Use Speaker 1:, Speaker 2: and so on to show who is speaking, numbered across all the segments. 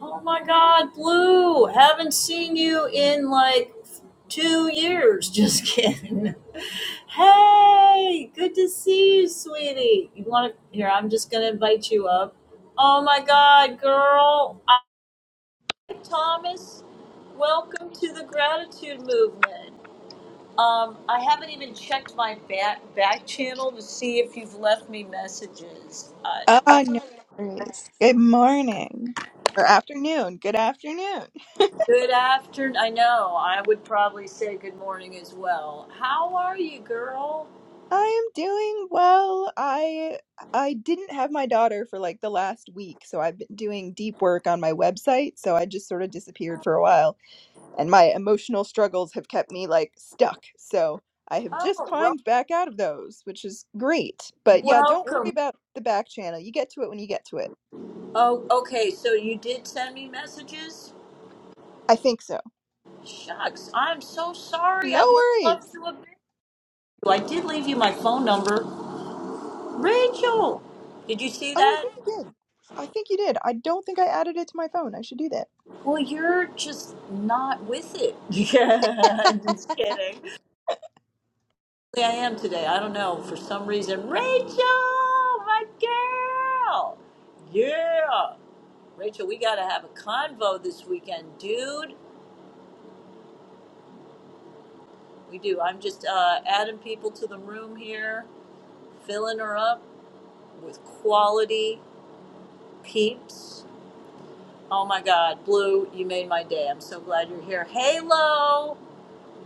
Speaker 1: Oh my God, Blue! Haven't seen you in like two years. Just kidding. Hey, good to see you, sweetie. You want to? Here, I'm just gonna invite you up. Oh my God, girl! I, Thomas, welcome to the gratitude movement. Um, I haven't even checked my back back channel to see if you've left me messages.
Speaker 2: Oh,
Speaker 1: Uh,
Speaker 2: no worries. Good morning or afternoon. Good afternoon.
Speaker 1: Good afternoon. I know. I would probably say good morning as well. How are you, girl?
Speaker 2: I am doing well. I I didn't have my daughter for like the last week, so I've been doing deep work on my website, so I just sort of disappeared for a while, and my emotional struggles have kept me like stuck. So I have just
Speaker 1: Oh, well,
Speaker 2: climbed back out of those, which is great. But yeah, don't worry
Speaker 1: welcome.
Speaker 2: about the back channel. You get to it when you get to it.
Speaker 1: Oh, okay. So you did send me messages?
Speaker 2: I think so.
Speaker 1: Shucks. I'm so sorry. I
Speaker 2: No
Speaker 1: would
Speaker 2: worries.
Speaker 1: love to have been you. I did leave you my phone number. Rachel, did you see
Speaker 2: Oh, I
Speaker 1: that?
Speaker 2: think you did. I think you did. I don't think I added it to my phone. I should do that.
Speaker 1: Well, you're just not with it. Yeah, I'm just kidding. I am today. I don't know. For some reason, Rachel, my girl. Yeah. Rachel, we got to have a convo this weekend, dude. We do. I'm just uh, adding people to the room here, filling her up with quality peeps. Oh my God, Blue, you made my day. I'm so glad you're here. Halo,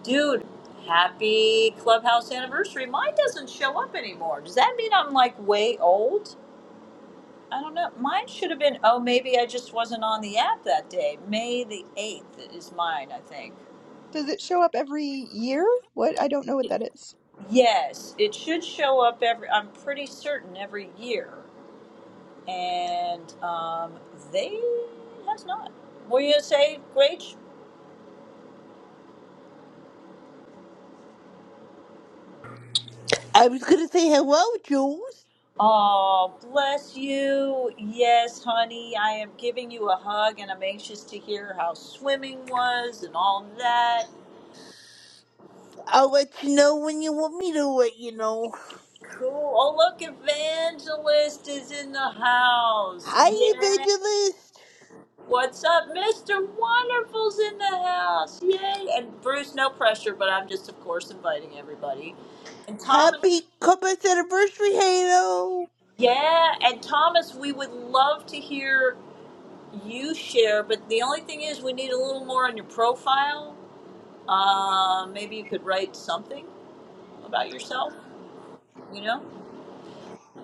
Speaker 1: dude. Happy clubhouse anniversary. Mine doesn't show up anymore. Does that mean I'm like way old? I don't know. Mine should have been, oh, maybe I just wasn't on the app that day. May the 8th is mine, I think.
Speaker 2: Does it show up every year? What? I don't know what that is.
Speaker 1: Yes, it should show up every, I'm pretty certain every year. And um, they has not. Were you going to say, Rach?
Speaker 3: I was gonna say hello, Jules.
Speaker 1: Oh, bless you. Yes, honey, I am giving you a hug and I'm anxious to hear how swimming was and all that.
Speaker 3: I'll let you know when you want me to let you know.
Speaker 1: Cool. Oh, look, Evangelist is in the house.
Speaker 3: Hi,
Speaker 1: Yeah.
Speaker 3: Evangelist.
Speaker 1: What's up? Mr. Wonderful's in the house. Yay. And Bruce, no pressure, but I'm just, of course, inviting everybody. And Thomas,
Speaker 3: Happy Compass anniversary, Halo.
Speaker 1: yeah. And Thomas, we would love to hear you share, but the only thing is we need a little more on your profile. Uh, maybe you could write something about yourself, you know?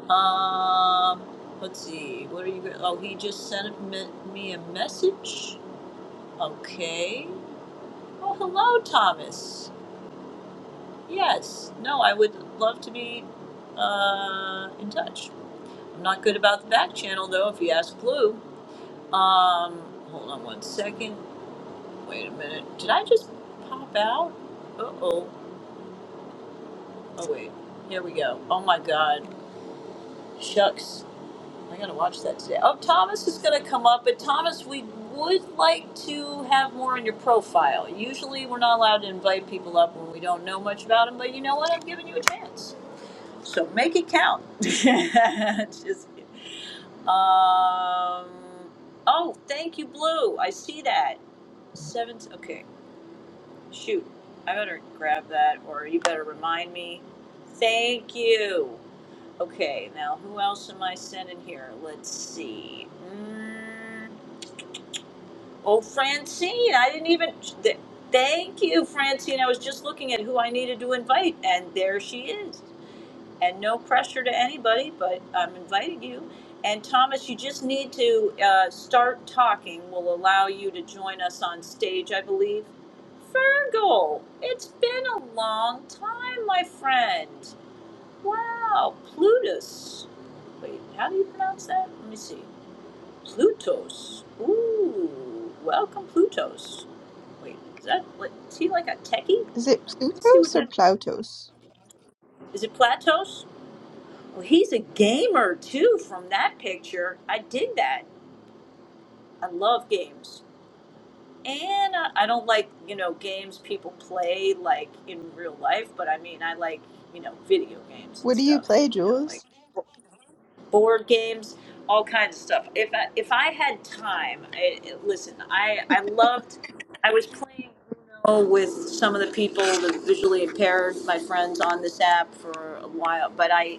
Speaker 1: Um, let's see. What are you? Oh, he just sent me me a message. Okay. Oh, hello, Thomas. Yes. No, I would love to be uh, in touch. I'm not good about the back channel though. If you ask Blue. Um, hold on one second. Wait a minute. Did I just pop out? Uh oh. Oh wait. Here we go. Oh my God. Shucks. I gotta watch that today. Oh, Thomas is gonna come up, but Thomas, we would like to have more in your profile. Usually, we're not allowed to invite people up when we don't know much about them, but you know what? I'm giving you a chance, so make it count. Just kidding. um. Oh, thank you, Blue. I see that. seven. Okay. Shoot. I better grab that, or you better remind me. Thank you. Okay, now who else am I sending here? Let's see. Mm, oh, Francine. I didn't even. Th- thank you, Francine. I was just looking at who I needed to invite, and there she is. And no pressure to anybody, but I'm inviting you. And Thomas, you just need to uh, start talking. We'll allow you to join us on stage, I believe. Fergal, it's been a long time, my friend. Wow, Plutus. Wait, how do you pronounce that? Let me see. Plutos. Ooh, welcome, Plutos. Wait, is that? Is he like a techie?
Speaker 2: Is it
Speaker 1: Let's see what
Speaker 2: Plutos or
Speaker 1: that
Speaker 2: Plautos?
Speaker 1: is. It Platos? Well, he's a gamer too. From that picture, I dig that. I love games, and I, I don't like you know games people play like in real life, but I mean I like you know video games and
Speaker 2: What do you
Speaker 1: stuff.
Speaker 2: play,
Speaker 1: You know, like.
Speaker 2: Jules?
Speaker 1: board games, all kinds of stuff. If I, if I had time, I, I- listen, I, I loved, I was playing Uno with some of the people, the visually impaired, my friends on this app for a while, but I,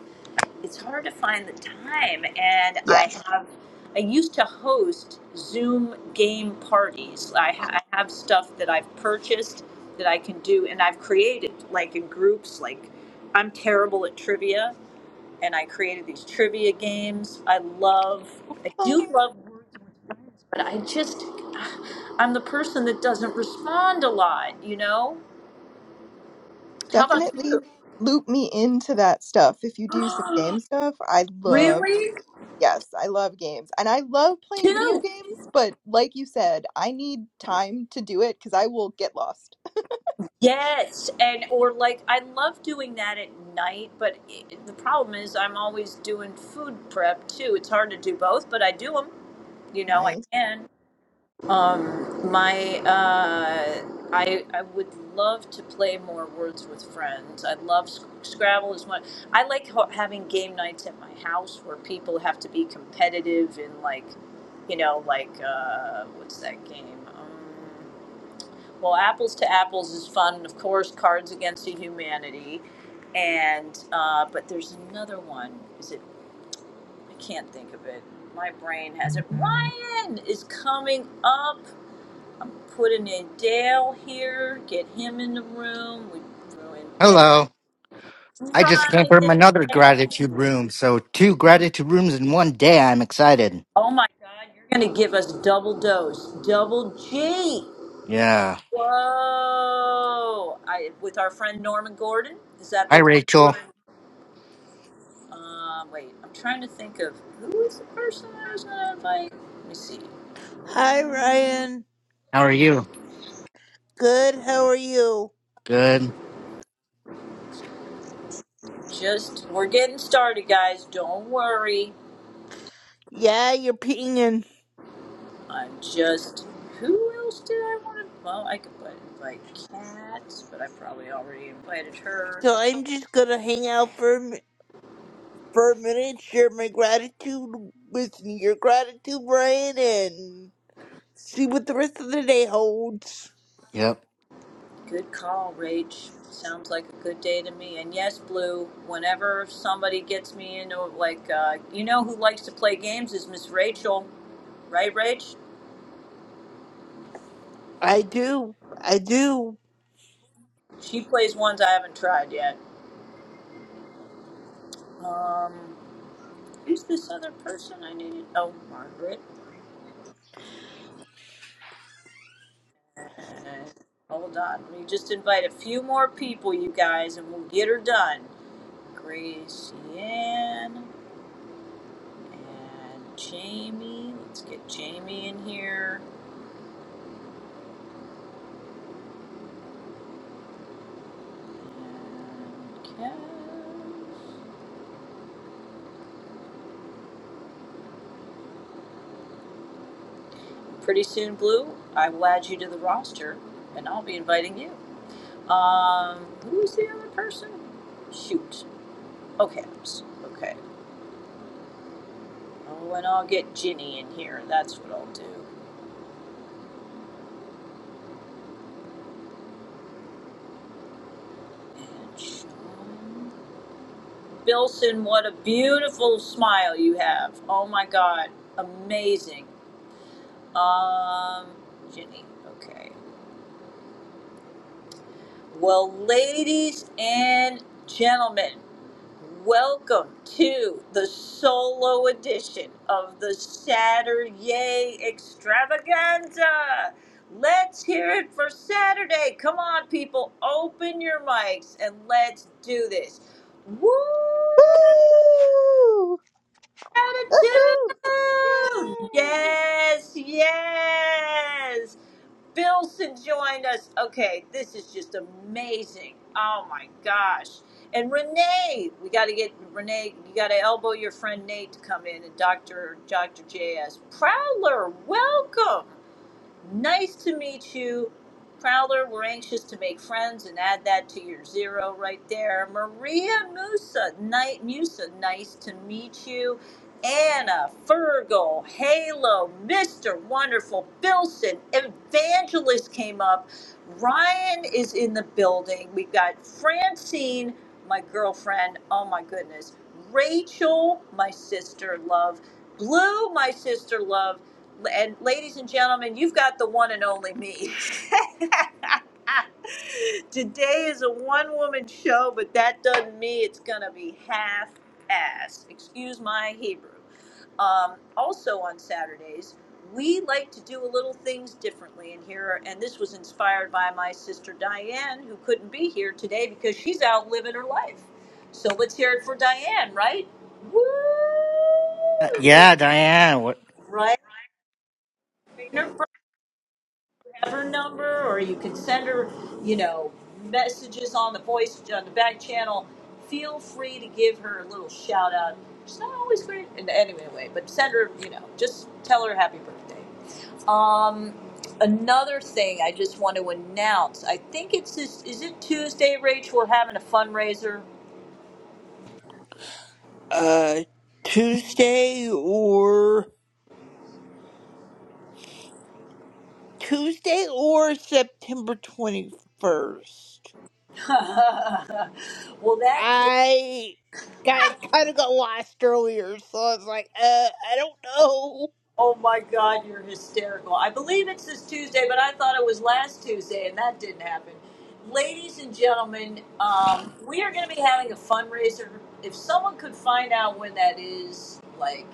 Speaker 1: it's hard to find the time. And I
Speaker 2: Yes.
Speaker 1: have, I used to host Zoom game parties. I, ha- I have stuff that I've purchased that I can do and I've created, like in groups, like I'm terrible at trivia and I created these trivia games. I love, I
Speaker 2: Uh,
Speaker 1: do love words with friends, but I just, I'm the person that doesn't respond a lot, you know? How about you?
Speaker 2: definitely loop me into that stuff. If you do some game stuff, I love.
Speaker 1: Really?
Speaker 2: Yes, I love games and I love playing video
Speaker 1: Two.
Speaker 2: games, but like you said, I need time to do it because I will get lost.
Speaker 1: Yes, and or like I love doing that at night, but it, the problem is I'm always doing food prep too. It's hard to do both, but I do them. You know, I
Speaker 2: Nice.
Speaker 1: can. Um, my, uh, I, I would love to play more Words with Friends. I love Sc- Scrabble as much. I like ho- having game nights at my house where people have to be competitive in like, you know, like uh, what's that game? Um, well, Apples to Apples is fun, and of course, Cards Against Humanity, and uh, but there's another one. Is it? I can't think of it. My brain has it. Ryan is coming up putting in Dale here, get him in the room. We threw in Ben
Speaker 4: Hello. I just came from
Speaker 1: Ryan.
Speaker 4: another gratitude room, so two gratitude rooms in one day. I'm excited.
Speaker 1: Oh my God, you're gonna give us double dose, double G.
Speaker 4: Yeah.
Speaker 1: Whoa! I with our friend Norman Gordon. Is that
Speaker 4: Hi,
Speaker 1: the one
Speaker 4: Rachel.
Speaker 1: we're? in? Uh, wait, I'm trying to think of who is the person I was gonna invite. Let me see.
Speaker 3: Hi,
Speaker 1: Um,
Speaker 3: Ryan.
Speaker 4: How are you?
Speaker 3: Good. How are you?
Speaker 4: Good.
Speaker 1: Just we're getting started, guys. Don't worry.
Speaker 3: Yeah, you're pinging.
Speaker 1: I just who else did I want to? Well, I could put invite Kat, but I probably already invited her.
Speaker 3: So I'm just gonna hang out for a mi- for a minute, share my gratitude, with your gratitude, Ryan, and see what the rest of the day holds.
Speaker 4: Yep.
Speaker 1: Good call, Rach. Sounds like a good day to me. And yes, Blue. Whenever somebody gets me into like, uh, you know, who likes to play games is Miss Rachel, right, Rach?
Speaker 3: I do. I do.
Speaker 1: She plays ones I haven't tried yet. Um, who's this other person I needed? Oh, Margaret. And hold on, let me just invite a few more people, you guys, and we'll get her done. Grace Ann and Jamie. Let's get Jamie in here. And Kev. Pretty soon, Blue, I will add you to the roster and I'll be inviting you. Um, who's the other person? Shoot. Okay. s- Okay. Oh, and I'll get Ginny in here. That's what I'll do. And Sean. Bilson, what a beautiful smile you have. Oh my God. Amazing. Um, Jenny. Okay. Well, ladies and gentlemen, welcome to the solo edition of the Saturday Extravaganza. Let's hear it for Saturday. Come on, people, open your mics and let's do this. Woo!
Speaker 2: Woo!
Speaker 1: Attitude!
Speaker 2: Woohoo! Yay!
Speaker 1: Yes, yes. Billson joined us. Okay, this is just amazing. Oh my gosh. And Renee, we got to get Renee, you got to elbow your friend Nate to come in and Dr. Dr. JS. Prowler, welcome. Nice to meet you. Prowler, we're anxious to make friends and add that to your zero right there. Maria Musa, night Musa, nice to meet you. Anna, Fergal, Halo, Mr. Wonderful, Bilson, Evangelist came up. Ryan is in the building. We've got Francine, my girlfriend. Oh my goodness. Rachel, my sister, love. Blue, my sister, love. And ladies and gentlemen, you've got the one and only me. Today is a one woman show, but that doesn't mean it's going to be half assed. Excuse my Hebrew. Um, also on Saturdays, we like to do a little things differently in here, and this was inspired by my sister Diane, who couldn't be here today because she's out living her life. So let's hear it for Diane, right?
Speaker 4: Uh,
Speaker 1: Woo!
Speaker 4: yeah, Diane. What?
Speaker 1: Right? her number or you can send her, you know, messages on the voice on the back channel. Feel free to give her a little shout out. She's not always great and anyway, anyway, but send her, you know, just tell her happy birthday. Um another thing I just want to announce. I think it's this is it Tuesday, Rach, we're having a fundraiser.
Speaker 3: Uh, Tuesday or. Tuesday or September 21st.
Speaker 1: well that
Speaker 3: I got kind of got lost earlier, so I was like, uh, I don't know.
Speaker 1: Oh my God, you're hysterical. I believe it's this Tuesday, but I thought it was last Tuesday, and that didn't happen. Ladies and gentlemen, um, we are going to be having a fundraiser. If someone could find out when that is, like,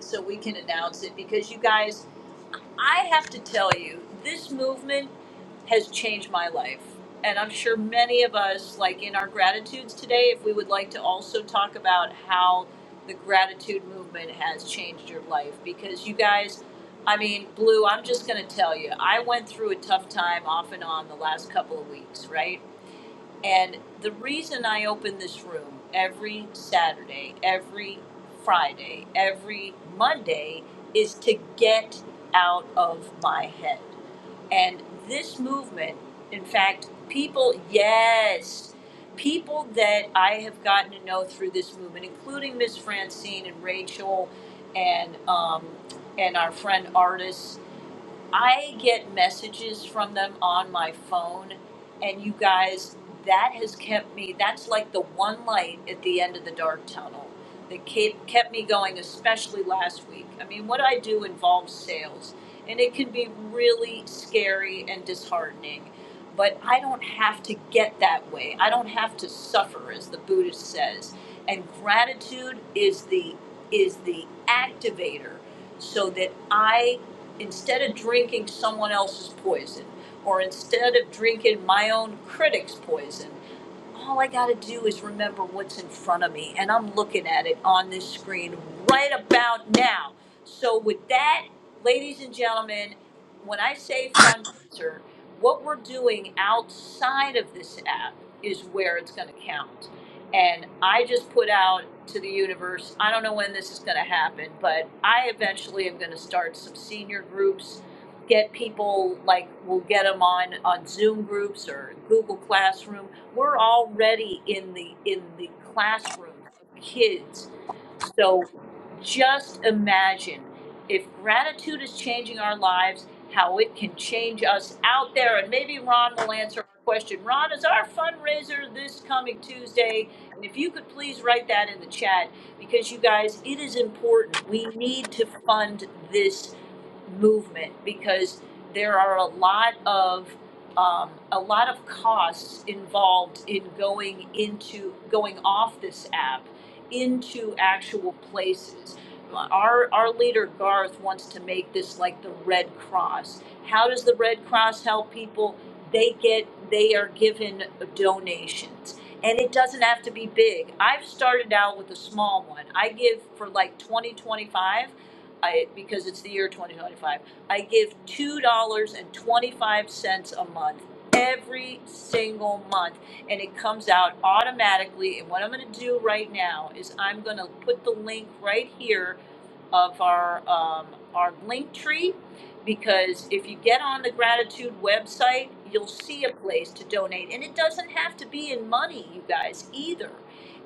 Speaker 1: so we can announce it, because you guys, I have to tell you, this movement has changed my life. And I'm sure many of us, like in our gratitudes today, if we would like to also talk about how the gratitude movement has changed your life. Because you guys, I mean, Blue, I'm just going to tell you, I went through a tough time off and on the last couple of weeks, right? And the reason I open this room every Saturday, every Friday, every Monday is to get out of my head. And this movement, in fact, people, yes, people that I have gotten to know through this movement, including Miss Francine and Rachel and um, and our friend artists I get messages from them on my phone, and you guys, that has kept me. That's like the one light at the end of the dark tunnel that kept kept me going, especially last week. I mean, what I do involves sales, and it can be really scary and disheartening. But I don't have to get that way. I don't have to suffer, as the Buddhist says. And gratitude is the is the activator, so that I instead of drinking someone else's poison or instead of drinking my own critic's poison all I got to do is remember what's in front of me. And I'm looking at it on this screen right about now. So, with that, ladies and gentlemen, when I say fundraiser, what we're doing outside of this app is where it's going to count. And I just put out to the universe, I don't know when this is going to happen, but I eventually am going to start some senior groups get people like we'll get them on on zoom groups or google classroom we're already in the in the classroom of kids so just imagine if gratitude is changing our lives how it can change us out there and maybe ron will answer our question ron is our fundraiser this coming tuesday and if you could please write that in the chat because you guys it is important we need to fund this movement because there are a lot of um, a lot of costs involved in going into going off this app into actual places. Our our leader Garth wants to make this like the Red Cross. How does the Red Cross help people? They get they are given donations and it doesn't have to be big. I've started out with a small one. I give for like 20 25. I, because it's the year twenty twenty-five, I give two dollars and twenty-five cents a month, every single month, and it comes out automatically, and what I'm gonna do right now is I'm gonna put the link right here of our um, our link tree because if you get on the gratitude website you'll see a place to donate and it doesn't have to be in money you guys either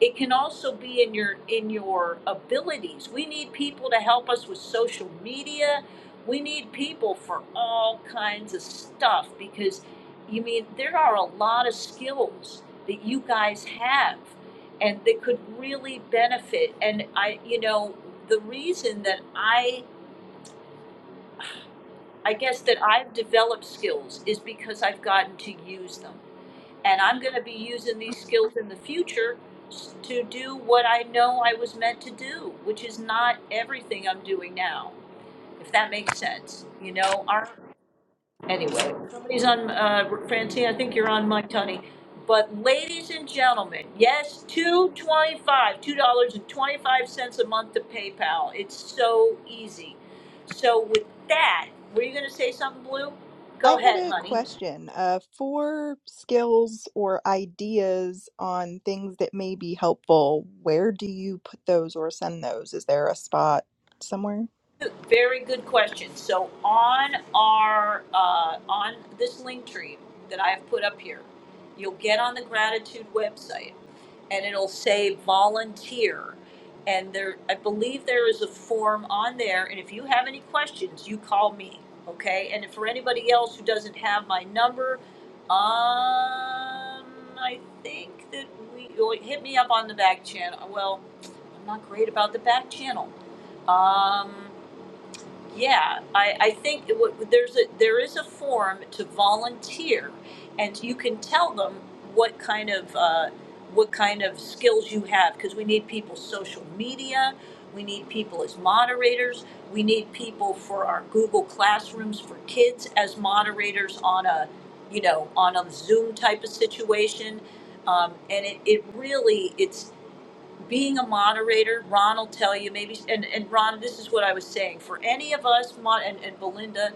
Speaker 1: it can also be in your in your abilities we need people to help us with social media we need people for all kinds of stuff because you mean there are a lot of skills that you guys have and they could really benefit and i you know the reason that i i guess that i've developed skills is because i've gotten to use them and i'm going to be using these skills in the future s- to do what i know i was meant to do which is not everything i'm doing now if that makes sense you know our Anyway, somebody's on, uh, Francine, I think you're on Mike Tony. But ladies and gentlemen, yes, two twenty-five, two dollars and twenty-five cents a month to PayPal. It's so easy. So with that, were you gonna say something, Blue? Go
Speaker 2: I had
Speaker 1: ahead,
Speaker 2: a
Speaker 1: honey.
Speaker 2: question. Uh, for skills or ideas on things that may be helpful, where do you put those or send those? Is there a spot somewhere?
Speaker 1: Very good question. So on our uh, on this link tree that I have put up here, you'll get on the gratitude website, and it'll say volunteer, and there I believe there is a form on there, and if you have any questions, you call me, okay? And for anybody else who doesn't have my number, um, I think that we you'll hit me up on the back channel. Well, I'm not great about the back channel. Um, yeah, I, I think it would- there's a there is a form to volunteer, and you can tell them what kind of uh, what kind of skills you have because we need people social media, we need people as moderators, we need people for our Google classrooms for kids as moderators on a you know on a Zoom type of situation, um, and it, it really it's being a moderator, Ron will tell you maybe, and, and Ron, this is what I was saying. For any of us, mo- and, and Belinda,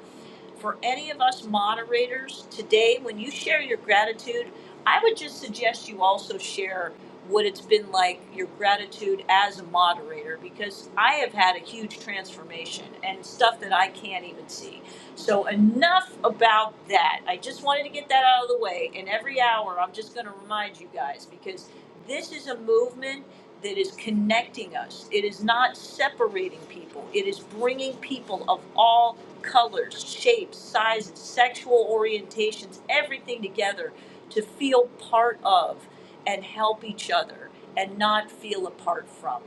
Speaker 1: for any of us moderators today, when you share your gratitude, I would just suggest you also share what it's been like, your gratitude as a moderator, because I have had a huge transformation and stuff that I can't even see. So enough about that. I just wanted to get that out of the way. And every hour, I'm just going to remind you guys because this is a movement that is connecting us. It is not separating people. It is bringing people of all colors, shapes, sizes, sexual orientations, everything together to feel part of and help each other and not feel apart from.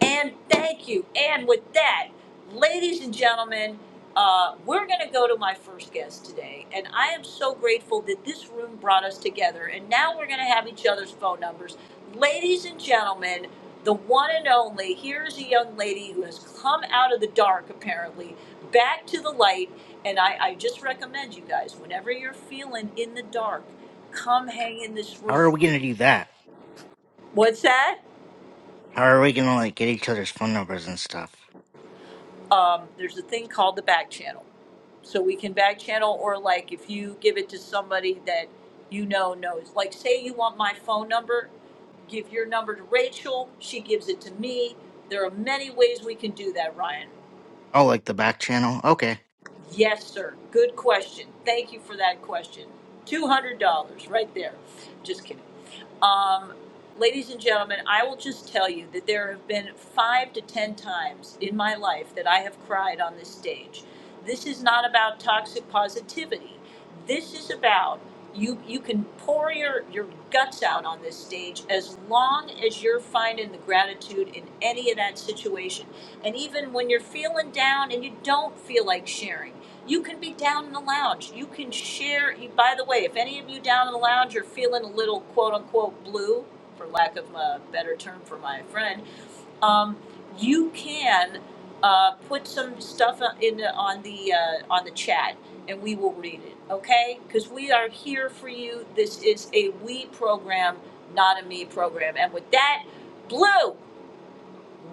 Speaker 1: And thank you. And with that, ladies and gentlemen, uh, we're going to go to my first guest today. And I am so grateful that this room brought us together. And now we're going to have each other's phone numbers. Ladies and gentlemen, the one and only, here is a young lady who has come out of the dark, apparently, back to the light. And I, I just recommend you guys, whenever you're feeling in the dark, come hang in this
Speaker 4: How
Speaker 1: room.
Speaker 4: are we gonna do that?
Speaker 1: What's that?
Speaker 4: How are we gonna like get each other's phone numbers and stuff?
Speaker 1: um, there's a thing called the back channel. So we can back channel, or like if you give it to somebody that you know knows, like say you want my phone number, give your number to Rachel, she gives it to me. There are many ways we can do that, Ryan.
Speaker 4: Oh, like the back channel. Okay.
Speaker 1: Yes, sir. Good question. Thank you for that question. $200 right there. Just kidding. Um, ladies and gentlemen, I will just tell you that there have been five to 10 times in my life that I have cried on this stage. This is not about toxic positivity. This is about you, you can pour your, your guts out on this stage as long as you're finding the gratitude in any of that situation. And even when you're feeling down and you don't feel like sharing, you can be down in the lounge. You can share. by the way, if any of you down in the lounge are feeling a little quote unquote blue, for lack of a better term for my friend, um, you can uh, put some stuff in the, on the uh, on the chat, and we will read it. Okay? Because we are here for you. This is a we program, not a me program. And with that, blue.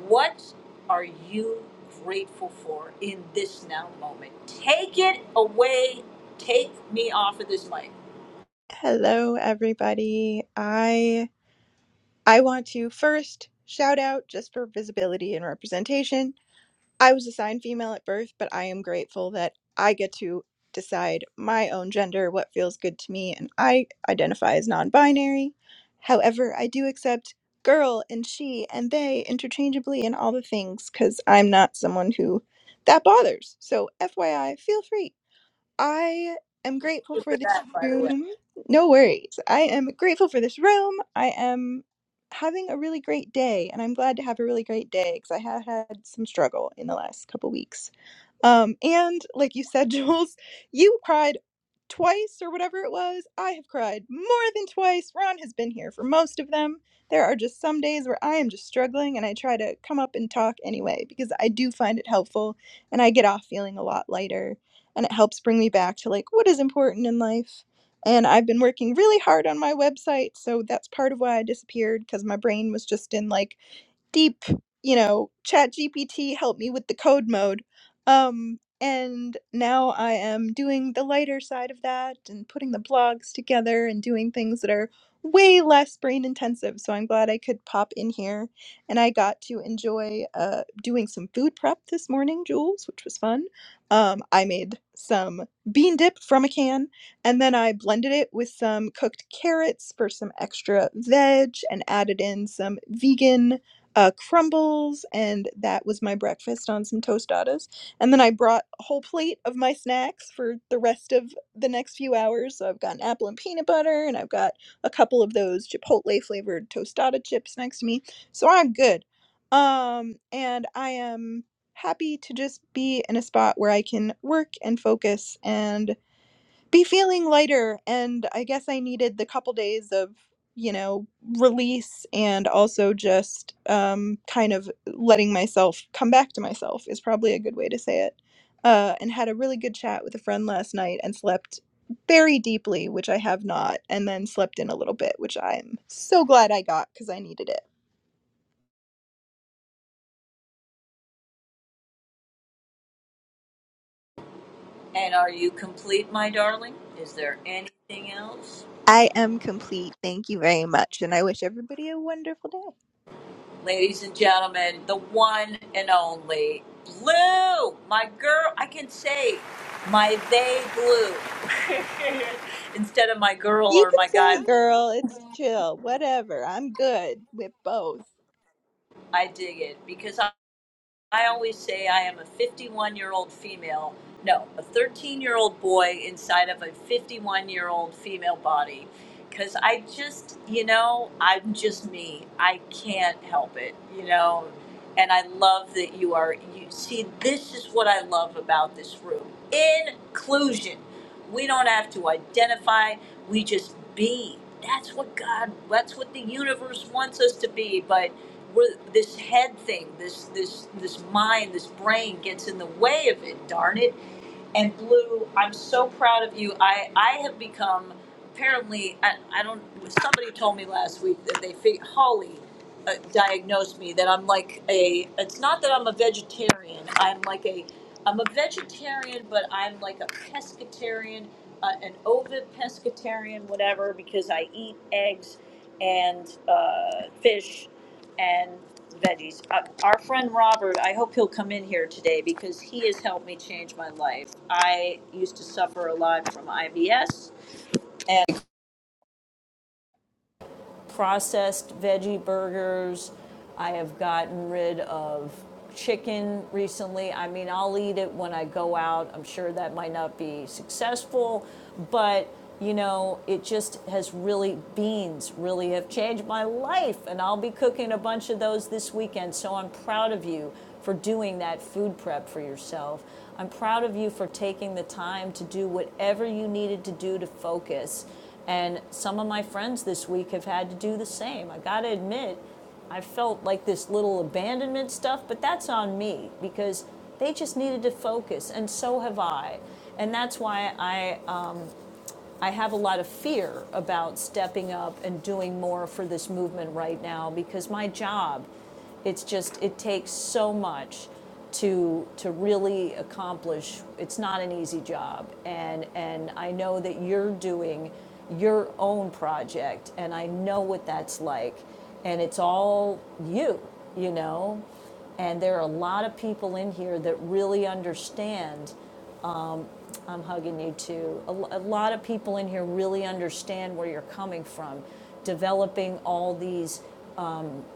Speaker 1: What are you grateful for in this now moment? Take it away. Take me off of this mic.
Speaker 2: Hello, everybody. I I want to first shout out just for visibility and representation. I was assigned female at birth, but I am grateful that I get to decide my own gender, what feels good to me, and I identify as non binary. However, I do accept girl and she and they interchangeably and all the things because I'm not someone who that bothers. So, FYI, feel free. I am grateful for
Speaker 1: For
Speaker 2: this
Speaker 1: that, by the way.
Speaker 2: room. No worries. I am grateful for this room. I am having a really great day, and I'm glad to have a really great day because I have had some struggle in the last couple weeks. Um, and like you said, Jules, you cried twice or whatever it was. I have cried more than twice. Ron has been here for most of them. There are just some days where I am just struggling and I try to come up and talk anyway because I do find it helpful and I get off feeling a lot lighter and it helps bring me back to like what is important in life. And I've been working really hard on my website, so that's part of why I disappeared because my brain was just in like deep you know chat gpt helped me with the code mode um and now i am doing the lighter side of that and putting the blogs together and doing things that are way less brain intensive so i'm glad i could pop in here and i got to enjoy uh, doing some food prep this morning jules which was fun um, i made some bean dip from a can and then i blended it with some cooked carrots for some extra veg and added in some vegan uh, crumbles, and that was my breakfast on some tostadas. And then I brought a whole plate of my snacks for the rest of the next few hours. So I've got an apple and peanut butter, and I've got a couple of those Chipotle flavored tostada chips next to me. So I'm good. Um, and I am happy to just be in a spot where I can work and focus and be feeling lighter and i guess i needed the couple days of you know release and also just um, kind of letting myself come back to myself is probably a good way to say it uh, and had a really good chat with a friend last night and slept very deeply which i have not and then slept in a little bit which i'm so glad i got because i needed it
Speaker 1: And are you complete, my darling? Is there anything else?
Speaker 2: i am complete thank you very much and i wish everybody a wonderful day
Speaker 1: Ladies and gentlemen, the one and only Blue, my girl. I can say my they blue instead of my girl
Speaker 2: you
Speaker 1: or
Speaker 2: can
Speaker 1: my
Speaker 2: say
Speaker 1: guy blue.
Speaker 2: girl it's chill whatever i'm good with both
Speaker 1: I dig it because I always say I am a 51 year old female, no, a 13 year old boy inside of a 51 year old female body. Because I just, you know, I'm just me. I can't help it, you know. And I love that you are, you see, this is what I love about this room inclusion. We don't have to identify, we just be. That's what God, that's what the universe wants us to be. But we're, this head thing, this this this mind, this brain gets in the way of it. Darn it! And Blue, I'm so proud of you. I, I have become apparently I, I don't. Somebody told me last week that they fi- Holly uh, diagnosed me that I'm like a. It's not that I'm a vegetarian. I'm like a. I'm a vegetarian, but I'm like a pescatarian, uh, an ovid pescatarian, whatever, because I eat eggs and uh, fish and veggies. Uh, our friend Robert, I hope he'll come in here today because he has helped me change my life. I used to suffer a lot from IBS processed veggie burgers. I have gotten rid of chicken recently. I mean, I'll eat it when I go out. I'm sure that might not be successful, but you know, it just has really, beans really have changed my life. And I'll be cooking a bunch of those this weekend. So I'm proud of you for doing that food prep for yourself. I'm proud of you for taking the time to do whatever you needed to do to focus and some of my friends this week have had to do the same. I got to admit, I felt like this little abandonment stuff, but that's on me because they just needed to focus, and so have I. And that's why I, uh, I have a lot of fear about stepping up and doing more for this movement right now because my job it's just it takes so much to to really accomplish. It's not an easy job, and and I know that you're doing your own project, and I know what that's like, and it's all you, you know. And there are a lot of people in here that really understand. I'm hugging you too. A, a lot of people in here really understand where you're coming from, developing all these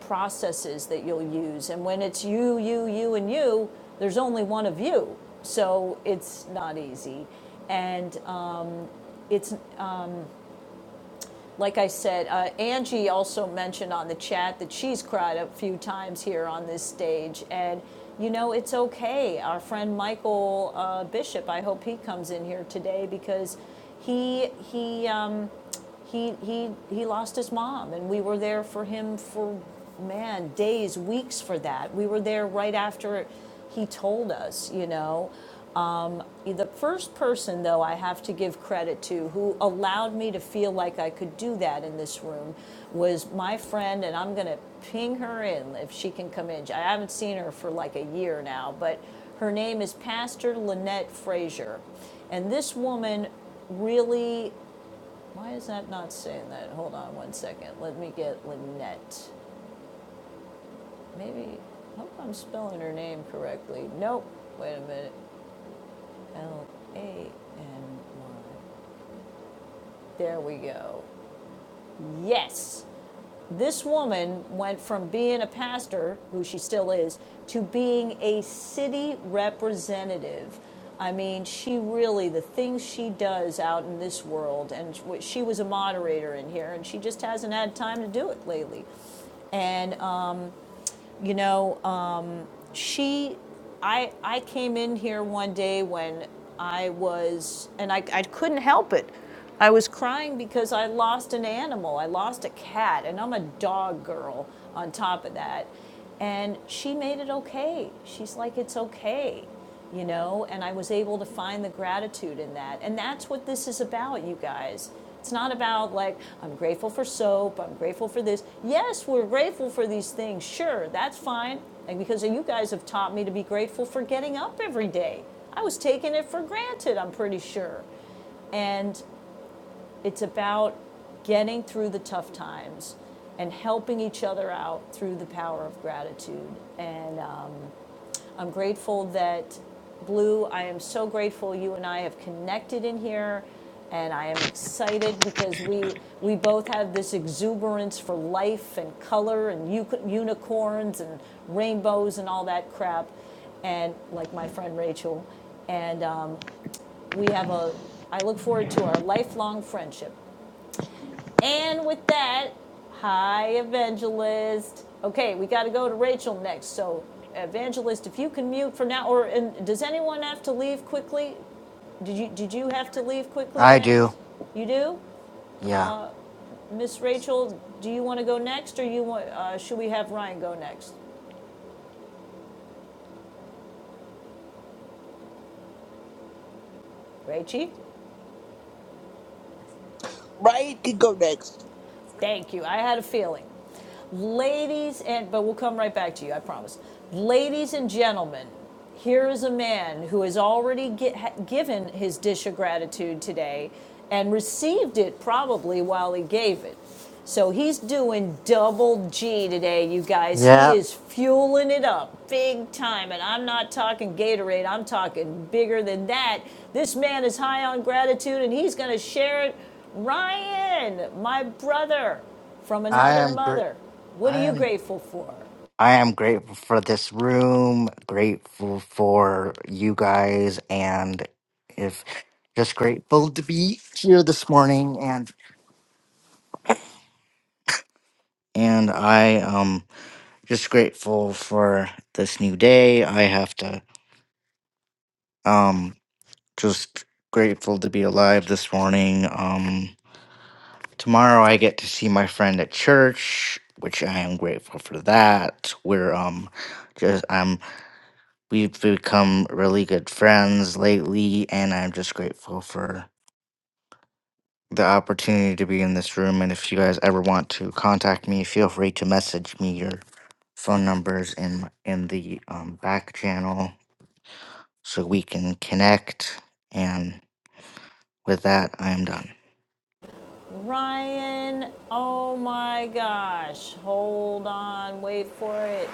Speaker 1: processes that you'll use. And when it's you, you, you, and you, there's only one of you. So it's not easy. And um, it's, like I said, uh, Angie also mentioned on the chat that she's cried a few times here on this stage. And, you know, it's okay. Our friend Michael uh, Bishop, I hope he comes in here today because he, he, um, he he he lost his mom and we were there for him for man days weeks for that we were there right after he told us you know the first person though i have to give credit to who allowed me to feel like i could do that in this room was my friend and i'm going to ping her in if she can come in i haven't seen her for like a year now but her name is pastor lynette frazier and this woman really why is that not saying that? Hold on one second. Let me get Lynette. Maybe, I hope I'm spelling her name correctly. Nope. Wait a minute. L A N Y. There we go. Yes. This woman went from being a pastor, who she still is, to being a city representative. I mean, she really, the things she does out in this world, and she was a moderator in here, and she just hasn't had time to do it lately. And You know, um, she, I, I came in here one day when I was, and I, I couldn't help it. I was crying because I lost an animal. I lost a cat, and I'm a dog girl on top of that. And she made it okay. She's like, it's okay you know, and I was able to find the gratitude in that. And that's what this is about, you guys. It's not about like, I'm grateful for soap, I'm grateful for this. Yes, we're grateful for these things, sure, that's fine. And because you guys have taught me to be grateful for getting up every day, I was taking it for granted, I'm pretty sure. And it's about getting through the tough times and helping each other out through the power of gratitude. And uh, I'm grateful that, Blue, I am so grateful you and I have connected in here. And I am excited because we, we both have this exuberance for life and color and u- unicorns and rainbows and all that crap. And like my friend Rachel. And um, we have a, I look forward to our lifelong friendship. And with that, hi, Evangelist. Okay, we got to go to Rachel next. So, Evangelist, if you can mute for now, or and does anyone have to leave quickly? Did you did you have to leave quickly,
Speaker 4: I do.
Speaker 1: Evangelist? You do,
Speaker 4: Yeah.
Speaker 1: Miss Rachel. Do you want to go next, or you want? Uh, should we have Ryan go next? Rachie,
Speaker 3: Right could go next.
Speaker 1: thank you. I had a feeling. Ladies and, but we'll come right back to you, I promise. Ladies and gentlemen, here is a man who has already gi- given his dish of gratitude today and received it probably while he gave it. So he's doing double G today, you guys. He
Speaker 4: Yeah.
Speaker 1: is fueling it up big time. And I'm not talking Gatorade, I'm talking bigger than that. This man is high on gratitude and he's going to share it. Ryan, my brother, from
Speaker 4: I
Speaker 1: another
Speaker 4: am. Gr-
Speaker 1: mother. What are
Speaker 4: I
Speaker 1: you
Speaker 4: am.
Speaker 1: grateful for?
Speaker 4: I am grateful for this room, grateful for you guys, and if just grateful to be here this morning and and I um just grateful for this new day. I have to um just grateful to be alive this morning. Um tomorrow I get to see my friend at church, which I am grateful for that. We're um just I'm We've become really good friends lately, and I'm just grateful for the opportunity to be in this room. And if you guys ever want to contact me, feel free to message me your phone numbers in in the um, back channel so we can connect. And with that, I am done.
Speaker 1: Ryan, oh my gosh. Hold on, wait for it.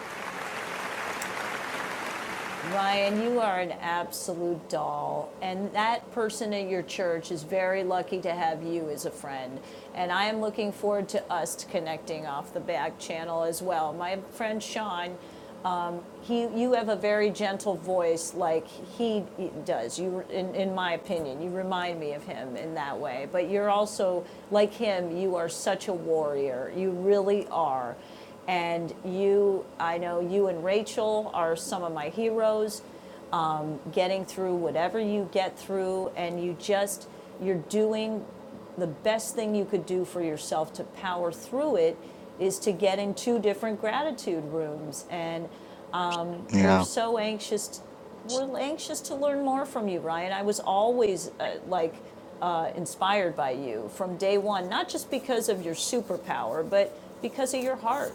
Speaker 1: Ryan, you are an absolute doll. And that person at your church is very lucky to have you as a friend. And I am looking forward to us connecting off the back channel as well. My friend Sean He, you have a very gentle voice, like he does. You, in, in my opinion, you remind me of him in that way. But you're also like him. You are such a warrior. You really are. And you, I know you and Rachel are some of my heroes. Getting through whatever you get through, and you just, you're doing the best thing you could do for yourself to power through it is to get in two different gratitude rooms and we're
Speaker 4: Yeah.
Speaker 1: so anxious. We're anxious to learn more from you, Ryan. I was always uh, like uh, inspired by you from day one, not just because of your superpower, but because of your heart.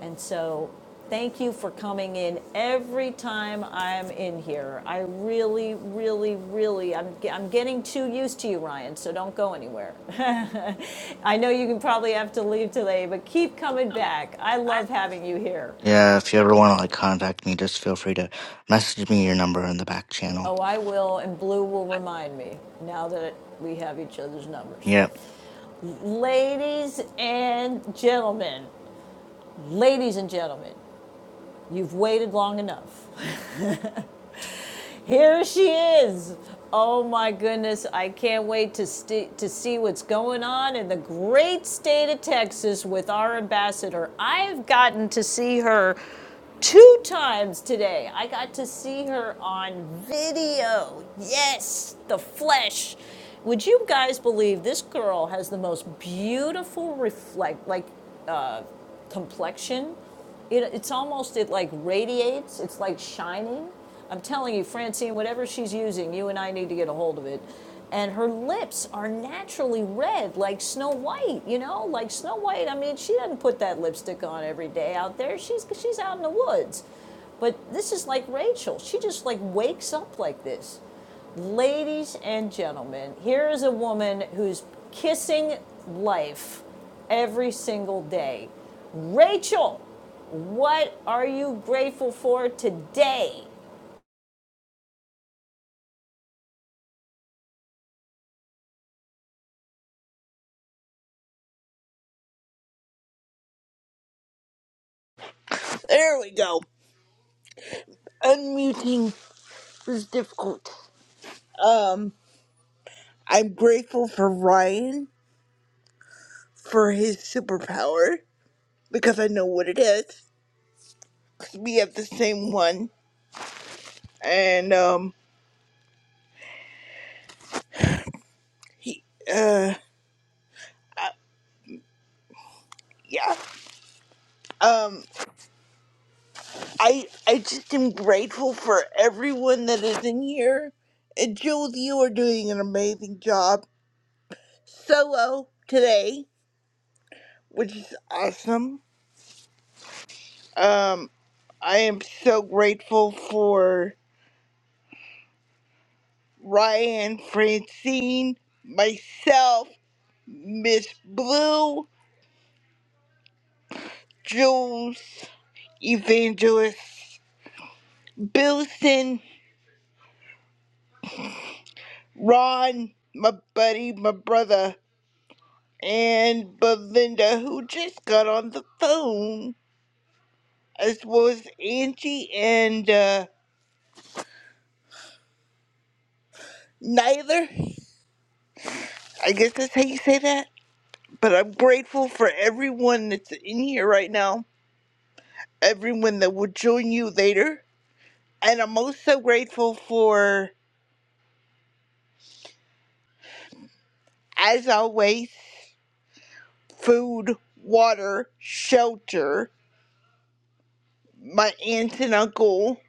Speaker 1: And so, thank you for coming in every time I'm in here. I really, really, really, I'm, I'm getting too used to you, Ryan. So don't go anywhere. I know you can probably have to leave today, but keep coming back. I love having you here.
Speaker 4: Yeah, if you ever want to like contact me, just feel free to message me your number in the back channel.
Speaker 1: Oh, I will, and Blue will remind me now that we have each other's numbers.
Speaker 4: Yep.
Speaker 1: Ladies and gentlemen, ladies and gentlemen, you've waited long enough. Here she is. Oh my goodness, I can't wait to, st- to see what's going on in the great state of Texas with our ambassador. I've gotten to see her two times today. I got to see her on video. Yes, the flesh. Would you guys believe this girl has the most beautiful reflect like uh, complexion. It, it's almost, it like radiates, it's like shining. I'm telling you, Francine, whatever she's using, you and I need to get a hold of it. And her lips are naturally red, like Snow White, you know, like Snow White. I mean, she doesn't put that lipstick on every day out there. She's, she's out in the woods. But this is like Rachel. She just like wakes up like this. Ladies and gentlemen, here is a woman who's kissing life every single day. Rachel, what are you grateful for today?
Speaker 3: There we go. Unmuting was difficult. Um, I'm grateful for Ryan for his superpower because I know what it is. 'cause we have the same one, and um, he, uh, uh yeah. Um, I I just am grateful for everyone that is in here. And Jules, you are doing an amazing job solo today, which is awesome. Um, I am so grateful for Ryan, Francine, myself, Miss Blue, Jules, Evangelist, Billson, Ron, my buddy, my brother. and Belinda, who just got on the phone, as well as Angie and uh, Nyler. I guess that's how you say that. But I'm grateful for everyone that's in here right now, everyone that will join you later. And I'm also grateful for, as always, food, water, shelter, my aunt and uncle,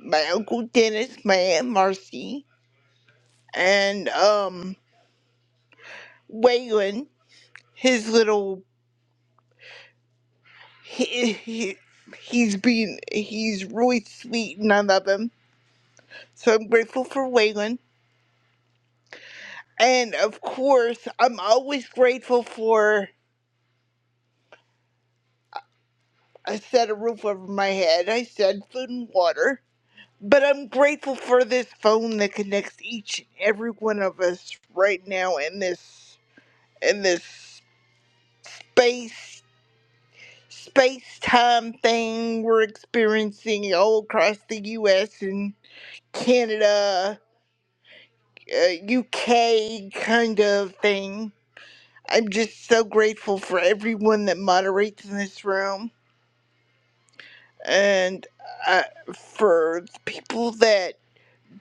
Speaker 3: my uncle Dennis, my aunt Marcy, and um, Waylon his little he, he he's been he's really sweet and I love him. So I'm grateful for Waylon. And of course I'm always grateful for a set of roof over my head. I said food and water. But I'm grateful for this phone that connects each and every one of us right now in this in this space space time thing we're experiencing all across the US and Canada uh, UK kind of thing. I'm just so grateful for everyone that moderates in this room and uh, for people that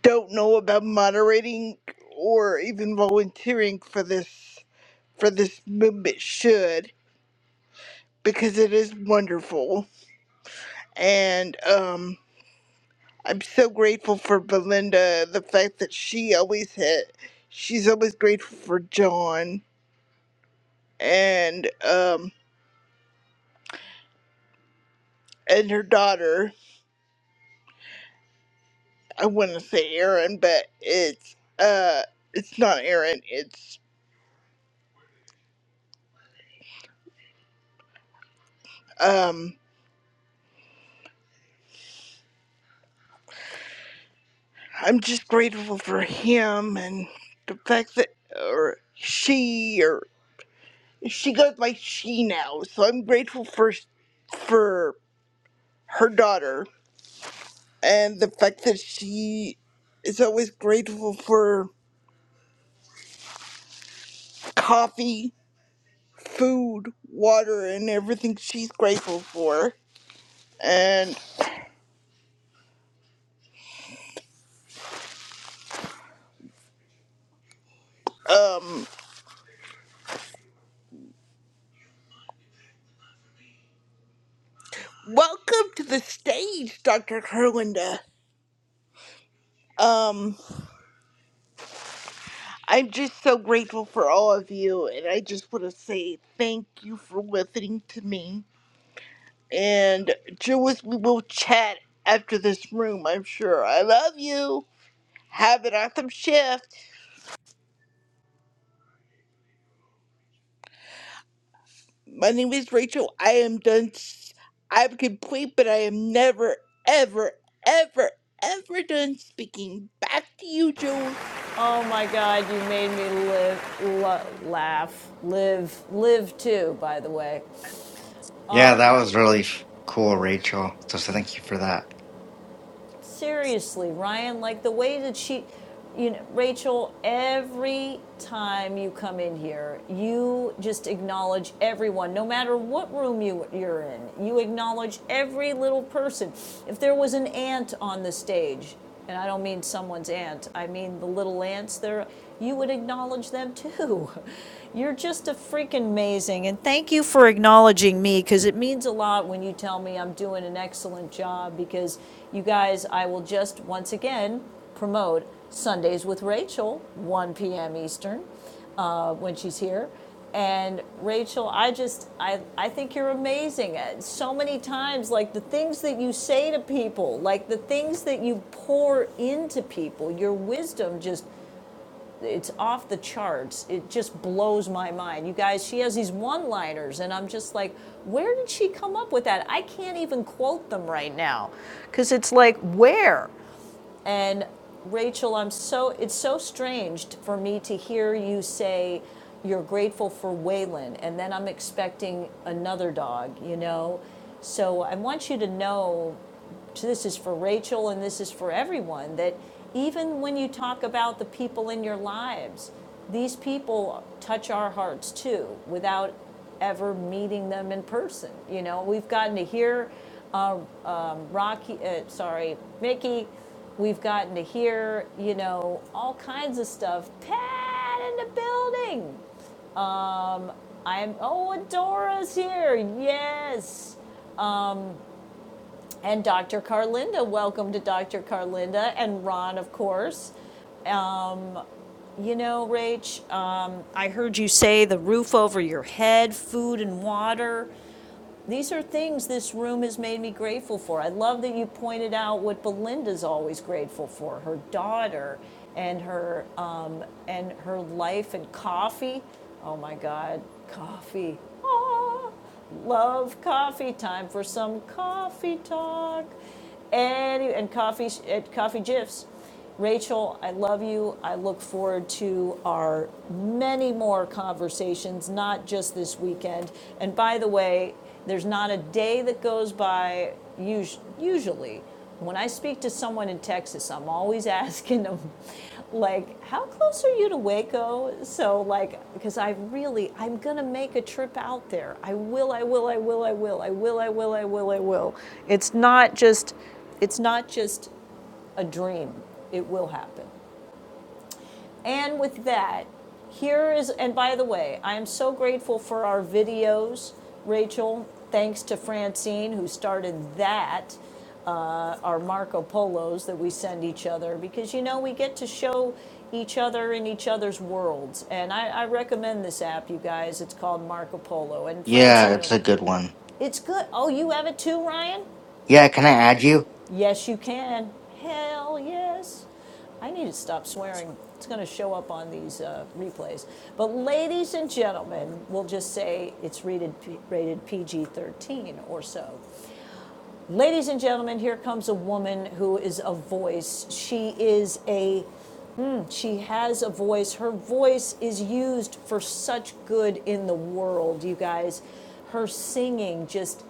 Speaker 3: don't know about moderating or even volunteering for this for this movement should because it is wonderful and um I'm so grateful for Belinda the fact that she always had she's always grateful for John and um and her daughter. I want to say Erin, but it's uh, it's not Erin. It's um, I'm just grateful for him and the fact that or she or she goes by she now. So I'm grateful for for her daughter and the fact that she is always grateful for coffee, food, water, and everything she's grateful for. And um Welcome to the stage, Dr. Kerlinda. Um, I'm just so grateful for all of you, and I just want to say thank you for listening to me. And Jewis, we will chat after this room, I'm sure. I love you. Have an awesome shift. My name is Rachel. I am done. s- I'm complete, but I am never, ever, ever, ever done speaking. Back to you, Jules.
Speaker 1: Oh my God, you made me live, lo- laugh, live, live too, by the way.
Speaker 4: Yeah, that was really f- cool, Rachel. So, so thank you for that.
Speaker 1: Seriously, Ryan, like the way that she, you know, Rachel, every time you come in here, you just acknowledge everyone, no matter what room you, you're in. You acknowledge every little person. If there was an ant on the stage, and I don't mean someone's aunt, I mean the little ants there, you would acknowledge them too. You're just a freaking amazing. And thank you for acknowledging me because it means a lot when you tell me I'm doing an excellent job because you guys, I will just once again promote Sundays with Rachel, 1 p.m. Eastern uh, when she's here. And Rachel, I just, I, I think you're amazing. Uh, So many times, like the things that you say to people, like the things that you pour into people, your wisdom just, it's off the charts. It just blows my mind. You guys, she has these one liners, and I'm just like, where did she come up with that? I can't even quote them right now because it's like, where? And Rachel, I'm so it's so strange for me to hear you say you're grateful for Waylon, and then I'm expecting another dog. You know, so I want you to know so this is for Rachel and this is for everyone that even when you talk about the people in your lives, these people touch our hearts too without ever meeting them in person. You know, we've gotten to hear uh, um, Rocky, uh, sorry, Mickey. We've gotten to hear, you know, all kinds of stuff. Pat in the building. I'm, oh, Adora's here. Yes. And Dr. Carlinda, welcome to Dr. Carlinda and Ron, of course. You know, Rach, um, I heard you say the roof over your head, food and water. These are things this room has made me grateful for. I love that you pointed out what Belinda's always grateful for her daughter and her, um, and her life and coffee. Oh my God, coffee. Ah, love coffee time for some coffee talk. And, and coffee, and coffee gifs. Rachel, I love you. I look forward to our many more conversations, not just this weekend. And by the way, there's not a day that goes by usually when I speak to someone in Texas, I'm always asking them, like, how close are you to Waco? So, like, because I really, I'm gonna make a trip out there. I will, I will, I will, I will, I will, I will, I will, I will. It's not just, it's not just a dream. It will happen. And with that, here is, and by the way, I am so grateful for our videos, Rachel. Thanks to Francine, who started that, our Marco Polos that we send each other, because you know, we get to show each other in each other's worlds. And I, I recommend this app, you guys. It's called Marco Polo. And
Speaker 4: Yeah,
Speaker 1: Francine,
Speaker 4: it's a good one.
Speaker 1: it's good. Oh, you have it too, Ryan?
Speaker 4: Yeah, can I add you?
Speaker 1: Yes, you can. Hell yes. I need to stop swearing. It's going to show up on these uh, replays. But, ladies and gentlemen, we'll just say it's rated, rated PG 13 or so. Ladies and gentlemen, here comes a woman who is a voice. She is a, she has a voice. Her voice is used for such good in the world, you guys. Her singing just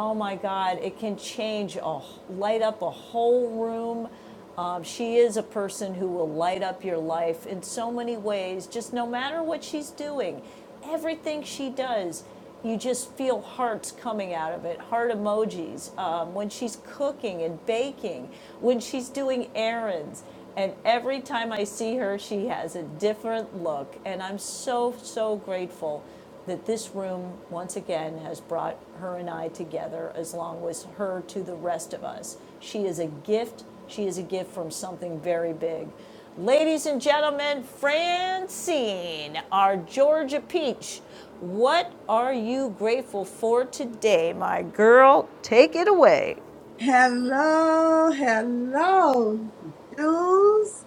Speaker 1: Oh my God, it can change, a, light up a whole room. Um, she is a person who will light up your life in so many ways, just no matter what she's doing. Everything she does, you just feel hearts coming out of it, heart emojis. Um, when she's cooking and baking, when she's doing errands. And every time I see her, she has a different look. And I'm so, so grateful that this room, once again, has brought her and I together, as long as her to the rest of us. She is a gift. She is a gift from something very big. Ladies and gentlemen, Francine, our Georgia peach, what are you grateful for today, my girl? Take it away.
Speaker 5: Hello, hello, dudes.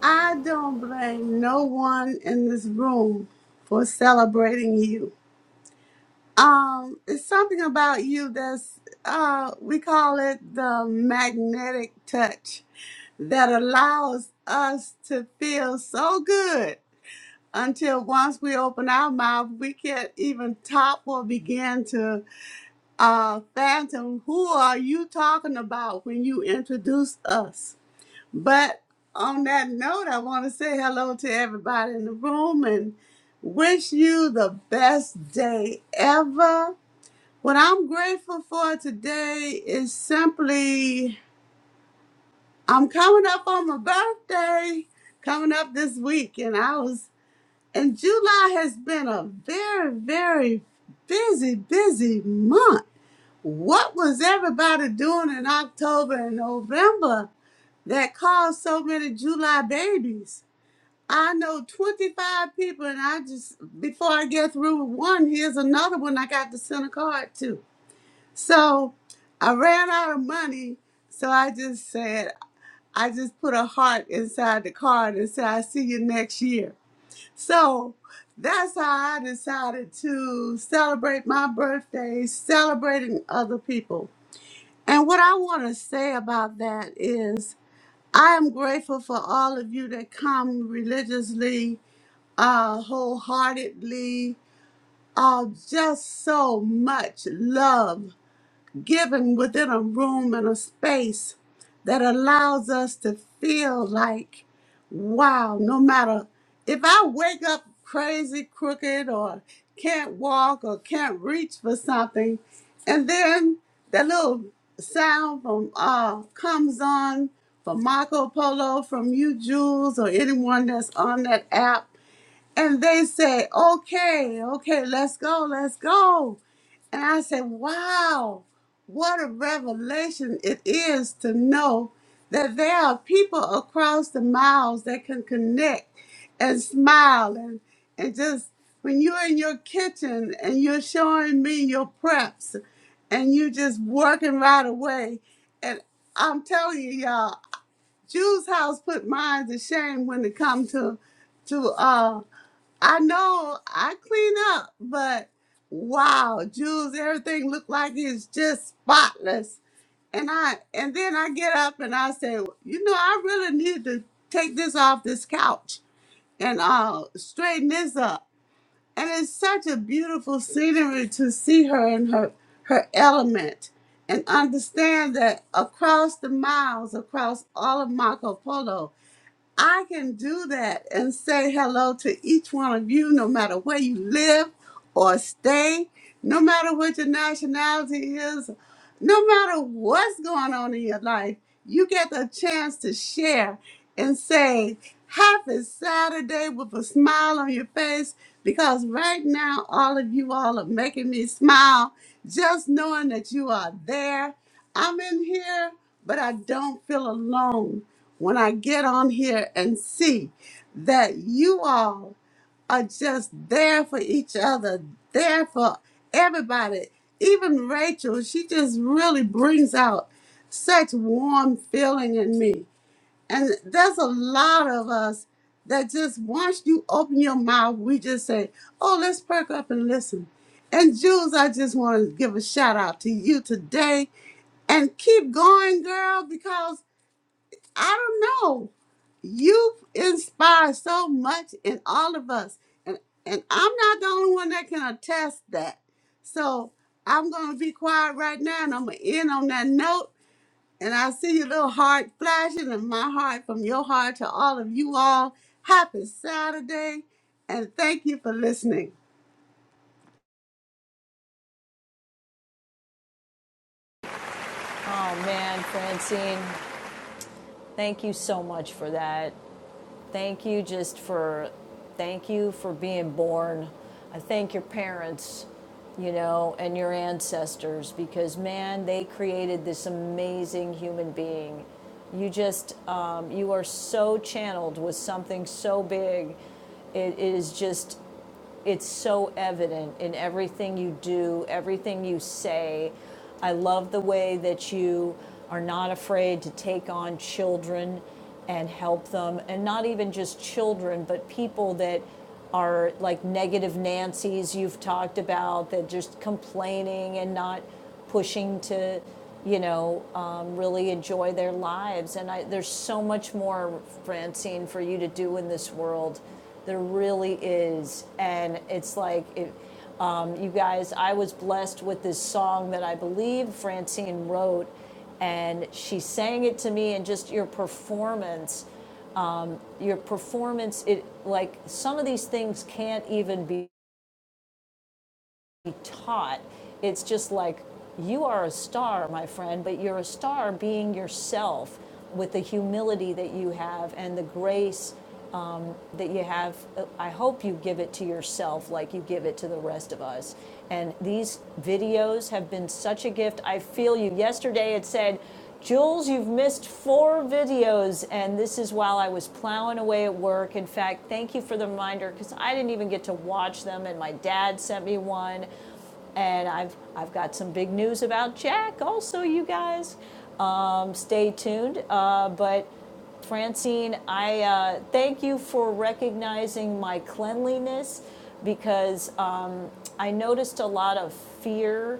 Speaker 5: I don't blame no one in this room for celebrating you. Um, it's something about you that's uh we call it the magnetic touch that allows us to feel so good until once we open our mouth we can't even top or begin to Uh, Phantom, who are you talking about when you introduce us? But on that note, I want to say hello to everybody in the room and wish you the best day ever. What I'm grateful for today is simply I'm coming up on my birthday coming up this week, and I was and July has been a very, very busy, busy month what was everybody doing in October and November that caused so many July babies? I know 25 people, and I just, before I get through with one, here's another one I got to send a card to. So I ran out of money, so I just said, I just put a heart inside the card and said, I see you next year. So that's how I decided to celebrate my birthday, celebrating other people. And what I want to say about that is, I am grateful for all of you that come religiously, uh, wholeheartedly, uh, just so much love given within a room and a space that allows us to feel like, wow, no matter if I wake up crazy, crooked, or can't walk or can't reach for something, and then that little sound from uh comes on from Marco Polo, from you, Jules, or anyone that's on that app and they say, okay, okay, let's go, let's go. And I said, wow, what a revelation it is to know that there are people across the miles that can connect and smile and, and just when you're in your kitchen and you're showing me your preps and you just working right away. And I'm telling you, y'all, Jew's house put mine to shame when it comes to to uh, I know I clean up, but wow, Jules, everything looked like it's just spotless. And I and then I get up and I say, you know, I really need to take this off this couch and uh straighten this up. And it's such a beautiful scenery to see her in her her element and understand that across the miles, across all of Marco Polo, I can do that and say hello to each one of you, no matter where you live or stay, no matter what your nationality is, no matter what's going on in your life, you get the chance to share and say, Happy Saturday with a smile on your face because right now, all of you all are making me smile just knowing that you are there. I'm in here, but I don't feel alone when I get on here and see that you all are just there for each other, there for everybody. Even Rachel, she just really brings out such warm feeling in me. And there's a lot of us that just once you open your mouth, we just say, oh, let's perk up and listen. And Jules, I just want to give a shout out to you today and keep going, girl, because I don't know. You have inspired so much in all of us. And and I'm not the only one that can attest that. So I'm gonna be quiet right now and I'm gonna end on that note. And I see your little heart flashing and my heart from your heart to all of you all. Happy Saturday and thank you for listening.
Speaker 1: Oh man, Francine, thank you so much for that. Thank you just for, thank you for being born. I thank your parents, you know, and your ancestors because man, they created this amazing human being. You just, um, you are so channeled with something so big. It is just it's so evident in everything you do, everything you say. I love the way that you are not afraid to take on children and help them, and not even just children, but people that are like negative Nancy's you've talked about that just complaining and not pushing to, you know, um, really enjoy their lives. And I, there's so much more, Francine, for you to do in this world. There really is. And it's like, it, um, you guys, I was blessed with this song that I believe Francine wrote and she sang it to me and just your performance your performance it like some of these things can't even be taught it's just like you are a star my friend but you're a star being yourself with the humility that you have and the grace that you have, I hope you give it to yourself like you give it to the rest of us. And these videos have been such a gift. I feel you. Yesterday it said, Jules, you've missed four videos, and this is while I was plowing away at work. In fact, thank you for the reminder because I didn't even get to watch them, and my dad sent me one. And I've I've got some big news about Jack, also, you guys. Um, stay tuned. Uh, but Francine, I uh, thank you for recognizing my cleanliness because um, I noticed a lot of fear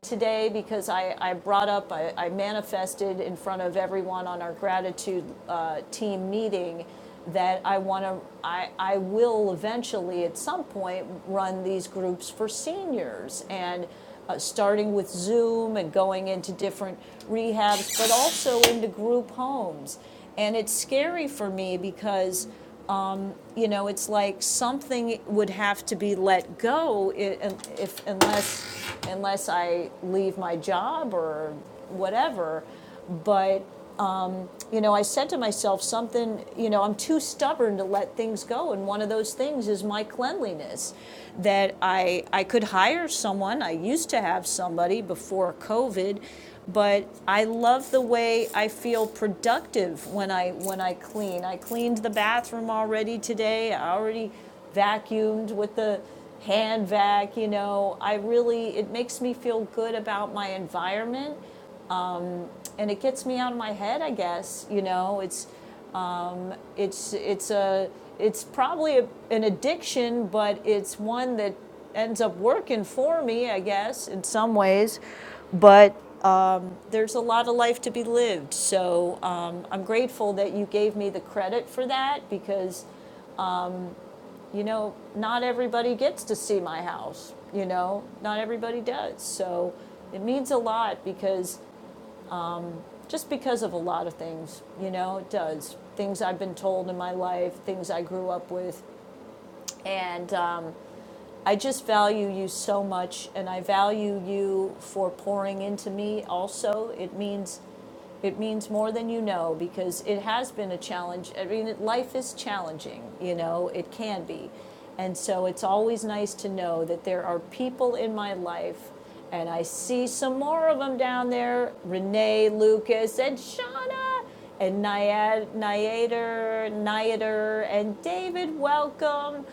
Speaker 1: today because I, I brought up, I, I manifested in front of everyone on our gratitude uh, team meeting that I want to, I, I will eventually at some point run these groups for seniors and uh, starting with Zoom and going into different rehabs, but also into group homes. And it's scary for me because, you know, it's like something would have to be let go i- if, unless, unless I leave my job or whatever. But you know, I said to myself something, you know, I'm too stubborn to let things go. And one of those things is my cleanliness. That I, I could hire someone, I used to have somebody before COVID, but I love the way I feel productive when I, when I clean. I cleaned the bathroom already today, I already vacuumed with the hand vac, you know. I really, it makes me feel good about my environment and it gets me out of my head, I guess, you know. It's, it's it's a it's probably a, an addiction, but it's one that ends up working for me, I guess, in some ways. But there's a lot of life to be lived, so um, I'm grateful that you gave me the credit for that because you know not everybody gets to see my house. You know, not everybody does. So it means a lot because just because of a lot of things, you know, it does. Things I've been told in my life, things I grew up with, And um, I just value you so much, and I value you for pouring into me. Also, it means it means more than you know because it has been a challenge. I mean, it- life is challenging. You know, it can be, and so it's always nice to know that there are people in my life, and I see some more of them down there: Renee, Lucas, and Shauna and Nyad, Nyader, Nyader, and David, welcome.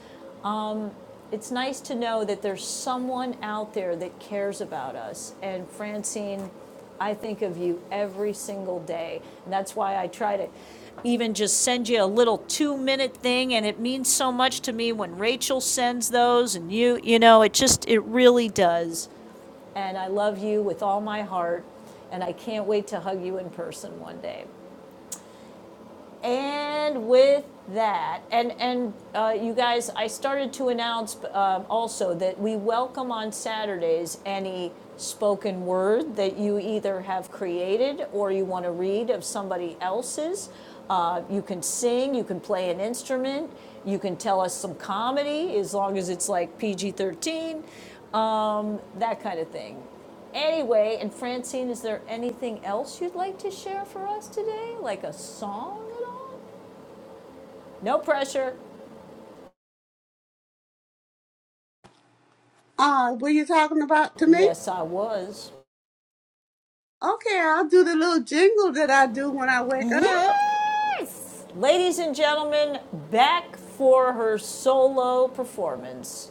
Speaker 1: It's nice to know that there's someone out there that cares about us. And Francine, I think of you every single day. And that's why I try to even just send you a little two minute thing. And it means so much to me when Rachel sends those and you, you know, it just, it really does. And I love you with all my heart. And I can't wait to hug you in person one day. And with that, and and uh, you guys, I started to announce um, also that we welcome on Saturdays any spoken word that you either have created or you want to read of somebody else's. Uh, you can sing, you can play an instrument, you can tell us some comedy as long as it's like PG 13, um, that kind of thing. Anyway, and Francine, is there anything else you'd like to share for us today? Like a song at all? No pressure.
Speaker 5: Uh, were you talking about to me?
Speaker 1: Yes, I was.
Speaker 5: Okay, I'll do the little jingle that I do when I wake up.
Speaker 1: Yes! Ladies and gentlemen, back for her solo performance.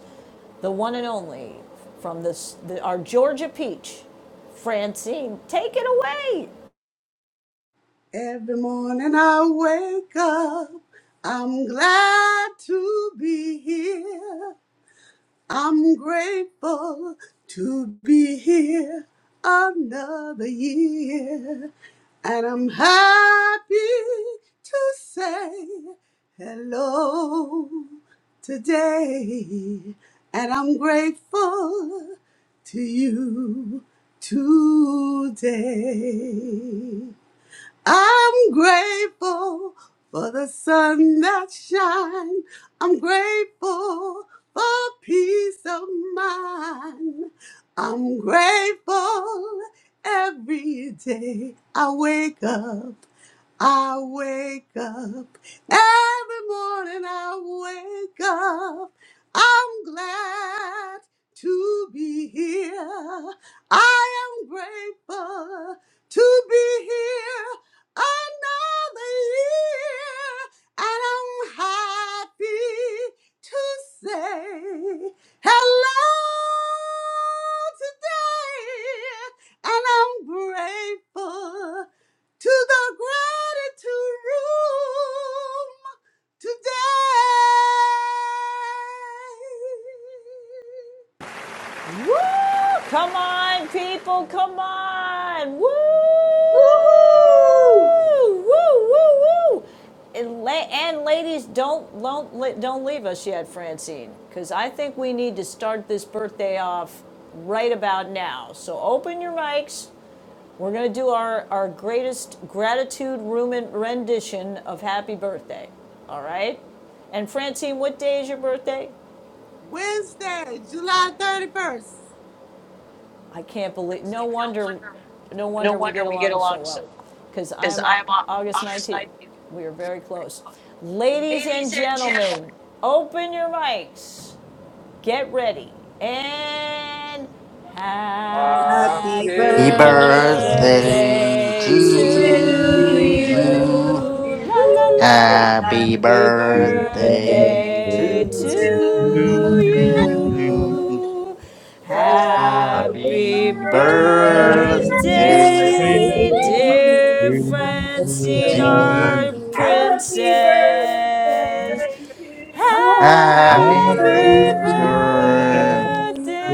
Speaker 1: The one and only from this, the, our Georgia Peach, Francine. Take it away!
Speaker 5: Every morning I wake up, I'm glad to be here. I'm grateful to be here another year. And I'm happy to say hello today. And I'm grateful to you today. I'm grateful for the sun that shines. I'm grateful for peace of mind. I'm grateful every day I wake up. I wake up every morning. I wake up. I'm glad to be here. I am grateful to be here another year. And I'm happy to say hello today. And I'm grateful to the gratitude room today.
Speaker 1: Woo! Come on, people, come on! Woo!
Speaker 6: Woohoo!
Speaker 1: Woo! Woo! Woo! And, la- and ladies, don't don't don't leave us yet, Francine, because I think we need to start this birthday off right about now. So open your mics. We're gonna do our our greatest gratitude room rendition of Happy Birthday. All right. And Francine, what day is your birthday?
Speaker 5: Wednesday, July 31st.
Speaker 1: I can't believe, no wonder, no wonder we get along so well, because I am August 19th. We are very close. Ladies and gentlemen, open your mics, get ready, and
Speaker 7: Happy
Speaker 1: happy
Speaker 4: Happy
Speaker 8: Happy
Speaker 9: Happy birthday,
Speaker 8: birthday.
Speaker 7: birthday
Speaker 4: birthday
Speaker 1: birthday
Speaker 6: And
Speaker 10: Praise
Speaker 7: to
Speaker 1: to
Speaker 6: to
Speaker 4: to
Speaker 9: beep,
Speaker 6: you,
Speaker 9: beep,
Speaker 1: you.
Speaker 4: you.
Speaker 7: you.
Speaker 10: be.
Speaker 1: La la
Speaker 10: Woo!
Speaker 1: la,
Speaker 4: Happy
Speaker 6: happy
Speaker 10: Happy
Speaker 1: happy
Speaker 9: beep,
Speaker 6: birthday
Speaker 4: birthday
Speaker 1: birthday
Speaker 9: beep,
Speaker 6: to
Speaker 1: to
Speaker 4: to
Speaker 10: birthday.
Speaker 7: To
Speaker 6: you.
Speaker 7: you.
Speaker 1: you.
Speaker 4: you.
Speaker 10: Yes,
Speaker 11: Uh,
Speaker 6: Happy
Speaker 7: Happy
Speaker 1: Happy
Speaker 4: Happy
Speaker 10: birthday.
Speaker 6: birthday, dear
Speaker 4: birthday,
Speaker 7: birthday
Speaker 1: birthday,
Speaker 7: to you.
Speaker 1: dear
Speaker 6: Francine.
Speaker 7: Happy
Speaker 1: Francina
Speaker 4: Jean.
Speaker 7: birthday
Speaker 1: Princess.
Speaker 6: Happy birthday to you.
Speaker 4: Happy
Speaker 1: Happy
Speaker 4: birthday
Speaker 10: to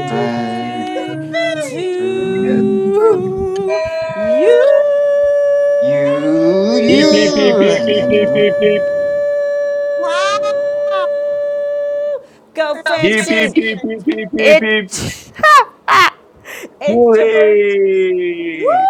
Speaker 7: to
Speaker 5: Hey!
Speaker 10: you.
Speaker 7: you.
Speaker 4: to
Speaker 1: to you.
Speaker 10: Happy
Speaker 4: you,
Speaker 9: beep,
Speaker 4: you.
Speaker 9: beep.
Speaker 5: Wow.
Speaker 1: Go,
Speaker 5: Thank you.
Speaker 9: Beep, beep,
Speaker 1: Francine.
Speaker 9: beep, beep, beep, beep, beep.
Speaker 1: It's it's your birth. Woo!
Speaker 9: Hooray!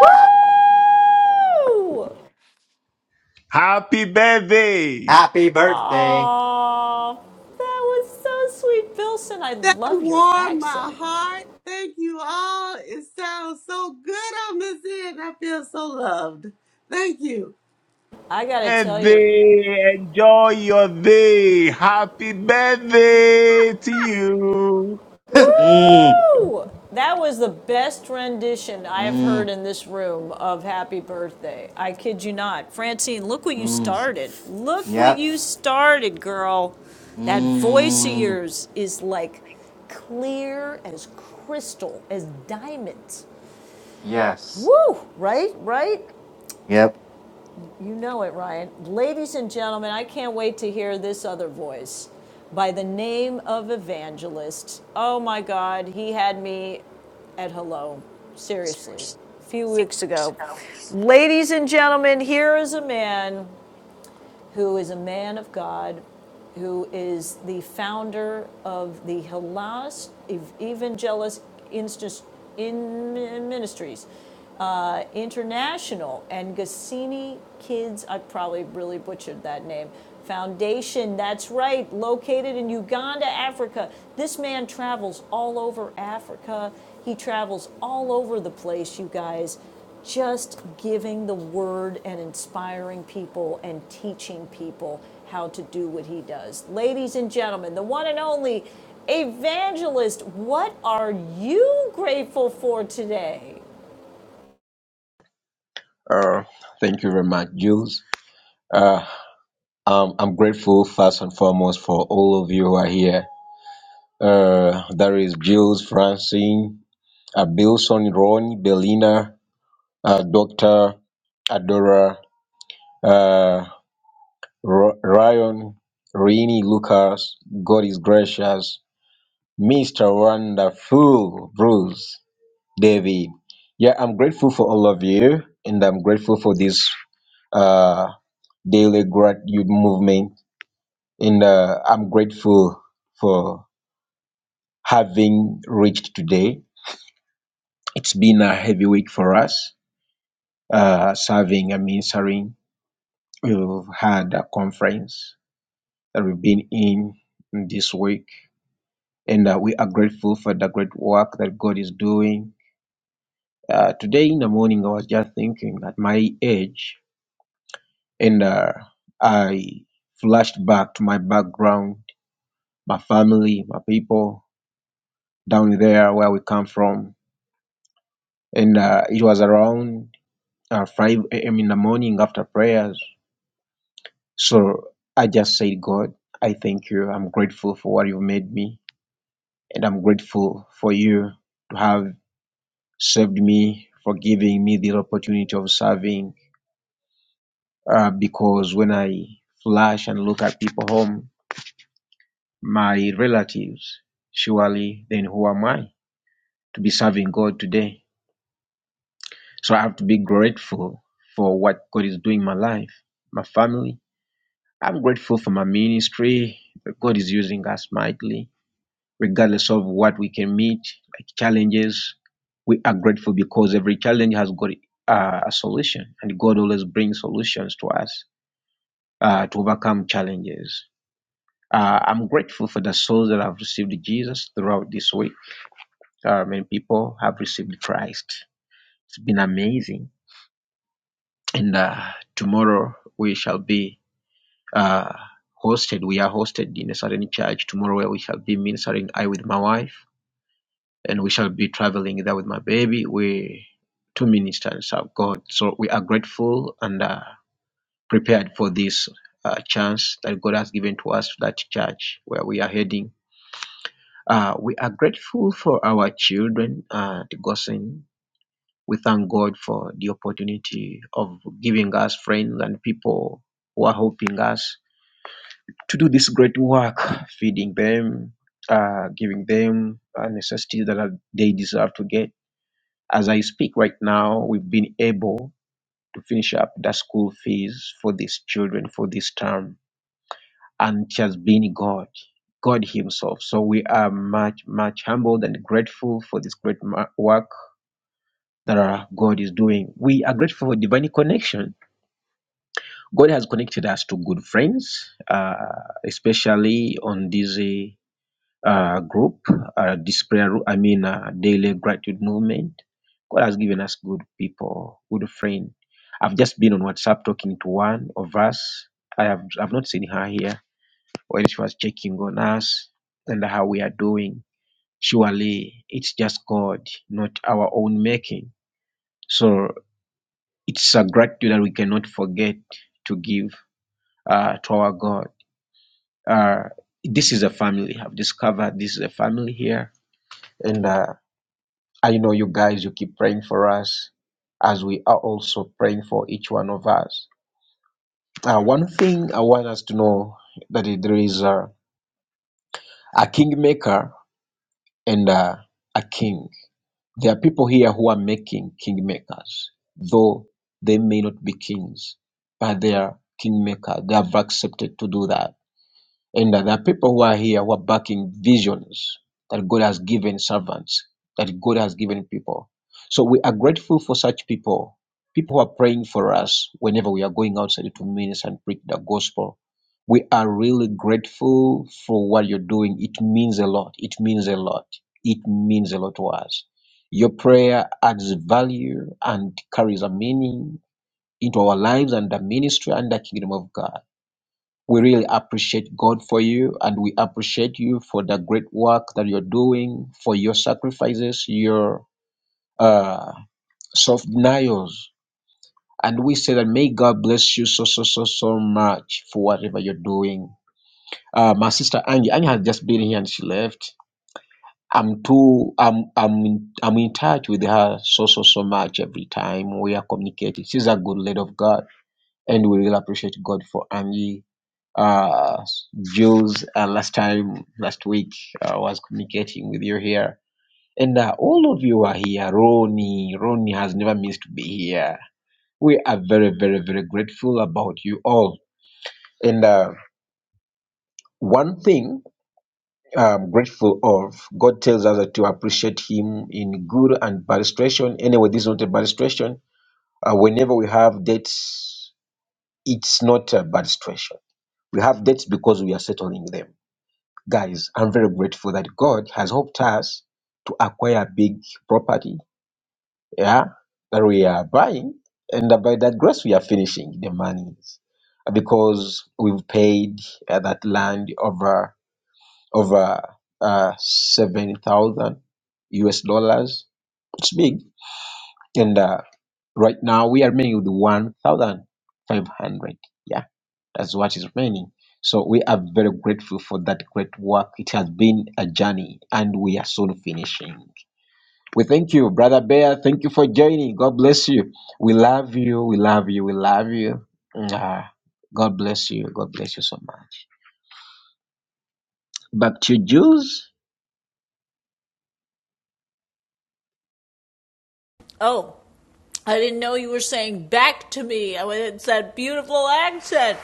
Speaker 9: Happy birthday!
Speaker 4: Happy birthday.
Speaker 1: Aw, that was so sweet, Bilson. I
Speaker 5: That
Speaker 1: love your
Speaker 5: warmed
Speaker 1: accent.
Speaker 5: my heart. Thank you all. It sounds so good on this end. I feel so loved. Thank you.
Speaker 1: I gotta tell you,
Speaker 9: birthday. Enjoy your day. Happy birthday to you.
Speaker 4: mm,
Speaker 1: Woo! That was the best rendition I have heard
Speaker 4: mm,
Speaker 1: in this room of Happy Birthday. I kid you not. Francine, look what you
Speaker 4: mm.
Speaker 1: started. Look what
Speaker 4: Yep.
Speaker 1: you started, girl. That voice of
Speaker 4: Mm,
Speaker 1: yours is like clear as crystal, as diamonds.
Speaker 4: yes.
Speaker 1: Woo! Right? Right?
Speaker 4: Yep.
Speaker 1: You know it, Ryan. Ladies and gentlemen, I can't wait to hear this other voice by the name of Evangelist. Oh my God, he had me at hello. Seriously, a few weeks ago. Ladies and gentlemen, here is a man who is a man of God, who is the founder of the Halas Evangelist Instus- in Ministries uh, International and Gassini Kids, I probably really butchered that name, Foundation. That's right, located in Uganda, Africa. This man travels all over Africa. He travels all over the place, you guys, just giving the word and inspiring people and teaching people how to do what he does. Ladies and gentlemen, the one and only evangelist, what are you grateful for today?
Speaker 11: thank you very much, Jules. Uh, um, I'm grateful first and foremost for all of you who are here. Uh, there is Jules, Francine, uh, Bilson, Ronnie, Belina, uh, Doctor, Adora, uh, R- Ryan, Rini, Lucas. God is gracious. Mr. Wonderful, Bruce. David. Yeah, I'm grateful for all of you, and I'm grateful for this uh, daily gratitude movement. And uh, I'm grateful for having reached today. It's been a heavy week for us, uh, serving and ministering. We've had a conference that we've been in this week, and uh, we are grateful for the great work that God is doing. Uh, today in the morning, I was just thinking at my age, and uh, I flashed back to my background, my family, my people down there where we come from, and uh, it was around uh, 5 a.m. in the morning after prayers. So I just said, God, I thank you. I'm grateful for what you've made me, and I'm grateful for you to have saved me, for giving me the opportunity of serving. Uh, because when I flash and look at people home, my relatives, surely then who am I to be serving God today? So I have to be grateful for what God is doing in my life, my family. I'm grateful for my ministry. that God is using us mightily, regardless of what we can meet, like challenges. We are grateful because every challenge has got uh, a solution, and God always brings solutions to us uh, to overcome challenges. Uh, I'm grateful for the souls that have received Jesus throughout this week. Uh, many people have received Christ. It's been amazing. And uh, tomorrow we shall be uh, hosted. We are hosted in a certain church tomorrow where we shall be ministering. I with my wife, and we shall be traveling there with my baby. We two ministers of God. So we are grateful and uh, prepared for this uh, chance that God has given to us, that church where we are heading. Uh, we are grateful for our children uh, at Gosen We thank God for the opportunity of giving us friends and people who are helping us to do this great work, feeding them, uh, giving them uh, necessities that are- they deserve to get. As I speak right now, we've been able to finish up the school fees for these children for this term, and it has been God, God Himself. So we are much, much humbled and grateful for this great ma- work that our God is doing. We are grateful for divine connection God has connected us to good friends, uh, especially on this uh, group, uh, this prayer, I mean, uh, daily gratitude movement. God has given us good people, good friend. I've just been on WhatsApp talking to one of us. I have I've not seen her here when she was checking on us and how we are doing. Surely it's just God, not our own making. So it's a gratitude that we cannot forget to give uh, to our God. Uh, this is a family. I've discovered this is a family here. And uh, I know you guys, you keep praying for us as we are also praying for each one of us. Uh, one thing I want us to know that it- there is a, a kingmaker and uh, a king. There are people here who are making kingmakers, though they may not be kings, but they are kingmakers. They have accepted to do that And that there are people who are here who are backing visions that God has given servants, that God has given people. So we are grateful for such people, people who are praying for us whenever we are going outside to minister and preach the gospel. We are really grateful for what you're doing. It means a lot. It means a lot. It means a lot to us. Your prayer adds value and carries a meaning into our lives and the ministry and the kingdom of God we really appreciate God for you and we appreciate you for the great work that you're doing, for your sacrifices, your uh, self denials. And we say that may God bless you so, so, so, so much for whatever you're doing. Uh, my sister Angie, Angie has just been here and she left. I'm too, I'm, I'm, in, I'm in touch with her so, so, so much every time we are communicating. She's a good lady of God and we really appreciate God for Angie. Uh, Jules, uh, last time, last week, I was communicating with you here. And uh, all of you are here. Ronnie, Ronnie has never missed to be here. We are very, very, very grateful about you all. And uh, one thing I'm grateful of, God tells us that to appreciate Him in good and bad situation. Anyway, this is not a bad situation. Uh, whenever we have debts, it's not a bad situation We have debts because we are settling them. Guys, I'm very grateful that God has helped us to acquire big property, yeah, that we are buying. And by that grace, we are finishing the monies because we've paid uh, that land over over uh, seven thousand US dollars. It's big, and uh, right now we are remaining with one thousand five hundred. Yeah That's what is remaining. So we are very grateful for that great work. It has been a journey and we are soon finishing. We thank you, Brother Bear. Thank you for joining. God bless you. We love you. We love you. We love you. Ah, God bless you. God bless you so much. Back to Jews.
Speaker 1: Oh, I didn't know you were saying back to me. It's that beautiful accent.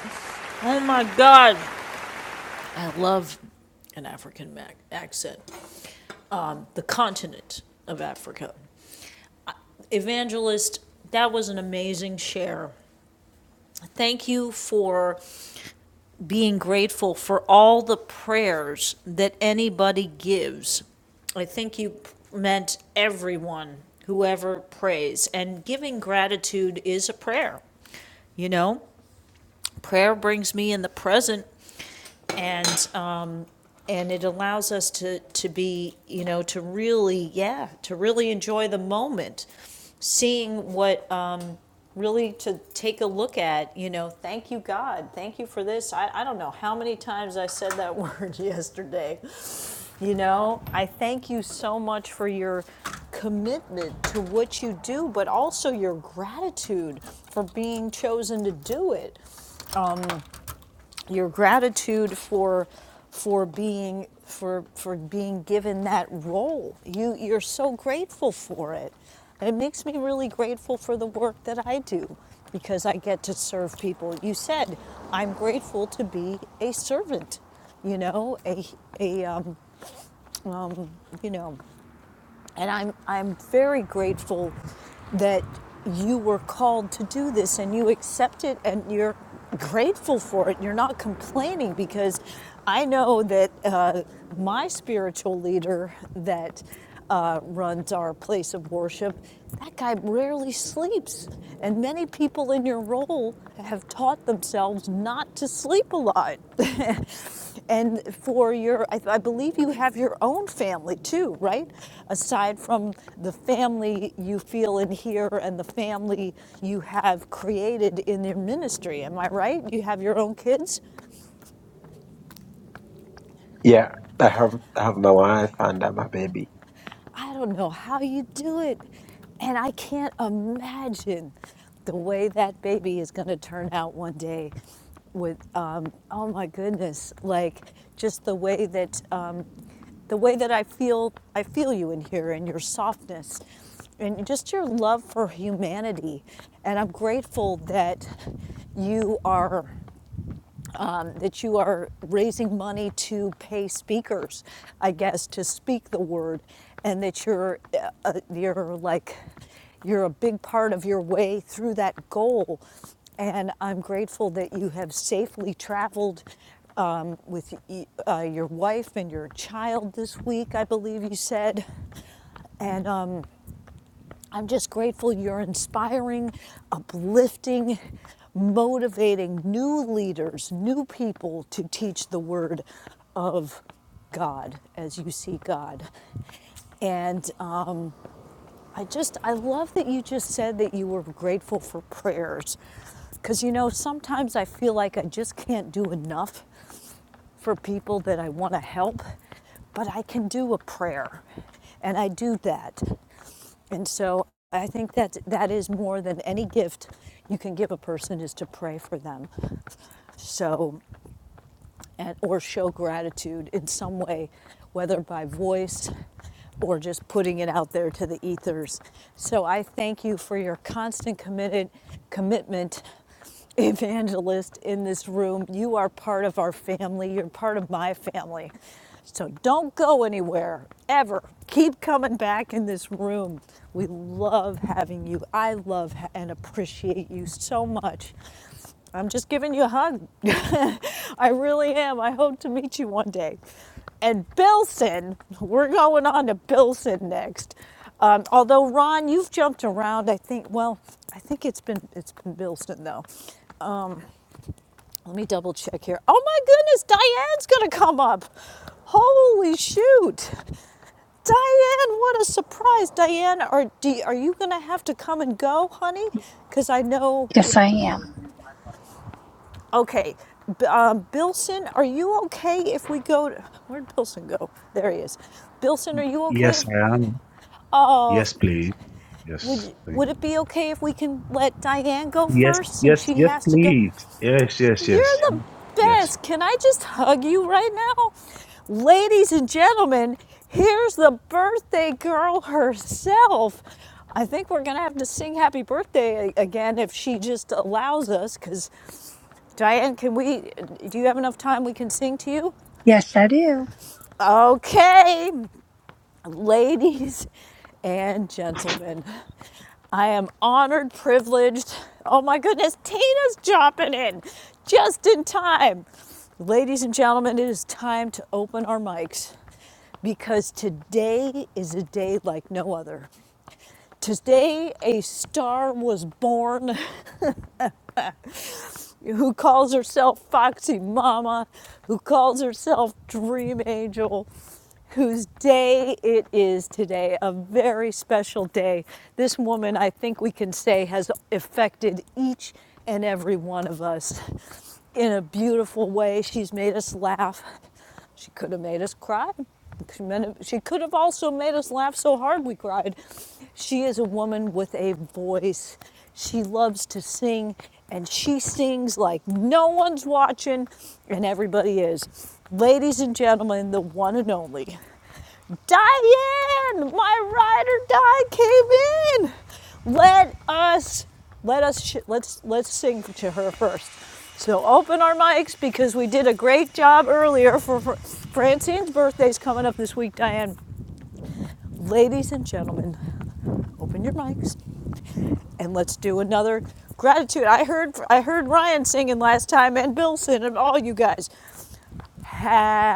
Speaker 1: Oh my God. I love an African mac- accent. Um, the continent of Africa. Evangelist, that was an amazing share. Thank you for being grateful for all the prayers that anybody gives. I think you meant everyone, whoever prays. And giving gratitude is a prayer, you know? prayer brings me in the present and uh, and it allows us to to be you know to really yeah to really enjoy the moment seeing what um, really to take a look at you know thank you god thank you for this I, I don't know how many times i said that word yesterday you know i thank you so much for your commitment to what you do but also your gratitude for being chosen to do it your gratitude for for being for for being given that role. You you're so grateful for it. And it makes me really grateful for the work that I do because I get to serve people. You said I'm grateful to be a servant, you know, a a um, you know and I'm, I'm very grateful that you were called to do this and you accept it and you're grateful for it. You're not complaining because I know that uh, my spiritual leader that uh, runs our place of worship, that guy rarely sleeps. And. And many people in your role have taught themselves not to sleep a lot. and for your, I, I believe you have your own family too, right? Aside from the family you feel in here and the family you have created in your ministry. Am I right? You have your own kids?
Speaker 11: Yeah, I have I have my wife and uh, my baby.
Speaker 1: I don't know how you do it. And I can't imagine the way that baby is going to turn out one day with um, oh my goodness like just the way that um, the way that i feel i feel you in here and your softness and just your love for humanity and i'm grateful that you are um, that you are raising money to pay speakers, I guess, to speak the word, and that you're uh, uh, you're like you're a big part of your way through that goal. And I'm grateful that you have safely traveled um, with uh, your wife and your child this week, I believe you said. And um, I'm just grateful you're inspiring, uplifting, motivating new leaders, new people to teach the word of God as you see God. And uh, I just, I love that you just said that you were grateful for prayers. Because, you know, sometimes I feel like I just can't do enough for people that I want to help, but I can do a prayer. And I do that. And so I think that that is more than any gift you can give a person is to pray for them. So and, or show gratitude in some way, whether by voice or just putting it out there to the ethers. So I thank you for your constant committed commitment evangelist in this room. You are part of our family. You're part of my family. So don't go anywhere ever. Keep coming back in this room. We love having you. I love ha- and appreciate you so much. I'm just giving you a hug. I really am. I hope to meet you one day. And Billson, we're going on to Billson next. Um, although Ron, you've jumped around. I think. Well, I think it's been it's been Billson though. Let me double check here. Oh my goodness, Diane's gonna come up. Holy shoot, Diane! What a surprise, Diane. Are do, are you gonna have to come and go, honey?
Speaker 12: Yes,
Speaker 1: Because I know.
Speaker 12: Yes, I am.
Speaker 1: Okay, um, Bilson, are you okay if we go? To, where'd Bilson go? There he is. Bilson, are you okay?
Speaker 9: Yes,
Speaker 1: If,
Speaker 9: I am.
Speaker 1: oh,
Speaker 9: Yes, please.
Speaker 1: would
Speaker 9: Yes, thank
Speaker 1: would
Speaker 9: you.
Speaker 1: it be okay if we can let Diane go
Speaker 9: Yes,
Speaker 1: first, since
Speaker 9: yes,
Speaker 1: she
Speaker 9: yes,
Speaker 1: has to go?
Speaker 9: please. Yes, yes,
Speaker 1: You're
Speaker 9: yes.
Speaker 1: the
Speaker 9: Yes.
Speaker 1: best. Can I just hug you right now, ladies and gentlemen? Here's the birthday girl herself. I think we're gonna have to sing happy birthday again if she just allows us, because Diane, can we, do you have enough time we can sing to you?
Speaker 12: Yes, I do.
Speaker 1: Okay, ladies and gentlemen, I am honored, privileged. Oh my goodness, Tina's dropping in just in time. Ladies and gentlemen, it is time to open our mics because today is a day like no other. Today, a star was born who calls herself Foxy Mama, who calls herself Dream Angel, whose day it is today, a very special day. This woman, I think we can say, has affected each and every one of us in a beautiful way. She's made us laugh. She could have made us cry. She could have also made us laugh so hard we cried. She is a woman with a voice. She loves to sing, and she sings like no one's watching, and everybody is. Ladies and gentlemen, the one and only Diane, my ride or die came in. Let us, let us, sh- let's let's sing to her first. So open our mics because we did a great job earlier for, for Francine's birthday's coming up this week. Diane, ladies and gentlemen, open your mics and let's do another gratitude. I heard I heard Ryan singing last time and Bill singing and all you guys.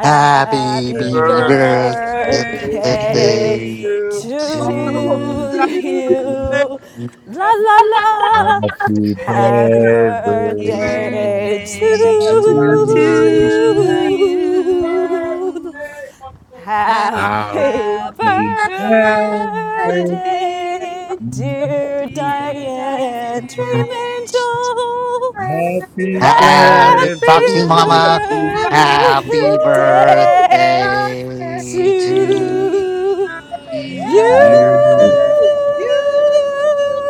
Speaker 4: Happy baby
Speaker 10: Birthday
Speaker 9: Um,
Speaker 7: Happy
Speaker 5: Thank
Speaker 4: birthday
Speaker 9: Happy
Speaker 1: birthday
Speaker 10: to
Speaker 7: birthday
Speaker 10: you. My
Speaker 7: to
Speaker 10: wonderful friend,
Speaker 4: to
Speaker 10: Diane.
Speaker 1: to
Speaker 5: you.
Speaker 4: you.
Speaker 1: you.
Speaker 7: you.
Speaker 4: Happy
Speaker 1: La
Speaker 10: Happy
Speaker 1: la la.
Speaker 10: birthday to you.
Speaker 1: Happy
Speaker 9: birthday
Speaker 7: Happy
Speaker 9: to
Speaker 10: Yeah,
Speaker 1: birthday to
Speaker 4: birthday
Speaker 7: birthday
Speaker 10: we love
Speaker 9: you.
Speaker 7: to
Speaker 10: you.
Speaker 4: to
Speaker 1: you.
Speaker 10: Happy
Speaker 7: you.
Speaker 10: birthday, wonderful
Speaker 9: Happy
Speaker 1: Happy
Speaker 7: Happy
Speaker 10: friend.
Speaker 7: birthday,
Speaker 1: birthday, dear
Speaker 9: birthday.
Speaker 7: dear
Speaker 1: Diane Dream
Speaker 5: Happy
Speaker 4: you.
Speaker 7: Diane.
Speaker 1: Angel.
Speaker 9: Happy
Speaker 7: Woo!
Speaker 4: Have
Speaker 9: birthday
Speaker 4: it,
Speaker 1: Happy
Speaker 9: to
Speaker 4: Foxy
Speaker 7: Happy
Speaker 4: Mama.
Speaker 7: birthday
Speaker 4: Happy
Speaker 10: Woo!
Speaker 1: birthday
Speaker 5: Happy birthday
Speaker 4: birthday
Speaker 7: to
Speaker 4: to
Speaker 1: to
Speaker 7: you.
Speaker 1: you.
Speaker 5: to you.
Speaker 4: you.
Speaker 9: you.
Speaker 10: Yay!
Speaker 5: You
Speaker 7: Woo!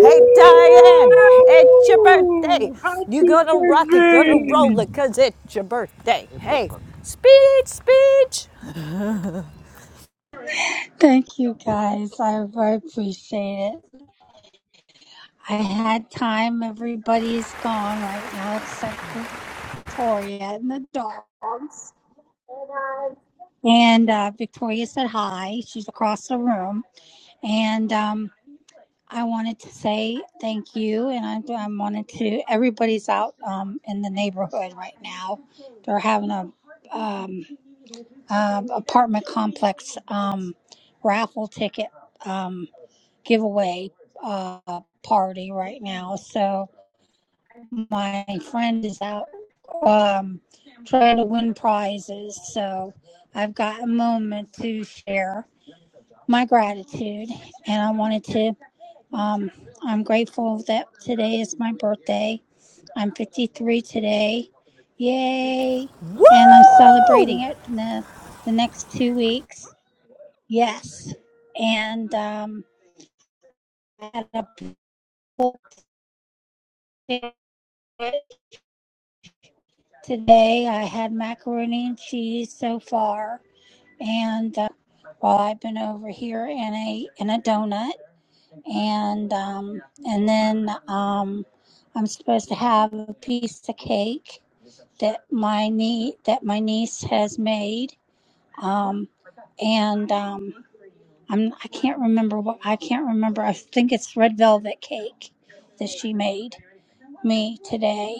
Speaker 1: Hey, Diane, it's your birthday. You
Speaker 9: Happy
Speaker 1: gonna rock it,
Speaker 9: birthday!
Speaker 1: gonna roll it, cause it's your birthday. Hey, speech, speech.
Speaker 12: Thank you guys. I, I appreciate it. I had time. Everybody has gone right now except for Victoria in the dark. And uh, Victoria said hi. She's across the room. And um, I wanted to say thank you. And I, I wanted to, everybody's out um, in the neighborhood right now. They're having a um, uh, apartment complex um, raffle ticket. Um, giveaway uh, party right now. So my friend is out um, trying to win prizes. So I've got a moment to share my gratitude, and I wanted to. Um, I'm grateful that today is my birthday. I'm 53 today. Yay! And I'm
Speaker 1: Woo!
Speaker 12: celebrating it in the, the next two weeks. Yes. And um, I had a pool ticket Today I had macaroni and cheese so far, and uh, while well, I've been over here in a in a donut, and um, and then um, I'm supposed to have a piece of cake that my nie that my niece has made, um, and um, I'm I can't remember what I can't remember. I think it's red velvet cake that she made me today,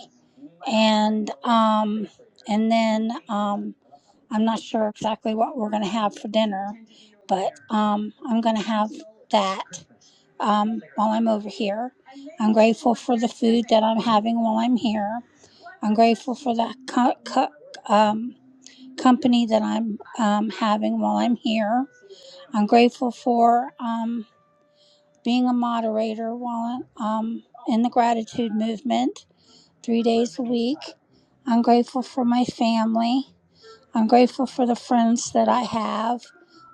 Speaker 12: and um, and then um, I'm not sure exactly what we're going to have for dinner, but um, I'm going to have that um, while I'm over here. I'm grateful for the food that I'm having while I'm here. I'm grateful for the co- co- um, company that I'm um, having while I'm here. I'm grateful for um, being a moderator while um, in the gratitude movement three days a week. I'm grateful for my family. I'm grateful for the friends that I have,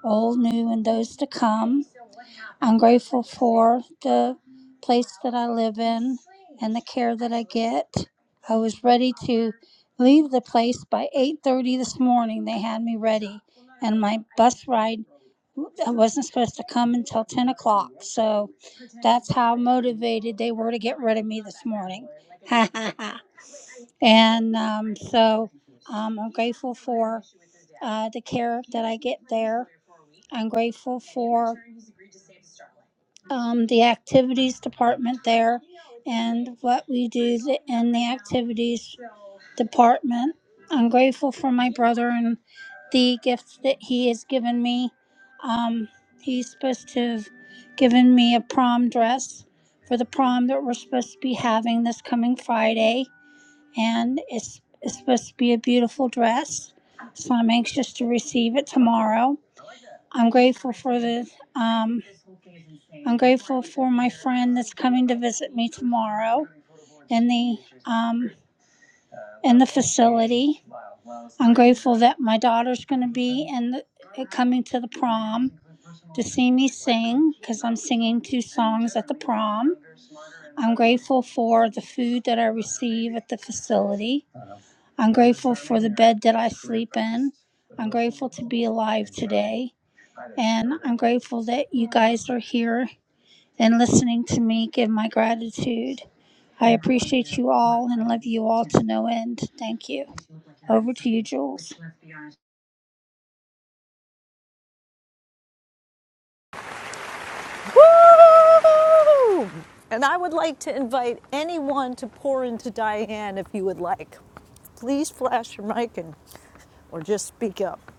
Speaker 12: old, new, and those to come. I'm grateful for the place that I live in and the care that I get. I was ready to leave the place by 8:30 this morning. They had me ready, and my bus ride I wasn't supposed to come until 10 o'clock. So that's how motivated they were to get rid of me this morning. and um, so um, I'm grateful for uh, the care that I get there. I'm grateful for um, the activities department there and what we do th- in the activities department. I'm grateful for my brother and the gifts that he has given me. Um, he's supposed to have given me a prom dress for the prom that we're supposed to be having this coming Friday, and it's, it's supposed to be a beautiful dress. So I'm anxious to receive it tomorrow. I'm grateful for this. Um, I'm grateful for my friend that's coming to visit me tomorrow in the um, in the facility. I'm grateful that my daughter's going to be in the, coming to the prom to see me sing because I'm singing two songs at the prom. I'm grateful for the food that I receive at the facility. I'm grateful for the bed that I sleep in. I'm grateful to be alive today. And I'm grateful that you guys are here and listening to me give my gratitude. I appreciate you all and love you all to no end. Thank you. Over to you, Jules.
Speaker 1: Woo! And I would like to invite anyone to pour into Diane if you would like. Please flash your mic and or just speak up.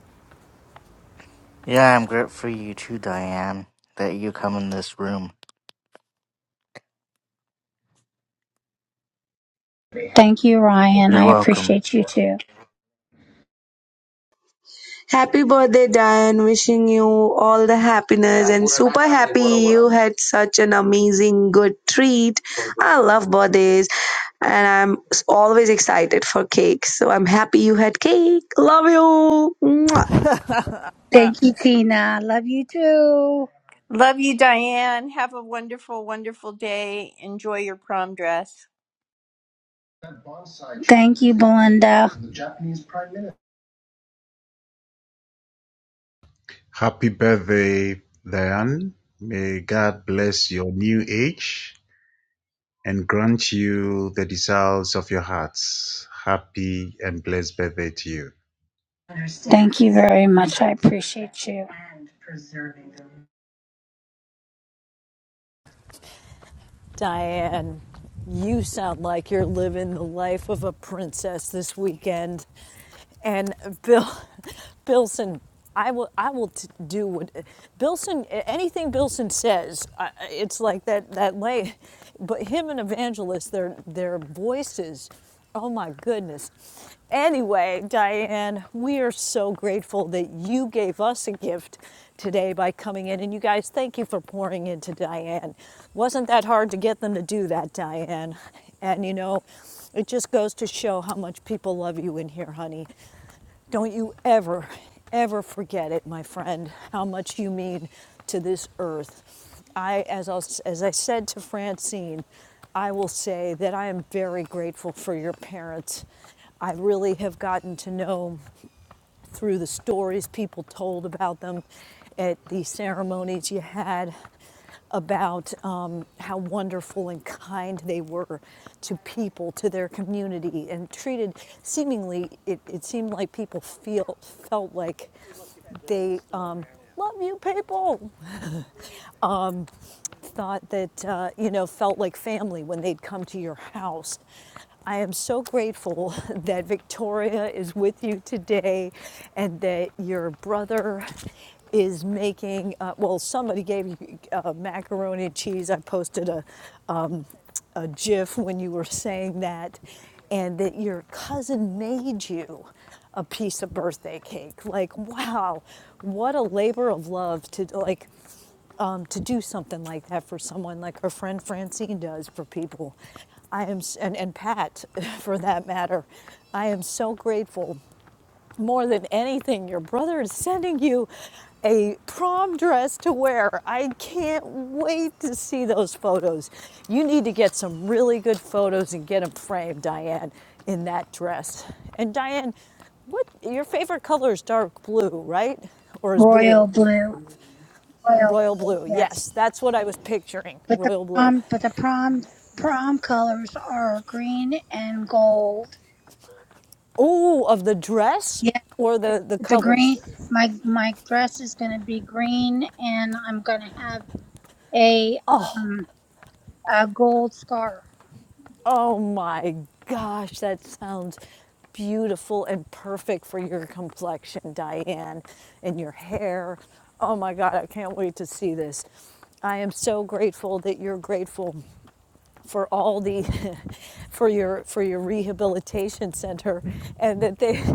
Speaker 4: Yeah, I'm grateful for you too, Diane, that you come in this room.
Speaker 12: Thank you, Ryan.
Speaker 4: You're
Speaker 12: I
Speaker 4: welcome.
Speaker 12: appreciate you too.
Speaker 13: Happy birthday, Diane. Wishing you all the happiness and super happy you had such an amazing, good treat. I love birthdays and I'm s- always excited for cakes. So I'm happy you had cake. Love you. Mwah.
Speaker 12: Thank you, Tina. Love you too.
Speaker 6: Love you, Diane. Have a wonderful, wonderful day. Enjoy your prom dress.
Speaker 12: Thank you, Belinda.
Speaker 9: Happy birthday, Diane. May God bless your new age and grant you the desires of your hearts. Happy and blessed birthday to you.
Speaker 12: Thank you very much. I appreciate you.
Speaker 1: Diane, you sound like you're living the life of a princess this weekend. And Bill, Billson, I will, I will t- do what Billson, anything Billson says, I, it's like that, that lay, but him and Evangelist, their, their voices Oh my goodness. Anyway, Diane, we are so grateful that you gave us a gift today by coming in. And you guys, thank you for pouring into Diane. Wasn't that hard to get them to do that, Diane? And you know, it just goes to show how much people love you in here, honey. Don't you ever, ever forget it, my friend, how much you mean to this earth. I, as I, as I said to Francine, I will say that I am very grateful for your parents. I really have gotten to know through the stories people told about them at the ceremonies you had about um, how wonderful and kind they were to people, to their community, and treated seemingly, it, it seemed like people feel, felt like they um, love you people, thought that, uh, you know, felt like family when they'd come to your house. I am so grateful that Victoria is with you today and that your brother is making, uh, well, somebody gave you uh, macaroni and cheese. I posted a, um, a gif when you were saying that, and that your cousin made you a piece of birthday cake. Like, wow, what a labor of love to like um, to do something like that for someone like our friend Francine does for people. I am, and, and Pat for that matter, I am so grateful. More than anything, your brother is sending you a prom dress to wear. I can't wait to see those photos. You need to get some really good photos and get them framed, Diane, in that dress. And Diane, what your favorite color is dark blue, right? Or is blue?
Speaker 12: Royal blue. Royal
Speaker 1: Royal
Speaker 12: blue,
Speaker 1: blue,
Speaker 12: yes.
Speaker 1: yes, that's what I was picturing.
Speaker 12: But the
Speaker 1: Royal blue.
Speaker 12: prom but the prom prom colors are green and gold.
Speaker 1: oh, of the dress or the, the
Speaker 12: The
Speaker 1: colors?
Speaker 12: green, my my dress is going to be green, and I'm going to have a um a gold scarf.
Speaker 1: Oh my gosh, that sounds beautiful and perfect for your complexion, Diane, and your hair. Oh my God, I can't wait to see this. I am so grateful that you're grateful for all the for your for your rehabilitation center and that they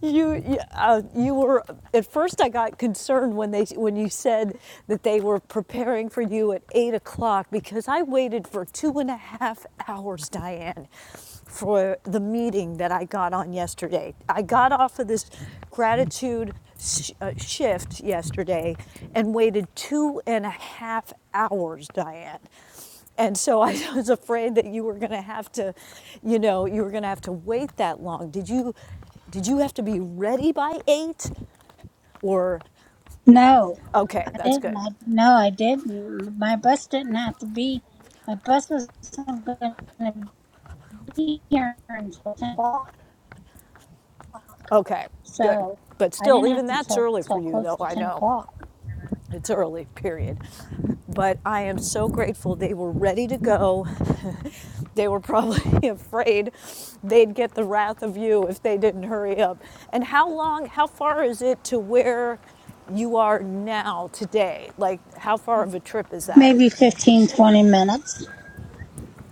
Speaker 1: You, you, uh, you were, at first I got concerned when they, when you said that they were preparing for you at eight o'clock because I waited for two and a half hours, Diane, for the meeting that I got on yesterday. I got off of this gratitude sh- uh, shift yesterday and waited two and a half hours, Diane. And so I was afraid that you were going to have to, you know, you were going to have to wait that long. Did you did you have to be ready by 8 or
Speaker 12: No,
Speaker 1: okay,
Speaker 12: I
Speaker 1: that's
Speaker 12: didn't.
Speaker 1: good.
Speaker 12: I, no, I didn't. My bus didn't have to be. My bus was not going to be here until ten o'clock,
Speaker 1: Okay. Good.
Speaker 12: so
Speaker 1: But
Speaker 12: I
Speaker 1: still
Speaker 12: didn't have
Speaker 1: even
Speaker 12: to
Speaker 1: that's
Speaker 12: till
Speaker 1: early for
Speaker 12: till
Speaker 1: you
Speaker 12: close
Speaker 1: though.
Speaker 12: to
Speaker 1: I
Speaker 12: ten
Speaker 1: know.
Speaker 12: o'clock.
Speaker 1: It's early, period. But I am so grateful they were ready to go They were probably afraid they'd get the wrath of you if they didn't hurry up. And how long, how far is it to where you are now today? Like, how far of a trip is that?
Speaker 12: Maybe 15 20 minutes.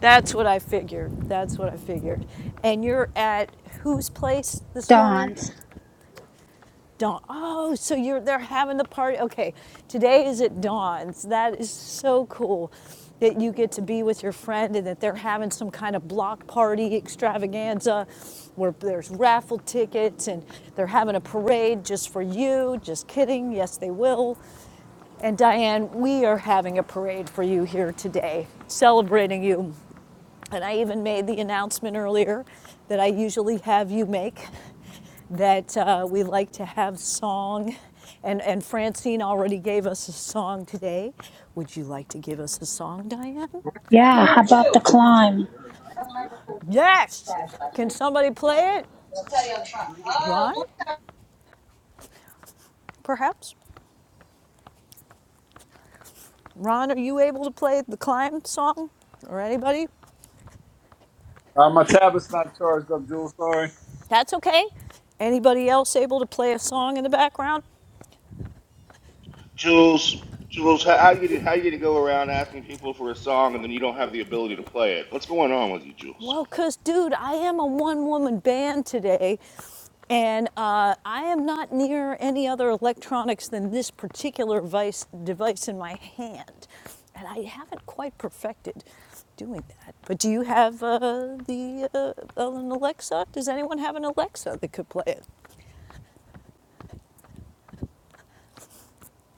Speaker 1: That's what I figured. That's what I figured. And you're at whose place this morning?
Speaker 12: Dawn's.
Speaker 1: dawn. Oh, so you're they're having the party. Okay, today is at dawn. That is so cool that you get to be with your friend and that they're having some kind of block party extravaganza where there's raffle tickets and they're having a parade just for you. Just kidding. Yes, they will. And Diane, we are having a parade for you here today, celebrating you. And I even made the announcement earlier that I usually have you make that uh, we like to have song, and, and Francine already gave us a song today. Would you like to give us a song, Diane?
Speaker 12: Yeah. How about the climb?
Speaker 1: Yes! Can somebody play it? Ron, perhaps? Ron, are you able to play the climb song? Or anybody?
Speaker 10: Uh, my tablet's not charged up, Jewel. Sorry.
Speaker 1: That's okay. Anybody else able to play a song in the background?
Speaker 14: Jules, Jules, how how you gonna- how you to go around asking people for a song and then you don't have the ability to play it? What's going on with you, Jules?
Speaker 1: Well, because, dude, I am a one woman band today, and uh, I am not near any other electronics than this particular vice, device in my hand. And I haven't quite perfected doing that. But do you have uh, the uh, uh, an Alexa? Does anyone have an Alexa that could play it?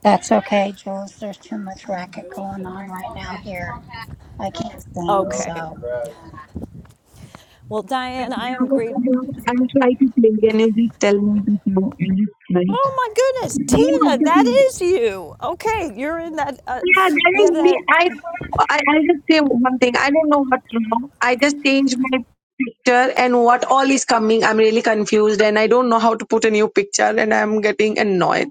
Speaker 12: That's okay, Jules. There's too much racket going on right now here. I can't sing,
Speaker 1: Okay.
Speaker 12: so
Speaker 1: Well, Diane, I am great.
Speaker 13: I'll try to play and you just tell me the go and just like
Speaker 1: Oh my goodness,
Speaker 13: name of
Speaker 1: Tina,
Speaker 13: the
Speaker 1: that
Speaker 13: thing.
Speaker 1: is you. Okay, you're in that. Uh,
Speaker 13: Yeah, that
Speaker 1: you
Speaker 13: is
Speaker 1: have
Speaker 13: me.
Speaker 1: that
Speaker 13: I I I'll just say one thing. I don't know what's wrong. I just changed my picture and what all is coming. I'm really confused and I don't know how to put a new picture and I'm getting annoyed.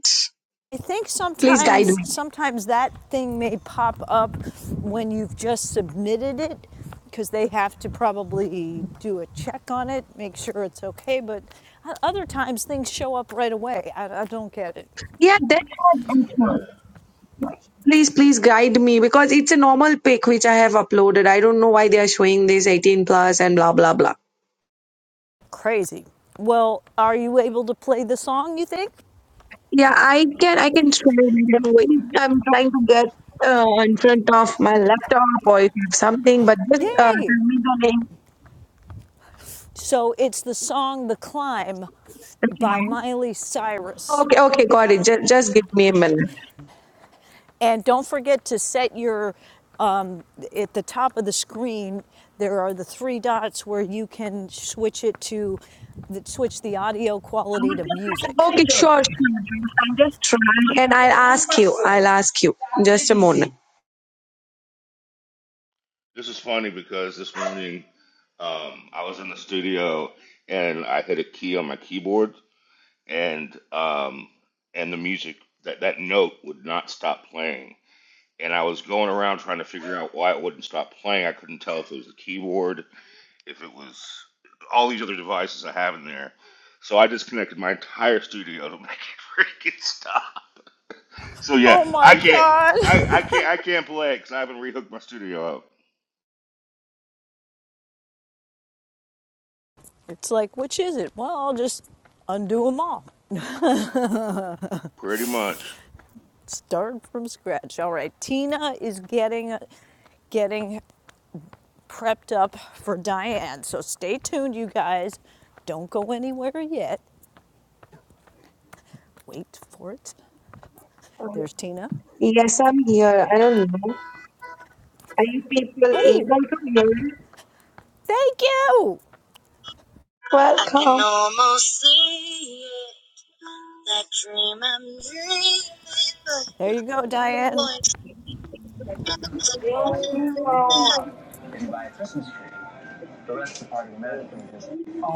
Speaker 1: I think
Speaker 13: Please guide
Speaker 1: sometimes
Speaker 13: me.
Speaker 1: sometimes that thing may pop up when you've just submitted it because they have to probably do a check on it, make sure it's okay, but other times things show up right away. I, I don't get it.
Speaker 13: Yeah, that was.
Speaker 14: Yeah.
Speaker 13: please, please guide me because it's a normal pic which I have uploaded. I don't know why they are showing this 18 plus and blah blah blah.
Speaker 1: Crazy. Well, are you able to play the song, you think?
Speaker 13: Yeah, I can I can show you. the way. I'm trying to get uh, in front of my laptop or if you something, but just uh, tell
Speaker 1: Yay!
Speaker 13: me the name.
Speaker 1: So it's the song The Climb by Miley Cyrus.
Speaker 13: Okay, okay, got it. Just, just give me a minute.
Speaker 1: And don't forget to set your, um, at the top of the screen, there are the three dots where you can switch it to, switch the audio quality to music.
Speaker 13: Okay, sure, sure. I'm just trying. And I'll ask you. I'll ask you. Just a moment.
Speaker 14: This is funny because this morning um, I was in the studio and I hit a key on my keyboard and um, and the music that that note would not stop playing and I was going around trying to figure out why it wouldn't stop playing. I couldn't tell if it was the keyboard if it was all these other devices I have in there. So I disconnected my entire studio to make it freaking stop. So yeah,
Speaker 1: Oh my
Speaker 14: I can't,
Speaker 1: God.
Speaker 14: I, I can't, I can't play because I haven't rehooked my studio up.
Speaker 1: It's like, which is it? Well, I'll just undo them all.
Speaker 14: Pretty much.
Speaker 1: Start from scratch. All right. Tina is getting, getting prepped up for Diane. So stay tuned, you guys. Don't go anywhere yet. Wait for it. There's Tina.
Speaker 13: Yes, I'm here. I don't know. Are you people
Speaker 1: Oh,
Speaker 13: able to hear me?
Speaker 1: Thank you.
Speaker 13: Welcome. I can
Speaker 1: There you go, Diane.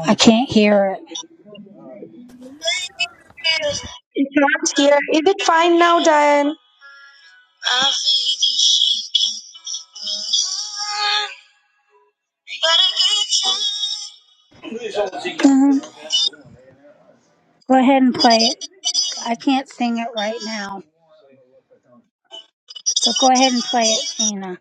Speaker 12: I can't hear
Speaker 13: You can't hear. Is it fine now, Diane?
Speaker 12: it. Um, go ahead and play it. I can't sing it right now, but go ahead and play it, Tina.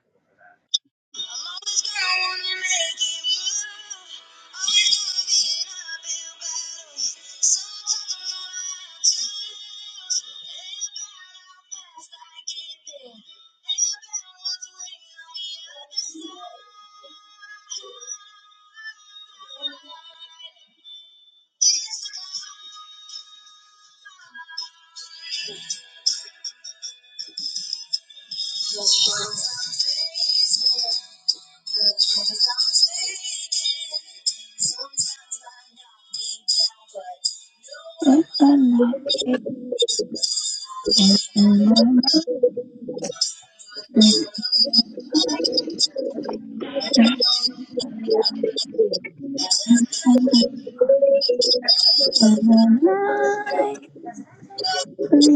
Speaker 12: On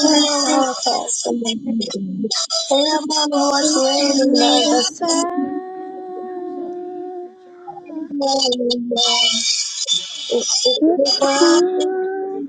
Speaker 12: the other side. It's fine.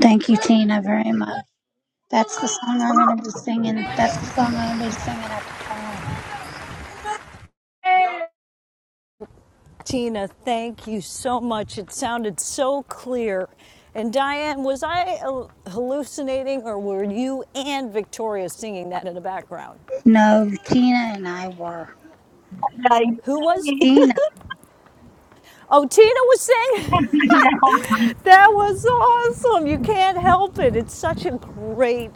Speaker 12: Thank you, Tina, very much. That's the song I'm going to be singing. That's the song I'm going to be singing at the prom.
Speaker 1: Tina, thank you so much. It sounded so clear. And Diane, was I uh, hallucinating or were you and Victoria singing that in the background?
Speaker 12: No, Tina and I were.
Speaker 13: Like,
Speaker 1: Who was?
Speaker 12: Tina.
Speaker 1: Oh, Tina was singing. That was awesome. You can't help it. It's such a great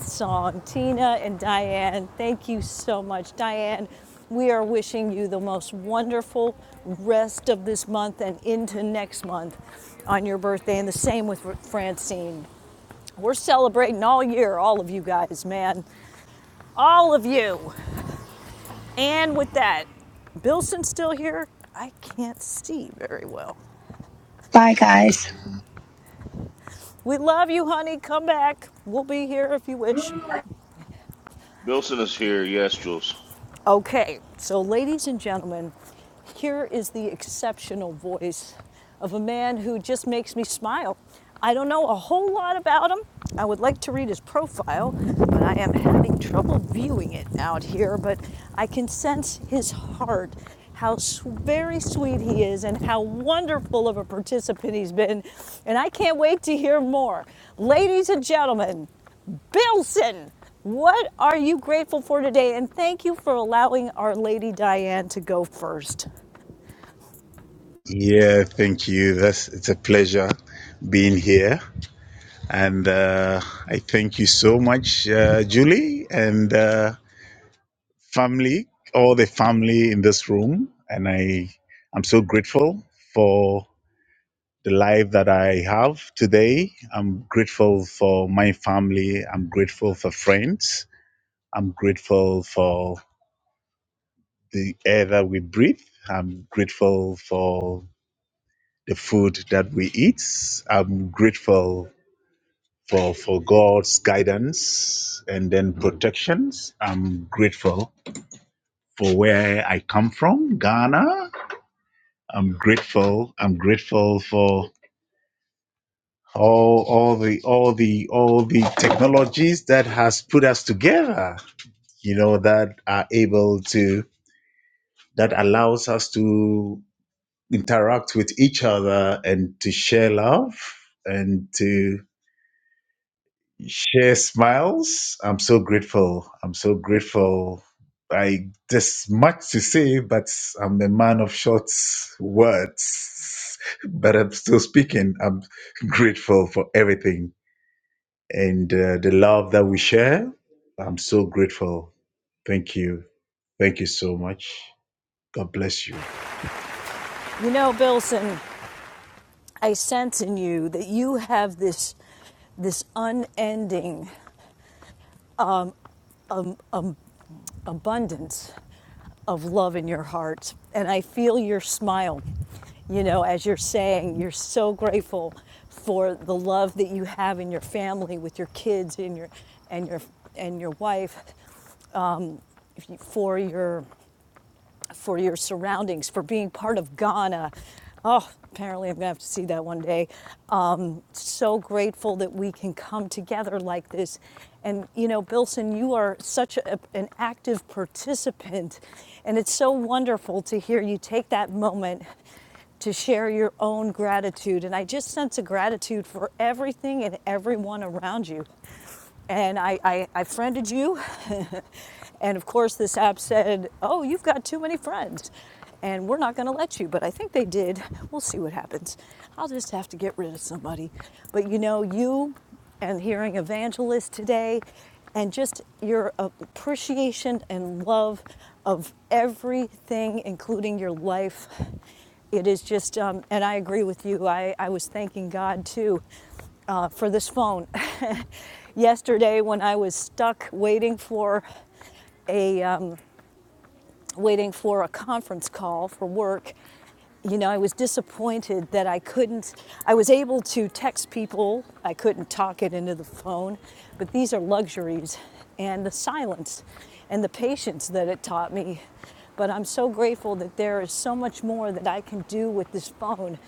Speaker 1: song. Tina and Diane, thank you so much. Diane, we are wishing you the most wonderful rest of this month and into next month on your birthday. And the same with Francine. We're celebrating all year, all of you guys, man. All of you. And with that, Bilson's still here? I can't see very well.
Speaker 12: Bye, guys.
Speaker 1: We love you, honey. Come back. We'll be here if you wish.
Speaker 14: Bilson is here. Yes, Jules.
Speaker 1: Okay, so ladies and gentlemen, here is the exceptional voice of a man who just makes me smile. I don't know a whole lot about him. I would like to read his profile, but I am having trouble viewing it out here. But I can sense his heart, how very sweet he is, and how wonderful of a participant he's been. And I can't wait to hear more. Ladies and gentlemen, Billson, what are you grateful for today? And thank you for allowing our Lady Diane to go first.
Speaker 9: Yeah, thank you. That's it's a pleasure being here. And uh, I thank you so much, uh, Julie, and uh, family, all the family in this room. And I, I'm so grateful for the life that I have today. I'm grateful for my family. I'm grateful for friends. I'm grateful for the air that we breathe. I'm grateful for the food that we eat. I'm grateful for for God's guidance and then protections. I'm grateful for where I come from, Ghana. I'm grateful. I'm grateful for all all the all the all the technologies that has put us together. You know that are able to that allows us to interact with each other and to share love and to Share smiles. I'm so grateful. I'm so grateful. I there's much to say, but I'm a man of short words. But I'm still speaking. I'm grateful for everything and uh, the love that we share. I'm so grateful. Thank you. Thank you so much. God bless you.
Speaker 1: You know, Billson, I sense in you that you have this this unending abundance of love in your heart, and I feel your smile. You know, as you're saying, you're so grateful for the love that you have in your family with your kids and your and your and your wife for your for your surroundings, for being part of Ghana. Oh, apparently I'm gonna have to see that one day. Um, so grateful that we can come together like this. And you know, Bilson, you are such a, an active participant, and it's so wonderful to hear you take that moment to share your own gratitude. And I just sense a gratitude for everything and everyone around you and I, I, I friended you. and of course, this app said, Oh, you've got too many friends, and we're not going to let you. But I think they did. We'll see what happens. I'll just have to get rid of somebody. But you know, you and hearing evangelist today, and just your appreciation and love of everything, including your life it is just um, and i agree with you I, I was thanking god too uh, for this phone. Yesterday, when I was stuck waiting for a um, waiting for a conference call for work. You know, I was disappointed that I couldn't, I was able to text people, I couldn't talk it into the phone, but these are luxuries and the silence and the patience that it taught me. But I'm so grateful that there is so much more that I can do with this phone,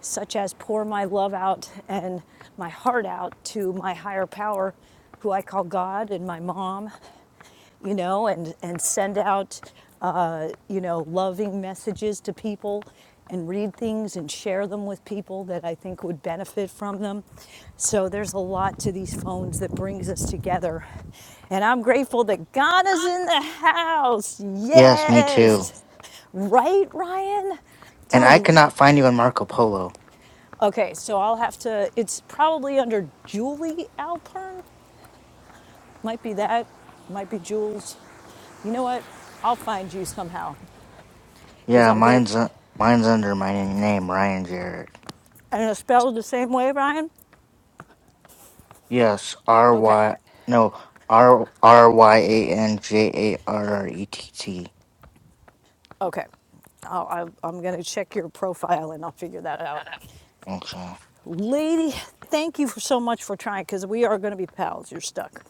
Speaker 1: such as pour my love out and my heart out to my higher power, who I call God, and my mom, you know, and, and send out, uh, you know, loving messages to people and read things and share them with people that I think would benefit from them. So there's a lot to these phones that brings us together. And I'm grateful that God is in the house.
Speaker 4: Yes, me too.
Speaker 1: Yes. Right, Ryan? I'm
Speaker 4: And
Speaker 1: telling
Speaker 4: I
Speaker 1: you.
Speaker 4: cannot find you on Marco Polo.
Speaker 1: Okay, so I'll have to, it's probably under Julie Alpern might be that, might be Jules. You know what? I'll find you somehow because
Speaker 4: Yeah,
Speaker 1: I'll get,
Speaker 4: mine's uh, mine's under my name, Ryan Jarrett.
Speaker 1: and it's spelled the same way, Ryan?
Speaker 4: Yes, R
Speaker 1: Okay,
Speaker 4: Y no R R Y A N J A R R E T T.
Speaker 1: okay. I'll, I, I'm going to check your profile and I'll figure that out.
Speaker 4: Okay.
Speaker 1: Lady, thank you for so much for trying because we are going to be pals. You're stuck.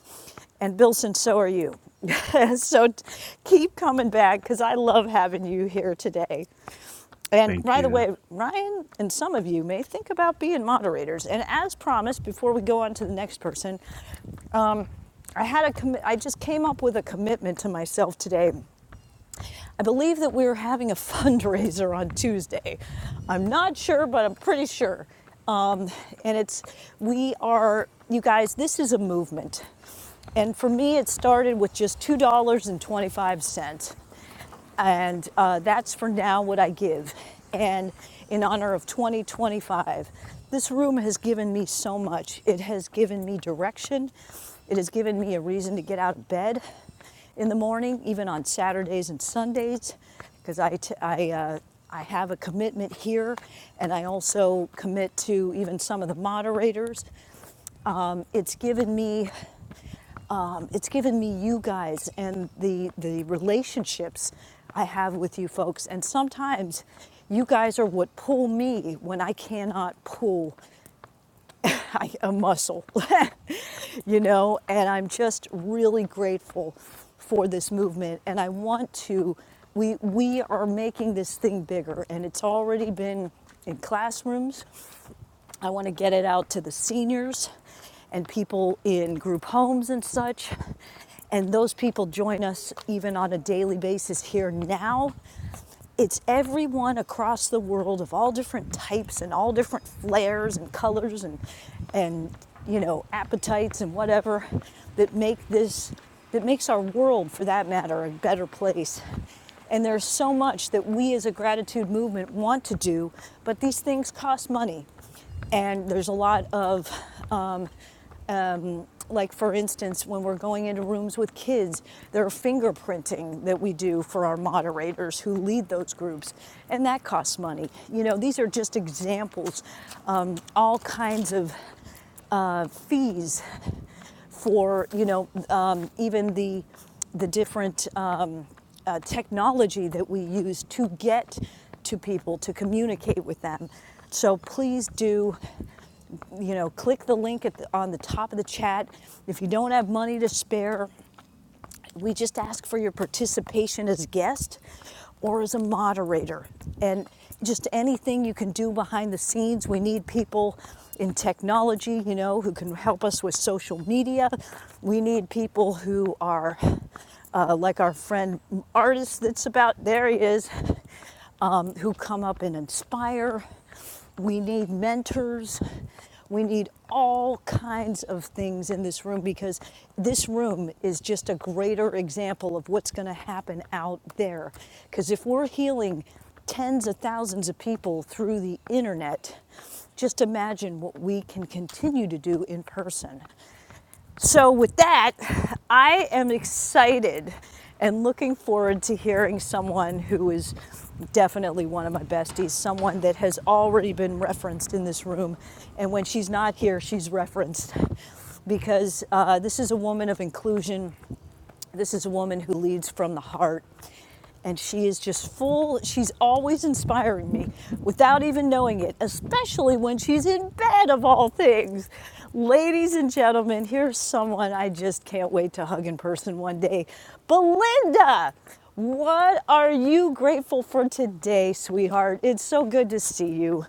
Speaker 1: And Bilson, so are you. so t- keep coming back because I love having you here today. And
Speaker 9: Thank
Speaker 1: by the
Speaker 9: you.
Speaker 1: way, Ryan and some of you may think about being moderators. And as promised, before we go on to the next person, I had a commi- I just came up with a commitment to myself today I believe that we're having a fundraiser on Tuesday. I'm not sure, but I'm pretty sure. Um, and it's, we are, you guys, this is a movement. And for me, it started with just $2.25 and twenty-five cents. And uh, that's for now what I give. And in honor of 2025, this room has given me so much. It has given me direction. It has given me a reason to get out of bed in the morning, even on Saturdays and Sundays, because I, t- I, uh, I have a commitment here and I also commit to even some of the moderators. Um, it's given me um, it's given me you guys and the the relationships I have with you folks. And sometimes you guys are what pull me when I cannot pull I, a muscle, you know, and I'm just really grateful for this movement. And I want to, we, we are making this thing bigger, and it's already been in classrooms. I want to get it out to the seniors and people in group homes and such. And those people join us even on a daily basis here now it's everyone across the world of all different types and all different flares and colors and and you know appetites and whatever that make this that makes our world for that matter a better place and there's so much that we as a gratitude movement want to do but these things cost money and there's a lot of um, um, like for instance when we're going into rooms with kids there are fingerprinting that we do for our moderators who lead those groups and that costs money you know these are just examples um, all kinds of uh, fees for you know um, even the the different um, uh, technology that we use to get to people to communicate with them. So please do, you know, click the link at the, on the top of the chat. If you don't have money to spare, we just ask for your participation as guest or as a moderator. And just anything you can do behind the scenes. We need people in technology, you know, who can help us with social media. We need people who are uh, like our friend artist that's about there he is um, who come up and inspire we need mentors. We need all kinds of things in this room because this room is just a greater example of what's going to happen out there. Because if we're healing tens of thousands of people through the internet, just imagine what we can continue to do in person. So, with that, I am excited and looking forward to hearing someone who is definitely one of my besties, someone that has already been referenced in this room. And when she's not here, she's referenced because uh, this is a woman of inclusion this is a woman who leads from the heart. And she is just full, she's always inspiring me without even knowing it, especially when she's in bed of all things. Ladies and gentlemen, here's someone I just can't wait to hug in person one day Belinda. What are you grateful for today, sweetheart? It's so good to see you.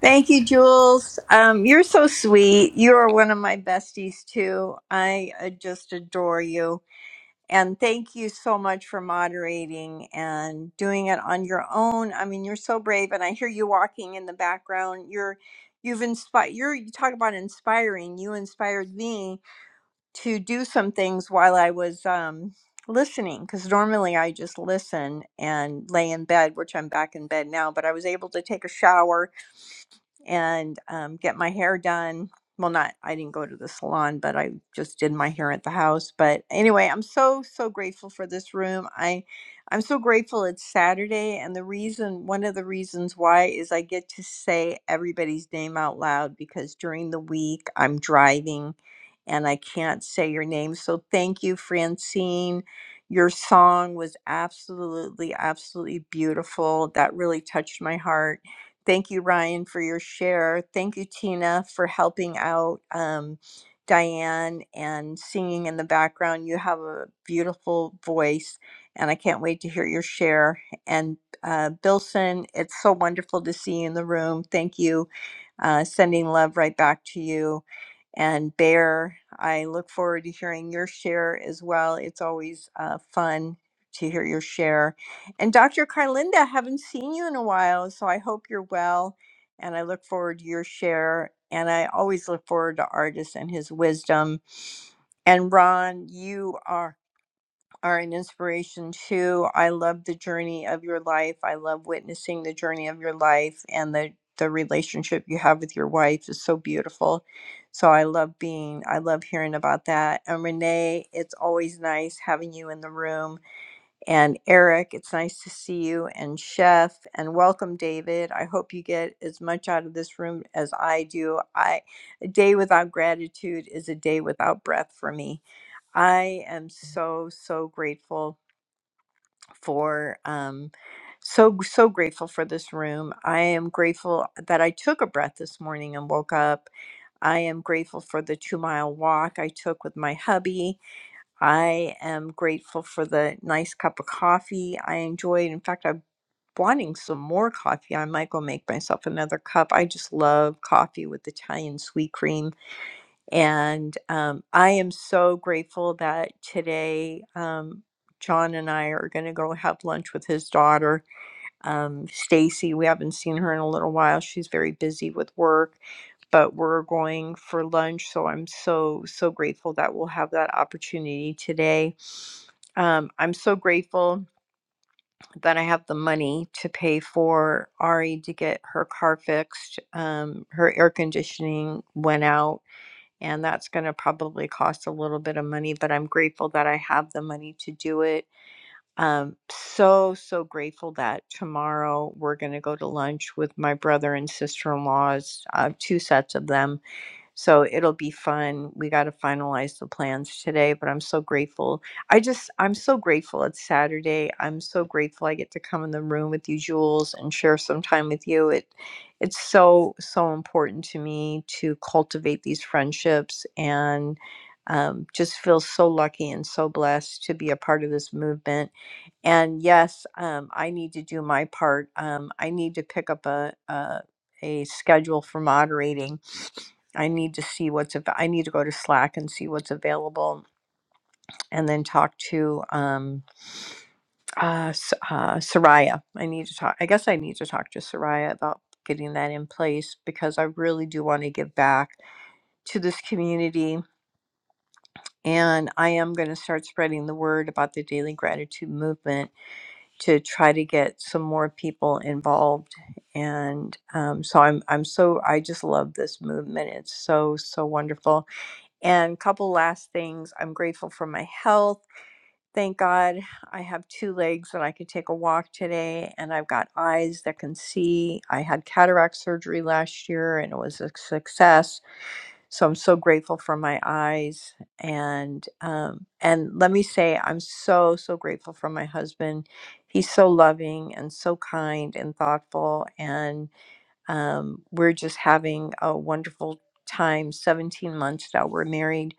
Speaker 6: Thank you, Jules. Um, you're so sweet. You are one of my besties, too. I uh, just adore you. And thank you so much for moderating and doing it on your own. I mean, you're so brave, and I hear you walking in the background. You're, you've inspired. You're you talk about inspiring. You inspired me to do some things while I was um, listening, because normally I just listen and lay in bed, which I'm back in bed now. But I was able to take a shower and um, get my hair done. Well, not, I didn't go to the salon, but I just did my hair at the house. But anyway, I'm so, so grateful for this room. I, I'm so grateful it's Saturday. And the reason, one of the reasons why is I get to say everybody's name out loud because during the week I'm driving and I can't say your name. So thank you, Francine. Your song was absolutely, absolutely beautiful. That really touched my heart Thank you, Ryan, for your share. Thank you, Tina, for helping out um, Diane and singing in the background. You have a beautiful voice, and I can't wait to hear your share. And uh, Bilson, it's so wonderful to see you in the room. Thank you uh, sending love right back to you. And Bear, I look forward to hearing your share as well. It's always uh, fun to hear your share. And Dr. Carlinda, haven't seen you in a while, so I hope you're well. And I look forward to your share. And I always look forward to Artis and his wisdom. And Ron, you are are an inspiration too. I love the journey of your life. I love witnessing the journey of your life and the the relationship you have with your wife is so beautiful. So I love being I love hearing about that. And Renee, it's always nice having you in the room. And Eric, it's nice to see you and Chef and welcome David. I hope you get as much out of this room as I do. I a day without gratitude is a day without breath for me. I am so so grateful for um, so so grateful for this room. I am grateful that I took a breath this morning and woke up. I am grateful for the two mile walk I took with my hubby. I am grateful for the nice cup of coffee I enjoyed. In fact, I'm wanting some more coffee. I might go make myself another cup. I just love coffee with Italian sweet cream and um, I am so grateful that today um, John and I are going to go have lunch with his daughter, um, Stacy. We haven't seen her in a little while. She's very busy with work, but we're going for lunch. So I'm so, so grateful that we'll have that opportunity today. Um, I'm so grateful that I have the money to pay for Ari to get her car fixed. Um, her air conditioning went out and that's going to probably cost a little bit of money but i'm grateful that i have the money to do it um, so so grateful that tomorrow we're going to go to lunch with my brother and sister-in-laws uh, two sets of them so it'll be fun. We got to finalize the plans today, but I'm so grateful. I just, I'm so grateful it's Saturday. I'm so grateful I get to come in the room with you, Jules, and share some time with you. It, it's so, so important to me to cultivate these friendships and um, just feel so lucky and so blessed to be a part of this movement. And yes, um, I need to do my part. Um, I need to pick up a, a, a schedule for moderating I need to see what's av- I need to go to Slack and see what's available, and then talk to um, uh, S- uh, Soraya. I need to talk. I guess I need to talk to Soraya about getting that in place because I really do want to give back to this community, and I am going to start spreading the word about the Daily Gratitude Movement to try to get some more people involved. And um, so I'm I'm so I just love this movement. It's so so wonderful And a couple last things. I'm grateful for my health. Thank God I have two legs that I could take a walk today, and I've got eyes that can see. I had cataract surgery last year and it was a success. So I'm so grateful for my eyes. And um, and let me say, I'm so, so grateful for my husband. He's so loving and so kind and thoughtful. And um, we're just having a wonderful time. 17 months now, we're married,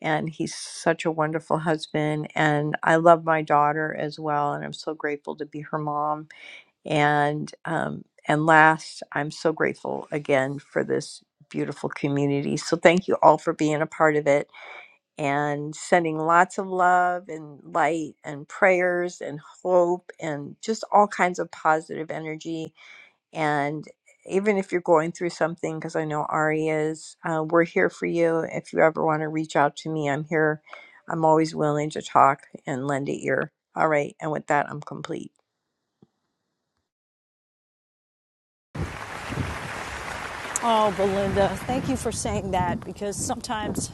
Speaker 6: and he's such a wonderful husband. And I love my daughter as well, and I'm so grateful to be her mom. And um, and last, I'm so grateful again for this beautiful community. So thank you all for being a part of it and sending lots of love and light and prayers and hope and just all kinds of positive energy and even if you're going through something, because I know Ari is, uh, we're here for you. If you ever want to reach out to me, I'm here. I'm always willing to talk and lend an ear. All right. And with that, I'm complete.
Speaker 1: Oh, Belinda, thank you for saying that because sometimes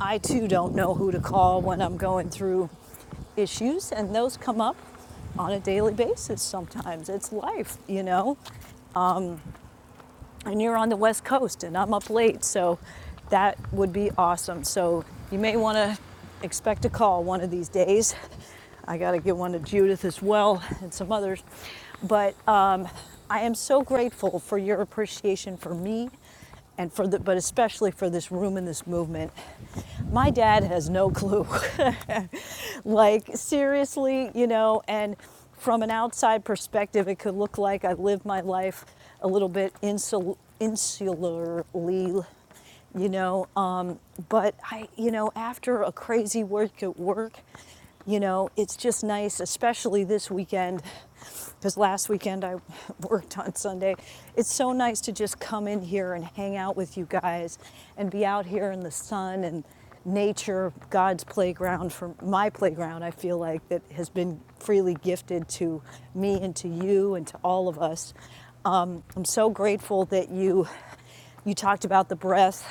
Speaker 1: I too don't know who to call when I'm going through issues, and those come up on a daily basis sometimes. It's life, you know? And you're on the West Coast, and I'm up late, so that would be awesome. So you may want to expect a call one of these days. I got to give one to Judith as well and some others. But um, I am so grateful for your appreciation for me and for the, but especially for this room and this movement. My dad has no clue. like seriously, you know, and from an outside perspective, it could look like I live my life a little bit insul- insularly you know. Um, but I, you know, after a crazy work at work, you know, it's just nice, especially this weekend, because last weekend I worked on Sunday. It's so nice to just come in here and hang out with you guys and be out here in the sun and nature, God's playground, for my playground, I feel like, that has been freely gifted to me and to you and to all of us. Um, I'm so grateful that you you talked about the breath.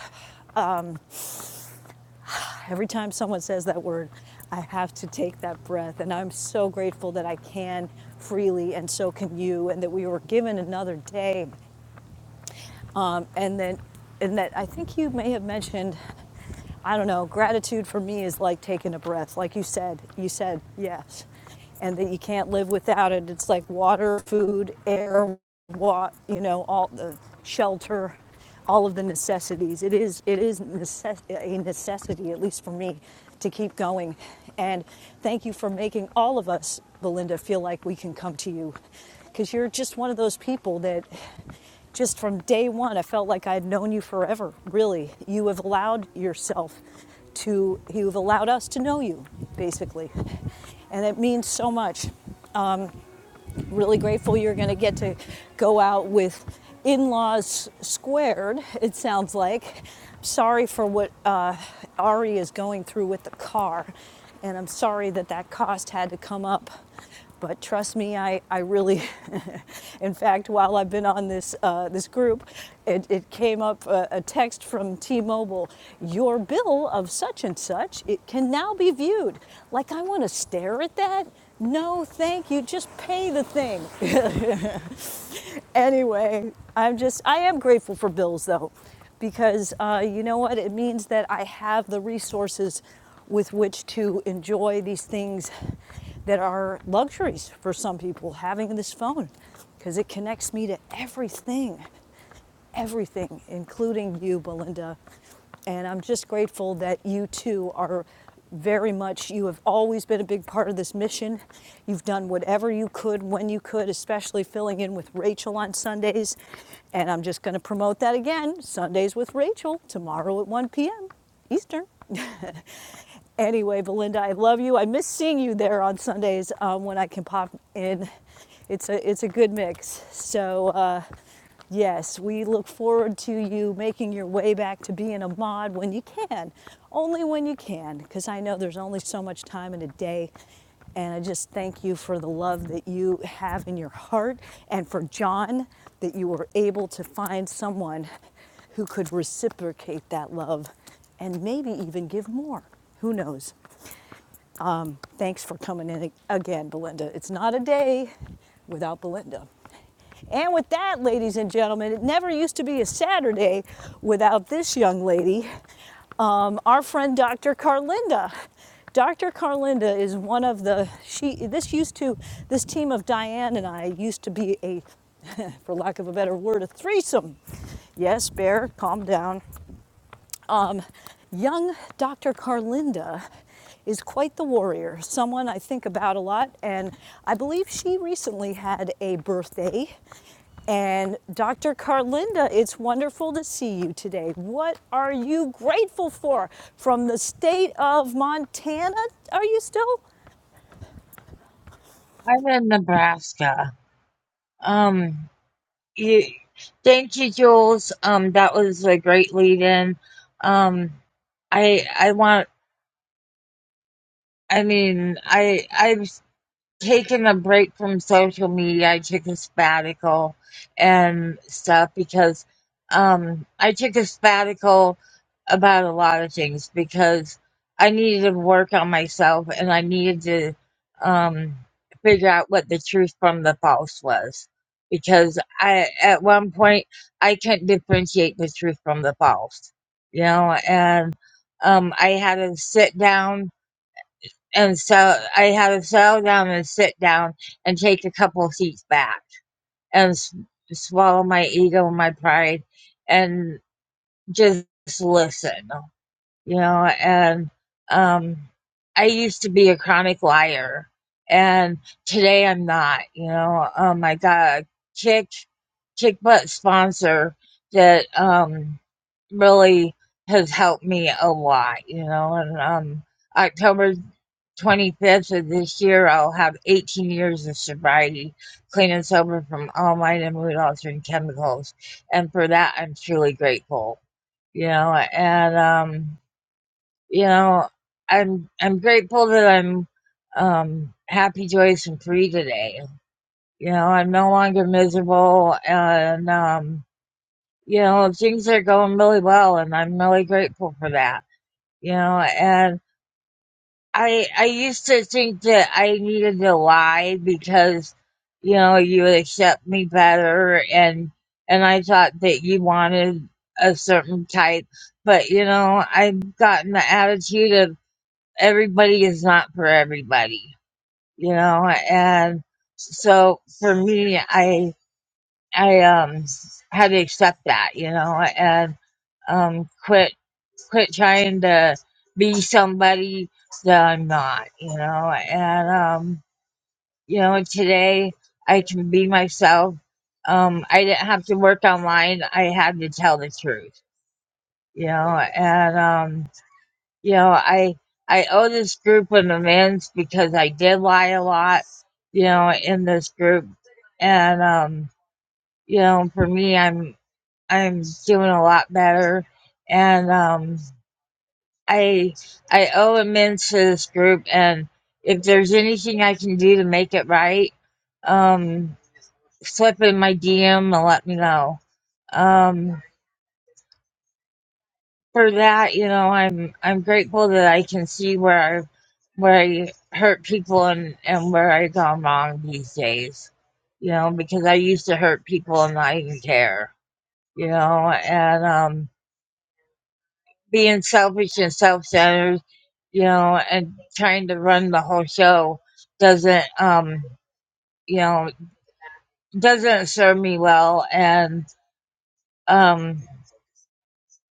Speaker 1: Every time someone says that word, I have to take that breath. And I'm so grateful that I can freely, and so can you, and that we were given another day. Um, and then, and that I think you may have mentioned. I don't know, gratitude for me is like taking a breath. Like you said, you said yes. And that you can't live without it. It's like water, food, air, what you know, all the shelter, all of the necessities. It is it is necess- a necessity, at least for me, to keep going. And thank you for making all of us, Belinda, feel like we can come to you, because you're just one of those people that just from day one, I felt like I had known you forever, really. You have allowed yourself to, you've allowed us to know you, basically. And it means so much. I'm really grateful you're going to get to go out with in laws squared, it sounds like. Sorry for what uh, Ari is going through with the car, and I'm sorry that that cost had to come up. But trust me, I, I really, in fact, while I've been on this, uh, this group, it, it came up a, a text from T Mobile Your bill of such and such, it can now be viewed. Like, I want to stare at that no, thank you. Just pay the thing. Anyway, I'm just, I am grateful for bills though, because uh, you know what? It means that I have the resources with which to enjoy these things that are luxuries for some people, having this phone, because it connects me to everything everything, including you, Belinda. And I'm just grateful that you two are very much, you have always been a big part of this mission. You've done whatever you could when you could, especially filling in with Rachel on Sundays. And I'm just going to promote that again Sundays with Rachel tomorrow at 1 p.m. Eastern. Anyway, Belinda, I love you. I miss seeing you there on Sundays um, when I can pop in. It's a it's a good mix. So uh, yes, we look forward to you making your way back to being a mod when you can, only when you can, because I know there's only so much time in a day. And I just thank you for the love that you have in your heart and for John that you were able to find someone who could reciprocate that love and maybe even give more. Who knows? Um, thanks for coming in again, Belinda. It's not a day without Belinda. And with that, ladies and gentlemen, it never used to be a Saturday without this young lady, um, our friend Dr. Carlinda. Dr. Carlinda is one of the she this used to this team of Diane and I used to be a for lack of a better word a threesome. Yes, bear, calm down. Um, young Dr. Carlinda is quite the warrior, someone I think about a lot, and I believe she recently had a birthday. And Dr. Carlinda, it's wonderful to see you today. What are you grateful for? From the state of Montana, are you still?
Speaker 15: I'm in Nebraska. Um, you, thank you, Jules. Um, that was a great lead-in. Um, I I want. I mean, I I taken a break from social media. I took a sabbatical and stuff because um, I took a sabbatical about a lot of things because I needed to work on myself and I needed to um, figure out what the truth from the false was. Because I, at one point, I couldn't differentiate the truth from the false, you know, and um, I had to sit down and so I had to settle down and sit down and take a couple of seats back and s- swallow my ego and my pride and just listen, you know. And um, I used to be a chronic liar, and today I'm not, you know. Um, I got a kick, kick butt sponsor that um, really has helped me a lot, you know. And um, October 25th of this year, I'll have 18 years of sobriety, clean and sober from all mind and mood altering chemicals. And for that, I'm truly grateful, you know, and, um, you know, I'm, I'm grateful that I'm, um, happy, joyous, and free today. You know, I'm no longer miserable and, um, you know, things are going really well and I'm really grateful for that, you know, and. I I used to think that I needed to lie because you know you would accept me better and and I thought that you wanted a certain type but you know I've gotten the attitude of everybody is not for everybody you know and so for me I I um had to accept that you know and um quit quit trying to be somebody that I'm not, you know. And um, you know, today I can be myself. Um, I didn't have to work online. I had to tell the truth, you know. And um, you know, I I owe this group an amends because I did lie a lot, you know, in this group. And um, you know, for me, I'm I'm doing a lot better, and um. I I owe immense to this group, and if there's anything I can do to make it right, um, slip in my DM and let me know. Um, for that, you know, I'm I'm grateful that I can see where I where I hurt people and and where I gone wrong these days. You know, because I used to hurt people and I didn't care. You know, and um. being selfish and self-centered, you know, and trying to run the whole show doesn't, um, you know, doesn't serve me well, and um,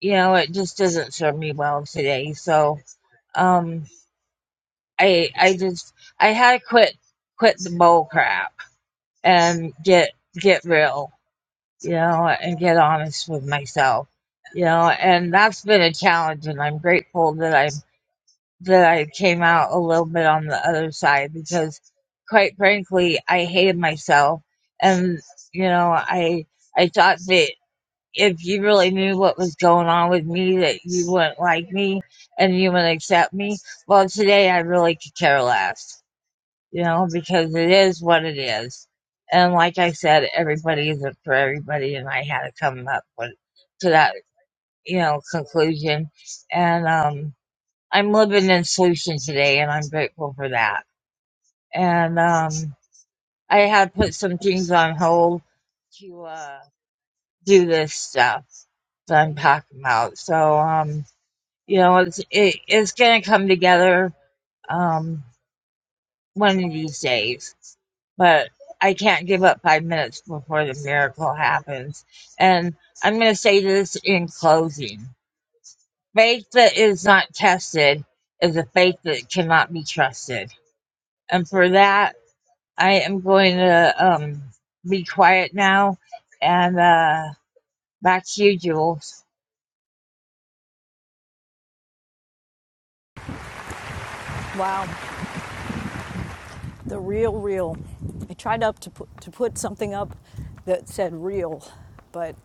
Speaker 15: you know, it just doesn't serve me well today. So, um, I, I just, I had to quit, quit the bull crap and get, get real, you know, and get honest with myself. You know, and that's been a challenge, and I'm grateful that I that I came out a little bit on the other side because quite frankly I hated myself and you know I I thought that if you really knew what was going on with me that you wouldn't like me and you wouldn't accept me. Well today I really could care less. You know, because it is what it is. And like I said, everybody isn't for everybody and I had to come up with to that, you know, conclusion. And um I'm living in Solution today, and I'm grateful for that. And um, I had put some things on hold to uh, do this stuff that I'm talking about. So, um, you know, it's it, it's gonna come together um, one of these days. But I can't give up five minutes before the miracle happens. And I'm gonna say this in closing: faith that is not tested is a faith that cannot be trusted. And for that. I am going to um, be quiet now and uh, back to you, Jules.
Speaker 1: Wow. the real real. I tried up to put, to put something up that said real, but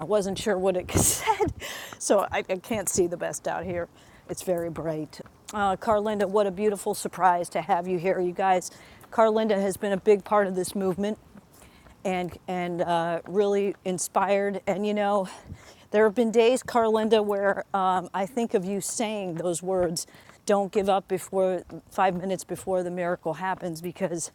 Speaker 1: I wasn't sure what it said, so I, I can't see the best out here. It's very bright. Uh, Carlinda, what a beautiful surprise to have you here, you guys. Carlinda has been a big part of this movement and and uh, really inspired. And you know, there have been days, Carlinda, where um, I think of you saying those words, "Don't give up before five minutes before the miracle happens," because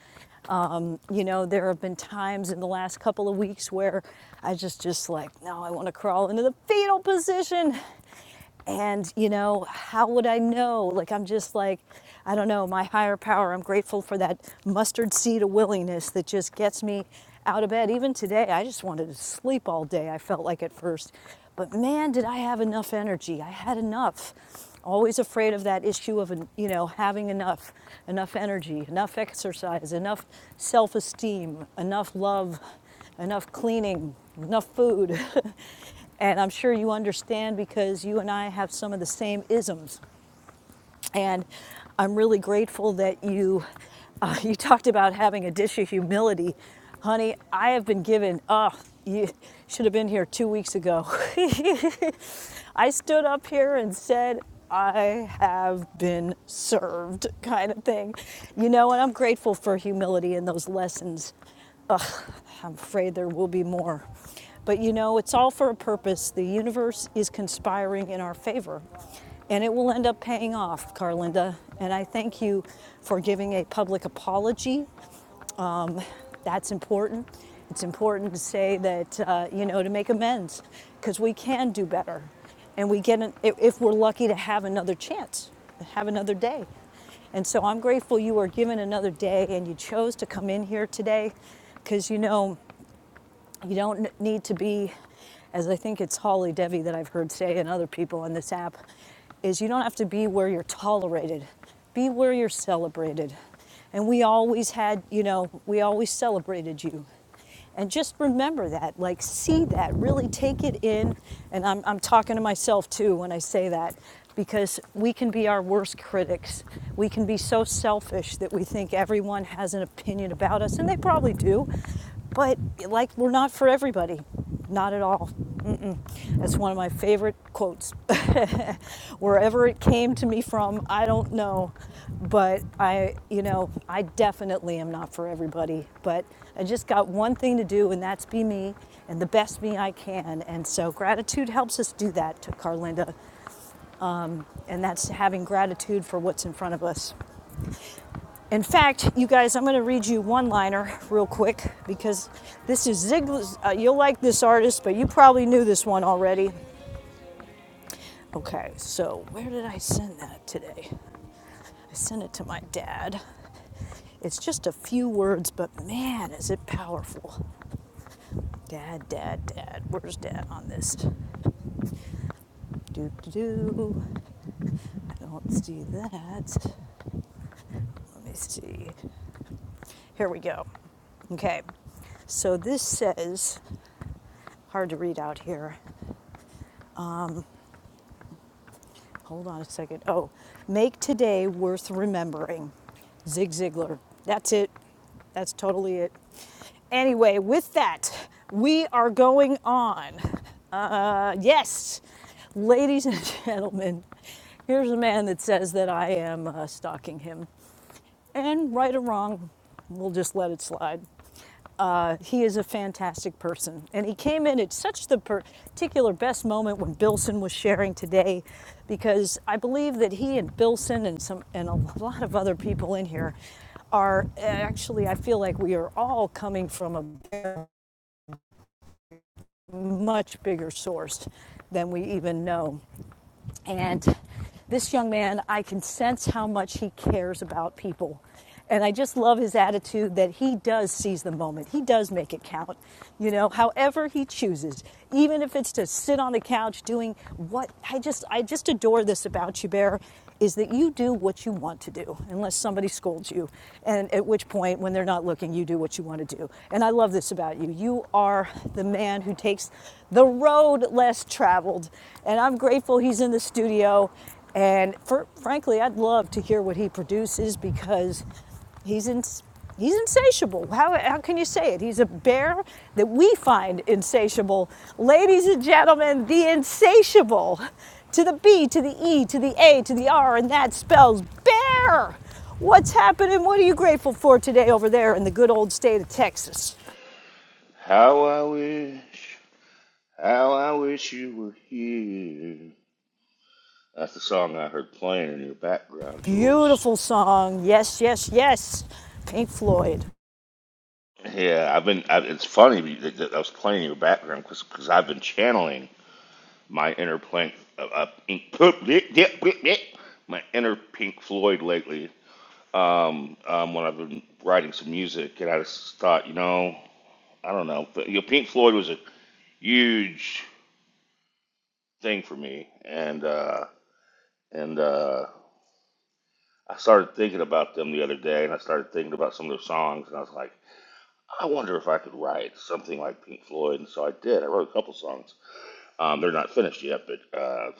Speaker 1: um, you know there have been times in the last couple of weeks where I just just like, no, I want to crawl into the fetal position and, you know, how would I know? Like, I'm just like, I don't know, my higher power. I'm grateful for that mustard seed of willingness that just gets me out of bed. Even today, I just wanted to sleep all day, I felt like at first. But man, did I have enough energy. I had enough. Always afraid of that issue of, you know, having enough, enough energy, enough exercise, enough self esteem, enough love enough cleaning, enough food. and I'm sure you understand because you and I have some of the same isms. And I'm really grateful that you uh, you talked about having a dish of humility. Honey, I have been given, oh, you should have been here two weeks ago. I stood up here and said, I have been served, kind of thing. You know, and I'm grateful for humility and those lessons Ugh, I'm afraid there will be more. But you know, it's all for a purpose. The universe is conspiring in our favor, and it will end up paying off, Carlinda. And I thank you for giving a public apology that's important. It's important to say that, uh, you know, to make amends because we can do better. And we get, an, if if we're lucky to have another chance, have another day. And so I'm grateful you were given another day and you chose to come in here today because, you know, you don't need to be, as I think it's Holly Devi that I've heard say and other people on this app, is you don't have to be where you're tolerated. Be where you're celebrated. And we always had, you know, we always celebrated you. And just remember that, like, see that, really take it in. And I'm, I'm talking to myself too when I say that, because we can be our worst critics. We can be so selfish that we think everyone has an opinion about us, and they probably do but like we're not for everybody not at all Mm-mm. that's one of my favorite quotes wherever it came to me from i don't know but i you know i definitely am not for everybody but i just got one thing to do and that's be me and the best me i can and so gratitude helps us do that to carlinda and that's having gratitude for what's in front of us in fact, you guys, I'm going to read you one liner real quick because this is Ziegler's. Uh, you'll like this artist, but you probably knew this one already. Okay, so where did I send that today? I sent it to my dad. It's just a few words, but man, is it powerful. Dad, dad, dad. Where's dad on this? Do, do, do. I don't see that. Let me see. Here we go. Okay, so this says, hard to read out here. Hold on a second. Oh, make today worth remembering. Zig Ziglar. That's it. That's totally it. Anyway, with that, we are going on. Uh, yes, ladies and gentlemen, here's a man that says that I am uh, stalking him. And right or wrong, we'll just let it slide. Uh, he is a fantastic person. And he came in at such the particular best moment when Bilson was sharing today, because I believe that he and Bilson and some and a lot of other people in here are actually, I feel like we are all coming from a much bigger source than we even know. And this young man, I can sense how much he cares about people. And I just love his attitude that he does seize the moment. He does make it count, you know, however he chooses, even if it's to sit on the couch doing what I just, I just adore this about you, Bear is that you do what you want to do unless somebody scolds you and at which point when they're not looking you do what you want to do and i love this about you you are the man who takes the road less traveled and i'm grateful he's in the studio and for, frankly i'd love to hear what he produces because He's ins, he's insatiable. How, how can you say it? He's a bear that we find insatiable. Ladies and gentlemen, the insatiable. To the B, to the E, to the A, to the R, and that spells bear. What's happening? What are you grateful for today over there in the good old state of Texas?
Speaker 14: How I wish, how I wish you were here. That's the song I heard playing in your background, Jules.
Speaker 1: Beautiful song. Yes, yes, yes. Pink Floyd.
Speaker 14: Yeah, I've been. I, it's funny that that I was playing in your background because I've been channeling my inner plank, uh, uh, my inner Pink Floyd lately. Um, um, when I've been writing some music, and I just thought, you know, I don't know, but, you know, Pink Floyd was a huge thing for me, and uh, and uh, I started thinking about them the other day, and I started thinking about some of their songs, and I was like, I wonder if I could write something like Pink Floyd, and so I did. I wrote a couple songs Um, they're not finished yet, but uh,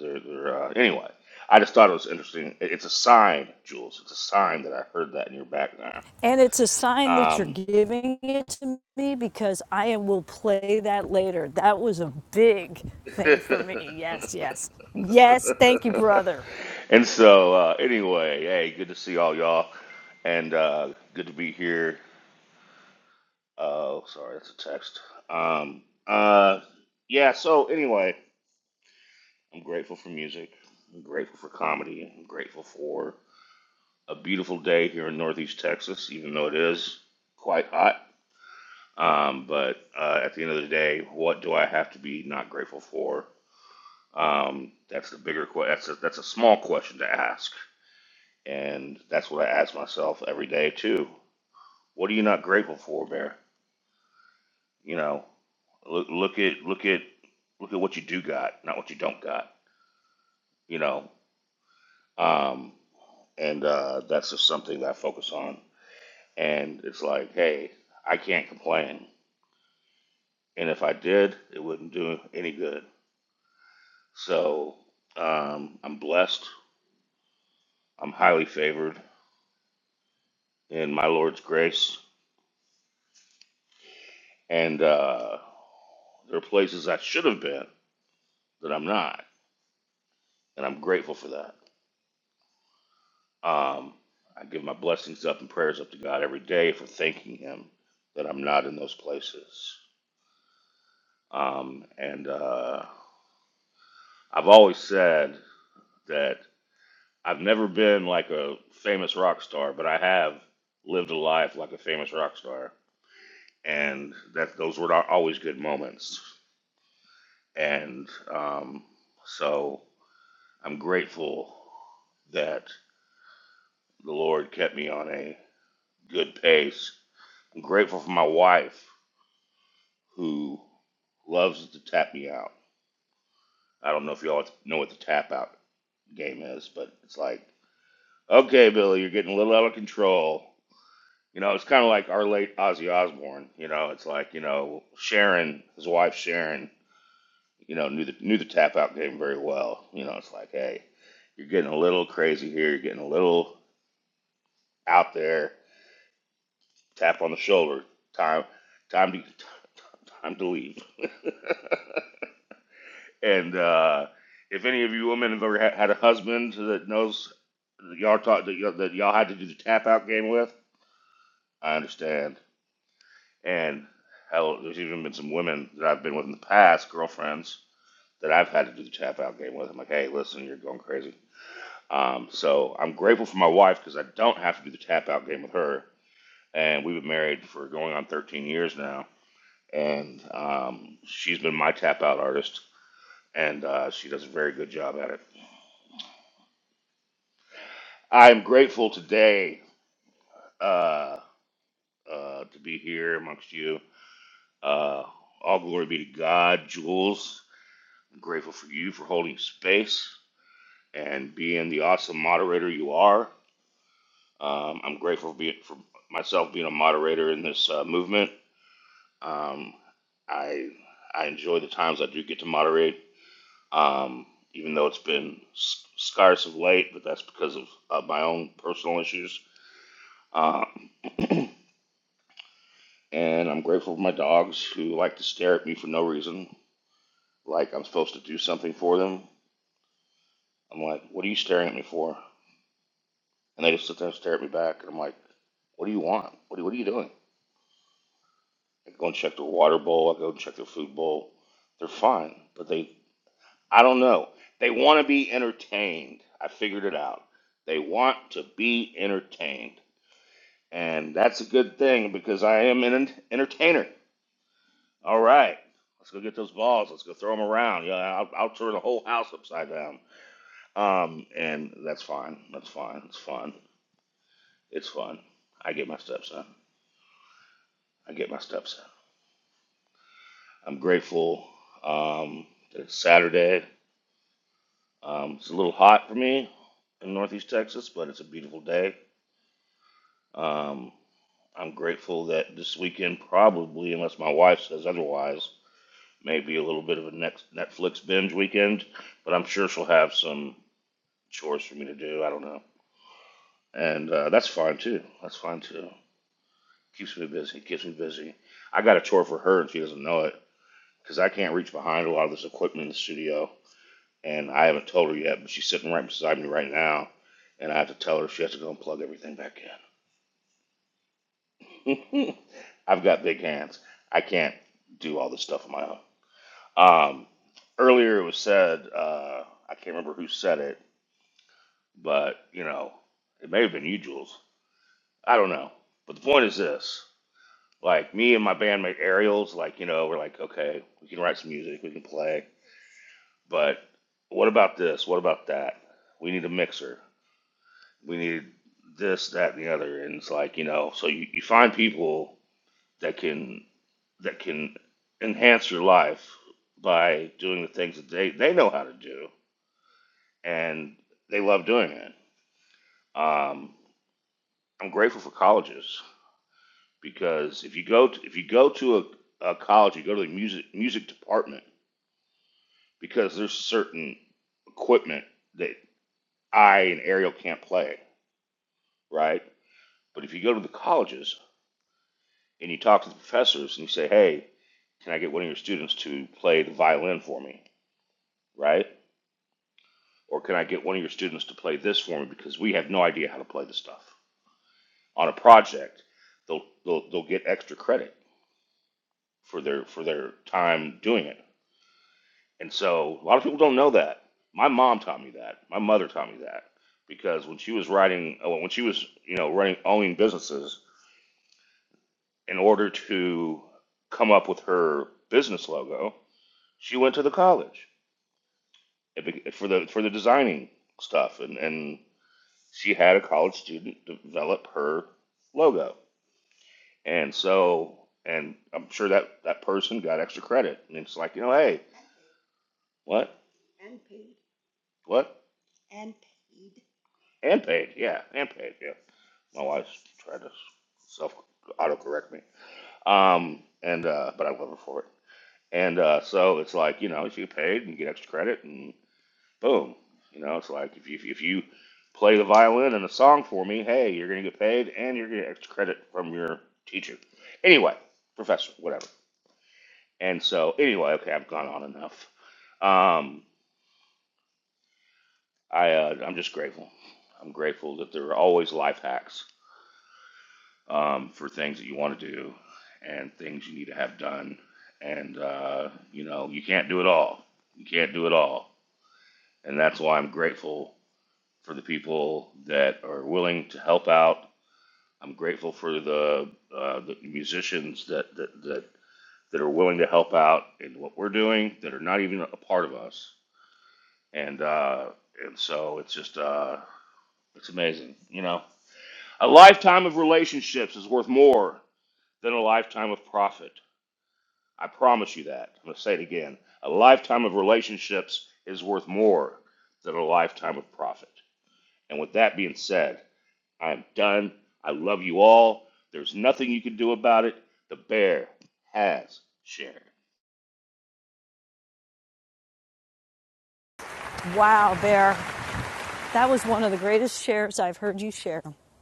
Speaker 14: they're, they're, uh, anyway. I just thought it was interesting. It- It's a sign, Jules. It's a sign that I heard that in your background.
Speaker 1: And it's a sign that you're
Speaker 14: Um,
Speaker 1: giving it to me because I will play that later. That was a big thing for me. Yes, yes. Yes, thank you, brother.
Speaker 14: and so, uh, anyway, hey, good to see all y'all, and uh, good to be here. Oh, sorry, that's a text. Um, uh, yeah. So anyway, I'm grateful for music. I'm grateful for comedy. I'm grateful for a beautiful day here in Northeast Texas, even though it is quite hot. Um, but uh, at the end of the day, what do I have to be not grateful for? Um, that's the bigger question. That's a, that's a small question to ask, and that's what I ask myself every day too. What are you not grateful for, Bear? You know, look, look at look at look at what you do got, not what you don't got. You know, um, and uh, that's just something that I focus on. And it's like, hey, I can't complain And if I did, it wouldn't do any good. So um, I'm blessed. I'm highly favored in my Lord's grace. And uh, there are places I should have been that I'm not. And I'm grateful for that. Um, I give my blessings up and prayers up to God every day for thanking Him that I'm not in those places. Um, and uh, I've always said that I've never been like a famous rock star, but I have lived a life like a famous rock star, and that those were not always good moments. And um, so I'm grateful that the Lord kept me on a good pace. I'm grateful for my wife who loves to tap me out. I don't know if y'all know what the tap out game is, but it's like, okay, Billy, you're getting a little out of control. You know, it's kind of like our late Ozzy Osbourne. You know, it's like you know Sharon, his wife Sharon. You know, knew the knew the tap out game very well. You know, it's like, hey, you're getting a little crazy here. You're getting a little out there. Tap on the shoulder. Time, time to time to leave. and uh, if any of you women have ever had a husband that knows that y'all taught that y'all, that y'all had to do the tap out game with, I understand. And hell, there's even been some women that I've been with in the past, girlfriends, that I've had to do the tap out game with. I'm like, hey, listen, you're going crazy. Um, so I'm grateful for my wife because I don't have to do the tap out game with her. And we've been married for going on 13 years now. And um, she's been my tap out artist, and uh, she does a very good job at it. I'm grateful today uh, uh, to be here amongst you. Uh, all glory be to God, Jules. I'm grateful for you for holding space and being the awesome moderator you are. Um, I'm grateful for, being, for myself being a moderator in this uh, movement. Um, I I enjoy the times I do get to moderate, um, even though it's been s- scarce of late, but that's because of uh, my own personal issues. Um, and I'm grateful for my dogs who like to stare at me for no reason, like I'm supposed to do something for them. I'm like, what are you staring at me for? And they just sit there and stare at me back. And I'm like, what do you want? What are, what are you doing? I go and check their water bowl. I go and check their food bowl. They're fine. But they, I don't know. They want to be entertained. I figured it out. They want to be entertained. And that's a good thing because I am an entertainer. All right. Let's go get those balls. Let's go throw them around. Yeah, I'll, I'll turn the whole house upside down. Um, and that's fine. That's fine. It's fun. It's fun. I get my steps in. I get my steps in. I'm grateful um, that it's Saturday. Um, it's a little hot for me in Northeast Texas, but it's a beautiful day. Um, I'm grateful that this weekend probably, unless my wife says otherwise, may be a little bit of a next Netflix binge weekend, but I'm sure she'll have some chores for me to do. I don't know. And uh, that's fine too. That's fine too. Keeps me busy. Keeps me busy. I got a chore for her and she doesn't know it because I can't reach behind a lot of this equipment in the studio. and I haven't told her yet, but she's sitting right beside me right now, and I have to tell her she has to go and plug everything back in. I've got big hands. I can't do all this stuff on my own. Um, earlier it was said, uh, I can't remember who said it, but you know, it may have been you, Jules. I don't know. But the point is this: like me and my bandmate Ariel's, like you know, we're like, okay, we can write some music, we can play, but what about this? What about that? We need a mixer. we need this, that, and the other. And it's like, you know, so you, you find people that can that can enhance your life by doing the things that they, they know how to do and they love doing it. Um, I'm grateful for colleges because if you go to, if you go to a, a college, you go to the music music department because there's certain equipment that I and Ariel can't play, right? But if you go to the colleges, and you talk to the professors and you say, hey, can I get one of your students to play the violin for me, right? Or can I get one of your students to play this for me because we have no idea how to play this stuff on a project? They'll they'll, they'll get extra credit for their for their time doing it, and so a lot of people don't know that. My mom taught me that. My mother taught me that because when she was writing, uh, when she was you know running owning businesses, in order to come up with her business logo, she went to the college it for the for the designing stuff, and and she had a college student develop her logo, and so and I'm sure that that person got extra credit, and it's like you know, hey, what what and paid, yeah, and paid, yeah. My wife tried to self autocorrect me, um, and uh, but I love her for it, and uh, so it's like you know, if you get paid and you get extra credit and boom. You know, it's like if you if you play the violin in a song for me, hey, you're gonna get paid and you're gonna get extra credit from your teacher. Anyway, professor, whatever. And so anyway, okay, I've gone on enough. Um, I uh, I'm just grateful. I'm grateful that there are always life hacks um, for things that you want to do and things you need to have done. And uh, you know, you can't do it all. You can't do it all. And that's why I'm grateful for the people that are willing to help out. I'm grateful for the, uh, the musicians that, that, that, that are willing to help out in what we're doing that are not even a part of us. And, uh, and so it's just, uh, it's amazing. You know, a lifetime of relationships is worth more than a lifetime of profit. I promise you that. I'm going to say it again. A lifetime of relationships is worth more than a lifetime of profit. And with that being said, I'm done. I love you all. There's nothing you can do about it. The bear has shared.
Speaker 1: Wow, Bear. That was one of the greatest shares I've heard you share. And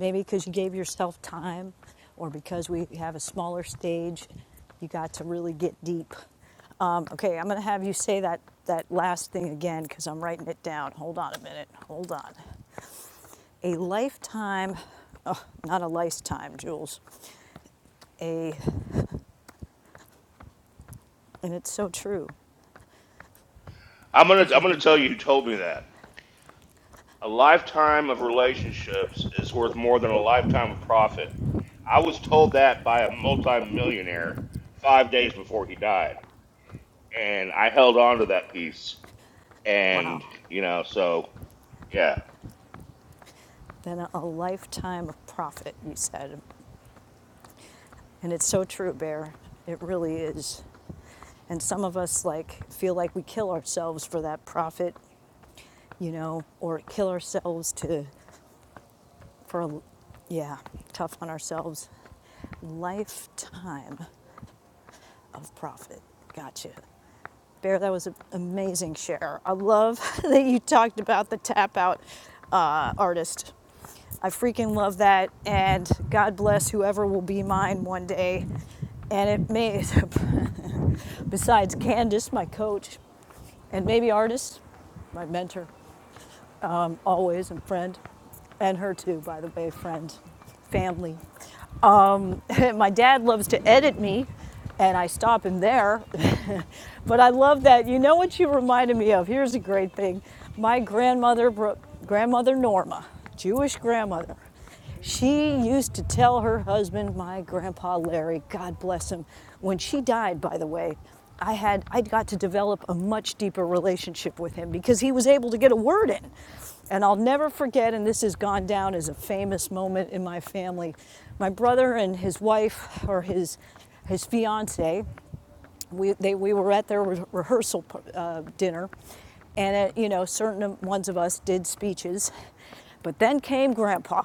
Speaker 1: maybe because you gave yourself time or because we have a smaller stage, you got to really get deep. Um, okay, I'm going to have you say that, that last thing again because I'm writing it down. Hold on a minute. Hold on. a lifetime, oh, not a lifetime, Jules, a, and it's so true.
Speaker 14: I'm gonna
Speaker 1: This
Speaker 14: I'm
Speaker 1: is
Speaker 14: gonna tell you who
Speaker 1: important.
Speaker 14: told me that. A lifetime of relationships is worth more than a lifetime of profit. I was told that by a multimillionaire five days before he died. And I held on to that piece. And,
Speaker 1: Wow.
Speaker 14: you know, so yeah.
Speaker 1: Then a, a lifetime of profit, you said. And it's so true, Bear. It really is. And some of us like feel like we kill ourselves for that profit, you know, or kill ourselves to, for, a, yeah, tough on ourselves. Lifetime of profit. Gotcha. Bear, that was an amazing share. I love that you talked about the tap out uh, artist. I freaking love that, and God bless whoever will be mine one day. And it may, besides Candace, my coach, and maybe artist, my mentor, always, and friend, and her too, by the way, friend, family. my dad loves to edit me, and I stop him there. but I love that. You know what you reminded me of? Here's a great thing. My grandmother, grandmother Norma, Jewish grandmother, she used to tell her husband, my grandpa Larry, God bless him, when she died, by the way, I had I got to develop a much deeper relationship with him because he was able to get a word in. And I'll never forget and this has gone down as a famous moment in my family. My brother and his wife or his his fiance, we they we were at their re- rehearsal uh, dinner and uh, you know certain ones of us did speeches. But then came grandpa.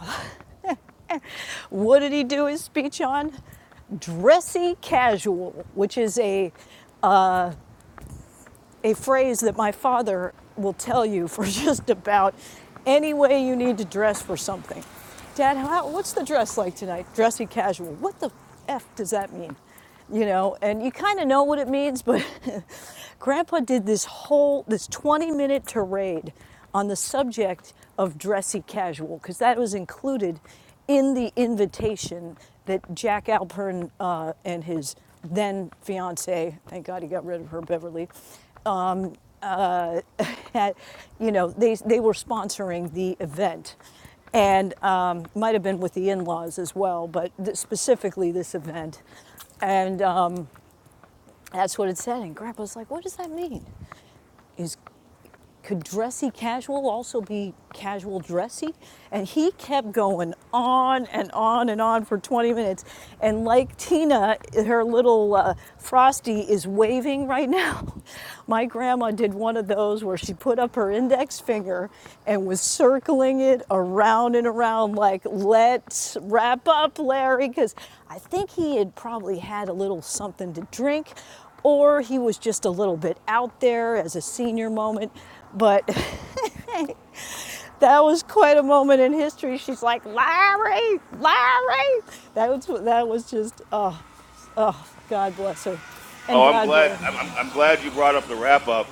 Speaker 1: what did he do his speech on? dressy casual, which is a a phrase that my father will tell you for just about any way you need to dress for something. Dad, how, what's the dress like tonight? Dressy casual. What the F does that mean? You know, and you kind of know what it means, but Grandpa did this whole, this 20 minute tirade on the subject of dressy casual, because that was included in the invitation that Jack Alpern uh, and his then fiance, thank God he got rid of her, Beverly, um, uh, had- you know, they, they were sponsoring the event. And um, might have been with the in laws as well, but th- specifically this event. And um, that's what it said. And Grandpa's like, What does that mean? He's could dressy casual also be casual dressy? And he kept going on and on and on for 20 minutes. And like Tina, her little uh, Frosty is waving right now. My grandma did one of those where she put up her index finger and was circling it around and around, like, let's wrap up, Larry, because I think he had probably had a little something to drink or he was just a little bit out there as a senior moment. But that was quite a moment in history. She's like, Larry, Larry. That was that was just oh, oh, God bless her, and
Speaker 14: Oh, I'm
Speaker 1: God
Speaker 14: glad.
Speaker 1: bless.
Speaker 14: I'm, I'm, I'm glad you brought up the wrap up,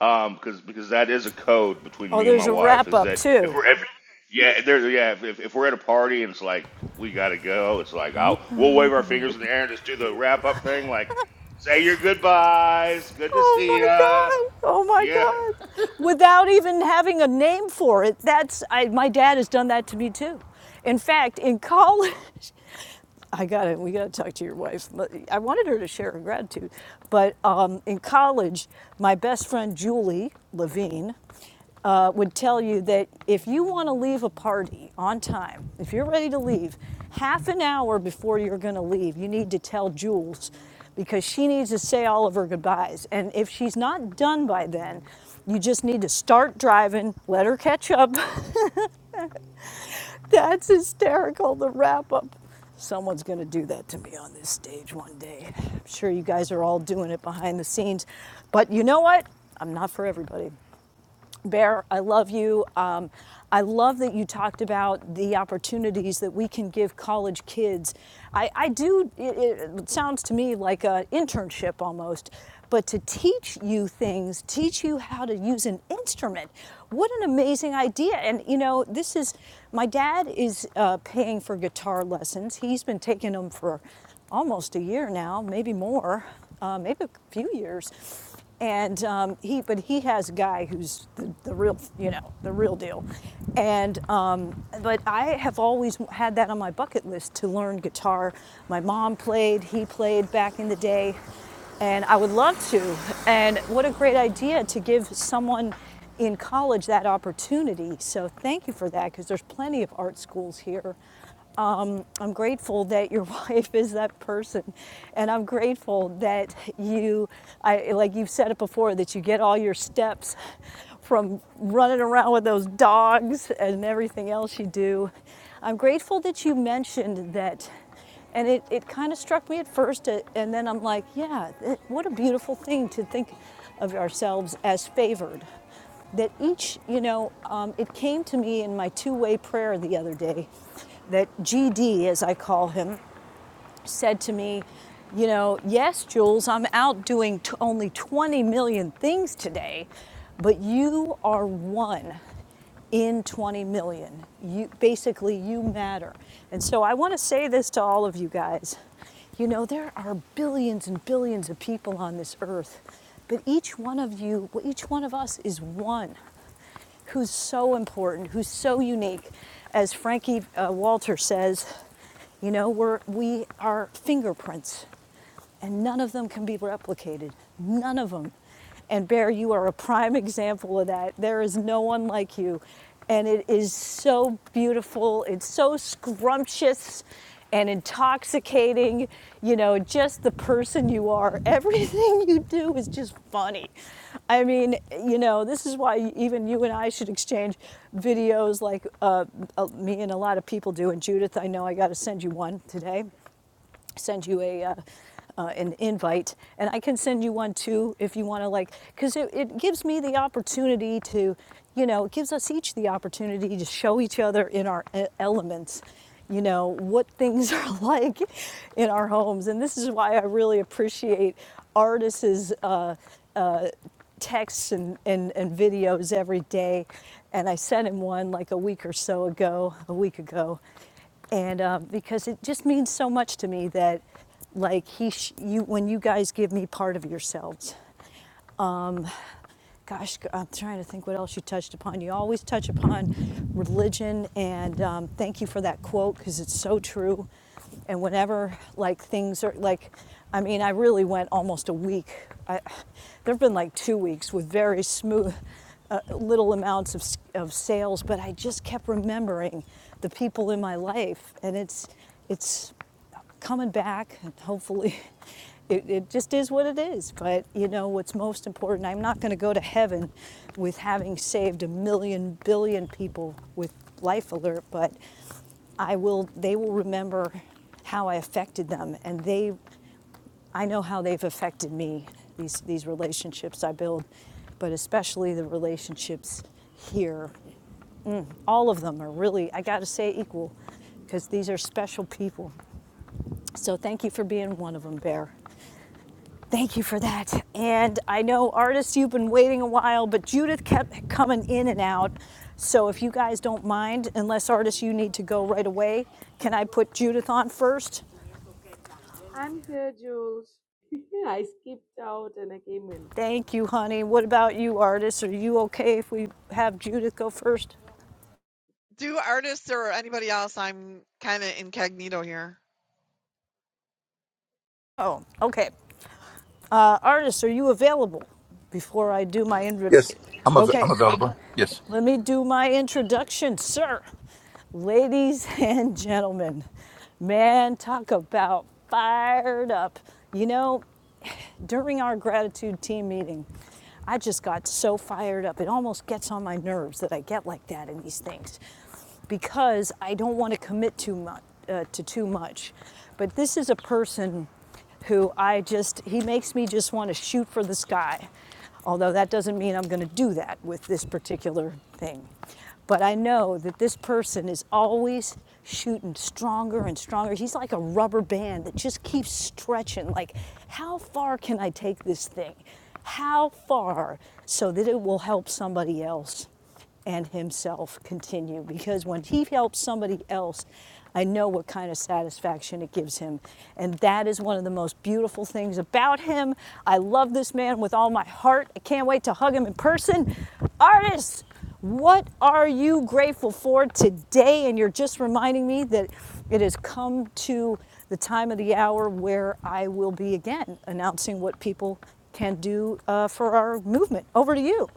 Speaker 14: um, because because that is a code between
Speaker 1: Oh,
Speaker 14: me and my
Speaker 1: there's a
Speaker 14: wife.
Speaker 1: wrap
Speaker 14: Is
Speaker 1: up
Speaker 14: that if
Speaker 1: too.
Speaker 14: we're ever, yeah, there, yeah, if, if we're at a party and it's like we gotta go, it's like I'll we'll wave our fingers in the air and just do the wrap up thing, like say your goodbyes, good to
Speaker 1: Oh
Speaker 14: see
Speaker 1: my
Speaker 14: ya,
Speaker 1: God. Oh my
Speaker 14: yeah,
Speaker 1: God. Without even having a name for it. That's, I, my dad has done that to me too. In fact, in college, I got to We got to talk to your wife. I wanted her to share her gratitude. But um, in college, my best friend Julie Levine, uh, would tell you that if you want to leave a party on time, if you're ready to leave, half an hour before you're going to leave, you need to tell Jules because she needs to say all of her goodbyes. And if she's not done by then, you just need to start driving, let her catch up. That's hysterical, the wrap up. Someone's going to do that to me on this stage one day. I'm sure you guys are all doing it behind the scenes. But you know what? I'm not for everybody. Bear, I love you. Um, I love that you talked about the opportunities that we can give college kids. I, I do, it, it sounds to me like an internship almost, but to teach you things, teach you how to use an instrument. What an amazing idea. And you know, this is, my dad is uh, paying for guitar lessons. He's been taking them for almost a year now, maybe more, uh, maybe a few years and um, he but he has a guy who's the, the real you know the real deal and um, but i have always had that on my bucket list to learn guitar my mom played he played back in the day and i would love to and what a great idea to give someone in college that opportunity so thank you for that because there's plenty of art schools here um, I'm grateful that your wife is that person, and I'm grateful that you, I like you've said it before, that you get all your steps from running around with those dogs and everything else you do. I'm grateful that you mentioned that, and it, it kind of struck me at first, uh, and then I'm like, yeah, it, what a beautiful thing to think of ourselves as favored that each, you know, um, it came to me in my two way prayer the other day that GD, as I call him, said to me, You know, yes, Jules, I'm out doing t- only 20 million things today, but you are one in 20 million. You basically you matter. And so I want to say this to all of you guys. You know, there are billions and billions of people on this earth, but each one of you, each one of us is one who's so important, who's so unique. As Frankie uh, Walter says, you know, we're, we are fingerprints and none of them can be replicated. None of them. And Bear, you are a prime example of that. There is no one like you. And it is so beautiful. It's so scrumptious and intoxicating. You know, just the person you are. Everything you do is just funny. I mean, you know, this is why even you and I should exchange videos like uh, uh, me and a lot of people do. And Judith, I know I got to send you one today send you a uh, uh, an invite, and I can send you one too if you want to like, because it, it gives me the opportunity to, you know, it gives us each the opportunity to show each other in our e- elements, you know, what things are like in our homes, and this is why I really appreciate artists' uh, uh, texts and, and, and videos every day. And I sent him one like a week or so ago, a week ago and um, because it just means so much to me that like he sh- you when you guys give me part of yourselves um, gosh, i I'm trying to think what else you touched upon. You always touch upon religion, and um, thank you for that quote because it's so true. And whenever like things are like, I mean, I really went almost a week. I, there have been like two weeks with very smooth, uh, little amounts of of sales, but I just kept remembering the people in my life, and it's it's coming back and hopefully it, it just is what it is but you know what's most important i'm not going to go to heaven with having saved a million billion people with life alert but i will they will remember how i affected them and they i know how they've affected me these these relationships i build but especially the relationships here all of them are really i got to say equal because these are special people so thank you for being one of them, Bear. Thank you for that. And I know, artists, you've been waiting a while, but Judith kept coming in and out. So if you guys don't mind, unless artists, you need to go right away, can I put Judith on first? Thank you, honey. What about you, artists? Are you okay if we have Judith go first?
Speaker 16: do artists or anybody else? I'm kind of incognito here.
Speaker 1: Oh, okay. Uh, artists, are you available before I do my invite?
Speaker 17: Yes, I'm av- I'm
Speaker 1: Okay.
Speaker 17: available. Yes.
Speaker 1: Let me do my introduction, sir. Ladies and gentlemen, man, talk about fired up. You know, during our gratitude team meeting. I just got so fired up. It almost gets on my nerves that I get like that in these things because I don't want to commit too much uh, to too much. But this is a person who I just he makes me just want to shoot for the sky. Although that doesn't mean I'm going to do that with this particular thing. But I know that this person is always shooting stronger and stronger. He's like a rubber band that just keeps stretching. Like, how far can I take this thing? How far? So that it will help somebody else and himself continue. Because when he helps somebody else, I know what kind of satisfaction it gives him. And that is one of the most beautiful things about him. I love this man with all my heart. I can't wait to hug him in person. Artists, what are you grateful for today? And you're just reminding me that it has come to the time of the hour where I will be again announcing what people can do uh, for our movement. Over to you.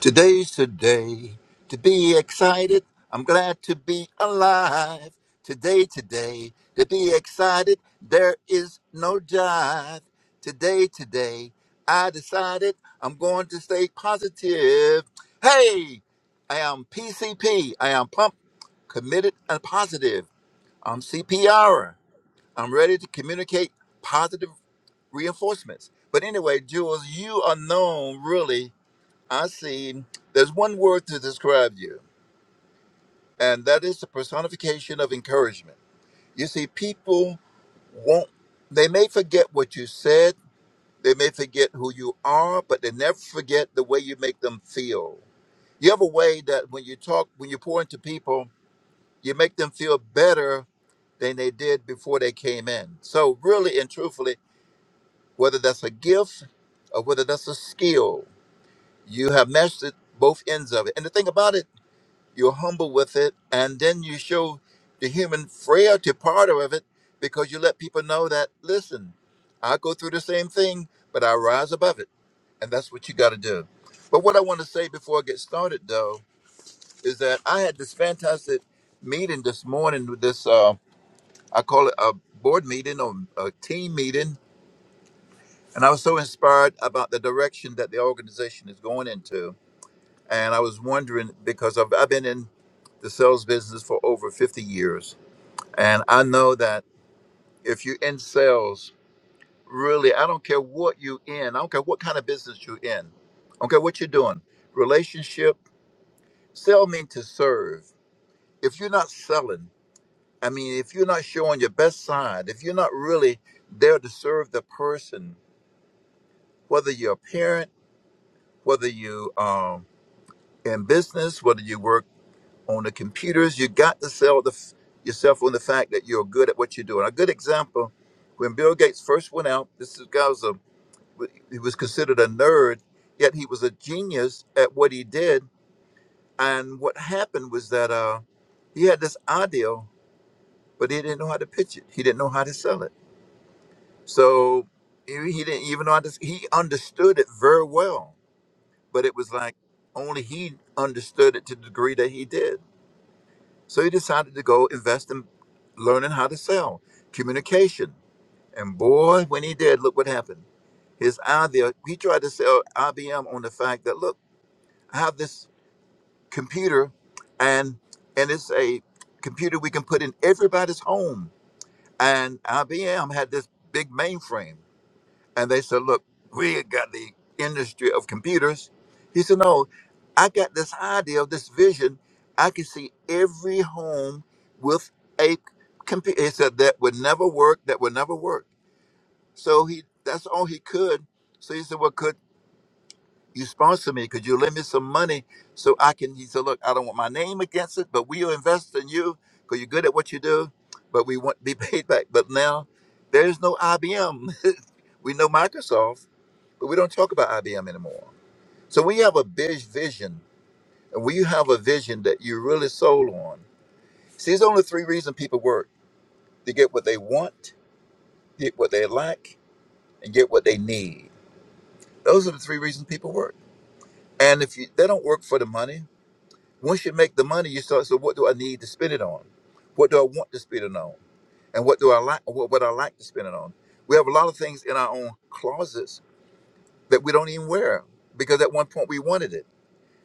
Speaker 17: Today's the day to be excited. I'm glad to be alive. Today, today, to be excited. There is no jive. Today, today, I decided I'm going to stay positive. Hey, I am P C P. I am pumped, committed, and positive. I'm C P am ready to communicate positive reinforcements. But anyway, Jules, you are known really. I see there's one word to describe you, and that is the personification of encouragement. You see, people won't, they may forget what you said, they may forget who you are, but they never forget the way you make them feel. You have a way that when you talk, when you pour into people, you make them feel better than they did before they came in. So, really and truthfully, whether that's a gift or whether that's a skill, You have mastered both ends of it. And the thing about it, you're humble with it, and then you show the human frailty part of it because you let people know that, listen, I go through the same thing, but I rise above it. And that's what you got to do. But what I want to say before I get started, though, is that I had this fantastic meeting this morning with this, uh, I call it a board meeting or a team meeting. And I was so inspired about the direction that the organization is going into and I was wondering because I've, I've been in the sales business for over 50 years, and I know that if you're in sales, really, I don't care what you're in, I don't care what kind of business you're in, I don't care what you're doing, relationship, sell mean to serve. If you're not selling, I mean, if you're not showing your best side, if you're not really there to serve the person, whether you're a parent, whether you um in business, whether you work on the computers. You got to sell the, f- yourself on the fact that you're good at what you're doing. A good example, when Bill Gates first went out, this is- guy was a he was considered a nerd, yet he was a genius at what he did. And what happened was that uh, he had this idea, but he didn't know how to pitch it. He didn't know how to sell it. So he, he didn't even know how to. He understood it very well, but it was like only he understood it to the degree that he did. So he decided to go invest in learning how to sell communication. And boy, when he did, look what happened. His idea, he tried to sell IBM on the fact that, look, I have this computer and and it's a computer we can put in everybody's home. And IBM had this big mainframe. And they said, Look, we ain't got the industry of computers. He said, No, I got this idea of this vision. I can see every home with a computer. He said, That would never work. That would never work. So he that's all he could. So he said, Well, could you sponsor me? Could you lend me some money so I can? He said, Look, I don't want my name against it, but we'll invest in you because you're good at what you do, but we want to be paid back. But now there's no IBM. we know Microsoft but we don't talk about IBM anymore. So when you have a big vision, and when you have a vision that you're really sold on, see, there's only three reasons people work: to get what they want, get what they like, and get what they need. Those are the three reasons people work. And if you, they don't work for the money, once you make the money, you start. So what do I need to spend it on? What do I want to spend it on? And what do I like? What would I like to spend it on? We have a lot of things in our own closets that we don't even wear because at one point we wanted it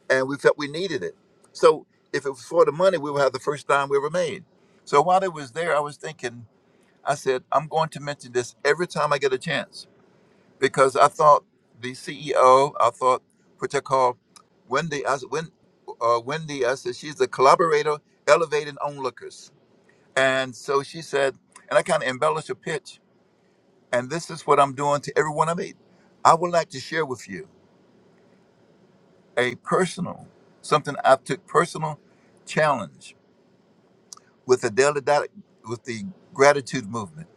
Speaker 17: and we felt we needed it. So if it was for the money, we would have the first dime we ever made. So while it was there, I was thinking, I said, I'm going to mention this every time I get a chance because I thought the CEO, I thought what they call Wendy, I, s- Wen, uh, Wendy, I said, she's a collaborator elevating onlookers. And so she said, and I kind of embellished a pitch, and this is what I'm doing to everyone I meet. I would like to share with you a personal, something I took personal challenge with the daily Di- with the gratitude movement,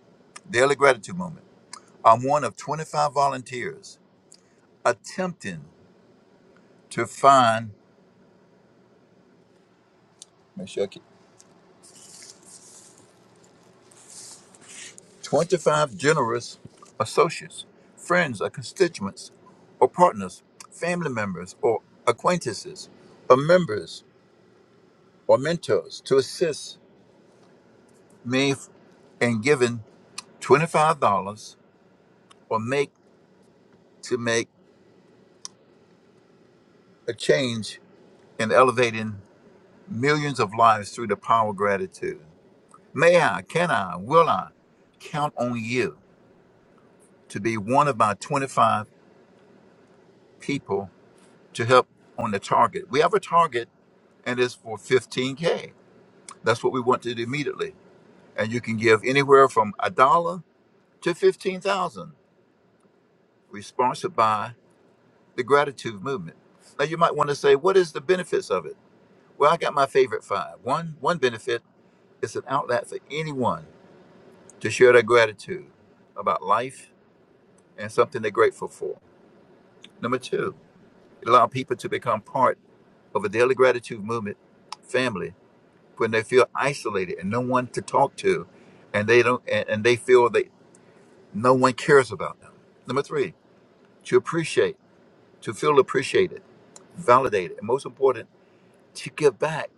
Speaker 17: daily gratitude movement. I'm one of 25 volunteers attempting to find make sure I keep- 25 generous associates, friends, or constituents, or partners, family members, or acquaintances, or members, or mentors to assist me f- in giving $25 or make to make a change in elevating millions of lives through the power of gratitude. May I, can I, will I count on you to be one of my 25 people to help on the target? We have a target and it's for 15K. That's what we want to do immediately. And you can give anywhere from a dollar to 15,000. We're sponsored by the gratitude movement. Now you might want to say, what is the benefits of it? Well, I got my favorite five. One, one benefit is an outlet for anyone to share their gratitude about life and something they're grateful for. Number two, Allow people to become part of a daily gratitude movement family when they feel isolated and no one to talk to, and they don't, and, and they feel that no one cares about them. Number three, to appreciate, to feel appreciated, validated, and most important, to give back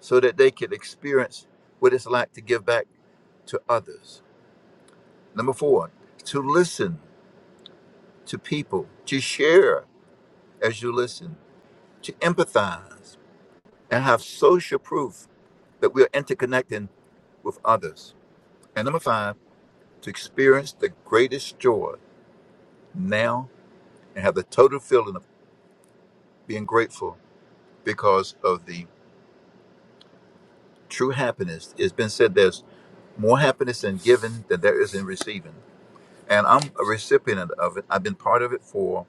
Speaker 17: so that they can experience what it's like to give back to others. Number four, to listen to people, to share as you listen, to empathize, and have social proof that we are interconnecting with others. And number five, to experience the greatest joy now and have the total feeling of being grateful because of the true happiness. It's been said there's more happiness in giving than there is in receiving. And I'm a recipient of it. I've been part of it for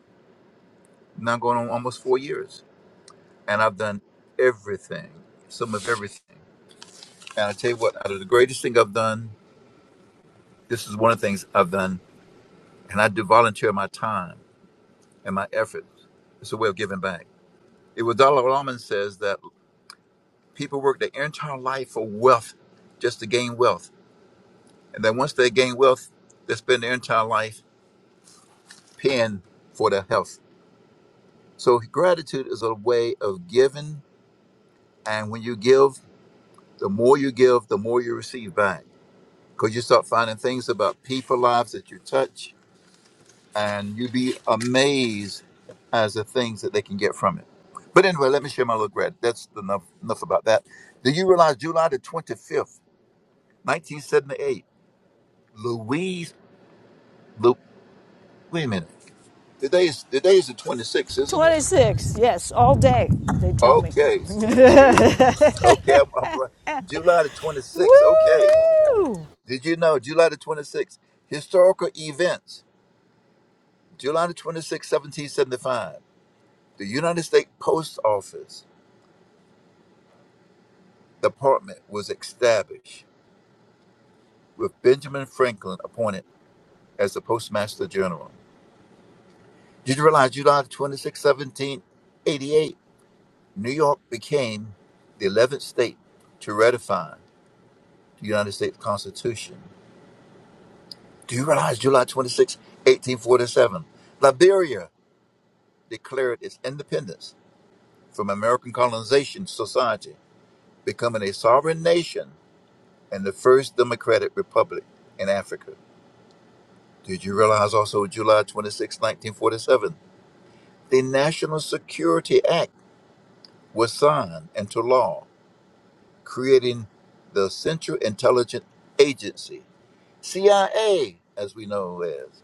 Speaker 17: now going on almost four years. And I've done everything, some of everything. And I tell you what, out of the greatest thing I've done, this is one of the things I've done. And I do volunteer my time and my effort. It's a way of giving back. It was Dalai Lama says that people work their entire life for wealth, just to gain wealth, and then once they gain wealth, they spend their entire life paying for their health. So gratitude is a way of giving, and when you give, the more you give, the more you receive back, because you start finding things about people lives that you touch and you'd be amazed as the things that they can get from it. But anyway, let me share my little regret. That's enough enough about that. Did you realize July the twenty fifth, nineteen seventy eight, Louise? Lu, wait a minute. Today is is the twenty sixth, isn't it?
Speaker 1: 26, yes, all day, they tell me.
Speaker 17: Okay. Excuse me. Okay, I'm, I'm right. July the twenty sixth. Okay.
Speaker 1: Woo!
Speaker 17: Did you know July the twenty sixth? Historical events. July the 26th, 1775. The United States Post Office department was established with Benjamin Franklin appointed as the Postmaster General. Did you realize July 26, 1788, New York became the 11th state to ratify the United States Constitution? Do you realize July 26, 1847, Liberia declared its independence from American colonization society, becoming a sovereign nation and the first democratic republic in Africa? Did you realize also July 26, 1947, the National Security Act was signed into law, creating the Central Intelligence Agency, CIA, as we know as.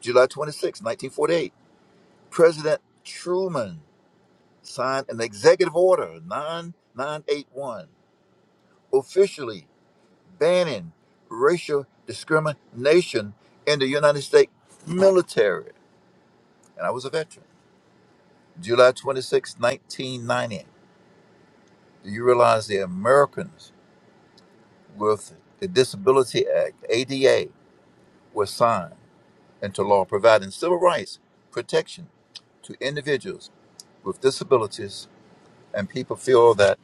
Speaker 17: July 26, 1948, President Truman signed an executive order, 9981, officially banning racial discrimination in the United States military. And I was a veteran. July 26, 1990. Do you realize the Americans with the Disability Act, ADA, was signed into law providing civil rights protection to individuals with disabilities and people feel that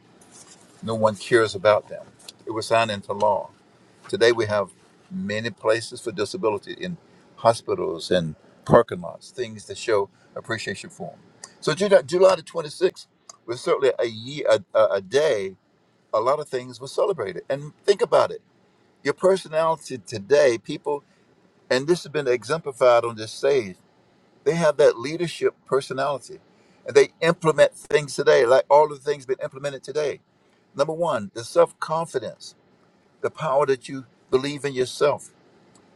Speaker 17: no one cares about them. It was signed into law. Today we have many places for disability in hospitals and parking lots, things that show appreciation for them. So July, July the 26th was certainly a year, a, a a day a lot of things were celebrated. And think about it your personality today, people, and this has been exemplified on this stage, they have that leadership personality and they implement things today, like all of the things been implemented today. Number one, the self confidence, the power that you believe in yourself.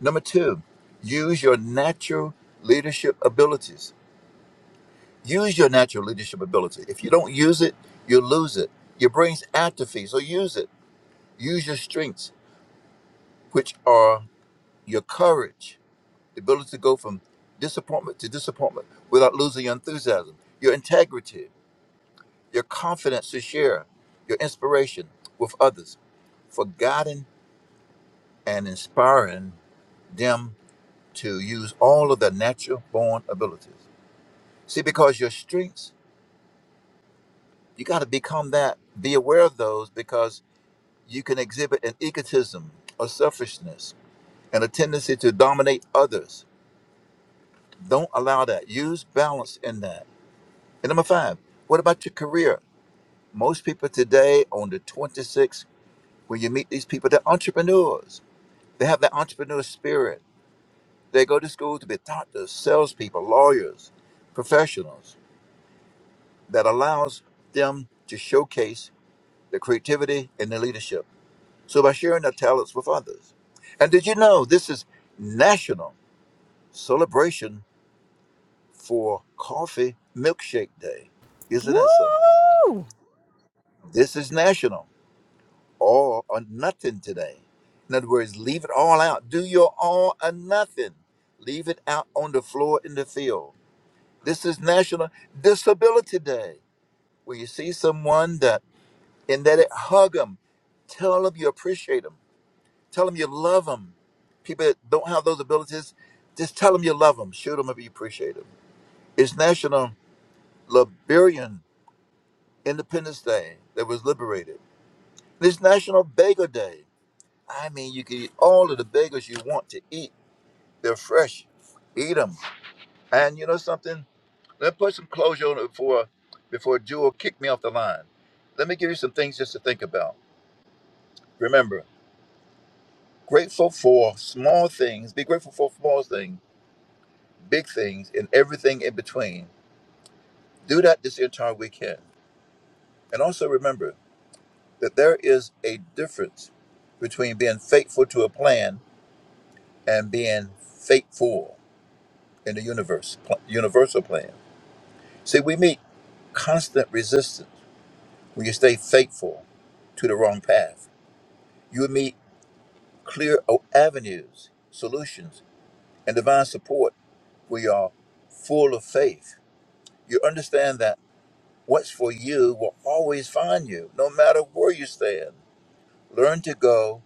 Speaker 17: Number two, use your natural leadership abilities. Use your natural leadership ability. If you don't use it, you lose it. Your brain's atrophy, so use it. Use your strengths, which are your courage, the ability to go from disappointment to disappointment without losing your enthusiasm, your integrity, your confidence to share, your inspiration with others, for guiding and inspiring them to use all of their natural born abilities. See, because your strengths, you got to become that. Be aware of those because you can exhibit an egotism, a selfishness, and a tendency to dominate others. Don't allow that. Use balance in that And number five, what about your career? Most people today on the 26th, when you meet these people, they're entrepreneurs. They have the entrepreneur spirit. They go to school to be doctors, salespeople, lawyers, professionals that allows them to showcase their creativity and their leadership. So by sharing their talents with others. And did you know this is National Celebration for Coffee Milkshake Day? Isn't that something?
Speaker 1: Woo!
Speaker 17: This is national. all or nothing today. In other words, leave it all out. Do your all or nothing. Leave it out on the floor in the field. This is National Disability Day, where you see someone that and that it hug them, tell them you appreciate them, tell them you love them. People that don't have those abilities, just tell them you love them, show them if you appreciate them. It's National Liberian Independence Day that was liberated. It's National Bagel Day. I mean, you can eat all of the bagels you want to eat. They're fresh. Eat them. And you know something? Let's put some closure on it before, before Jewel kicked me off the line. Let me give you some things just to think about. Remember, grateful for small things. Be grateful for small things, big things, and everything in between. Do that this entire weekend. And also remember that there is a difference between being faithful to a plan and being faithful in the universe, pl- universal plan. See, we meet constant resistance when you stay faithful to the wrong path. You will meet clear o- avenues, solutions, and divine support where you are full of faith. You understand that what's for you will always find you, no matter where you stand. Learn to go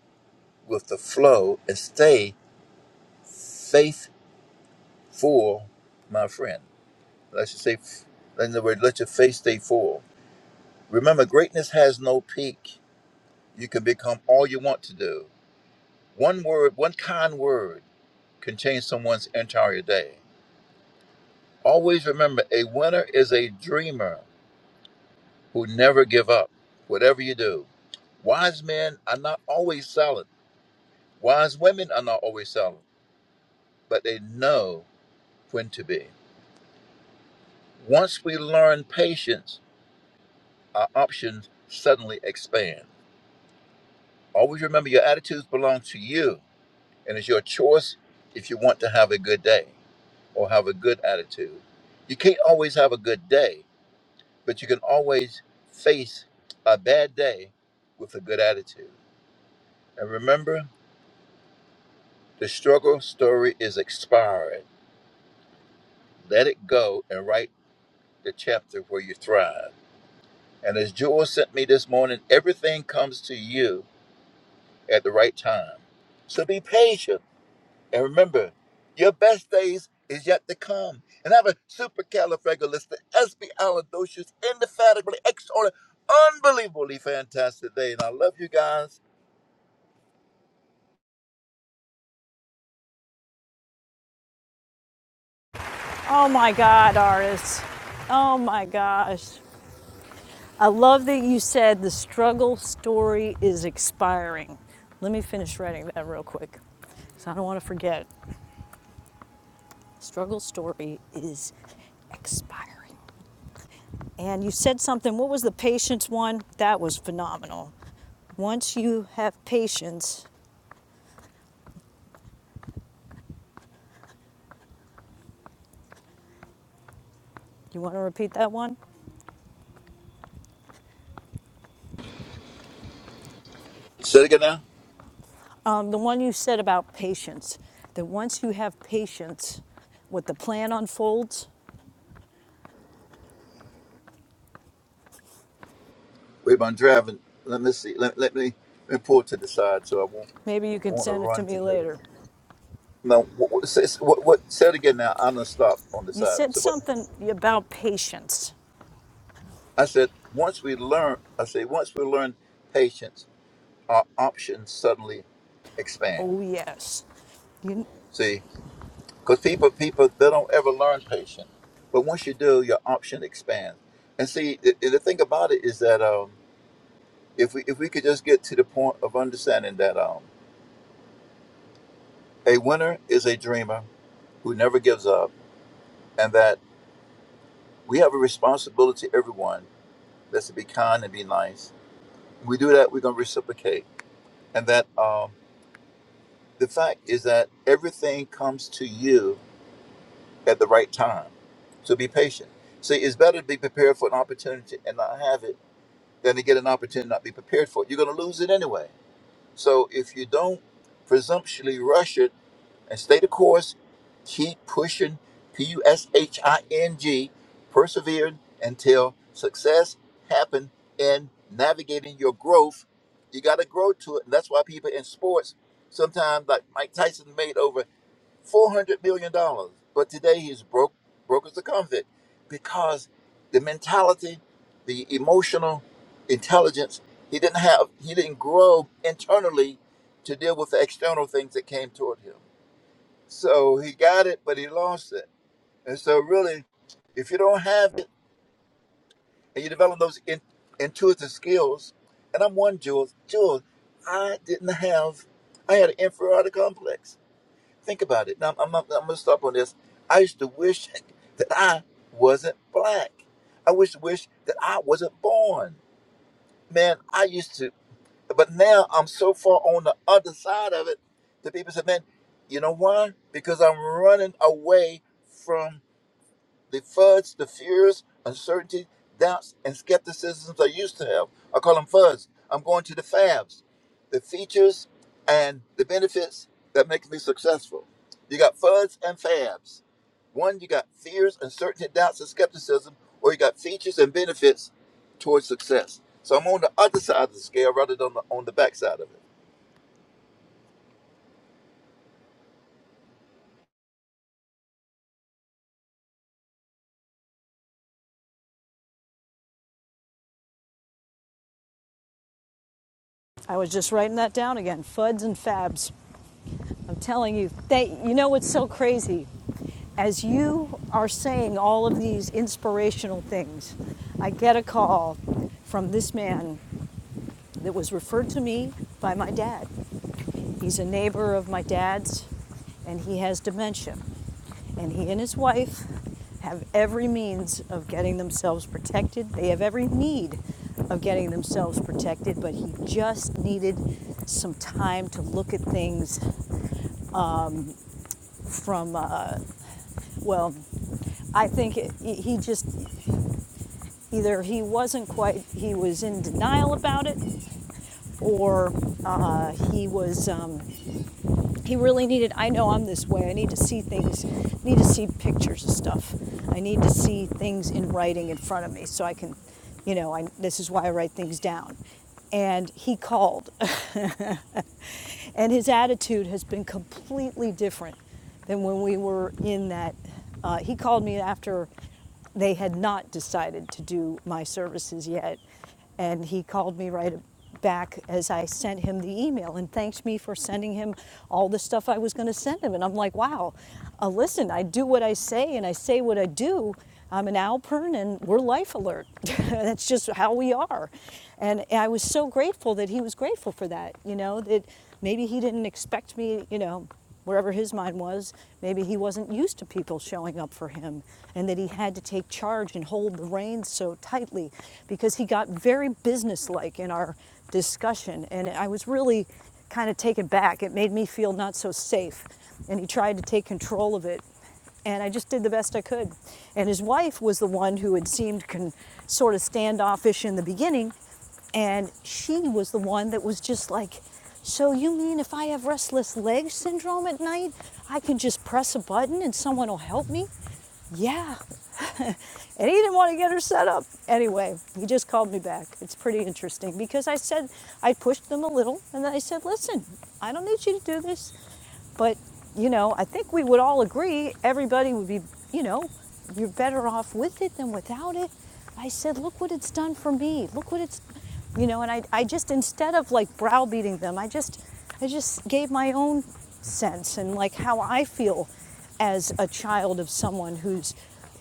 Speaker 17: with the flow and stay faithful, my friend. Let's just say, in other words, let your faith stay full. Remember, greatness has no peak. You can become all you want to do. One word, one kind word can change someone's entire day. Always remember a winner is a dreamer who never give up, whatever you do. Wise men are not always silent. Wise women are not always silent, but they know when to be. Once we learn patience, our options suddenly expand. Always remember your attitudes belong to you And it's your choice if you want to have a good day or have a good attitude. You can't always have a good day, but you can always face a bad day with a good attitude. And remember, the struggle story is expired. Let it go and write the chapter where you thrive. And as Jewel sent me this morning, everything comes to you at the right time. So be patient And remember, your best days is yet to come. And have a supercalifragilisticexpialidocious, indefatigably, extraordinary, unbelievably fantastic day. And I love you guys.
Speaker 1: Oh my God, artists. Oh my gosh. I love that you said the struggle story is expiring. Let me finish writing that real quick because I don't want to forget. Struggle story is expiring. And you said something, what was the patience one? That was phenomenal. Once you have patience, you want to repeat that one?
Speaker 17: Say it again now.
Speaker 1: Um, the one you said about patience, that once you have patience, what the plan unfolds,
Speaker 17: Wait, I'm driving. Let me see. Let, let me let me pull to the side so I won't
Speaker 1: maybe you can
Speaker 17: want to
Speaker 1: send it to
Speaker 17: run to
Speaker 1: me
Speaker 17: you.
Speaker 1: later.
Speaker 17: No, what, what, say- what, what? Say it again now. I'm gonna stop on the
Speaker 1: You
Speaker 17: side.
Speaker 1: said
Speaker 17: So what?
Speaker 1: something about patience
Speaker 17: I said once we learn. I say once we learn patience, our options suddenly expand.
Speaker 1: Oh, yes. You,
Speaker 17: See. Because people, people, they don't ever learn patience. But once you do, your option expands. And see, the, the thing about it is that um, if we if we could just get to the point of understanding that um, a winner is a dreamer who never gives up, and that we have a responsibility, everyone, that's to be kind and be nice. we do that, we're gonna reciprocate. And that um, the fact is that everything comes to you at the right time. So be patient. See, it's better to be prepared for an opportunity and not have it than to get an opportunity and not be prepared for it. You're going to lose it anyway. So if you don't presumptuously rush it and stay the course, keep pushing, P U S H I N G, persevering until success happen in navigating your growth. You got to grow to it. And that's why people in sports sometimes, like Mike Tyson made over four hundred million dollars, but today he's broke, broke as a convict, because the mentality, the emotional intelligence he didn't have, he didn't grow internally to deal with the external things that came toward him. So he got it, but he lost it. And so, really, if you don't have it and you develop those in, intuitive skills, and I'm one, Jules, Jules, I didn't have, I had an inferiority complex Think about it. Now, I'm, I'm, I'm going to stop on this. I used to wish that I wasn't black. I wish to wish that I wasn't born. Man, I used to, but now I'm so far on the other side of it that people say, man, you know why? Because I'm running away from the FUDs, the fears, uncertainty, doubts, and skepticisms I used to have. I call them FUDs. I'm going to the FABs, the features and the benefits that make me successful. You got FUDs and FABs. One, you got fears, uncertainty, doubts, and skepticism, or you got features and benefits towards success. So I'm on the other side of the scale rather than on the, on the back side of it.
Speaker 1: I was just writing that down again. Fuds and fabs. I'm telling you, they, you know what's so crazy? As you are saying all of these inspirational things, I get a call from this man that was referred to me by my dad. He's a neighbor of my dad's, and he has dementia. And he and his wife have every means of getting themselves protected. They have every need of getting themselves protected, but he just needed some time to look at things from uh, well i think it, he just either he wasn't quite he was in denial about it or uh, he was um, he really needed i know i'm this way i need to see things I need to see pictures of stuff i need to see things in writing in front of me so i can you know I, this is why i write things down and he called and his attitude has been completely different than when we were in that uh, he called me after they had not decided to do my services yet and he called me right back as I sent him the email and thanked me for sending him all the stuff I was going to send him. And I'm like, wow, uh, listen, I do what I say and I say what I do. I'm an Alpern and we're life alert. That's just how we are. And I was so grateful that he was grateful for that, you know, that maybe he didn't expect me, you know wherever his mind was, maybe he wasn't used to people showing up for him and that he had to take charge and hold the reins so tightly because he got very businesslike in our discussion. And I was really kind of taken back. It made me feel not so safe. And he tried to take control of it and I just did the best I could. And his wife was the one who had seemed con- sort of standoffish in the beginning, and she was the one that was just like, "So you mean if I have restless leg syndrome at night, I can just press a button and someone will help me?" Yeah. And he didn't want to get her set up. Anyway, he just called me back. It's pretty interesting because I said, I pushed them a little and then I said, listen, I don't need you to do this. But, you know, I think we would all agree everybody would be, you know, you're better off with it than without it. I said, look what it's done for me. Look what it's, you know, and I, I just, instead of like browbeating them, I just, I just gave my own sense and like how I feel as a child of someone who's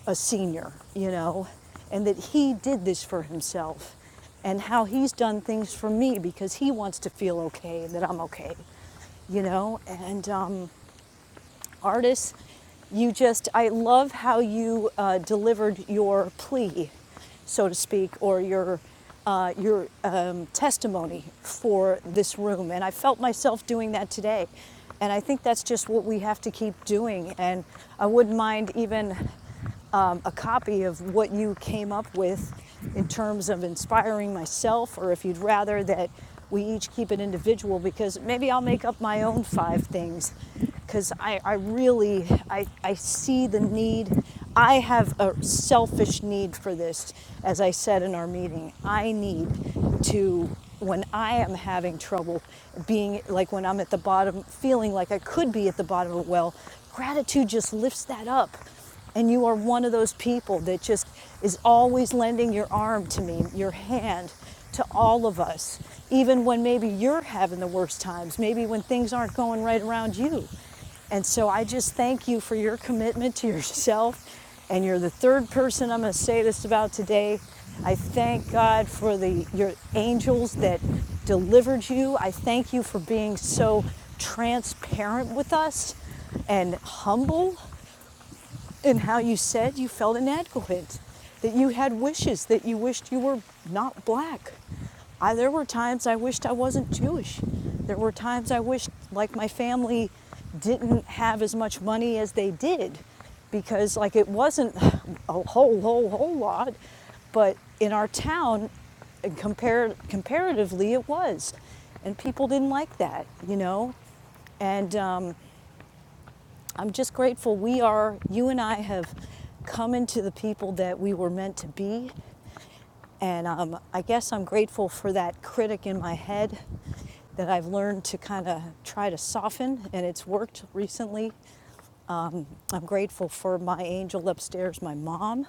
Speaker 1: a senior, you know, and that he did this for himself and how he's done things for me because he wants to feel okay and that I'm okay you know and um, artists you just i love how you uh, delivered your plea so to speak or your uh, your um, testimony for this room and i felt myself doing that today and i think that's just what we have to keep doing and i wouldn't mind even um, a copy of what you came up with in terms of inspiring myself, or if you'd rather that we each keep it individual, because maybe I'll make up my own five things. Because I, I really, I, I see the need. I have a selfish need for this, as I said in our meeting. I need to, when I am having trouble being, like when I'm at the bottom, feeling like I could be at the bottom of the well, gratitude just lifts that up and you are one of those people that just is always lending your arm to me, your hand to all of us, even when maybe you're having the worst times, maybe when things aren't going right around you. And so I just thank you for your commitment to yourself. And you're the third person I'm going to say this about today. I thank God for the your angels that delivered you. I thank you for being so transparent with us and humble in how you said you felt inadequate, that you had wishes, that you wished you were not black. I, there were times I wished I wasn't Jewish. There were times I wished, like, my family didn't have as much money as they did because, like, it wasn't a whole, whole, whole lot, but in our town, compar- comparatively, it was. And people didn't like that, you know? And um, I'm just grateful we are, you and I have come into the people that we were meant to be. And um, I guess I'm grateful for that critic in my head that I've learned to kind of try to soften, and it's worked recently. I'm grateful for my angel upstairs, my mom,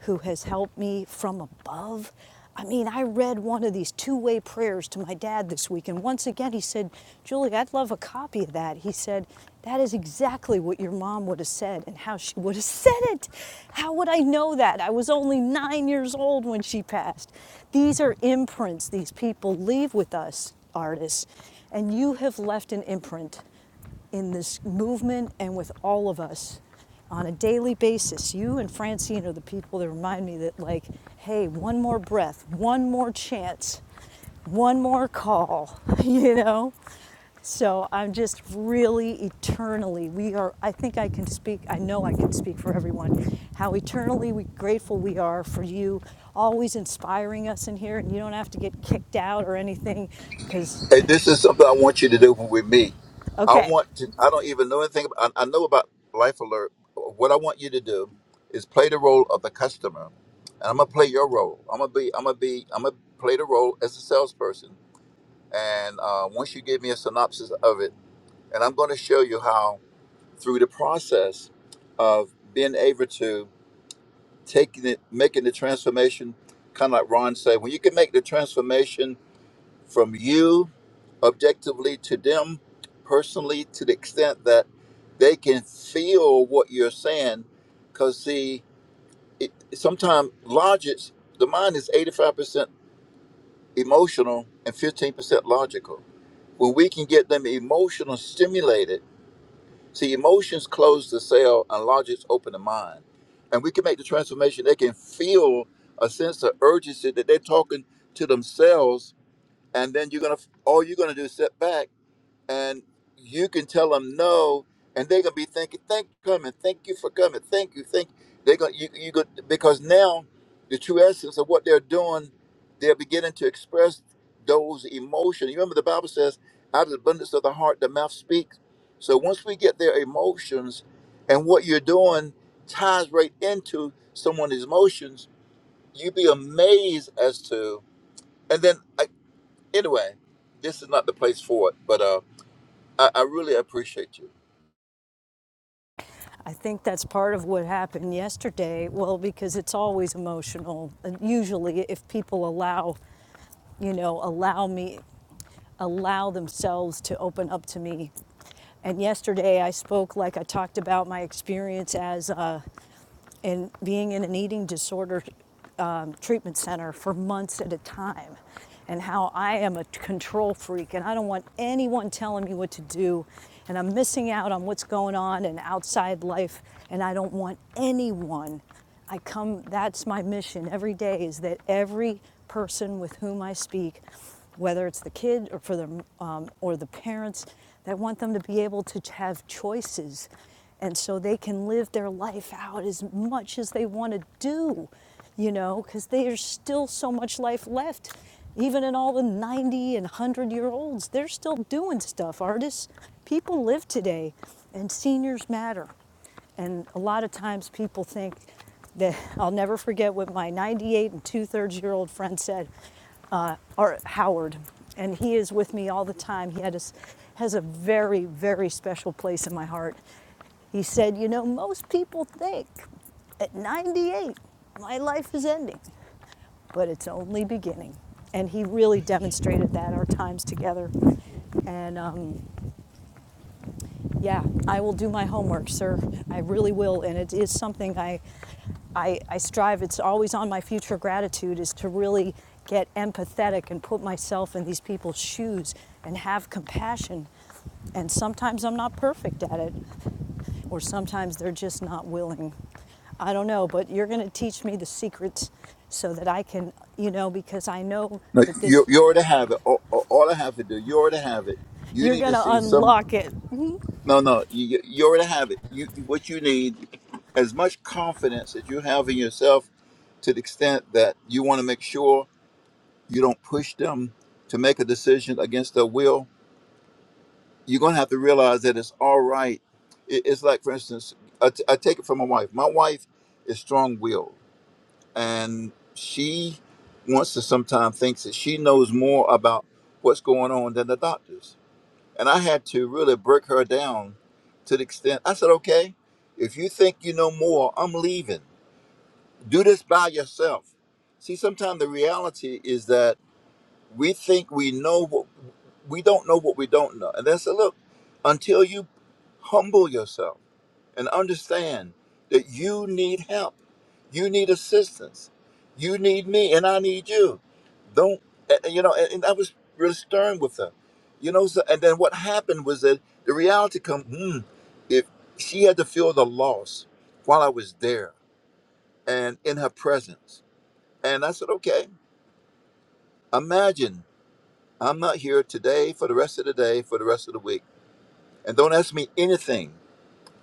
Speaker 1: who has helped me from above. I mean, I read one of these two way prayers to my dad this week, and once again he said, Julie, I'd love a copy of that. He said, That is exactly what your mom would have said and how she would have said it. How would I know that? I was only nine years old when she passed. These are imprints these people leave with us, artists, and you have left an imprint in this movement and with all of us on a daily basis. You and Francine are the people that remind me that, like, hey, one more breath, one more chance, one more call, you know? So I'm just really eternally, we are, I think I can speak, I know I can speak for everyone, how eternally we, grateful we are for you always inspiring us in here. And you don't have to get kicked out or anything because,
Speaker 17: Hey, this is something I want you to do with me. I
Speaker 1: okay.
Speaker 17: want to, I don't even know anything about, I, I know about Life Alert. What I want you to do is play the role of the customer. And I'm going to play your role. I'm going to be, I'm going to be, I'm going to play the role as a salesperson. And uh, once you give me a synopsis of it, and I'm going to show you how through the process of being able to taking it, making the transformation, kind of like Ron said, when you can make the transformation from you objectively to them personally to the extent that they can feel what you're saying because see it, sometimes logic the mind is 85% emotional and 15% logical when we can get them emotional stimulated see emotions close the cell and logics open the mind and we can make the transformation they can feel a sense of urgency that they're talking to themselves and then you're gonna all you're gonna do is sit back and you can tell them no, and they're gonna be thinking, "Thank you for coming, thank you for coming, thank you, thank." You. They're gonna you you go because now the true essence of what they're doing, they're beginning to express those emotions. You remember the Bible says, "Out of the abundance of the heart, the mouth speaks." So once we get their emotions, and what you're doing ties right into someone's emotions, you'd be amazed as to. And then I, anyway, this is not the place for it, but. uh. I, I really appreciate you.
Speaker 1: I think that's part of what happened yesterday. Well, because it's always emotional. And usually, if people allow, you know, allow me, allow themselves to open up to me. And yesterday, I spoke like I talked about my experience as a and being in an eating disorder um, treatment center for months at a time, and how I am a control freak and I don't want anyone telling me what to do, and I'm missing out on what's going on in outside life, and I don't want anyone I come, that's my mission every day is that every person with whom I speak, whether it's the kid or for them um, or the parents, that want them to be able to have choices. And so they can live their life out as much as they want to do, you know, because there's still so much life left. Even in all the 90 and 100 year olds, they're still doing stuff. Artists, people live today, and seniors matter. And a lot of times people think that I'll never forget what my 98 and two thirds year old friend said, uh, or Howard, and he is with me all the time. He had a s has a very, very special place in my heart. He said, You know, most people think at 98 my life is ending, but it's only beginning. And he really demonstrated that our times together. And um, yeah, I will do my homework, sir. I really will, and it is something I, I, I strive. It's always on my future gratitude is to really get empathetic and put myself in these people's shoes and have compassion. And sometimes I'm not perfect at it, or sometimes they're just not willing. I don't know, but you're going to teach me the secrets so that I can, you know, because I know
Speaker 17: No,
Speaker 1: that
Speaker 17: you,
Speaker 1: this,
Speaker 17: you already have it. All, all all I have to do, you already have it. You
Speaker 1: you're
Speaker 17: need
Speaker 1: going
Speaker 17: to
Speaker 1: to
Speaker 17: see some.
Speaker 1: unlock it.
Speaker 17: No, no, you, you already have it. You what you need, as much confidence as you have in yourself, to the extent that you want to make sure you don't push them to make a decision against their will. You're gonna have to realize that it's all right. It, it's like, for instance, I, t- I take it from my wife. My wife is strong-willed and she wants to sometimes thinks that she knows more about what's going on than the doctors. And I had to really break her down to the extent I said, okay, if you think you know more, I'm leaving. Do this by yourself. See, sometimes the reality is that we think we know what we don't know what we don't know. And then I said, look, until you humble yourself and understand that you need help. You need assistance. You need me, and I need you. Don't, and- and, you know, and, and I was really stern with her. You know, so, and then what happened was that the reality come, hmm, if she had to feel the loss while I was there and in her presence. And I said, okay, imagine I'm not here today for the rest of the day, for the rest of the week. And don't ask me anything.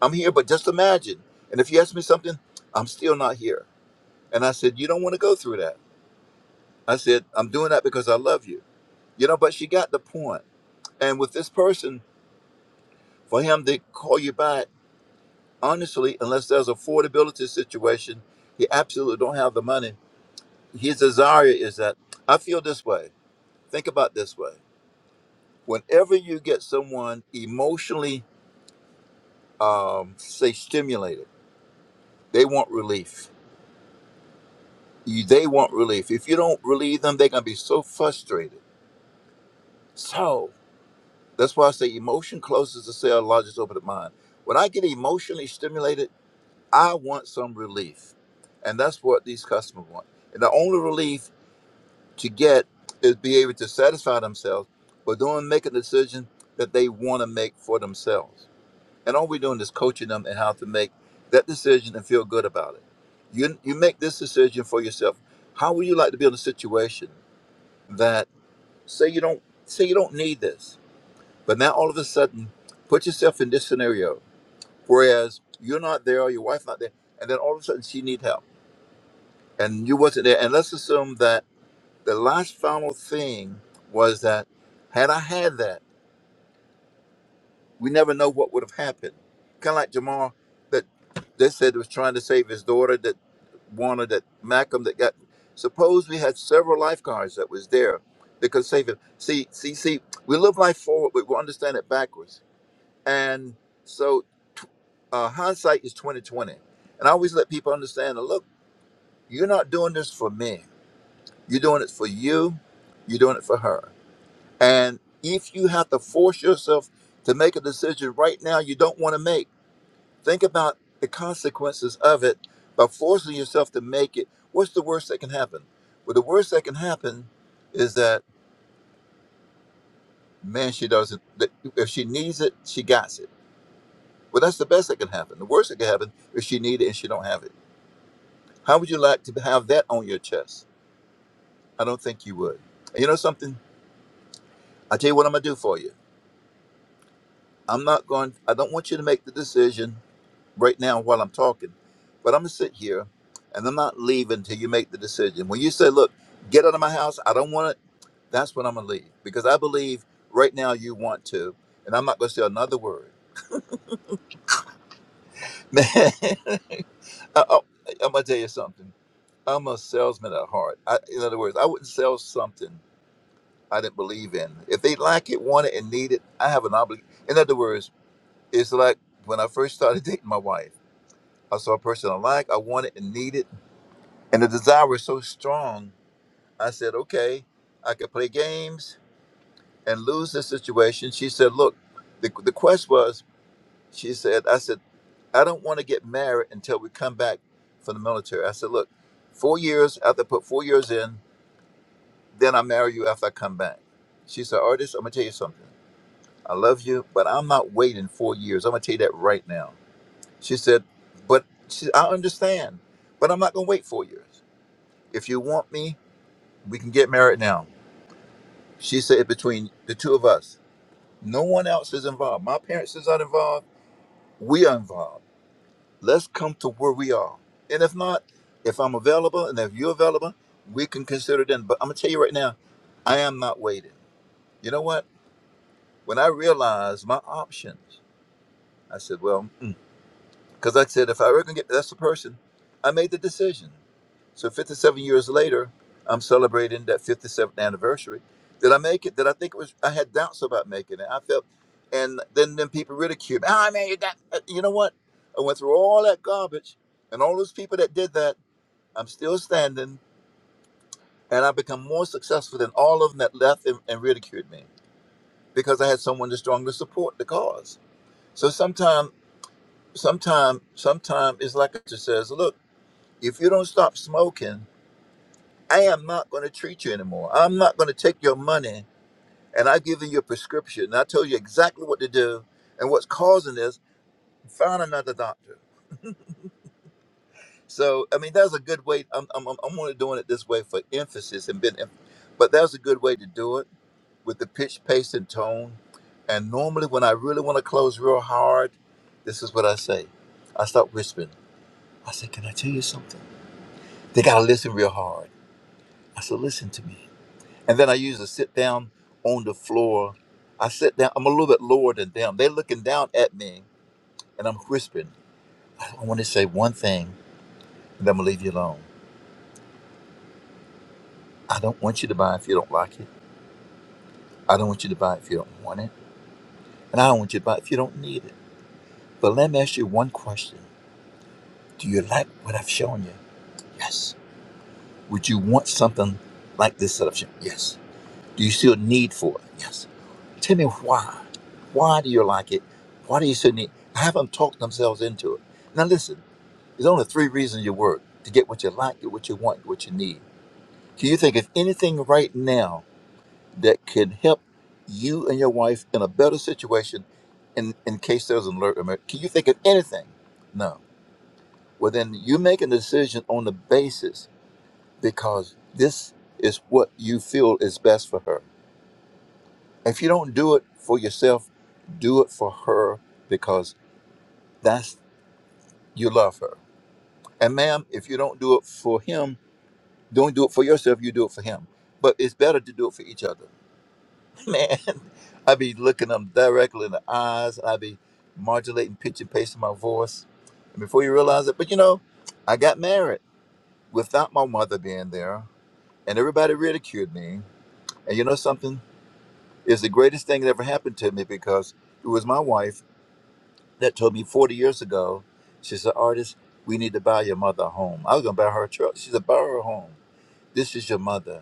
Speaker 17: I'm here, but just imagine. And if you ask me something, I'm still not here And I said, You don't want to go through that. I said, I'm doing that because I love you. You know, but she got the point. And with this person, for him to call you back, honestly, unless there's affordability situation, he absolutely don't have the money. His desire is that I feel this way. Think about this way. Whenever you get someone emotionally, um, say, stimulated, they want relief. You- They want relief. If you don't relieve them, they're going to be so frustrated. So. That's why I say emotion closes the cell, lodges over the mind. When I get emotionally stimulated, I want some relief. And that's what these customers want. And the only relief to get is be able to satisfy themselves but don't make a decision that they want to make for themselves. And all we're doing is coaching them and how to make that decision and feel good about it. You you make this decision for yourself. How would you like to be in a situation that say you don't say you don't need this? But now all of a sudden, put yourself in this scenario. Whereas you're not there, or your wife's not there, and then all of a sudden she need help, and you wasn't there. And let's assume that the last final thing was that had I had that, we never know what would have happened. Kind of like Jamal, that they said was trying to save his daughter, that Warner, that Malcolm, that got. Suppose we had several lifeguards that was there that could save him. See, see, see. We live life forward, but we understand it backwards And so t- uh, hindsight is 2020. And I always let people understand that look, you're not doing this for me. You're doing it for you. You're doing it for her. And if you have to force yourself to make a decision right now you don't want to make, think about the consequences of it by forcing yourself to make it. What's the worst that can happen? Well, the worst that can happen is that, man, she doesn't, that if she needs it, she got it. Well, that's the best that can happen. The worst that can happen is she needs it and she don't have it. How would you like to have that on your chest? I don't think you would. And you know something? I tell you what I'm gonna do for you. I'm not going. I don't want you to make the decision right now while I'm talking, but I'm gonna sit here, and I'm not leaving till you make the decision. When you say, "Look, get out of my house. I don't want it," that's when I'm gonna leave because I believe right now you want to, and I'm not gonna say another word. Man, I, I'm gonna tell you something. I'm a salesman at heart. I, in other words, I wouldn't sell something. I didn't believe in. If they like it, want it, and need it, I have an obligation. In other words, it's like when I first started dating my wife. I saw a person I like, I wanted and needed, and the desire was so strong. I said, okay, I could play games and lose this situation. She said, look, the, the quest was, she said, I said, I don't want to get married until we come back from the military. I said, look, four years, after I put four years in, then I marry you after I come back. She said, artist, I'm going to tell you something. I love you, but I'm not waiting four years. I'm gonna tell you that right now. She said, but she, I understand, but I'm not gonna wait four years. If you want me, we can get married now. She said between the two of us, no one else is involved. My parents is not involved. We are involved. Let's come to where we are. And if not, if I'm available and if you're available, we can consider then. But I'm gonna tell you right now, I am not waiting. You know what? When I realized my options, I said, well. mm, Because like I said, if I ever going get that's the person, I made the decision. So 57 years later, I'm celebrating that 57th anniversary. Did I make it? Did I think it was? I had doubts about making it. I felt, and then then people ridiculed me. Oh man, you got. uh, You know what? I went through all that garbage, and all those people that did that. I'm still standing, and I've become more successful than all of them that left and, and ridiculed me because I had someone to strongly support the cause. So sometime, sometime, sometime, it's like it just says, look. if you don't stop smoking, I am not going to treat you anymore. I'm not going to take your money and I've given you a prescription. And I told you exactly what to do and what's causing this. Find another doctor. So, I mean, that's a good way. I'm, I'm, I'm I'm only doing it this way for emphasis and been, but that's a good way to do it with the pitch, pace, and tone. And normally, when I really want to close real hard, this is what I say. I start whispering. I say, Can I tell you something? They got to listen real hard. I said, Listen to me. And then I usually sit down on the floor. I sit down, I'm a little bit lower than them. They're looking down at me and I'm whispering, I want to say one thing and I'm gonna leave you alone. I don't want you to buy it if you don't like it. I don't want you to buy it if you don't want it. And I don't want you to buy it if you don't need it. But let me ask you one question. Do you like what I've shown you? Yes. Would you want something like this that I've shown? Yes. Do you still need for it? Yes. Tell me why. Why do you like it? Why do you shouldn't eat? Have them talk themselves into it. Now listen, there's only three reasons you work to get what you like, get what you want, get what you need. Can you think of anything right now that can help you and your wife in a better situation in, in case there's an alert? emer- Can you think of anything? No. Well, then you make a decision on the basis because this is what you feel is best for her. If you don't do it for yourself, do it for her because That's you love her. And ma'am, if you don't do it for him, don't do it for yourself, you do it for him. But it's better to do it for each other. Man, I be looking them directly in the eyes. I be modulating pitch and pace in my voice. And before you realize it, but you know, I got married without my mother being there, and everybody ridiculed me. And you know something? It's the greatest thing that ever happened to me because it was my wife that told me 40 years ago, she said, Artist, we need to buy your mother a home. I was going to buy her a truck. She said, Buy her a home. This is your mother.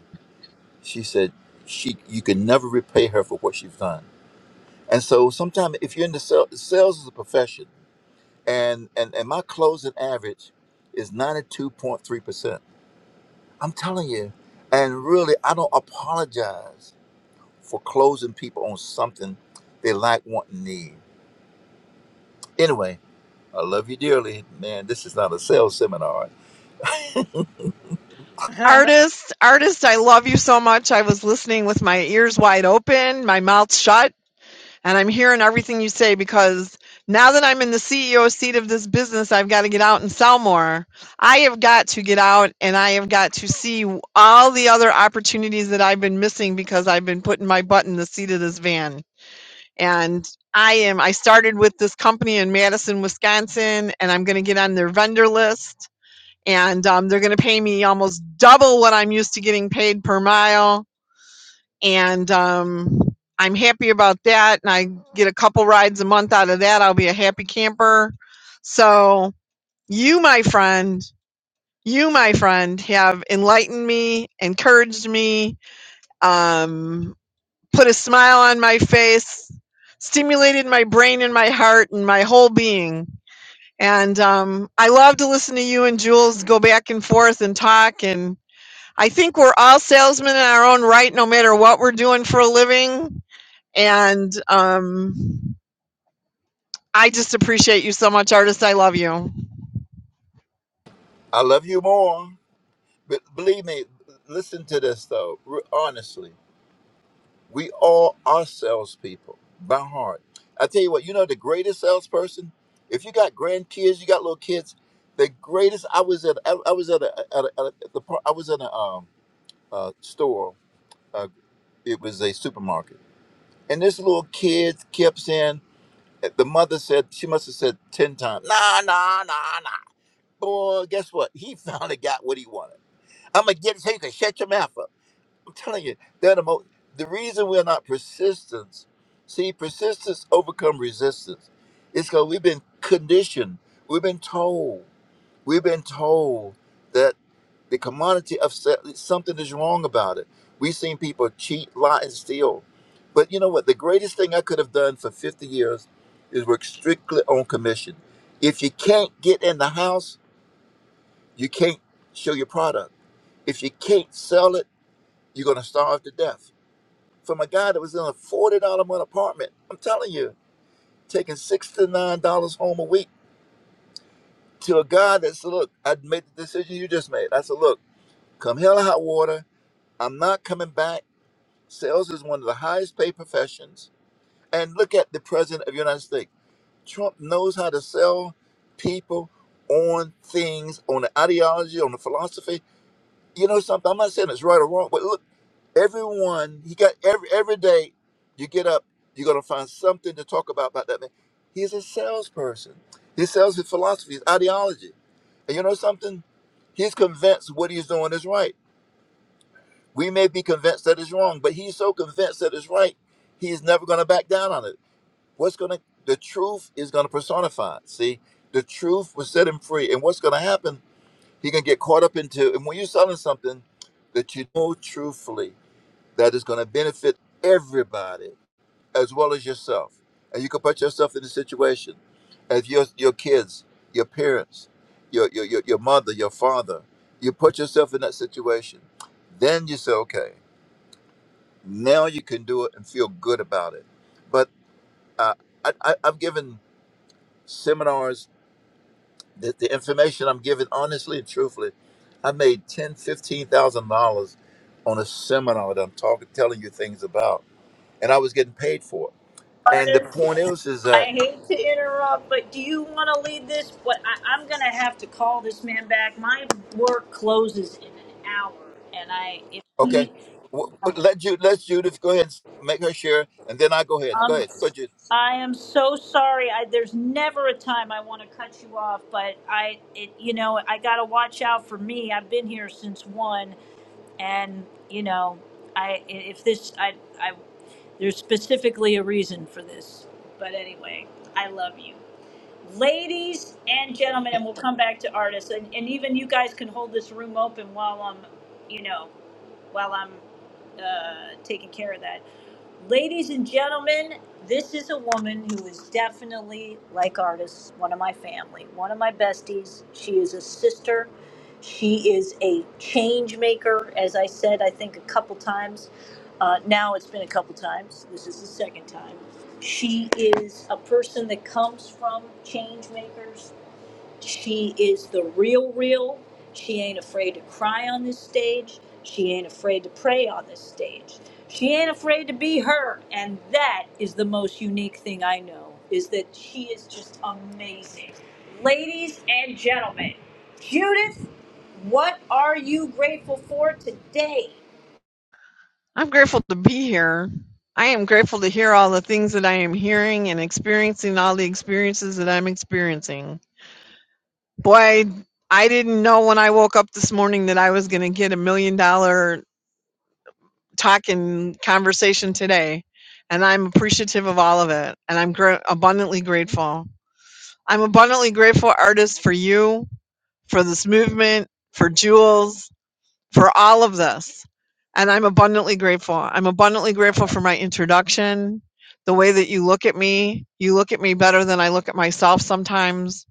Speaker 17: She said, she, You can never repay her for what she's done. And so sometimes if you're in the sales, sales is a profession, and, and, and my closing average is 92.3%. I'm telling you, and really, I don't apologize for closing people on something they like, want, and need. Anyway, I love you dearly. Man, this is not a sales seminar
Speaker 16: Artist, artist, I love you so much. I was listening with my ears wide open, my mouth shut, and I'm hearing everything you say because now that I'm in the CEO seat of this business, I've got to get out and sell more. I have got to get out and I have got to see all the other opportunities that I've been missing because I've been putting my butt in the seat of this van. and I am I started with this company in Madison, Wisconsin, and I'm going to get on their vendor list, and um, they're going to pay me almost double what I'm used to getting paid per mile, and um, I'm happy about that. And I get a couple rides a month out of that. I'll be a happy camper. So you, my friend. You, my friend, have enlightened me, encouraged me, um, put a smile on my face, stimulated my brain and my heart and my whole being. And um, I love to listen to you and Jules go back and forth and talk. And I think we're all salesmen in our own right, no matter what we're doing for a living. And um, I just appreciate you so much, artist. I love you.
Speaker 17: I love you more. But believe me, listen to this though. Re- Honestly, we all are salespeople by heart. I tell you what, you know the greatest salesperson. If you got grandkids, you got little kids. The greatest. I was at. I, I was at a. At a, at a the. par- I was in a um uh store. Uh, it was a supermarket, and this little kid kept saying. eh, The mother said she must have said ten times. Nah, nah, nah, nah. Boy, guess what? He finally got what he wanted I'm gonna get it so you can shut your mouth up. I'm telling you, they're the most. The reason we're not persistence, see, persistence overcome resistance. It's because we've been conditioned. We've been told. We've been told that the commodity of se- something is wrong about it. We've seen people cheat, lie, and steal. But you know what? The greatest thing I could have done for 50 years is work strictly on commission. If you can't get in the house, you can't show your product. If you can't sell it you're going to starve to death. From a guy that was in a $40 a month apartment, I'm telling you, taking 6 to $9 home a week, to a guy that's, look, I made the decision you just made. I said, look, come hell or hot water, I'm not coming back. Sales is one of the highest paid professions. And look at the president of the United States. Trump knows how to sell people on things, on the ideology, on the philosophy. You know something? I'm not saying it's right or wrong, but look. Everyone, he got every every day you get up, you're gonna find something to talk about about that man. He's a salesperson. He sells his philosophy, his ideology. And you know something? He's convinced what he's doing is right. We may be convinced that it's wrong, but he's so convinced that it's right, he's never gonna back down on it. What's gonna the truth is gonna personify. it. See, the truth will set him free. And what's gonna happen? He can get caught up into and when you're selling something that you know truthfully that is going to benefit everybody as well as yourself. And you can put yourself in a situation as your your kids, your parents, your your your, your mother, your father. You put yourself in that situation, then you say, okay, now you can do it and feel good about it. But uh, I, I, I've given seminars. The, the information I'm giving, honestly and truthfully, I made ten, fifteen thousand dollars on a seminar that I'm talking, telling you things about, and I was getting paid for it And the
Speaker 1: Artists
Speaker 17: point is, is that
Speaker 1: I hate to interrupt, but do you want to lead this? What I, I'm going to have to call this man back. My work closes in an hour, and I if
Speaker 17: okay?
Speaker 1: he,
Speaker 17: w- w- Let Ju let Judith go ahead and make her share, and then I go ahead. Go
Speaker 1: um,
Speaker 17: ahead, go Judith.
Speaker 1: I am so sorry. I, there's never a time I want to cut you off, but I, it, you know, I got to watch out for me. I've been here since one, and you know, I if this, I, I, there's specifically a reason for this. But anyway, I love you. Ladies and gentlemen, and we'll come back to artists, and, and even you guys can hold this room open while I'm, you know, while I'm uh, taking care of that. Ladies and gentlemen, this is a woman who is definitely, like artists, one of my family, one of my besties. She is a sister. She is a change maker, as I said, I think a couple times. Uh, now it's been a couple times. This is the second time. She is a person that comes from change makers she is the real, real. She ain't afraid to cry on this stage. She ain't afraid to pray on this stage. She ain't afraid to be her. And that is the most unique thing I know is that she is just amazing. Ladies and gentlemen, Judith, what are you grateful for today?
Speaker 16: I'm grateful to be here. I am grateful to hear all the things that I am hearing and experiencing all the experiences that I'm experiencing. Boy, I didn't know when I woke up this morning that I was going to get a million dollar talk and conversation today. And I'm appreciative of all of it. And I'm gr- abundantly grateful. I'm abundantly grateful, artist, for you, for this movement, for Jules, for all of this. And I'm abundantly grateful. I'm abundantly grateful for my introduction, the way that you look at me. You look at me better than I look at myself sometimes.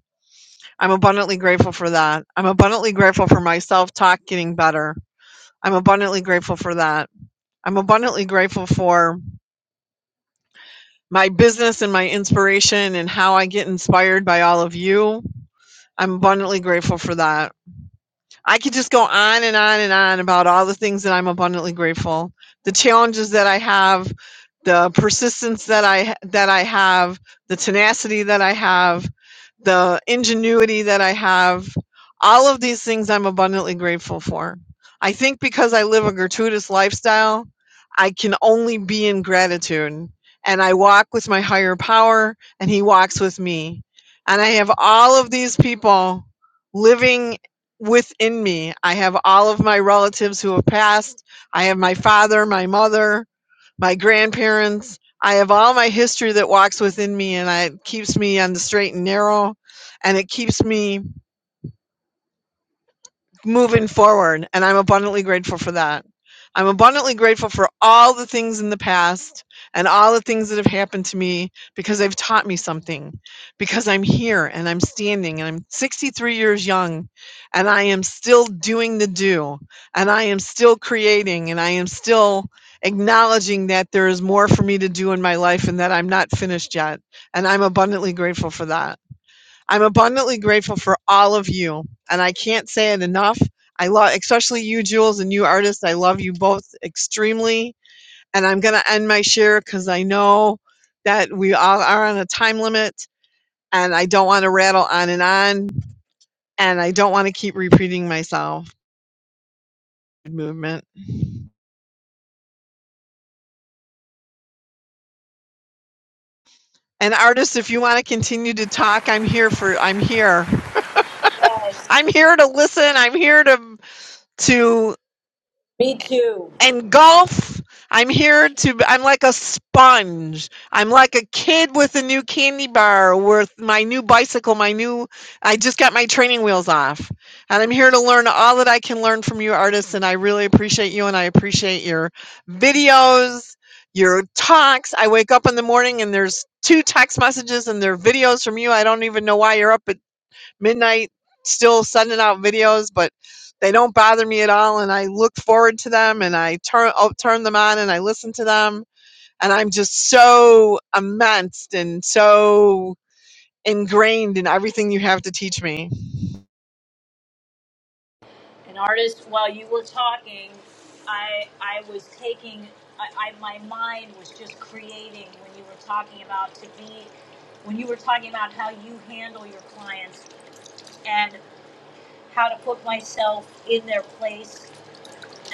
Speaker 16: I'm abundantly grateful for that. I'm abundantly grateful for my self talk getting better. I'm abundantly grateful for that. I'm abundantly grateful for my business and my inspiration and how I get inspired by all of you. I'm abundantly grateful for that. I could just go on and on and on about all the things that I'm abundantly grateful, the challenges that I have, the persistence that I that I have, the tenacity that I have, the ingenuity that I have. All of these things I'm abundantly grateful for. I think because I live a gratuitous lifestyle, I can only be in gratitude. And I walk with my higher power, and he walks with me. And I have all of these people living within me. I have all of my relatives who have passed. I have my father, my mother, my grandparents. I have all my history that walks within me and I, it keeps me on the straight and narrow and it keeps me moving forward and i'm abundantly grateful for that i'm abundantly grateful for all the things in the past and all the things that have happened to me because they've taught me something because i'm here and i'm standing and i'm 63 years young and i am still doing the do and i am still creating and i am still acknowledging that there is more for me to do in my life and that i'm not finished yet and i'm abundantly grateful for that I'm abundantly grateful for all of you, and I can't say it enough. I love, especially you, Jules, and you, artists. I love you both extremely. And I'm going to end my share because I know that we all are on a time limit, and I don't want to rattle on and on, and I don't want to keep repeating myself. Movement. And artists, if you want to continue to talk, I'm here for. I'm here.
Speaker 1: Yes,
Speaker 16: I'm here to listen. I'm here to to
Speaker 1: me too.
Speaker 16: and golf i'm here to i'm like a sponge i'm like a kid with a new candy bar with my new bicycle my new i just got my training wheels off and i'm here to learn all that i can learn from you artists and i really appreciate you and i appreciate your videos your talks i wake up in the morning and there's two text messages and they're videos from you i don't even know why you're up at midnight still sending out videos, but they don't bother me at all. And I look forward to them and I turn, oh, turn them on and I listen to them. And I'm just so immersed and so ingrained in everything you have to teach me.
Speaker 1: an artist while you were talking i i was taking I, I my mind was just creating when you were talking about to be when you were talking about how you handle your clients and how to put myself in their place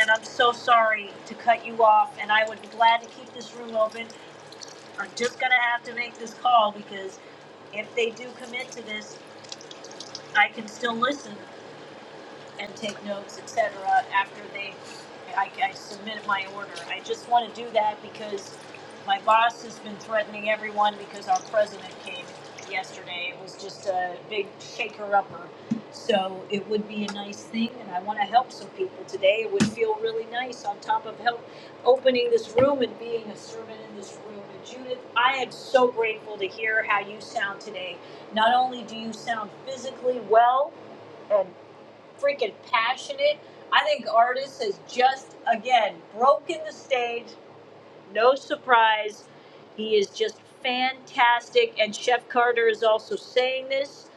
Speaker 1: and i'm so sorry to cut you off and i would be glad to keep this room open i'm just gonna have to make this call because if they do commit to this i can still listen and take notes, etc. After they, I, I submit my order. I just want to do that because my boss has been threatening everyone because our president came yesterday. It was just a big shaker-upper. So it would be a nice thing, and I want to help some people today. It would feel really nice on top of help opening this room and being a servant in this room. And Judith, I am so grateful to hear how you sound today. Not only do you sound physically well, and freaking passionate. I think Artis has just again broken the stage. No surprise. He is just fantastic, and Chef Carter is also saying this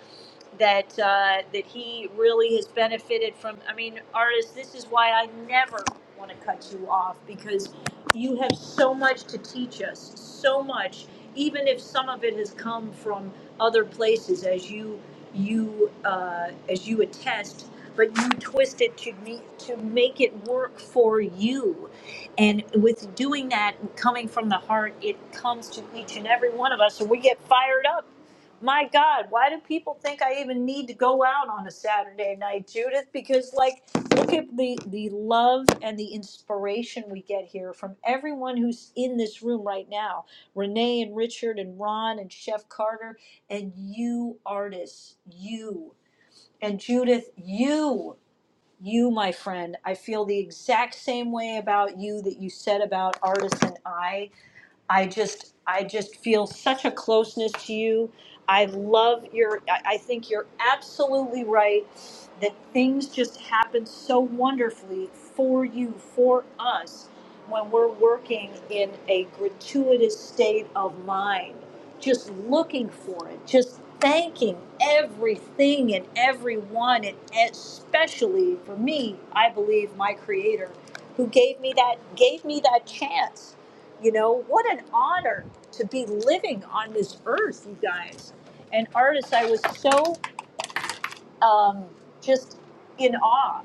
Speaker 1: that uh, that he really has benefited from. I mean, Artis, this is why I never want to cut you off because you have so much to teach us, so much, even if some of it has come from other places, as you you uh, as you attest but you twist it to me to make it work for you. And with doing that, coming from the heart, it comes to each and every one of us, and we get fired up. My God, why do people think I even need to go out on a Saturday night, Judith? Because like, look at the the love and the inspiration we get here from everyone who's in this room right now. Renee and Richard and Ron and Chef Carter and you artists, you. And Judith, you, you, my friend, I feel the exact same way about you that you said about Artisan I. I just I just feel such a closeness to you. I love your I I think you're absolutely right that things just happen so wonderfully for you, for us when we're working in a gratuitous state of mind, just looking for it, just thanking everything and everyone and especially for me, I believe my creator who gave me that gave me that chance you know, what an honor to be living on this earth, you guys. And artists, I was so um, just in awe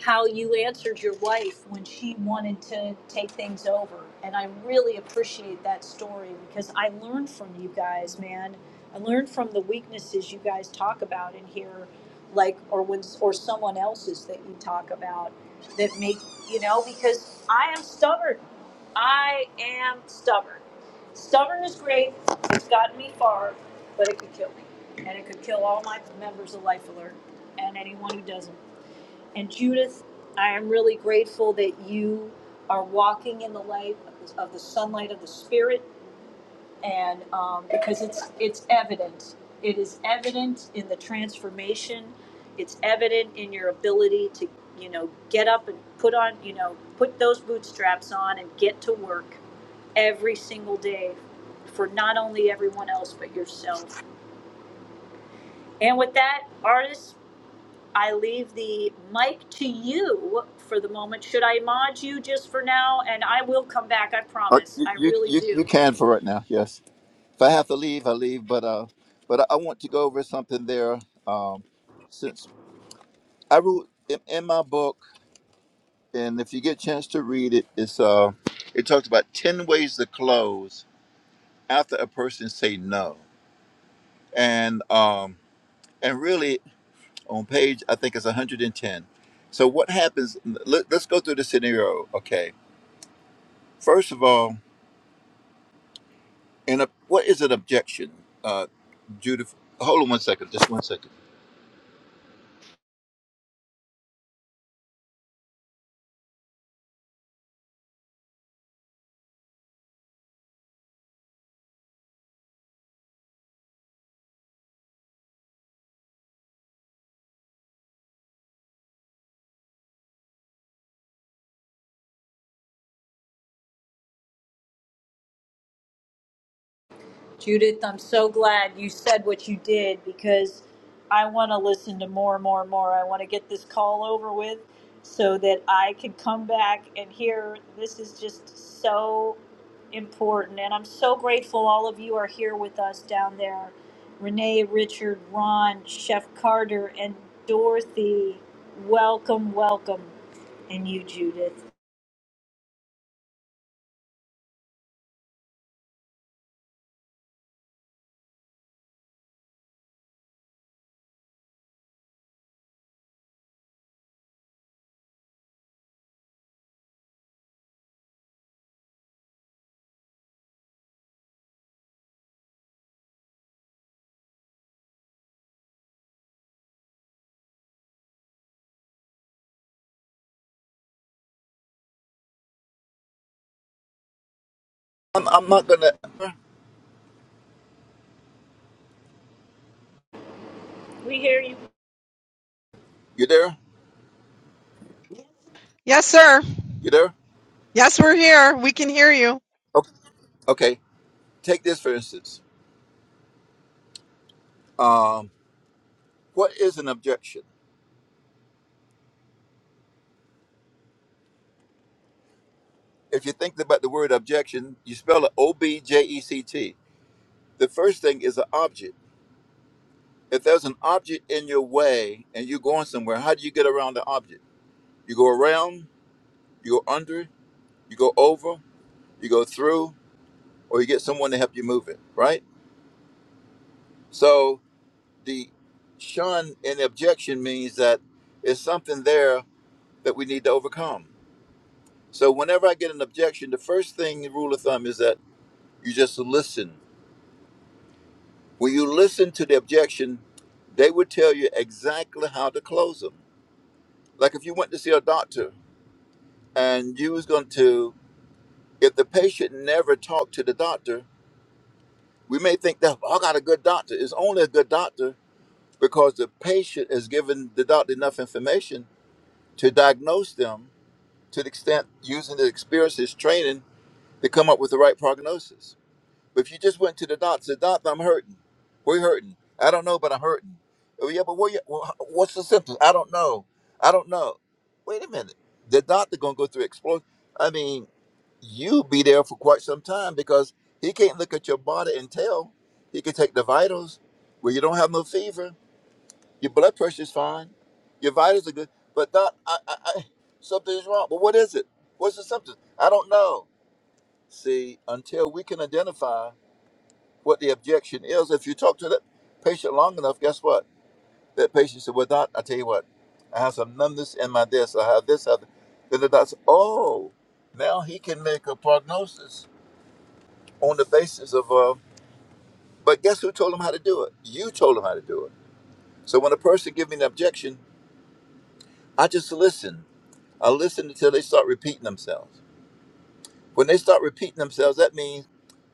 Speaker 1: how you answered your wife when she wanted to take things over. And I really appreciate that story because I learned from you guys, man. I learned from the weaknesses you guys talk about in here, like or when or someone else's that you talk about that make you know because I am stubborn. I am stubborn. Stubborn is great. It's gotten me far, but it could kill me. And it could kill all my members of Life Alert and anyone who doesn't. And Judith, I am really grateful that you are walking in the light of the, sunlight of the Spirit and um, because it's it's evident, it is evident in the transformation. It's evident in your ability to you know get up and put on you know put those bootstraps on and get to work every single day for not only everyone else but yourself. And with that, artists, I leave the mic to you for the moment. Should I mod you just for now? And I will come back, I
Speaker 17: Uh,
Speaker 1: promise.
Speaker 17: you,
Speaker 1: I
Speaker 17: you
Speaker 1: really
Speaker 17: you you
Speaker 1: do.
Speaker 17: can for right now. Yes. If I have to leave, I leave. But uh, but I I want to go over something there. Um, since I wrote in, in my book, and if you get a chance to read it, it's uh, it talks about ten ways to close after a person say no, and um, and really. on page I think it's 110. So what happens? Let, us go through the scenario. Okay, first of all, and a, what is an objection, uh, Judith? Hold on one second, just one second.
Speaker 1: Judith, I'm so glad you said what you did because I want to listen to more, and more, and more. I want to get this call over with so that I can come back and hear. This is just so important. And I'm so grateful all of you are here with us down there. Renee, Richard, Ron, Chef Carter, and Dorothy, welcome, welcome. And you, Judith.
Speaker 17: I'm, I'm not gonna.
Speaker 1: We hear you.
Speaker 17: You there?
Speaker 16: Yes, sir.
Speaker 17: You there?
Speaker 16: Yes, we're here. We can hear you.
Speaker 17: Okay. Okay. Take this for instance. Um, what is an objection? If you think about the word objection, you spell it O B J E C T. The first thing is an object. If there's an object in your way and you're going somewhere, how do you get around the object? You go around you go under, you go over, you go through, or you get someone to help you move it, right? So the shun and objection means that it's something there that we need to overcome. So whenever I get an objection, the first thing the rule of thumb is that you just listen. When you listen to the objection, they would tell you exactly how to close them. Like if you went to see a doctor and you was going to, if the patient never talked to the doctor, We may think that "Oh, I got a good doctor. It's only a good doctor because the patient is given the doctor enough information to diagnose them to the extent using the experiences, training to come up with the right prognosis. But if you just went to the doctor, said, doctor, I'm hurting. We're hurting. I don't know, but I'm hurting. Oh yeah, but what? you- wha- What's the symptoms? I don't know. I don't know. Wait a minute. The doctor gonna go through explore. I mean, you be there for quite some time because he can't look at your body and tell. He can take the vitals where you don't have no fever, your blood pressure is fine, your vitals are good, but not, I, I, I, something is wrong. But what is it? What's the symptom? I don't know. See, until we can identify what the objection is, if you talk to that patient long enough, guess what? That patient said, well, doc, I tell you what, I have some numbness in my disc, I have this, I have Then the doctor said, oh, now he can make a prognosis on the basis of, uh, but guess who told them how to do it? You told them how to do it. So when a person gives me an objection, I just listen. I listen until they start repeating themselves. When they start repeating themselves, that means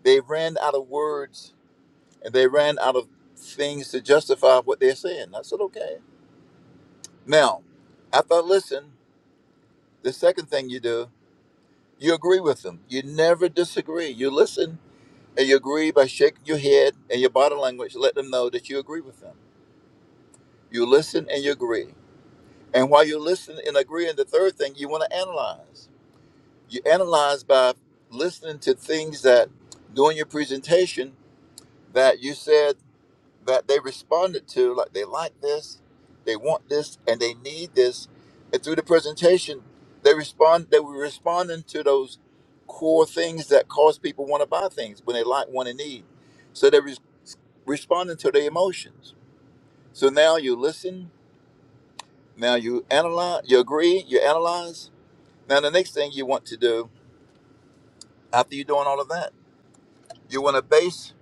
Speaker 17: they ran out of words and they ran out of things to justify what they're saying. I said, okay. Now, after I listen, the second thing you do, you agree with them. You never disagree. You listen and you agree by shaking your head and your body language to let them know that you agree with them. You listen and you agree. And while you're listening and agreeing, the third thing you want to analyze. You analyze by listening to things that during your presentation that you said that they responded to, like they like this, they want this, and they need this. And through the presentation, they respond. They were responding to those core things that cause people want to buy things when they like, want, and need. So they're res- responding to their emotions. So now you listen. Now you analyze. You agree. You analyze Now, the next thing you want to do after you're doing all of that, you want to base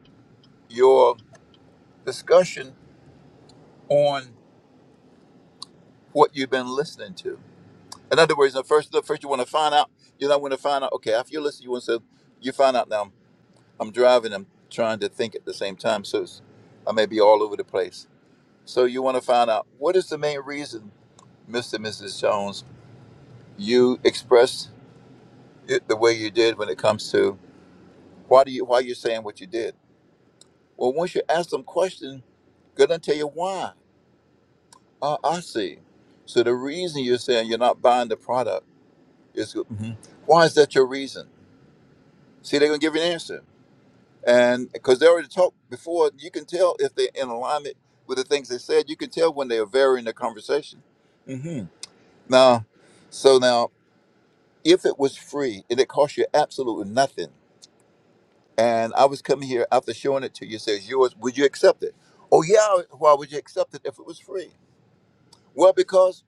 Speaker 17: your discussion on what you've been listening to. In other words, the first, the first you want to find out, you know, want to find out. Okay, after you listen, you want to, you find out. Now, I'm, I'm driving, I'm trying to think at the same time, so it's, I may be all over the place. So you want to find out what is the main reason, Mr. and Mrs. Jones, you expressed it the way you did when it comes to why do you why you're saying what you did Well, once you ask them questions, they're gonna tell you why. Uh, I see. So the reason you're saying you're not buying the product is Mhm. why is that your reason? See, they're gonna give you an answer, and because they already talked before, you can tell if they're in alignment with the things they said. You can tell when they are varying the conversation. hmm Now, so now, if it was free and it cost you absolutely nothing, and I was coming here after showing it to you, says yours, would you accept it? Oh yeah, why would you accept it if it was free? Well, because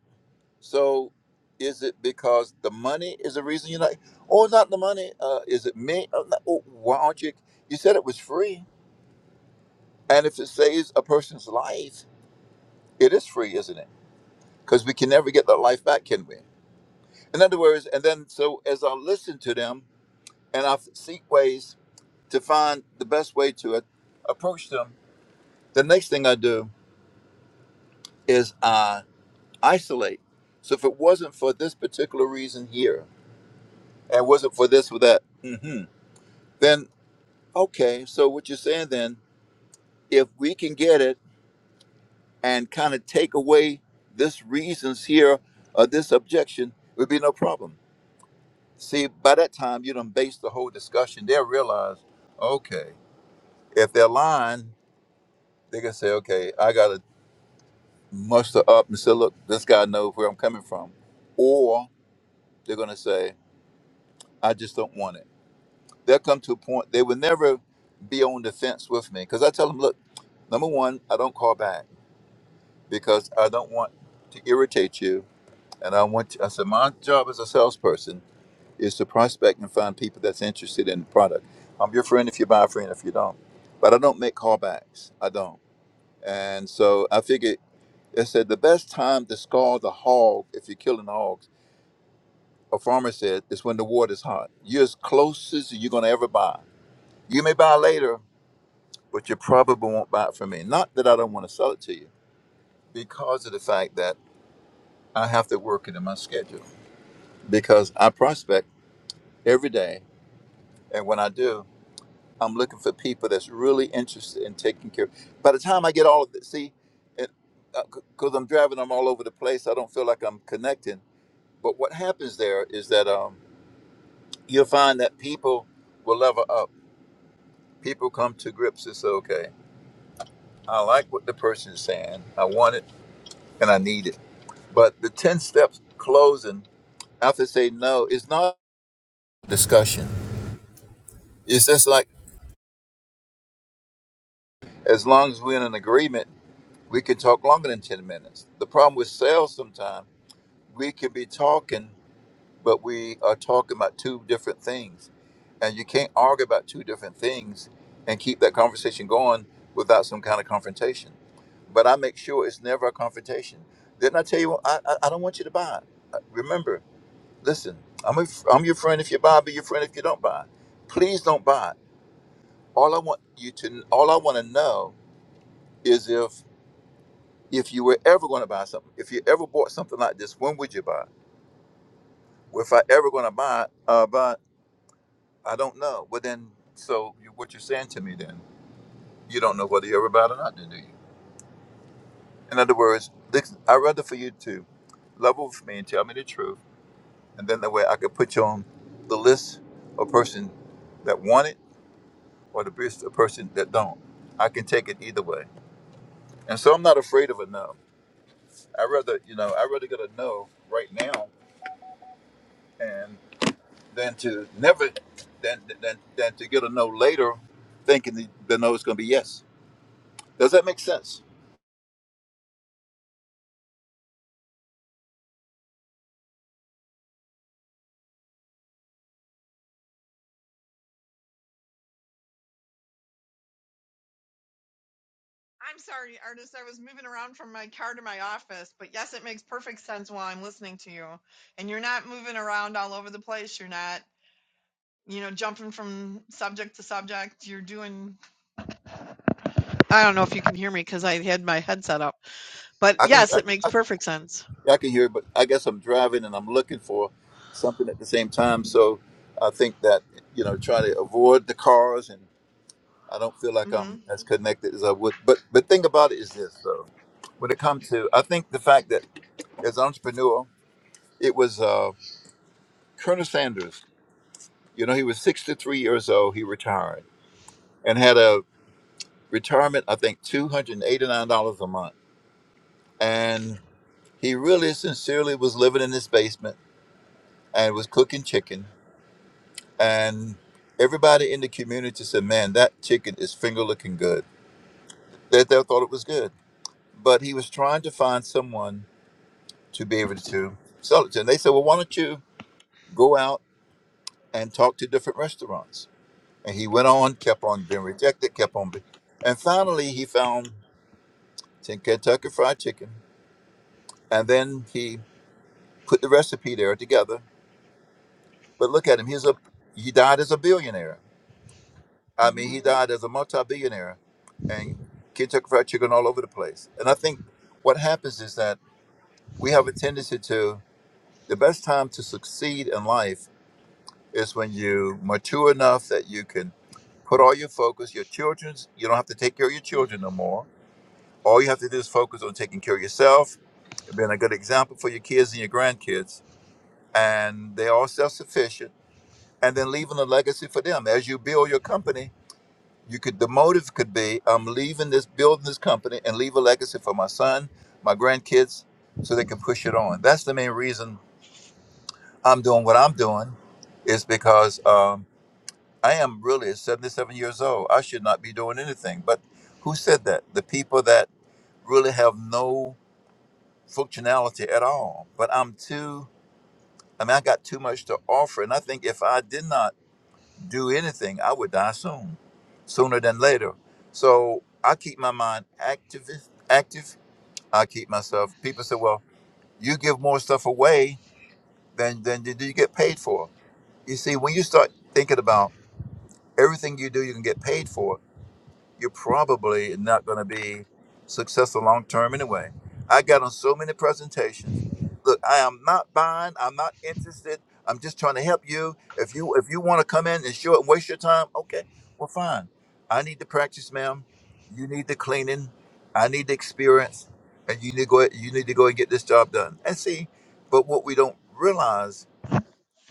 Speaker 17: so is it because the money is the reason you're not, or not the money? Uh, is it me? Or not, oh, why aren't you? You said it was free, and if it saves a person's life, it is free, isn't it? Because we can never get that life back, can we? In other words, and then so as I listen to them and I seek ways to find the best way to a- approach them, the next thing I do is I isolate. So if it wasn't for this particular reason here, and it wasn't for this or that, mhm, then okay so what you're saying then if we can get it and kind of take away this reasons here or this objection would be no problem see by that time you done base the whole discussion they'll realize okay if they're lying they can say okay i gotta muster up and say look this guy knows where i'm coming from or they're gonna say i just don't want it they'll come to a point they will never be on the fence with me because i tell them look number one i don't call back because I don't want to irritate you. And I want I said, my job as a salesperson is to prospect and find people that's interested in the product. I'm your friend if you buy, a friend if you don't. But I don't make callbacks. I don't. And so I figured, it said the best time to scald the hog if you're killing hogs, a farmer said, is when the water's hot. You're as close as you're going to ever buy. You may buy later, but you probably won't buy it from me. Not that I don't want to sell it to you, because of the fact that I have to work it in my schedule. because I prospect every day, and when I do, I'm looking for people that's really interested in taking care. By the time I get all of this, see, because I'm driving, I'm all over the place. I don't feel like I'm connecting. But what happens there is that um, you'll find that people will level up. People come to grips. It's okay. I like what the person is saying. I want it and I need it. But the ten steps closing after say no is not discussion. It's just like as long as we're in an agreement We can talk longer than 10 minutes. The problem with sales sometimes, we could be talking, but we are talking about two different things. And you can't argue about two different things and keep that conversation going without some kind of confrontation. But I make sure it's never a confrontation. Didn't I tell you, I, I, I don't want you to buy? Uh, Remember, listen, I'm, a, I'm your friend if you buy, I'll be your friend if you don't buy. Please don't buy. All I want you to, all I want to know is if if you were ever going to buy something, if you ever bought something like this, when would you buy? it? Well, if I ever going to buy, it, uh, buy, it, I don't know. Well, then, so you, what you're saying to me then, you don't know whether you ever buy it or not, then, do you? In other words, this- I'd rather for you to level with me and tell me the truth, and then that way I could put you on the list of person that want it or the list of person that don't. I can take it either way, and so I'm not afraid of a no. I rather, you know, I rather get a no right now and. than to never than than than to get a no later, thinking the, the no is going to be yes. Does that make sense?
Speaker 16: I'm sorry, artist. I was moving around from my car to my office, but yes, it makes perfect sense while I'm listening to you. And you're not moving around all over the place. You're not you know jumping from subject to subject you're doing I don't know if you can hear me because I had my headset up, but
Speaker 17: I can
Speaker 16: yes,
Speaker 17: I
Speaker 16: it
Speaker 17: can,
Speaker 16: makes
Speaker 17: I can
Speaker 16: perfect sense.
Speaker 17: yeah, I can hear, but I guess I'm driving and I'm looking for something at the same time. So I think that you know try to avoid the cars, and I don't feel like
Speaker 16: hmm
Speaker 17: I'm as connected as I would. But the thing about it is this, though, when it comes to I think the fact that as an entrepreneur, it was uh, Colonel Sanders. You know, he was 63 years old. He retired and had a retirement, I think $289 a month. And he really sincerely was living in his basement and was cooking chicken. And everybody in the community said, Man, that chicken is finger looking good. They, they thought it was good. But he was trying to find someone to be able to sell it to. And they said, Well, why don't you go out and talk to different restaurants? And he went on, kept on being rejected, kept on. Be- and finally, he found Kentucky Fried Chicken. And then he put the recipe there together. But look at him. He's a he died as a billionaire. I mean,
Speaker 16: hmm
Speaker 17: he died as a multi-billionaire, and Kentucky Fried Chicken all over the place. And I think what happens is that we have a tendency to the best time to succeed in life is when you mature enough that you can put all your focus, your children's. You don't have to take care of your children no more. All you have to do is focus on taking care of yourself, being a good example for your kids and your grandkids, and they're all self-sufficient and then leaving a legacy for them. As you build your company, you could the motive could be I'm leaving this building this company and leave a legacy for my son, my grandkids, so they can push it on. That's the main reason I'm doing what I'm doing, is because um, I am really 77 years old. I should not be doing anything. But who said that? The people that really have no functionality at all. But I'm too. I mean, I got too much to offer, and I think if I did not do anything, I would die soon, sooner than later. So I keep my mind active. Active. I keep myself. People say, "Well, you give more stuff away than than you do you get paid for." You see, when you start thinking about everything you do, you can get paid for you're probably not going to be successful long term anyway. I got on so many presentations. Look, I am not buying. I'm not interested. I'm just trying to help you. If you if you want to come in and show it and waste your time, okay, well fine. I need the practice, ma'am. You need the cleaning. I need the experience, and you need to go. You need to go and get this job done. And see, but what we don't realize,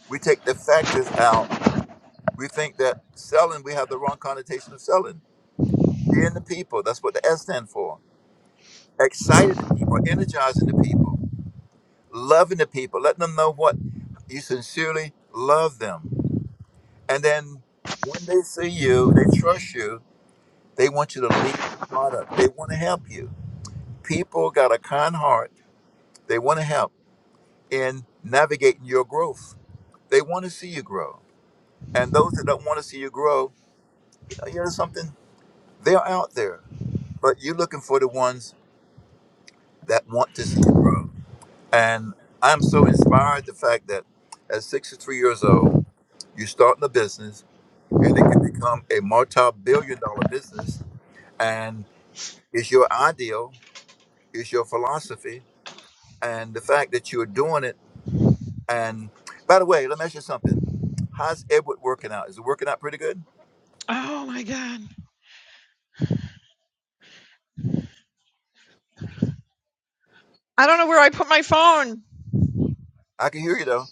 Speaker 17: we take the factors out. We think that selling, we have the wrong connotation of selling Seeing the people. That's what the S stand for. Exciting the people, energizing the people, loving the people, letting them know what you sincerely love them. And then when they see you, they trust you, they want you to lead the product. They want to help you. People got a kind heart. They want to help in navigating your growth. They want to see you grow. And those that don't want to see you grow, you know, you know something? They're out there. But you're looking for the ones that want to see you grow. And I'm so inspired the fact that at 63 years old, you're starting a business and it can become a multi billion dollar business. And it's your ideal, it's your philosophy, and the fact that you're doing it. And by the way, let me ask you something. How's Edward working out? Is it working out pretty good?
Speaker 16: Oh my god, I don't know where I put my phone.
Speaker 17: I can hear you though.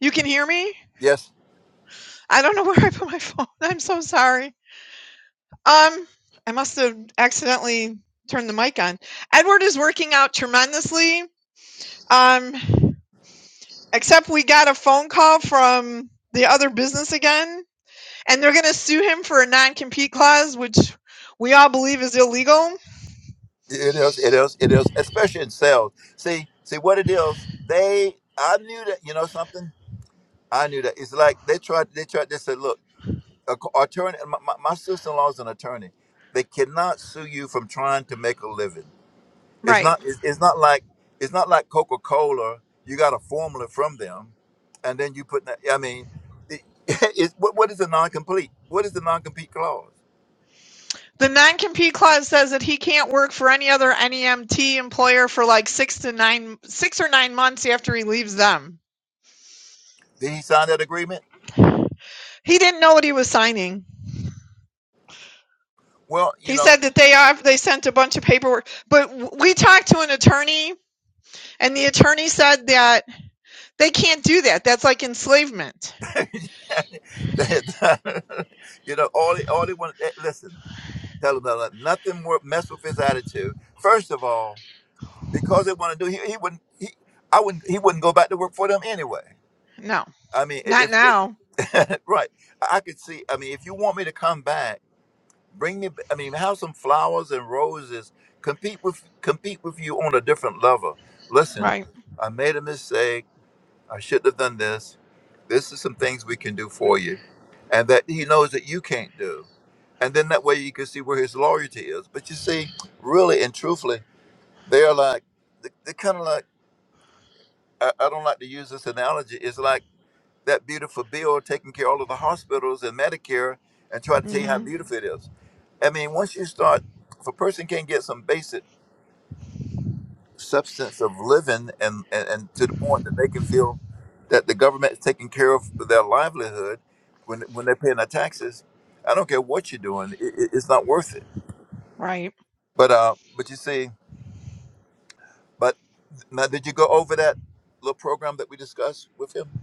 Speaker 16: You can hear me?
Speaker 17: Yes,
Speaker 16: I don't know where I put my phone. I'm so sorry. Um, I must have accidentally turned the mic on. Edward is working out tremendously. Um, except we got a phone call from the other business again, and they're going to sue him for a non-compete clause, which we all believe is illegal.
Speaker 17: it is. It is. It is. Especially in sales. See, see what it is. They, I knew that. You know something? I knew that. It's like they tried. They tried. They said, "Look." a co- attorney my, my my sister-in-law is an attorney they cannot sue you from trying to make a living it's
Speaker 16: Right.
Speaker 17: not it's, it's not like it's not like coca-cola you got a formula from them and then you put that i mean it, it's, what, what is the non-complete what is the non-compete clause
Speaker 16: The non-compete clause says that he can't work for any other NEMT employer for like six to nine, six or nine months after he leaves them.
Speaker 17: did he sign that agreement
Speaker 16: He didn't know what he was signing.
Speaker 17: well you
Speaker 16: He
Speaker 17: know
Speaker 16: said that they have they sent a bunch of paperwork, but we talked to an attorney, and the attorney said that they can't do that. That's like enslavement.
Speaker 17: you know all he, all he wanted. eh, listen tell him that like, nothing more mess with his attitude first of all because they want to do. He, he wouldn't. He, I wouldn't. He wouldn't go back to work for them anyway.
Speaker 16: No,
Speaker 17: I mean, i-
Speaker 16: not
Speaker 17: if
Speaker 16: now.
Speaker 17: right, I I could see. I mean, if you want me to come back, bring me. b- I mean, have some flowers and roses. Compete with compete with you on a different level. Listen,
Speaker 16: Right.
Speaker 17: I made a mistake. I shouldn't have done this. This is some things we can do for you, and that he knows that you can't do. And then that way you can see where his loyalty is. But you see, really and truthfully, they're like they're kind of like I, I don't like to use this analogy. It's like that beautiful bill taking care of all of the hospitals and Medicare and try to tell you how Mhm.
Speaker 16: hmm
Speaker 17: beautiful it is. I mean, once you start, if a person can get some basic substance of living and, and, and to the point that they can feel that the government is taking care of their livelihood when, when they're paying their taxes, I don't care what you're doing, it, it- it's not worth it.
Speaker 16: Right.
Speaker 17: But, uh, but you see, but now did you go over that little program that we discussed with him?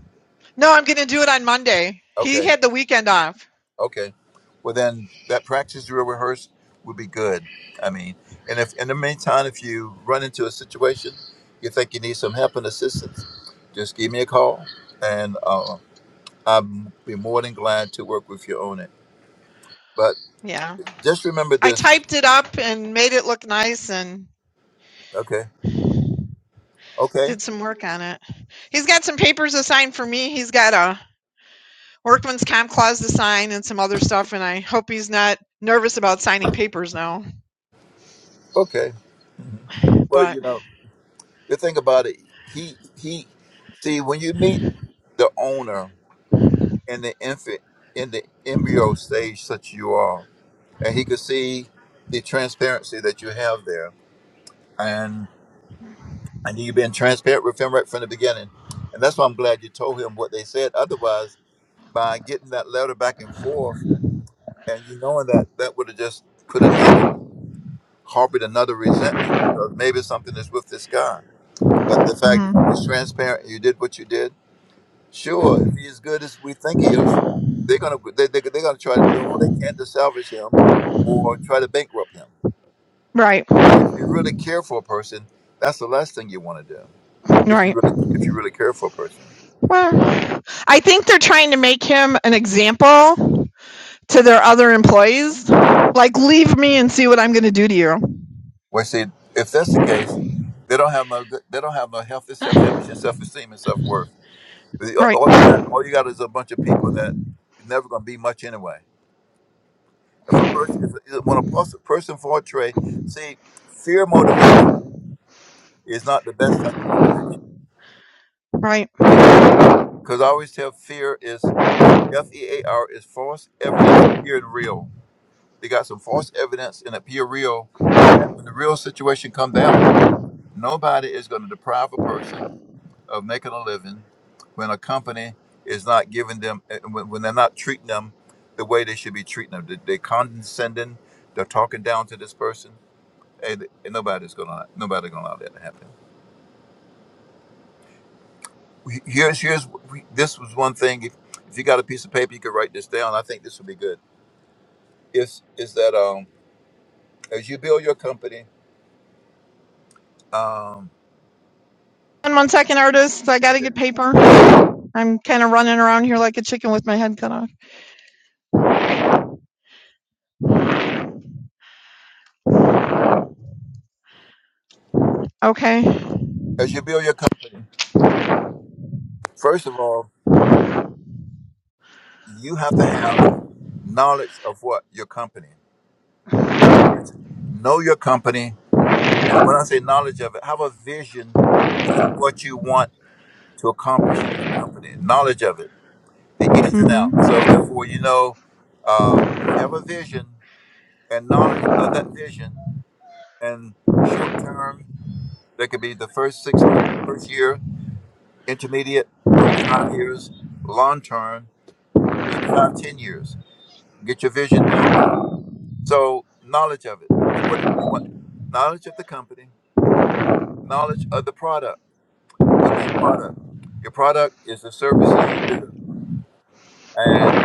Speaker 16: No, I'm going to do it on Monday. He
Speaker 17: Okay.
Speaker 16: had the weekend off.
Speaker 17: Okay. Well, then that practice drill rehearse would be good. I mean, and if in the meantime, if you run into a situation you think you need some help and assistance, just give me a call, and uh, I'd be more than glad to work with you on it. But
Speaker 16: Yeah.
Speaker 17: just remember
Speaker 16: I
Speaker 17: this,
Speaker 16: typed it up and made it look nice and
Speaker 17: okay? Okay,
Speaker 16: Did some work on it. He's got some papers assigned for me. He's got a workman's comp clause to sign and some other stuff, and I hope he's not nervous about signing papers now.
Speaker 17: okay. Well,
Speaker 16: But
Speaker 17: you know, the thing about it, he he, see, when you meet the owner in the infant in the embryo stage, such you are and he could see the transparency that you have there. And I knew you've been transparent with him right from the beginning. And that's why I'm glad you told him what they said. Otherwise, by getting that letter back and forth and you knowing that, that would have just put another, harbored another resentment because maybe something is with this guy. But the fact that you was
Speaker 16: Mhm.
Speaker 17: transparent and you did what you did, sure, if he's as good as we think he is, they're going to they, they, they're going to try to do all they can to salvage him or try to bankrupt him.
Speaker 16: right,
Speaker 17: And if you really care for a person, that's the last thing you want to do. If you
Speaker 16: right.
Speaker 17: really, if you really care for a person,
Speaker 16: Well, I think they're trying to make him an example to their other employees. Like, leave me and see what I'm going to do to you.
Speaker 17: well, see, if that's the case, they don't have no, good- they don't have no healthy self-image and self-esteem and self-worth. The-
Speaker 16: Right,
Speaker 17: All you got, all you got is a bunch of people that are never going to be much anyway. If a person, if when a pers- person portray, see, fear motivation is not the best type of motivation.
Speaker 16: right.
Speaker 17: Because I always tell fear is F E A R is false evidence appearing real. They got some false evidence and appear real. And when the real situation comes down, nobody is going to deprive a person of making a living when a company is not giving them, eh, when, when they're not treating them the way they should be treating them. They- They're condescending. They're talking down to this person. And, and nobody's going to, nobody's going to allow that to happen. We- Here's, here's, we- this was one thing. If, if you got a piece of paper, you could write this down. I think this would be good. Is, is that, um, as you build your company, um,
Speaker 16: And one second, artist. I got
Speaker 17: okay.
Speaker 16: to get paper. I'm kind of running around here like a chicken with my head cut off. Okay.
Speaker 17: As you build your company, first of all, you have to have knowledge of what your company. In other words, know your company. And when I say knowledge of it, have a vision as to what you want to accomplish in that company. Knowledge of it, the ins and
Speaker 16: hmm
Speaker 17: outs. So therefore, you know, uh, if you have a vision and knowledge of that vision, and short term, that could be the first six months, first year, intermediate, three to five years, long term, maybe five, ten years Get your vision out there. So knowledge of it. But what if you want? Knowledge of the company. Knowledge of the product. What is your product? Your product is the services you do and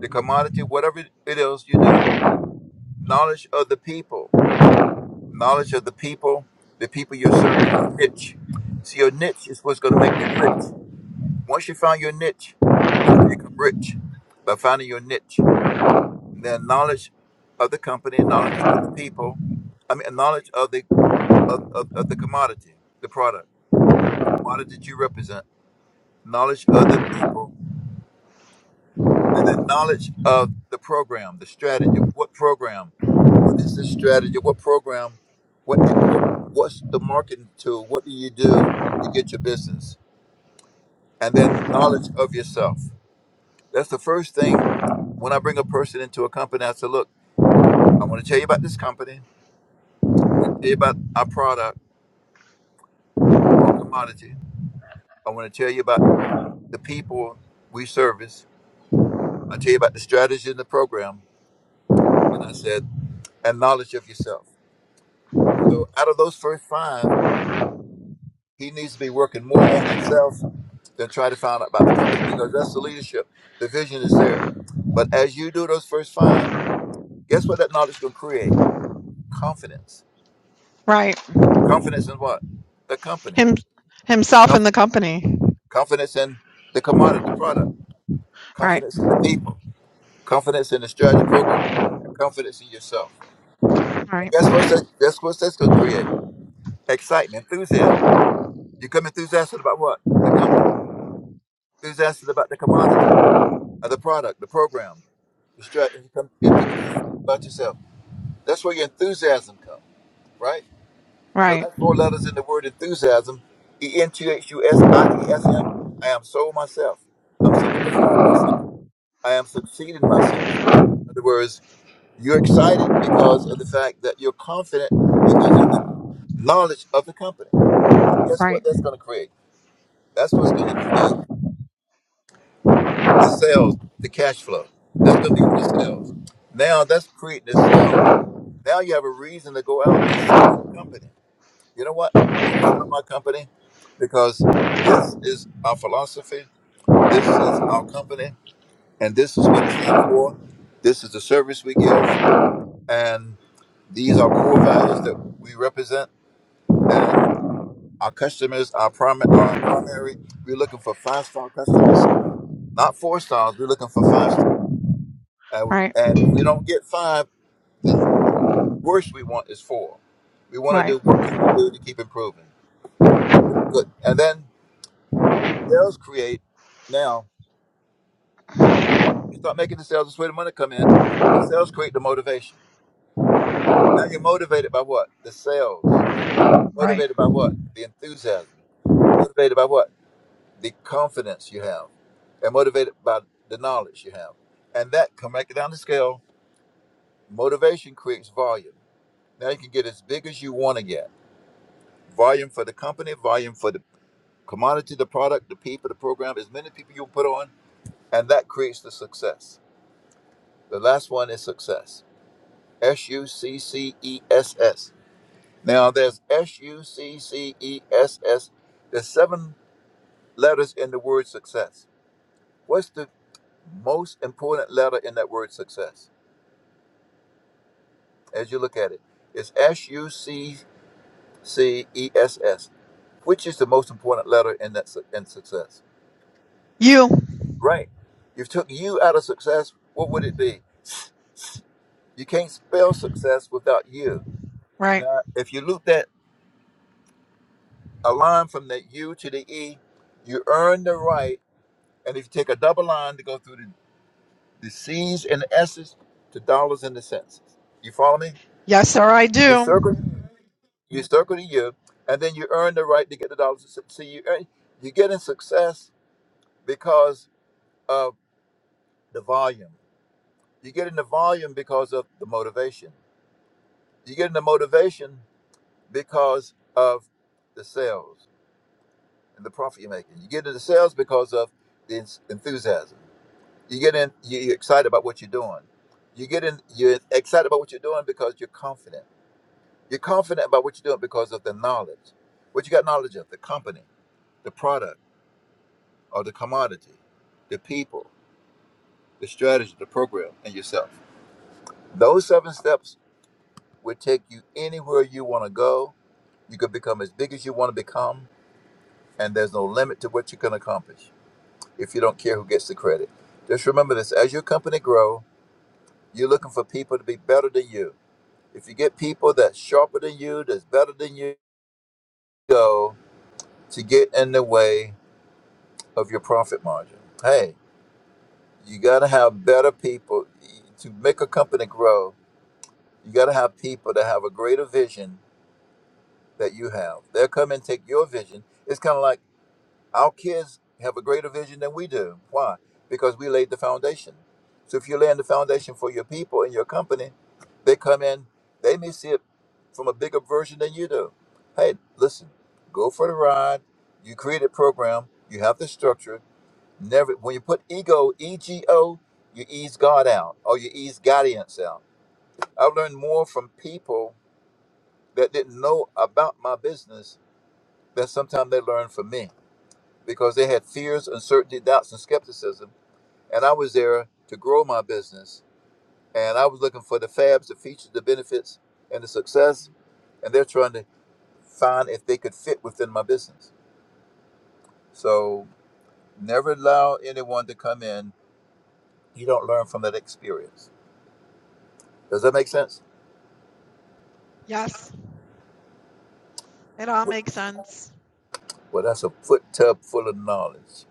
Speaker 17: the commodity, whatever it is you do. Knowledge of the people. Knowledge of the people. The people you're serving. Your niche. See, your niche is what's going to make you rich. Once you find your niche, that's where you become rich by finding your niche. their knowledge of the company, knowledge of the people, I mean, knowledge of the of, of, of the commodity, the product, the commodity that you represent, knowledge of the people, and then knowledge of the program, the strategy. What program? What is the strategy? What program? What what what's the marketing tool? What do you do to get your business? And then knowledge of yourself. That's the first thing. When I bring a person into a company, I say, "Look, I want to tell you about this company. I want to tell you about our product or commodity. I want to tell you about the people we service. I tell you about the strategy and the program. And I said, and knowledge of yourself. So out of those first five, he needs to be working more on himself than try to find out about the company because that's the leadership. The vision is there. But as you do those first five, guess what that knowledge is going to create? Confidence.
Speaker 16: Right.
Speaker 17: Confidence in what? The company.
Speaker 16: Him himself and
Speaker 17: Conf-
Speaker 16: the company.
Speaker 17: Confidence in the commodity, the product.
Speaker 16: Right.
Speaker 17: Confidence in the people. confidence in the strategy program, and confidence in yourself.
Speaker 16: Right.
Speaker 17: And guess what? That, guess what that's going to create? Excitement, enthusiasm. You come enthusiastic about what? The company. Enthusiastic about the commodity, or the product, the program. The strategy. You come enthusiastic about yourself. That's where your enthusiasm comes, right? And the
Speaker 16: Right. Right.
Speaker 17: last four letters in the word enthusiasm, E N T H U S I A S M. I am so myself. I'm solidified myself. I am succeeding myself. In other words. You're excited because of the fact that you're confident because of the knowledge of the company. And guess what
Speaker 16: Right.
Speaker 17: that's going to create? That's what's going to create the sales, the cash flow. That's going to be able to sales. Now that's creating the sale. Now you have a reason to go out and sell your company. You know what? I want to sell my company because this is our philosophy. This is our company. And this is what it stands for. This is the service we give. And these are core values that we represent. and Our customers, our primary, our primary, we're looking for five star customers, not four stars. We're looking for five stars. And and if we don't get five, the worst we want is four. We want to
Speaker 16: Right.
Speaker 17: do what can we do to keep improving? Good. And then sales create. Now you start making the sales. That's where the money come in. The sales create the motivation. Now you're motivated by what? The sales.
Speaker 16: Right.
Speaker 17: Motivated by what? The enthusiasm. Motivated by what? the confidence you have, and motivated by the knowledge you have. And that, come back down the scale, motivation creates volume. Now you can get as big as you want to get. Volume for the company, volume for the commodity, the product, the people, the program, as many people you put on, and that creates the success. The last one is success. S U C C E S S. Now there's S U C C E S S. There's seven letters in the word success. What's the most important letter in that word success as you look at it is s-u-c-c-e-s-s which is the most important letter in that su- in success
Speaker 16: You.
Speaker 17: right you took you out of success what would it be you can't spell success without you
Speaker 16: Right.
Speaker 17: now if you loop that a line from the u to the e you earn the right and if you take a double line to go through the, the c's and the s's to dollars and the cents you follow me
Speaker 16: Yes, sir, I
Speaker 17: you
Speaker 16: do.
Speaker 17: circle You circle the year, and then you earn the right to get the dollars. to su- See, you earn, you're getting success because of the volume. You're getting the volume because of the motivation. You're getting the motivation because of the sales and the profit you're making. you get getting the sales because of the ens- enthusiasm. you get in you- you're excited about what you're doing. you get in you're excited about what you're doing because you're confident. You're confident about what you're doing because of the knowledge. What you got knowledge of the company, the product or the commodity, the people, the strategy, the program, and yourself. Those seven steps will take you anywhere you want to go. You can become as big as you want to become, and there's no limit to what you can accomplish if you don't care who gets the credit. Just remember this as your company grow, you're looking for people to be better than you. If you get people that's sharper than you, that's better than you, go to get in the way of your profit margin. Hey, you got to have better people to make a company grow You got to have people that have a greater vision that you have. They'll come and take your vision. It's kind of like our kids have a greater vision than we do. Why? Because we laid the foundation. So if you're laying the foundation for your people and your company, they come in, they may see it from a bigger version than you do. Hey, listen, go for the ride. You create a program, you have the structure. Never when you put ego, E G O, you ease God out or you ease guidance out. I've learned more from people that didn't know about my business that sometimes they learned from me because they had fears, uncertainty, doubts, and skepticism. And I was there to grow my business. And I was looking for the fabs, the features, the benefits, and the success. And they're trying to find if they could fit within my business. So never allow anyone to come in. You don't learn from that experience. Does that make sense?
Speaker 16: Yes. It all
Speaker 17: Well,
Speaker 16: makes sense.
Speaker 17: well, that's a foot tub full of knowledge.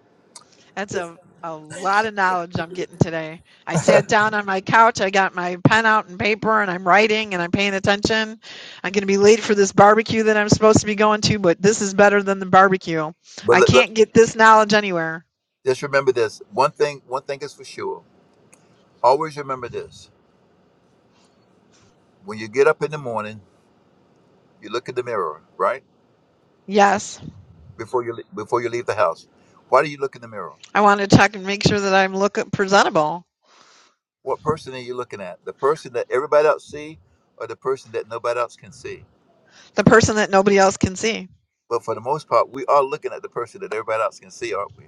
Speaker 16: That's
Speaker 17: That's-
Speaker 16: a a lot of knowledge I'm getting today. I sat down on my couch, I got my pen out and paper and I'm writing and I'm paying attention. I'm going to be late for this barbecue that I'm supposed to be going to, but this is better than the barbecue.
Speaker 17: But
Speaker 16: I
Speaker 17: let-
Speaker 16: can't
Speaker 17: let-
Speaker 16: get this knowledge anywhere.
Speaker 17: just remember this one thing, one thing is for sure Always remember this: when you get up in the morning, you look in the mirror, right?
Speaker 16: Yes.
Speaker 17: Before you le- before you leave the house, why do you look in the mirror?
Speaker 16: I want to check and make sure that I'm look presentable,
Speaker 17: What person are you looking at? The person that everybody else see, or the person that nobody else can see?
Speaker 16: the person that nobody else can see.
Speaker 17: But for the most part, we are looking at the person that everybody else can see, aren't we?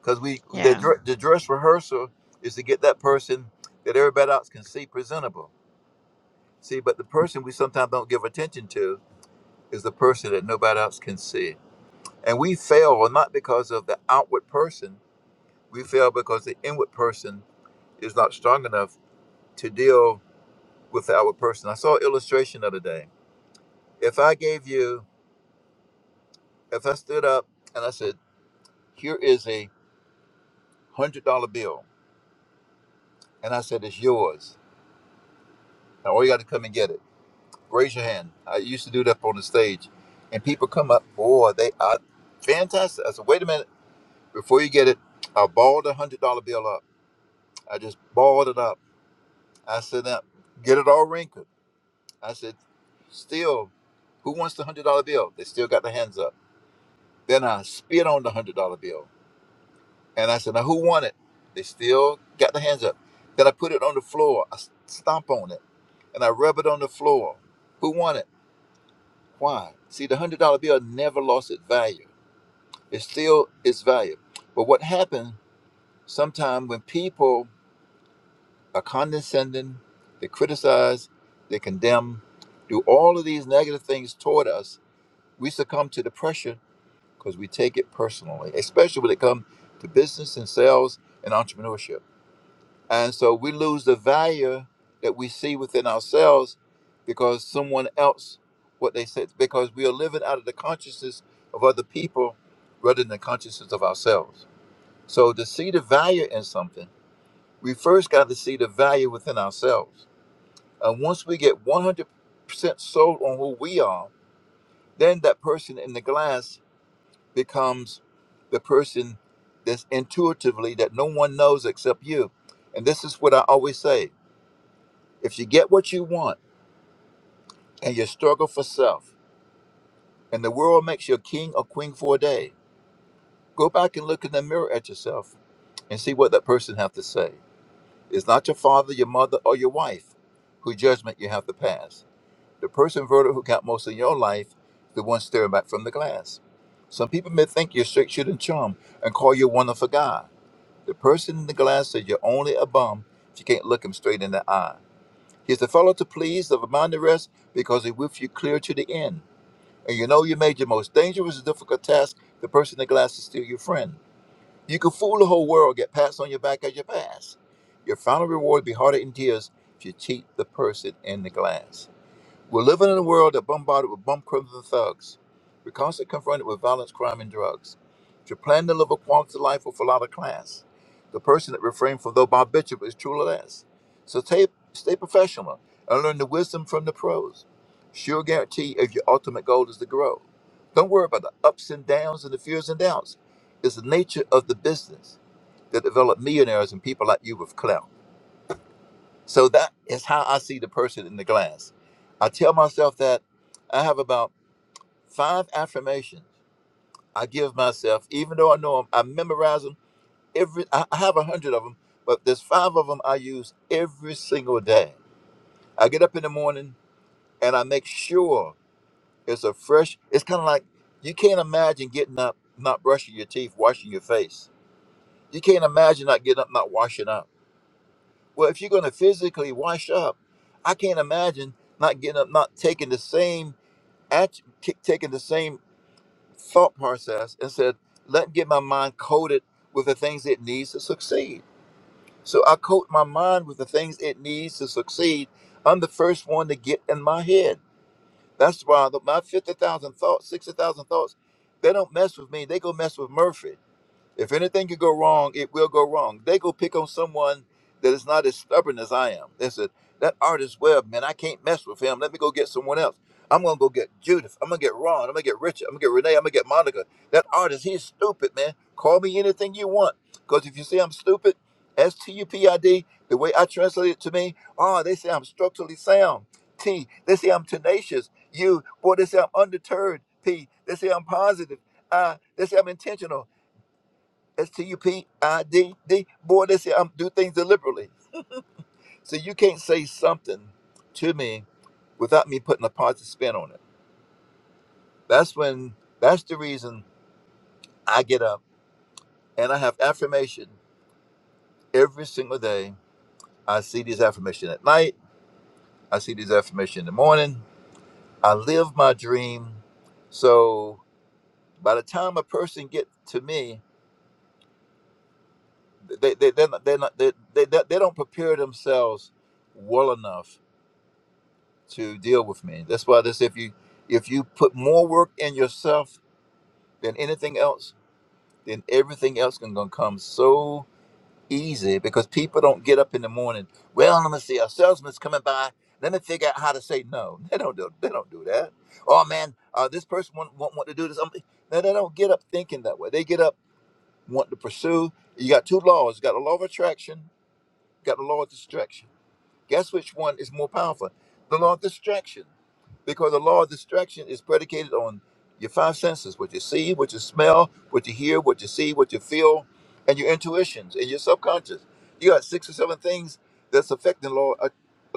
Speaker 17: Because we the
Speaker 16: Yeah.
Speaker 17: dr- the dress rehearsal is to get that person that everybody else can see presentable. See, but the person we sometimes don't give attention to is the person that nobody else can see. And we fail well, not because of the outward person, We fail because the inward person is not strong enough to deal with the outward person. I saw an illustration the other day. If I gave you, if I stood up and I said, here is a hundred dollar bill, and I said, it's yours. Now all you got to come and get it. Raise your hand. I used to do that on the stage, and people come up, boy, they are fantastic. I said, wait a minute, before you get it, I balled a hundred dollar bill up. I just balled it up. I said, now get it all wrinkled. I said, still, who wants the hundred dollar bill? They still got their hands up. Then I spit on the hundred dollar bill, and I said, now who won it? They still got their hands up. Then I put it on the floor. I s- stomp on it, and I rub it on the floor. Who won it? Why? See, the hundred dollar bill never lost its value. It still its value. But what happens sometimes when people are condescending, they criticize, they condemn, do all of these negative things toward us We succumb to the pressure because we take it personally, especially when it comes to business and sales and entrepreneurship. And so we lose the value that we see within ourselves because someone else, what they said, because we are living out of the consciousness of other people rather than the consciousness of ourselves. So to see the value in something, we first got to see the value within ourselves. And once we get 100% sold on who we are, then that person in the glass becomes the person that's intuitively that no one knows except you. And this is what I always say if you get what you want and you struggle for self, and the world makes you a king or queen for a day, go back and look in the mirror at yourself and see what that person have to say. It's not your father, your mother, or your wife whose judgment you have to pass. The person voted who got most in your life, the one staring back from the glass. Some people may think you're straight shooting charm and call you a wonderful guy. The person in the glass says you're only a bum if you can't look him straight in the eye. He's the fellow to please of a mind to rest because he with you clear to the end. And you know you made your most dangerous and difficult task. The person in the glass is still your friend. You can fool the whole world, get pats on your back as you pass. Your final reward will be harder in tears if you cheat the person in the glass. We're living in a world that bombarded with bum criminals and thugs. We're constantly confronted with violence, crime, and drugs. If you plan to live a quality life with a lot of class, the person that refrains from though Bob Bishop is truly less. So stay, stay professional and learn the wisdom from the pros. Sure guarantee if your ultimate goal is to grow. Don't worry about the ups and downs and the fears and doubts. It's the nature of the business that develop millionaires and people like you with clout. So that is how I see the person in the glass. I tell myself that I have about five affirmations I give myself, even though I know them, I memorize them every. I I have a hundred of them, but there's five of them I use every single day. I get up in the morning and I make sure it's a fresh. It's kind of like you can't imagine getting up, not brushing your teeth, washing your face. You can't imagine not getting up, not washing up. Well, if you're going to physically wash up, I can't imagine not getting up, not taking the same act, taking the same thought process and said, let get my mind coated with the things it needs to succeed. So I coat my mind with the things it needs to succeed. I'm the first one to get in my head. That's why the, my 50,000 thoughts, 60,000 thoughts, they don't mess with me. They go mess with Murphy. If anything could go wrong, it will go wrong. They go pick on someone that is not as stubborn as I am. They said, that artist Webb, man, I can't mess with him. Let me go get someone else. I'm gonna go get Judith. I'm gonna get Ron. I'm gonna get Richard. I'm gonna get Renee. I'm gonna get Monica. That artist, he's stupid, man. Call me anything you want. Because if you say I'm stupid, S T U P I D, the way I translate it to me, oh, they say I'm structurally sound. T, they say I'm tenacious. U, boy, they say I'm undeterred. P, they say I'm positive. I, they say I'm intentional. S-T-U-P-I-D-D. Boy, they say I do things deliberately. So you can't say something to me without me putting a positive spin on it. That's when, that's the reason I get up and I have affirmation every single day. I see these affirmation at night. I see these affirmation in the morning. I live my dream. So by the time a person get to me, they, they, they're not, they're not, they, they, they don't prepare themselves well enough to deal with me. That's why this if you if you put more work in yourself than anything else, then everything else can gonna come so easy because people don't get up in the morning. Well, let me see, a salesman's coming by. Let me figure out how to say no. They don't do. They don't do that. Oh man, uh, this person won't, won't want to do this. Um, No, they don't get up thinking that way. They get up wanting to pursue. You got two laws. You got the law of attraction. You got the law of distraction Guess which one is more powerful? The law of distraction. Because the law of distraction is predicated on your five senses what you see, what you smell, what you hear, what you see, what you feel, and your intuitions and your subconscious. You got six or seven things that's affecting law, uh,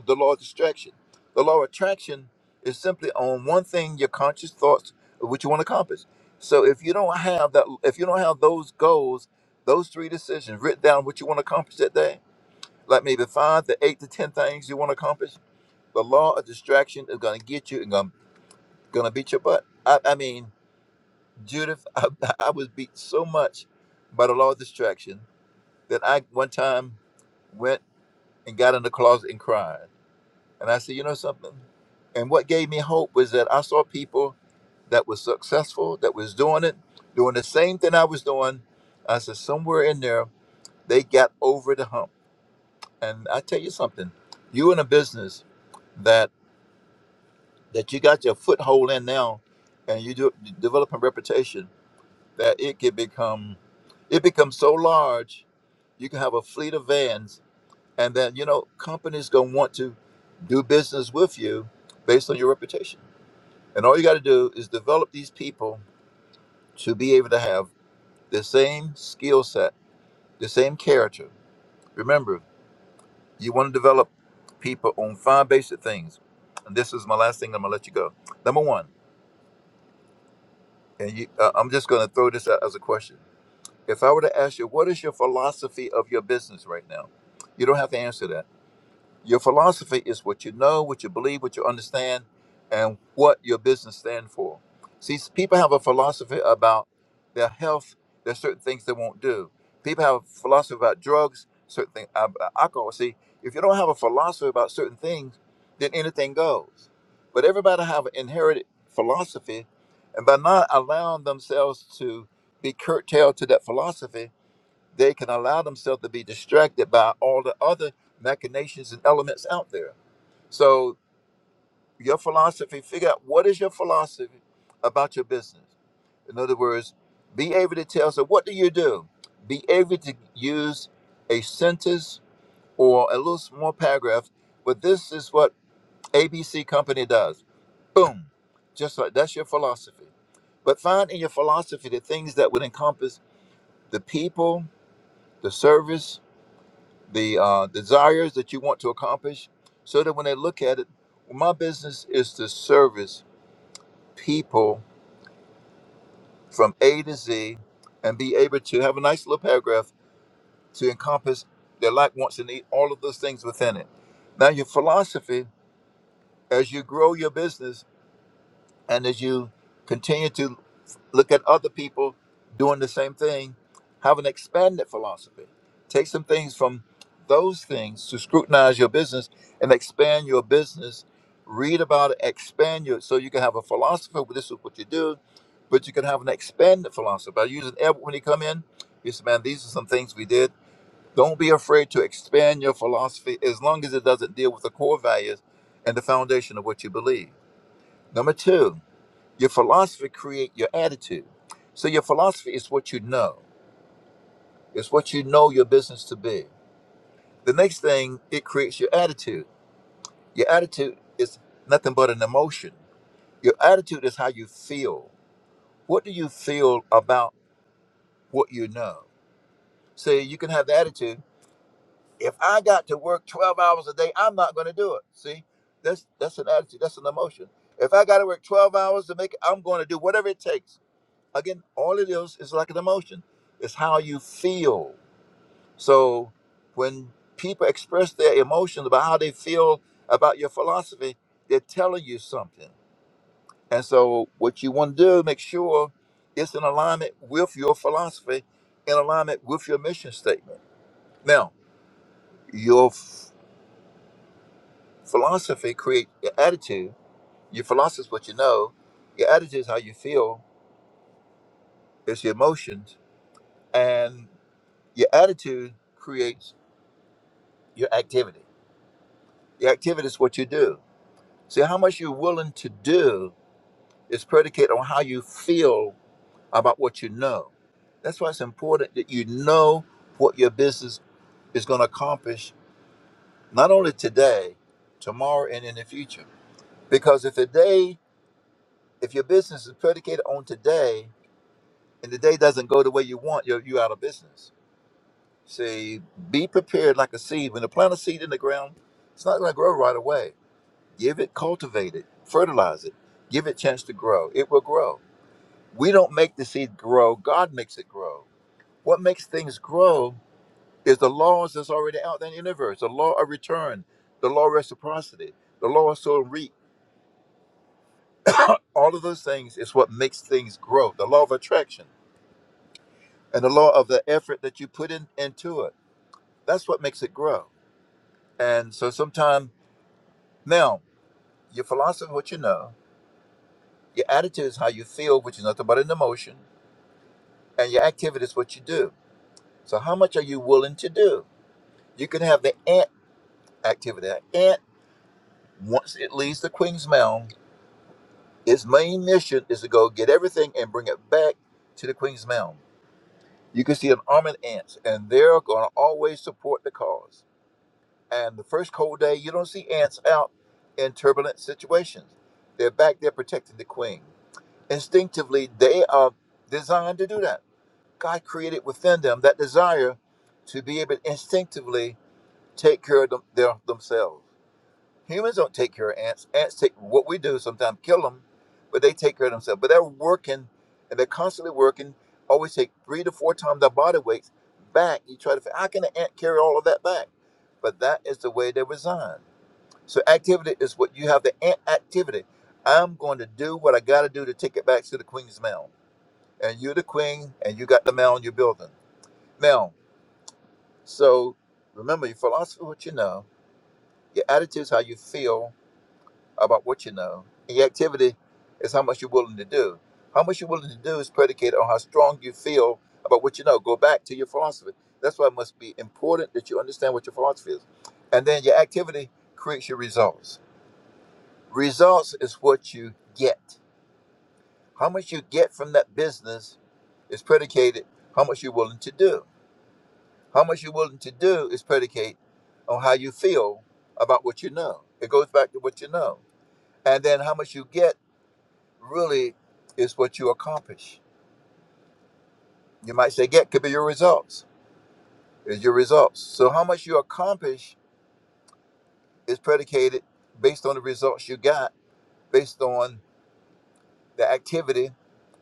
Speaker 17: the law of distraction. The law of attraction is simply on one thing, your conscious thoughts, of what you want to accomplish. So if you don't have that, if you don't have those goals, those three decisions written down, what you want to accomplish that day, like maybe five to eight to ten things you want to accomplish, the law of distraction is going to get you and going to beat your butt. I, I mean, Judith, I, I was beat so much by the law of distraction that I one time went and got in the closet and cried. And I said, you know something? And what gave me hope was that I saw people that was successful, that was doing it, doing the same thing I was doing. I said, somewhere in there, they got over the hump And I tell you something, you in a business that that you got your foothold in now, and you do develop a reputation that it can become, it becomes so large, you can have a fleet of vans, and then you know companies gonna want to do business with you based on your reputation. And all you got to do is develop these people to be able to have the same skill set, the same character. Remember. You want to develop people on five basic things. And this is my last thing. I'm gonna let you go. Number one, and you, uh, I'm just gonna throw this out as a question. If I were to ask you, what is your philosophy of your business right now? You don't have to answer that. Your philosophy is what you know, what you believe, what you understand, and what your business stands for. See, s- people have a philosophy about their health. There's certain things they won't do. People have a philosophy about drugs, certain things, about alcohol. See, if you don't have a philosophy about certain things, then anything goes. But everybody have an inherited philosophy, and by not allowing themselves to be curtailed to that philosophy, they can allow themselves to be distracted by all the other machinations and elements out there. So your philosophy, figure out what is your philosophy about your business. In other words, be able to tell, so what do you do? Be able to use a sentence or a little small paragraph, but this is what ABC company does. Boom. Just like that's your philosophy. But find in your philosophy the things that would encompass the people, the service, the uh, desires that you want to accomplish so that when they look at it, "Well, my business is to service people from A to Z and be able to have a nice little paragraph to encompass their like, wants, and need, all of those things within it. Now, your philosophy, as you grow your business and as you continue to look at other people doing the same thing, have an expanded philosophy. Take some things from those things to scrutinize your business and expand your business. Read about it, expand your so you can have a philosopher. well, This is what you do, but you can have an expanded philosophy. I use an Edward when he come in. He said, "Man, these are some things we did. Don't be afraid to expand your philosophy as long as it doesn't deal with the core values and the foundation of what you believe." Number two, your philosophy create your attitude. So your philosophy is what you know. It's what you know your business to be. The next thing, it creates your attitude. Your attitude is nothing but an emotion. Your attitude is how you feel. What do you feel about what you know? See, you can have the attitude, if I got to work 12 hours a day, I'm not going to do it. See, that's that's an attitude, that's an emotion. If I got to work 12 hours to make it, I'm going to do whatever it takes again, all it is is like an emotion. It's how you feel. So when people express their emotions about how they feel about your philosophy, they're telling you something. And so what you want to do is make sure it's in alignment with your philosophy, in alignment with your mission statement. Now, your f- philosophy creates your attitude. Your philosophy is what you know. Your attitude is how you feel. It's your emotions. And your attitude creates your activity. Your activity is what you do. See, how much you're willing to do is predicated on how you feel about what you know. That's why it's important that you know what your business is going to accomplish, not only today, tomorrow, and in the future. Because if today, if your business is predicated on today, and the day doesn't go the way you want, you're, you're out of business. See, be prepared like a seed. When you plant a seed in the ground, it's not going to grow right away Give it, cultivate it, fertilize it, give it chance to grow. It will grow. We don't make the seed grow, God makes it grow. What makes things grow is the laws that's already out in the universe, the law of return, the law of reciprocity, the law of sow and reap. All of those things is what makes things grow. The law of attraction and the law of the effort that you put in into it. That's what makes it grow. And so sometime now, your philosophy, what you know, your attitude is how you feel, which is nothing but an emotion and your activity is what you do. So how much are you willing to do? You can have the ant activity. An ant, once it leaves the Queen's Mound, its main mission is to go get everything and bring it back to the Queen's Mound. You can see an army of ants, and they're going to always support the cause. And the first cold day, you don't see ants out in turbulent situations. They're back there protecting the Queen. Instinctively, they are designed to do that. God created within them that desire to be able to instinctively take care of them, their, themselves. Humans don't take care of ants. Ants take what we do sometimes kill them, but they take care of themselves. But they're working and they're constantly working. Always take three to four times their body weights back. You try to figure how can an ant carry all of that back? But that is the way they're designed. So activity is what you have the ant activity. I'm going to do what I got to do to take it back to the queen's mound. And you're the queen, and you got the mound you're building. Now, so remember, you philosophy what you know Your attitude is how you feel about what you know. And your activity is how much you're willing to do. How much you're willing to do is predicated on how strong you feel about what you know. Go back to your philosophy. That's why it must be important that you understand what your philosophy is. And then your activity creates your results. Results is what you get. How much you get from that business is predicated how much you're willing to do. How much you're willing to do is predicated on how you feel about what you know. It goes back to what you know. and then how much you get really is what you accomplish. You might say get could be your results. Is your results. So how much you accomplish is predicated based on the results you got, based on the activity,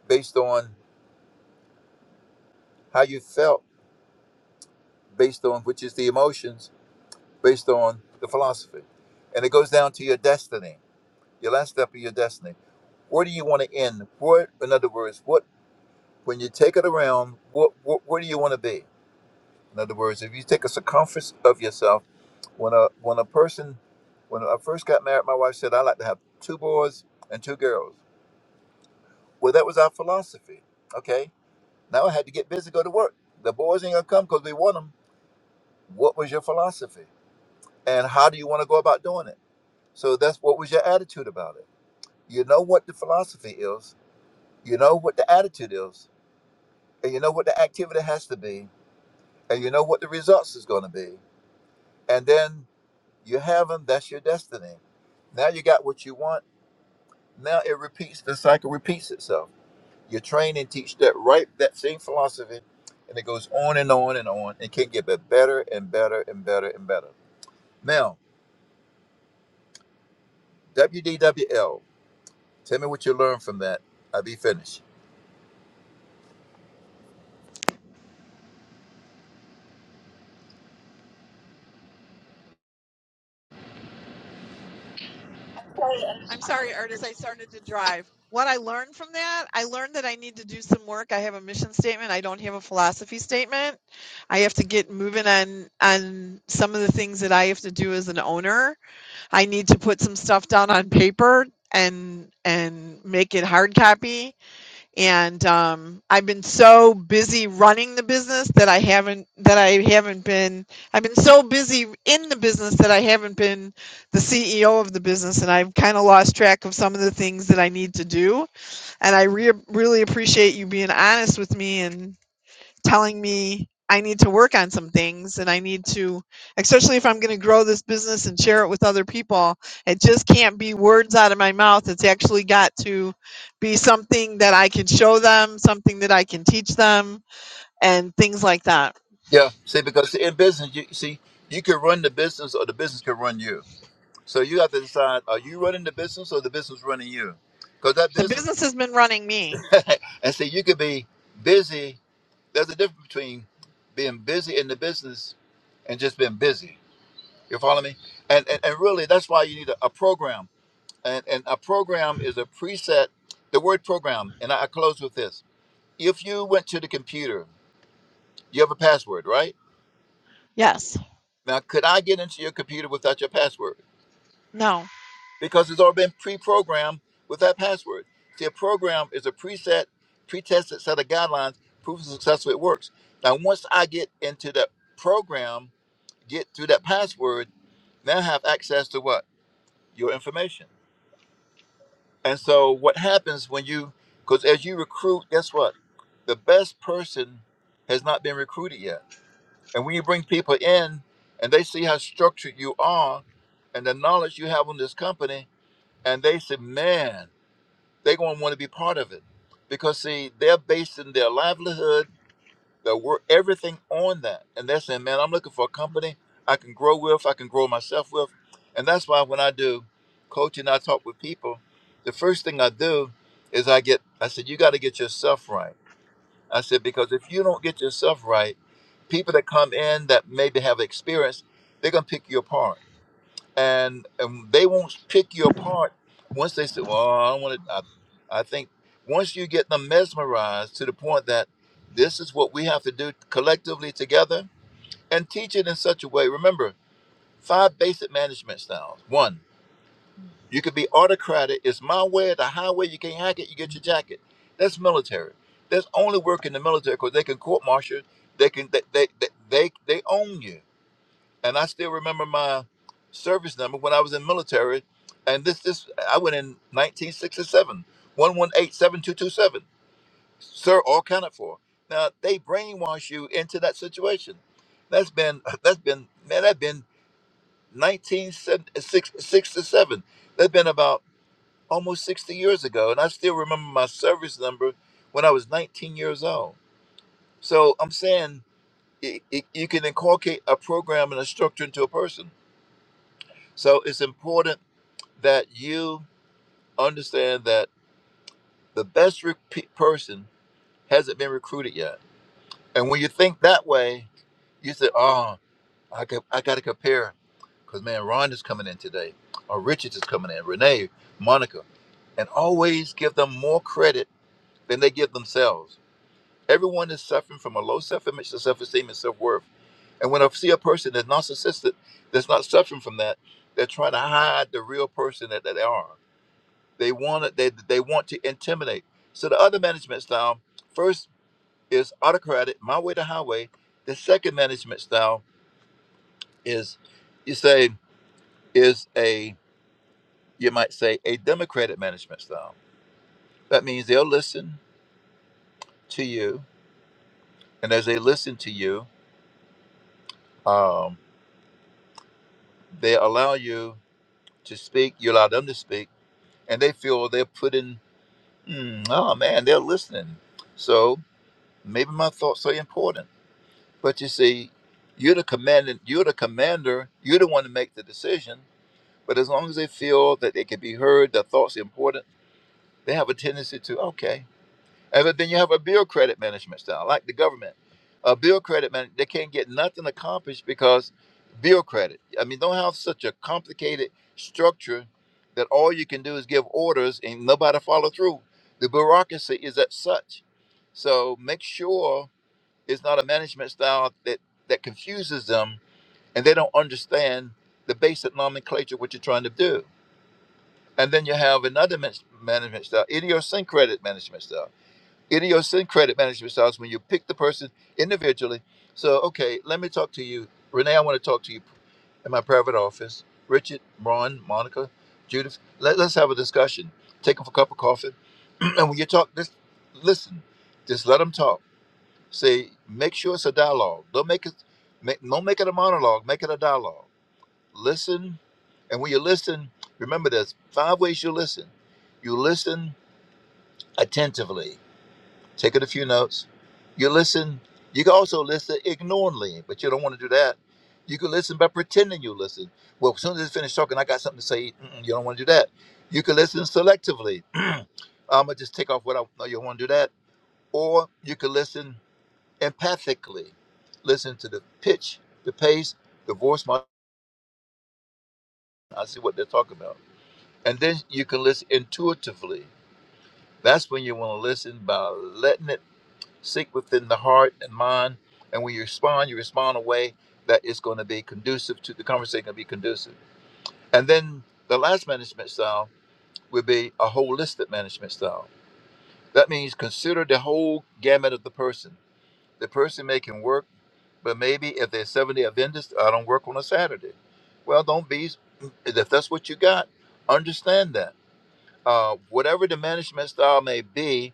Speaker 17: based on how you felt, based on which is the emotions, based on the philosophy. And it goes down to your destiny, your last step of your destiny. Where do you want to end? Where, in other words, what when you take it around, what, what where do you want to be? In other words, if you take a circumference of yourself, when a when a person, when I first got married, my wife said I like to have two boys and two girls. Well, that was our philosophy. Okay, now I had to get busy, go to work. The boys ain't gonna come because we want them. What was your philosophy, and how do you want to go about doing it? So that's what was your attitude about it. You know what the philosophy is, you know what the attitude is, and you know what the activity has to be, and you know what the results is going to be, and then. You have them, that's your destiny. Now you got what you want. Now it repeats, the cycle repeats itself. You train and teach that right, that same philosophy, and it goes on and on and on and can get bet- better and better and better and better. Now, WDWL, tell me what you learned from that. I'll be finished.
Speaker 16: I'm sorry, artist. I started to drive. What I learned from that, I learned that I need to do some work. I have a mission statement. I don't have a philosophy statement. I have to get moving on on some of the things that I have to do as an owner. I need to put some stuff down on paper and and make it hard copy and um, I've been so busy running the business that I haven't that I haven't been I've been so busy in the business that I haven't been the CEO of the business, and I've kind of lost track of some of the things that I need to do. And I re- really appreciate you being honest with me and telling me I need to work on some things and I need to, especially if I'm going to grow this business and share it with other people, it just can't be words out of my mouth. It's actually got to be something that I can show them, something that I can teach them, and things like that.
Speaker 17: Yeah, see, because in business, you see, you can run the business or the business can run you. So you have to decide, are you running the business or the business running you? Because that
Speaker 16: The
Speaker 17: business,
Speaker 16: business has been running me.
Speaker 17: and see, you could be busy There's a difference between being busy in the business and just being busy. You follow me? And and, and really, that's why you need a, a program. And, and a program is a preset. The word program, and I, I close with this: If you went to the computer, you have a password, right?
Speaker 16: Yes.
Speaker 17: Now, could I get into your computer without your password?
Speaker 16: No.
Speaker 17: Because it's already been pre-programmed with that password. See, a program is a preset, pre-tested set of guidelines, proof of success so it works. Now, once I get into that program, get through that password now have access to what your information and so what happens when you because as you recruit guess what the best person has not been recruited yet and when you bring people in and they see how structured you are and the knowledge you have on this company and they say man they're going to want to be part of it because see they're basing their livelihood the work, everything on that. And they're saying, man, I'm looking for a company I can grow with, I can grow myself with. And that's why when I do coaching, I talk with people. The first thing I do is I get, I said, you got to get yourself right. I said, because if you don't get yourself right, people that come in that maybe have experience, they're going to pick you apart and and they won't pick you apart once they say, "Well, I don't want to." I, I think once you get them mesmerized to the point that this is what we have to do collectively together, and teach it in such a way. Remember, five basic management styles. One, you could be autocratic. It's my way or the highway. You can't hack it. You get your jacket. That's military. That's only work in the military because they can court martial. They can they they, they they they own you and I still remember my service number when I was in military. And this, this, I went in nineteen sixty seven one one eight seven two two seven, Sir, all counted for. Now they brainwash you into that situation. That's been, that's been, man, that's been 1967. That's been about almost 60 years ago. And I still remember my service number when I was 19 years old. So I'm saying it, it, you can inculcate a program and a structure into a person So it's important that you understand that the best rec- person hasn't been recruited yet. And when you think that way, you say, "Oh, I got, I got to compare, because man, Ron is coming in today, or Richard is coming in, Renee, Monica, and always give them more credit than they give themselves. Everyone is suffering from a low self-image, self-esteem, and self-worth. And when I see a person that's narcissistic, that's not suffering from that, they're trying to hide the real person that, that they are. They want it. They they want to intimidate. So the other management style, first is autocratic, my way to highway. The second management style is, you say, is a you might say a democratic management style. That means they'll listen to you, and as they listen to you, um, they allow you to speak. You allow them to speak, and they feel they're putting. Mm, oh man, they're listening. So maybe my thoughts are important But you see, you're the commandant, you're the commander, you're the one to make the decision. But as long as they feel that they can be heard, their thoughts are important, they have a tendency to, okay. And but then you have a bill credit management style, like the government. A bill credit man, they can't get nothing accomplished because bill credit. I mean, don't have such a complicated structure that all you can do is give orders and nobody follow through. The bureaucracy is at such. So make sure it's not a management style that that confuses them, and they don't understand the basic nomenclature what you're trying to do. And then you have another man- management style, idiosyncratic management style. Idiosyncratic management style is when you pick the person individually. So, okay, let me talk to you, Renee. I want to talk to you in my private office. Richard, Ron, Monica, Judith, let, us have a discussion. Take them for a cup of coffee. and when you talk, just listen. Just let them talk See, make sure it's a dialogue. Don't make it, make, don't make it a monologue. Make it a dialogue. Listen, and when you listen, remember there's five ways you listen. You listen attentively. Take it a few notes. You listen. You can also listen ignorantly, but you don't want to do that. You can listen by pretending you listen. Well, as soon as it's finished talking, I got something to say. Mm-mm, you don't want to do that. You can listen selectively. I'm gonna just take off what I know. You don't want to do that, or you can listen empathically listen to the pitch, the pace, the voice mod- I see what they're talking about. And then you can listen intuitively. That's when you want to listen by letting it sink within the heart and mind. And when you respond, you respond in a way that is going to be conducive to the conversation, going to be conducive. And then the last management style would be a holistic management style. That means consider the whole gamut of the person The person may can work, but maybe if there's seventy, day Adventists, I don't work on a Saturday. Well, don't be. If that's what you got, understand that. Uh, whatever the management style may be,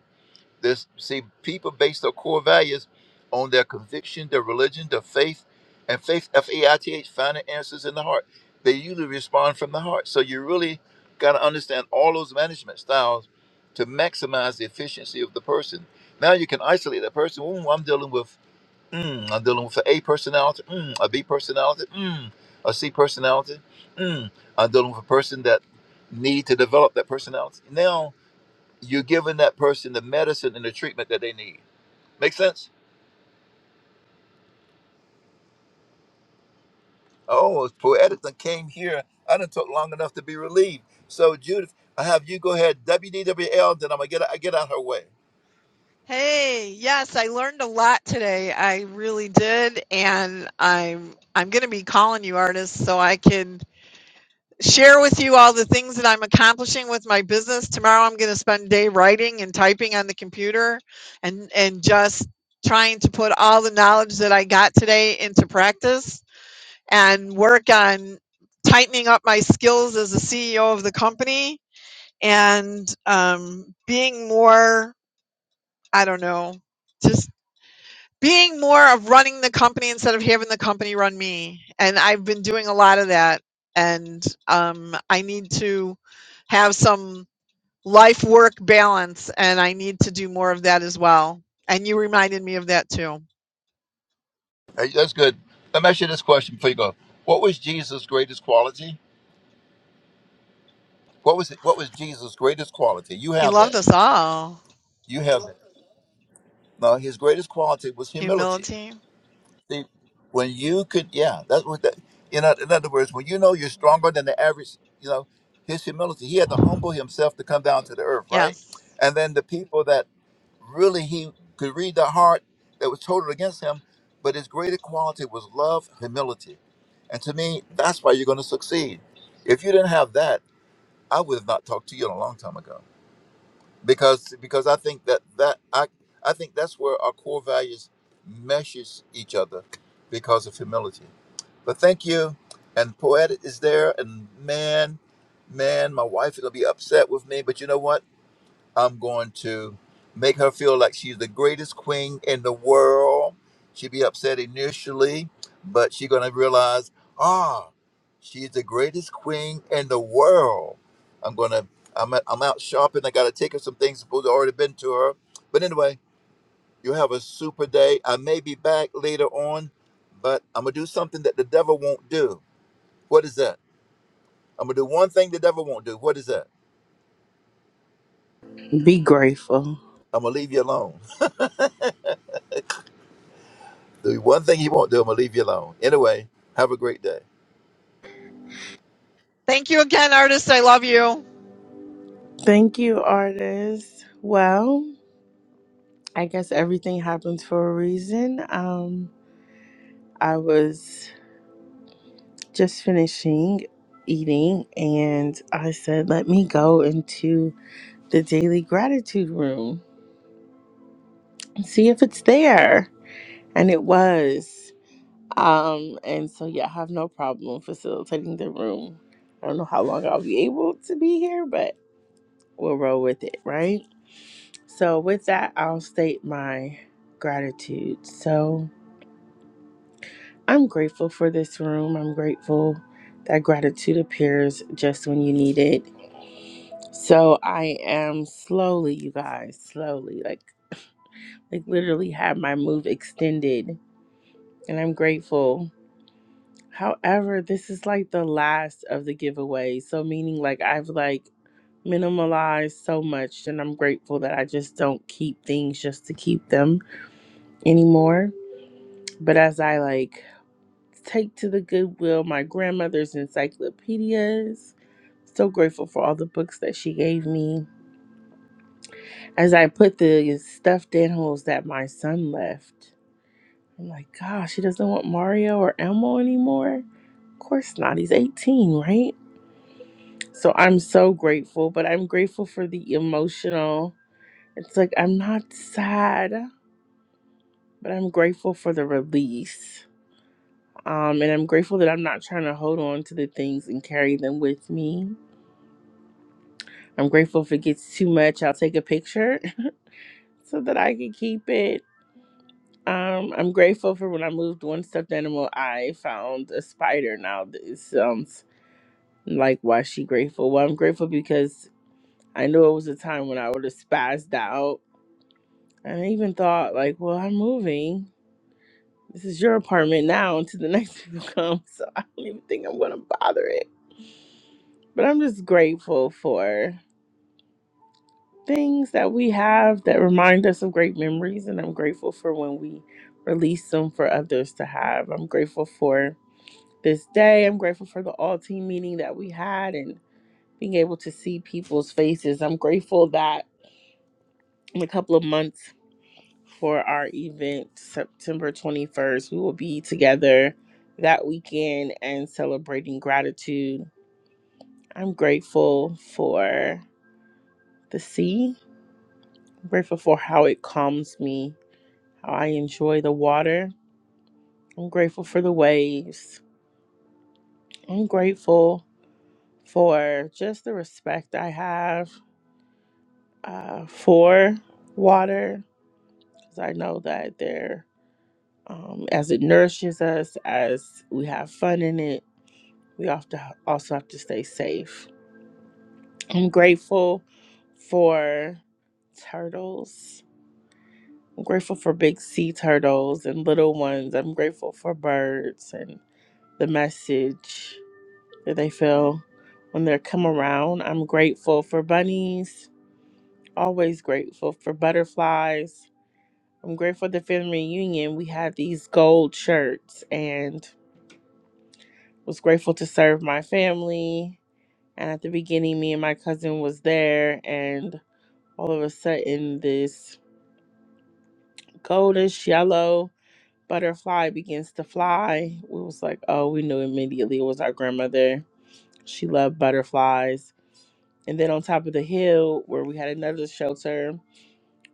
Speaker 17: this see people base their core values on their conviction, their religion, their faith, and faith F A I T H finding answers in the heart. They usually respond from the heart. So you really got to understand all those management styles to maximize the efficiency of the person. Now you can isolate that person. Ooh, I'm dealing with Mm, I'm dealing with an A personality, mm, a B personality, mm, a C personality. Mm. I'm dealing with a person that need to develop that personality. Now you're giving that person the medicine and the treatment that they need. Make sense? Oh, poetic done came here. I didn't took long enough to be relieved. So Judith, I have you go ahead WDWL. Then I'm gonna get I get out her way.
Speaker 16: Hey, yes, I learned a lot today. I really did, and I'm I'm going to be calling you artists so I can share with you all the things that I'm accomplishing with my business. Tomorrow I'm going to spend a day writing and typing on the computer and and just trying to put all the knowledge that I got today into practice and work on tightening up my skills as the CEO of the company and um, being more I don't know just being more of running the company instead of having the company run me. And I've been doing a lot of that. And um, I need to have some life work balance. And I need to do more of that as well. And you reminded me of that too.
Speaker 17: Hey, that's good. Let me ask you this question before you go. What was Jesus' greatest quality? What was it? What was Jesus' greatest quality? You
Speaker 16: He
Speaker 17: have that.
Speaker 16: loved us all.
Speaker 17: You have that. No, his greatest quality was humility.
Speaker 16: Humility.
Speaker 17: See, when you could, yeah, that's what that. In, oth- in other words, when you know you're stronger than the average, you know, his humility. He had to humble himself to come down to the earth, right?
Speaker 16: Yes.
Speaker 17: And then the people that really he could read the heart that was total against him, but his greatest quality was love, humility. And to me, that's why you're going to succeed. If you didn't have that, I would have not talked to you a long time ago because because I think that that I I think that's where our core values meshes each other because of humility. But thank you, and poetic is there, and man, man, my wife is gonna be upset with me, but you know what? I'm going to make her feel like she's the greatest queen in the world. She'd be upset initially, but she's going to realize, ah, she's the greatest queen in the world. I'm going to, I'm, at, I'm out shopping. I got to take her some things supposed to already been to her. But anyway, you have a super day. I may be back later on, but I'm going to do something that the devil won't do. What is that? I'm going to do one thing the devil won't do. What is that?
Speaker 18: Be grateful.
Speaker 17: I'm going to leave you alone. The one thing he won't do, I'm gonna leave you alone. Anyway, have a great day.
Speaker 16: Thank you again, artist. I love you.
Speaker 18: Thank you, artist. Well, I guess everything happens for a reason. Um, I was just finishing eating and I said, let me go into the daily gratitude room and see if it's there. And it was. Um, and so, yeah, I have no problem facilitating the room. I don't know how long I'll be able to be here, but we'll roll with it, right? So, with that, I'll state my gratitude. So, I'm grateful for this room. I'm grateful that gratitude appears just when you need it. So, I am slowly, you guys, slowly, like, like literally have my move extended, and I'm grateful. However, this is like the last of the giveaway. So, meaning like I've like minimalized so much, and I'm grateful that I just don't keep things just to keep them anymore. But as I like take to the Goodwill, my grandmother's encyclopedias, so grateful for all the books that she gave me. As I put the stuffed animals that my son left, I'm like, gosh, he doesn't want Mario or Elmo anymore. Of course not. He's 18, right? So I'm so grateful, but I'm grateful for the emotional. It's like I'm not sad, but I'm grateful for the release. Um, and I'm grateful that I'm not trying to hold on to the things and carry them with me. I'm grateful if it gets too much, I'll take a picture so that I can keep it. Um, I'm grateful for when I moved one stuffed animal, I found a spider. Now, this sounds like why she grateful. Well, I'm grateful because I know it was a time when I would have spazzed out. And I even thought, like, well, I'm moving. This is your apartment now until the next people come. So I don't even think I'm going to bother it. But I'm just grateful for. things that we have that remind us of great memories and I'm grateful for when we release them for others to have. I'm grateful for this day. I'm grateful for the all team meeting that we had and being able to see people's faces. I'm grateful that in a couple of months for our event September 21st, we will be together that weekend and celebrating gratitude. I'm grateful for the sea. I'm grateful for how it calms me I enjoy the water. I'm grateful for the waves. I'm grateful for just the respect I have uh, for water because I know that there, um, as it nourishes us, as we have fun in it, we often also have to stay safe. I'm grateful for turtles. I'm grateful for big sea turtles and little ones. I'm grateful for birds and the message. that they feel when they come around. I'm grateful for bunnies, always grateful for butterflies. I'm grateful at the family reunion. We had these gold shirts and was grateful to serve my family. And at the beginning, me and my cousin was there, and all of a sudden, this goldish yellow butterfly begins to fly. We was like, oh, we knew immediately it was our grandmother. She loved butterflies And then on top of the hill, where we had another shelter,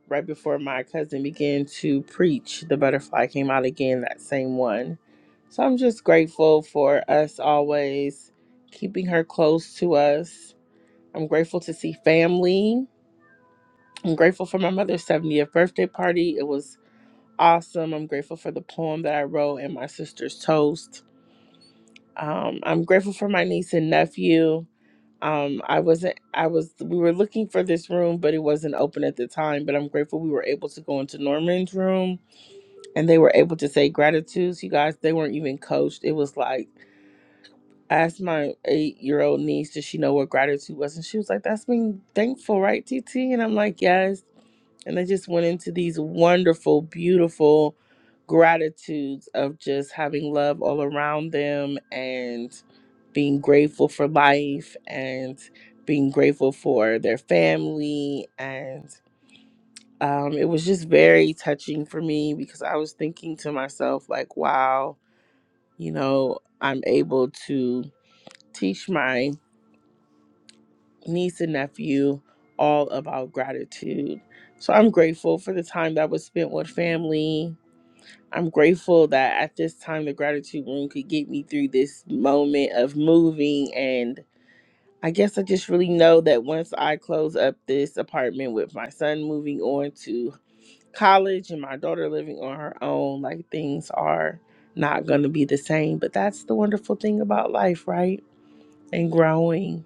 Speaker 18: right before my cousin began to preach, the butterfly came out again, that same one. So I'm just grateful for us always keeping her close to us. I'm grateful to see family. I'm grateful for my mother's 70th birthday party. It was awesome. I'm grateful for the poem that I wrote and my sister's toast. Um, I'm grateful for my niece and nephew. um i wasn't i was we were looking for this room but it wasn't open at the time but i'm grateful we were able to go into norman's room and they were able to say gratitudes you guys they weren't even coached it was like i asked my eight year old niece does she know what gratitude was and she was like that's being thankful right tt and i'm like yes and I just went into these wonderful, beautiful gratitudes of just having love all around them and being grateful for life and being grateful for their family. And um, it was just very touching for me because I was thinking to myself, like, wow, you know, I'm able to teach my niece and nephew all about gratitude. So I'm grateful for the time that was spent with family I'm grateful that at this time the gratitude room could get me through this moment of moving and I guess I just really know that once I close up this apartment with my son moving on to college and my daughter living on her own, like things are not going to be the same, but that's the wonderful thing about life, right? And growing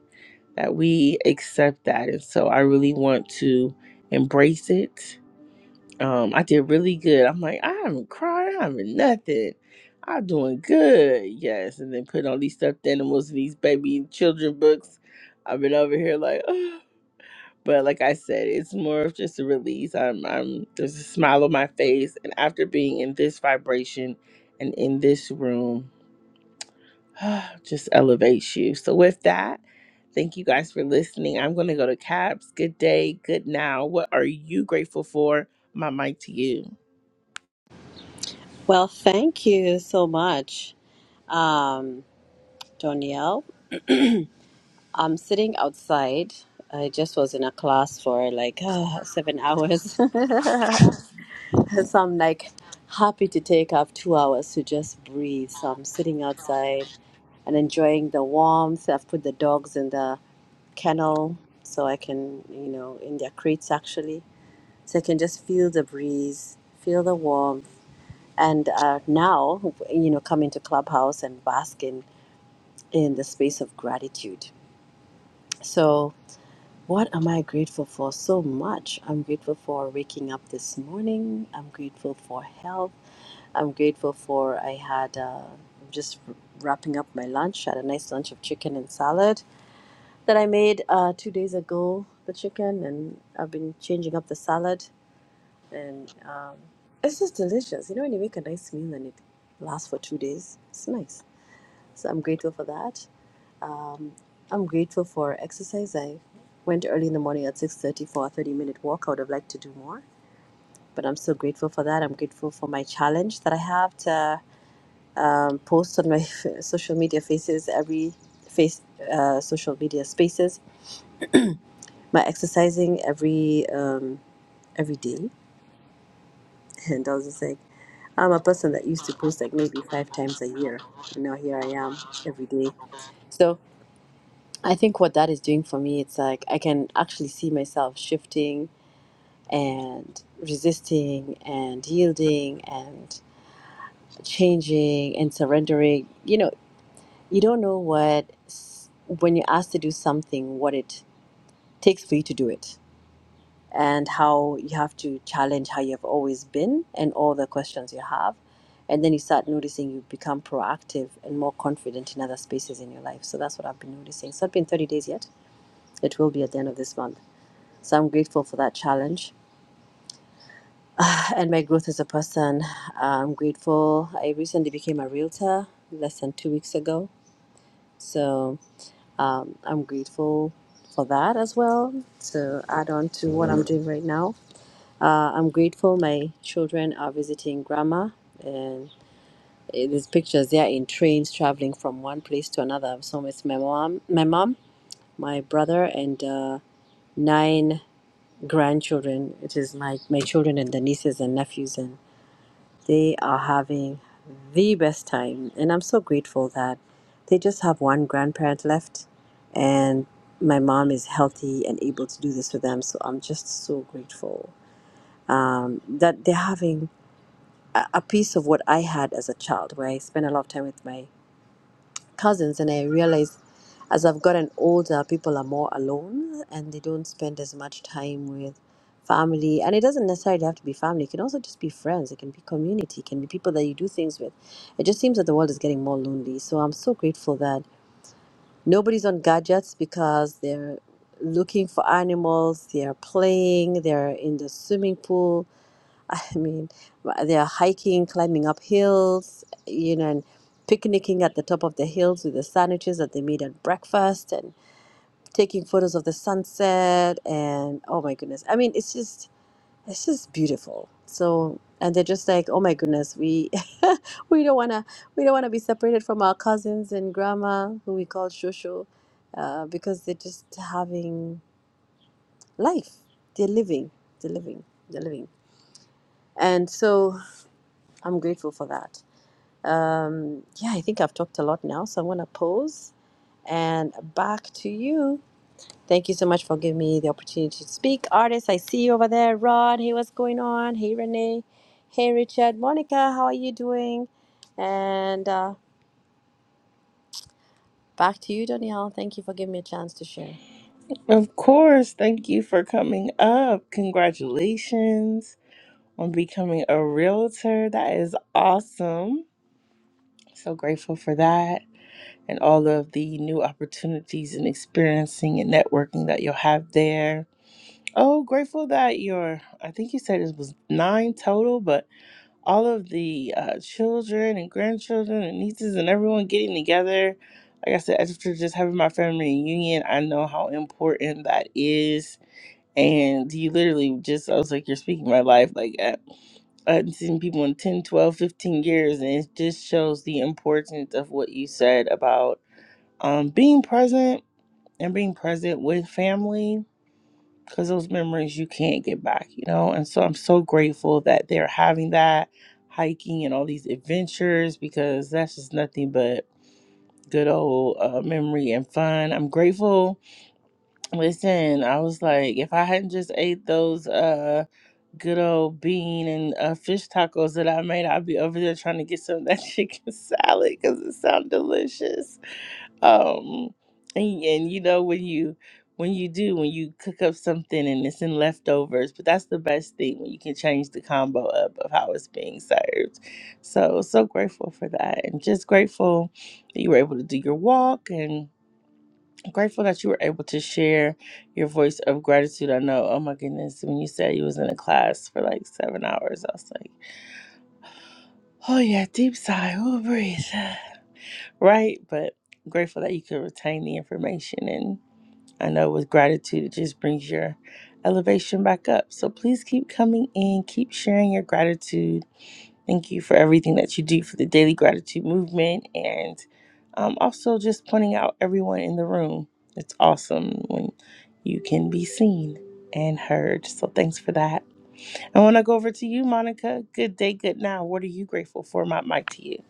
Speaker 18: that we accept that. And so I really want to embrace it um, I did really good. I'm like, I haven't cried, I haven't nothing. I'm doing good, yes. And then putting all these stuffed animals and these baby and children books. I've been over here like, but like I said, it's more of just a release. I'm, I'm there's a smile on my face, and after being in this vibration and in this room, just elevates you. So with that, thank you guys for listening. I'm gonna go to Caps. Good day, good now. What are you grateful for? My mic to you.
Speaker 19: Well, thank you so much, um, Danielle. I'm sitting outside. I just was in a class for like uh, seven hours. and so I'm like happy to take off two hours to just breathe. So I'm sitting outside and enjoying the warmth. I've put the dogs in the kennel so I can, you know, in their crates actually. So I can just feel the breeze, feel the warmth. And uh, now, you know, come into Clubhouse and basking in the space of gratitude. So, what am I grateful for? So much. I'm grateful for waking up this morning. I'm grateful for health. I'm grateful for I had uh, just wrapping up my lunch. had a nice lunch of chicken and salad that I made uh, two days ago. The chicken and I've been changing up the salad, and um, it's just delicious. You know, when you make a nice meal and it lasts for two days, it's nice. So I'm grateful for that. Um, I'm grateful for exercise. I went early in the morning at 6:30 for a 30-minute walk. I would have liked to do more, but I'm still grateful for that. I'm grateful for my challenge that I have to um, post on my social media faces every face uh, social media spaces. My exercising every um, every day, and I was just like, I'm a person that used to post like maybe five times a year, and now here I am every day. So I think what that is doing for me, it's like I can actually see myself shifting and resisting and yielding and changing and surrendering. You know, you don't know what, when you're asked to do something, what it takes for you to do it, and how you have to challenge how you have always been and all the questions you have. And then you start noticing you become proactive and more confident in other spaces in your life. So that's what I've been noticing. So It's not been 30 days yet. It will be at the end of this month. So I'm grateful for that challenge and my growth as a person. I'm grateful. I recently became a realtor less than two weeks ago. So um, I'm grateful for that as well. So add on to what I'm doing right now. Uh, I'm grateful my children are visiting grandma and eh, these pictures they are in trains traveling from one place to another. So it's my mom, my mom, my brother, and uh, nine grandchildren. It is my my children and the nieces and nephews and They are having the best time, and I'm so grateful that they just have one grandparent left, and my mom is healthy and able to do this for them. So I'm just so grateful um, that they're having a, a piece of what I had as a child, where I spent a lot of time with my cousins, and I realized as I've gotten older, people are more alone and they don't spend as much time with family. And it doesn't necessarily have to be family, it can also just be friends, it can be community, it can be people that you do things with. It just seems that the world is getting more lonely. So I'm so grateful that nobody's on gadgets because they're looking for animals, they're playing, they're in the swimming pool. I mean, they're hiking, climbing up hills, you know, and picnicking at the top of the hills with the sandwiches that they made at breakfast. and taking photos of the sunset and oh my goodness i mean it's just it's just beautiful so and they're just like oh my goodness we we don't want to we don't want to be separated from our cousins and grandma who we call shosho uh, because they're just having life they're living they're living they're living and so i'm grateful for that um, yeah i think i've talked a lot now so i'm going to pause and back to you Thank you so much for giving me the opportunity to speak. Artists, I see you over there. Rod, hey, what's going on? Hey, Renee. Hey, Richard. Monica, how are you doing? And uh, back to you, Danielle. Thank you for giving me a chance to share.
Speaker 18: Of course. Thank you for coming up. Congratulations on becoming a realtor. That is awesome. So grateful for that and all of the new opportunities and experiencing and networking that you'll have there. Oh, grateful that your, I think you said it was nine total, but all of the uh, children and grandchildren and nieces and everyone getting together. Like I said, after just having my family reunion, I know how important that is and you literally just i was like you're speaking my life like I, I hadn't seen people in 10, 12, 15 years and it just shows the importance of what you said about um being present and being present with family because those memories you can't get back you know and so i'm so grateful that they're having that hiking and all these adventures because that's just nothing but good old uh, memory and fun i'm grateful listen i was like if i hadn't just ate those Uh, good old bean and uh, fish tacos that I made. i would be over there trying to get some of that chicken salad because it sounds delicious. Um, and, and you know when you when you do when you cook up something and it's in leftovers, but that's the best thing when you can change the combo up of how it's being served. So so grateful for that, and just grateful that you were able to do your walk and I'm grateful that you were able to share your voice of gratitude. I know, oh my goodness, when you said you was in a class for like seven hours, I was like, oh yeah, deep sigh, oh breathe, right? But grateful that you could retain the information, and I know with gratitude, it just brings your elevation back up. So please keep coming in, keep sharing your gratitude Thank you for everything that you do for the Daily Gratitude Movement and um, also just pointing out everyone in the room. It's awesome when you can be seen and heard. So thanks for that. I want to go over to you, Monica. Good day, good now. What are you grateful for? My mic to you.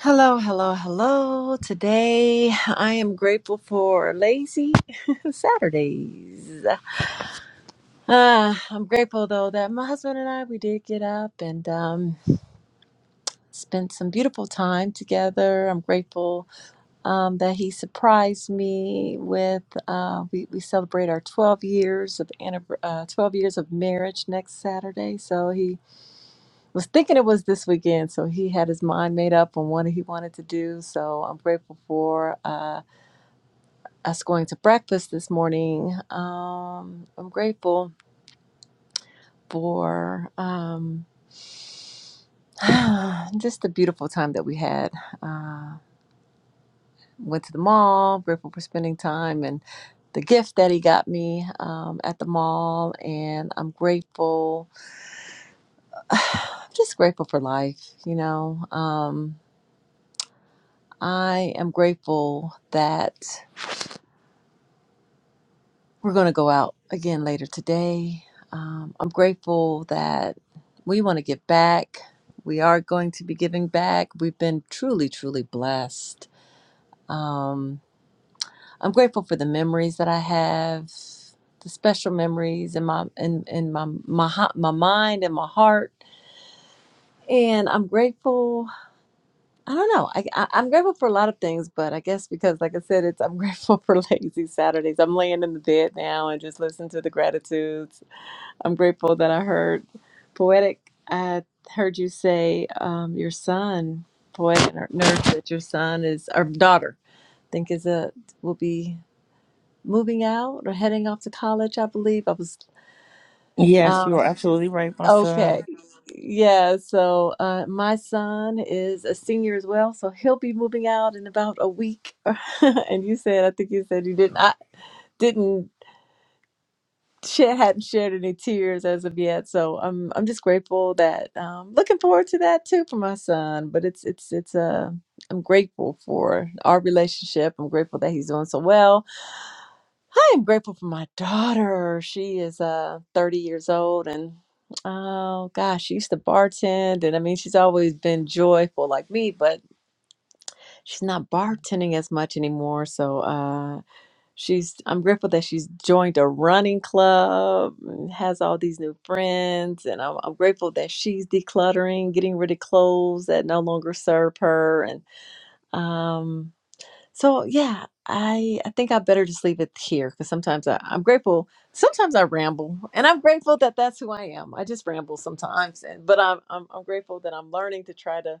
Speaker 20: Hello, hello, hello. Today I am grateful for lazy Saturdays. Uh, I'm grateful though that my husband and I we did get up and um, spent some beautiful time together. I'm grateful um, that he surprised me with uh, we, we celebrate our 12 years of annivers- uh, 12 years of marriage next Saturday. So he was thinking it was this weekend, so he had his mind made up on what he wanted to do. So I'm grateful for. Uh, us going to breakfast this morning. Um, I'm grateful for um, just the beautiful time that we had. Uh, went to the mall, grateful for spending time and the gift that he got me um, at the mall. And I'm grateful, I'm just grateful for life, you know. Um, I am grateful that. We're going to go out again later today. Um, I'm grateful that we want to give back. We are going to be giving back. We've been truly, truly blessed. Um, I'm grateful for the memories that I have, the special memories in my in, in my, my hea- my mind and my heart. And I'm grateful. I don't know. I, I I'm grateful for a lot of things, but I guess because, like I said, it's I'm grateful for lazy Saturdays. I'm laying in the bed now and just listening to the gratitudes I'm grateful that I heard poetic. I heard you say um, your son, poetic nurse, that your son is or daughter. I think is a will be moving out or heading off to college. I believe I was.
Speaker 18: Yes,
Speaker 20: Um,
Speaker 18: you are absolutely right, my
Speaker 20: okay,
Speaker 18: son.
Speaker 20: yeah. So uh, my son is a senior as well, so he'll be moving out in about a week. and you said, I think you said you didn't. I didn't. she hadn't shed any tears as of yet. So I'm I'm just grateful that um looking forward to that too for my son. But it's it's it's uh I'm grateful for our relationship. I'm grateful that he's doing so well. I am grateful for my daughter. She is uh 30 years old and oh gosh, she used to bartend and I mean she's always been joyful like me, but she's not bartending as much anymore. So uh She's I'm grateful that she's joined a running club and has all these new friends and I'm, I'm grateful that she's decluttering, getting rid of clothes that no longer serve her and um so yeah, I I think I better just leave it here cuz sometimes I, I'm grateful sometimes I ramble and I'm grateful that that's who I am. I just ramble sometimes and but I'm I'm, I'm grateful that I'm learning to try to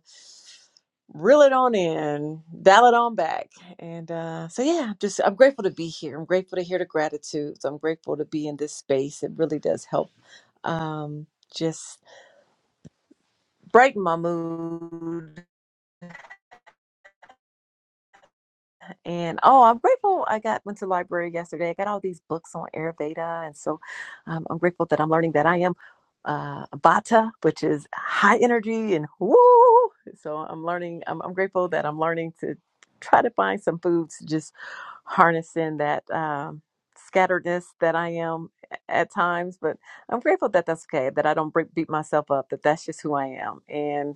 Speaker 20: reel it on in, dial it on back. And uh, so, yeah, just I'm grateful to be here. I'm grateful to hear the gratitudes. I'm grateful to be in this space. It really does help um, just brighten my mood And oh, I'm grateful I got went to the library yesterday. I got all these books on Ayurveda, and so um, I'm grateful that I'm learning that I am uh, Vata, which is high energy and woo. So I'm learning. I'm, I'm grateful that I'm learning to try to find some foods to just harness in that um, scatteredness that I am at times. But I'm grateful that that's okay. That I don't break, beat myself up. That that's just who I am, and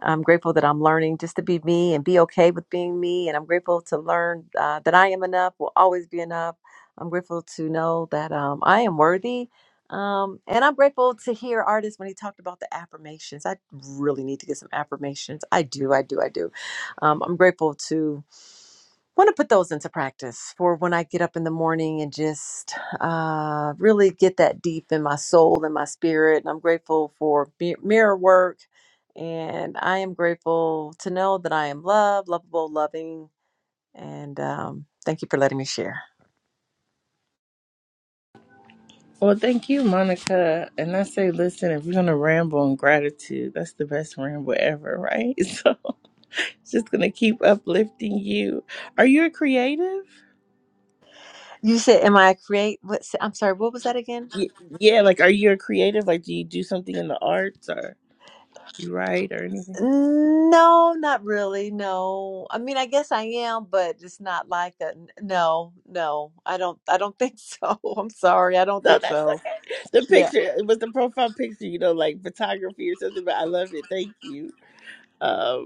Speaker 20: I'm grateful that I'm learning just to be me and be okay with being me. And I'm grateful to learn uh, that I am enough, will always be enough. I'm grateful to know that um, I am worthy. Um, and I'm grateful to hear artists when he talked about the affirmations. I really need to get some affirmations. I do, I do, I do. Um, I'm grateful to want to put those into practice for when I get up in the morning and just uh, really get that deep in my soul and my spirit. And I'm grateful for mi- mirror work. And I am grateful to know that I am loved, lovable, loving. And um, thank you for letting me share.
Speaker 18: Well, thank you, Monica. And I say, listen, if we're going to ramble on gratitude, that's the best ramble ever, right? So it's just going to keep uplifting you. Are you a creative?
Speaker 20: You said, Am I a create? What, I'm sorry, what was that again?
Speaker 18: Y- yeah, like are you a creative? Like do you do something in the arts or you write or anything?
Speaker 20: No, not really. No. I mean, I guess I am, but it's not like a n- no, no. I don't I don't think so. I'm sorry. I don't
Speaker 18: No,
Speaker 20: think
Speaker 18: that's
Speaker 20: so.
Speaker 18: okay. The
Speaker 20: Yeah.
Speaker 18: picture it was the profile picture, you know, like photography or something, but I love it. Thank you. Um,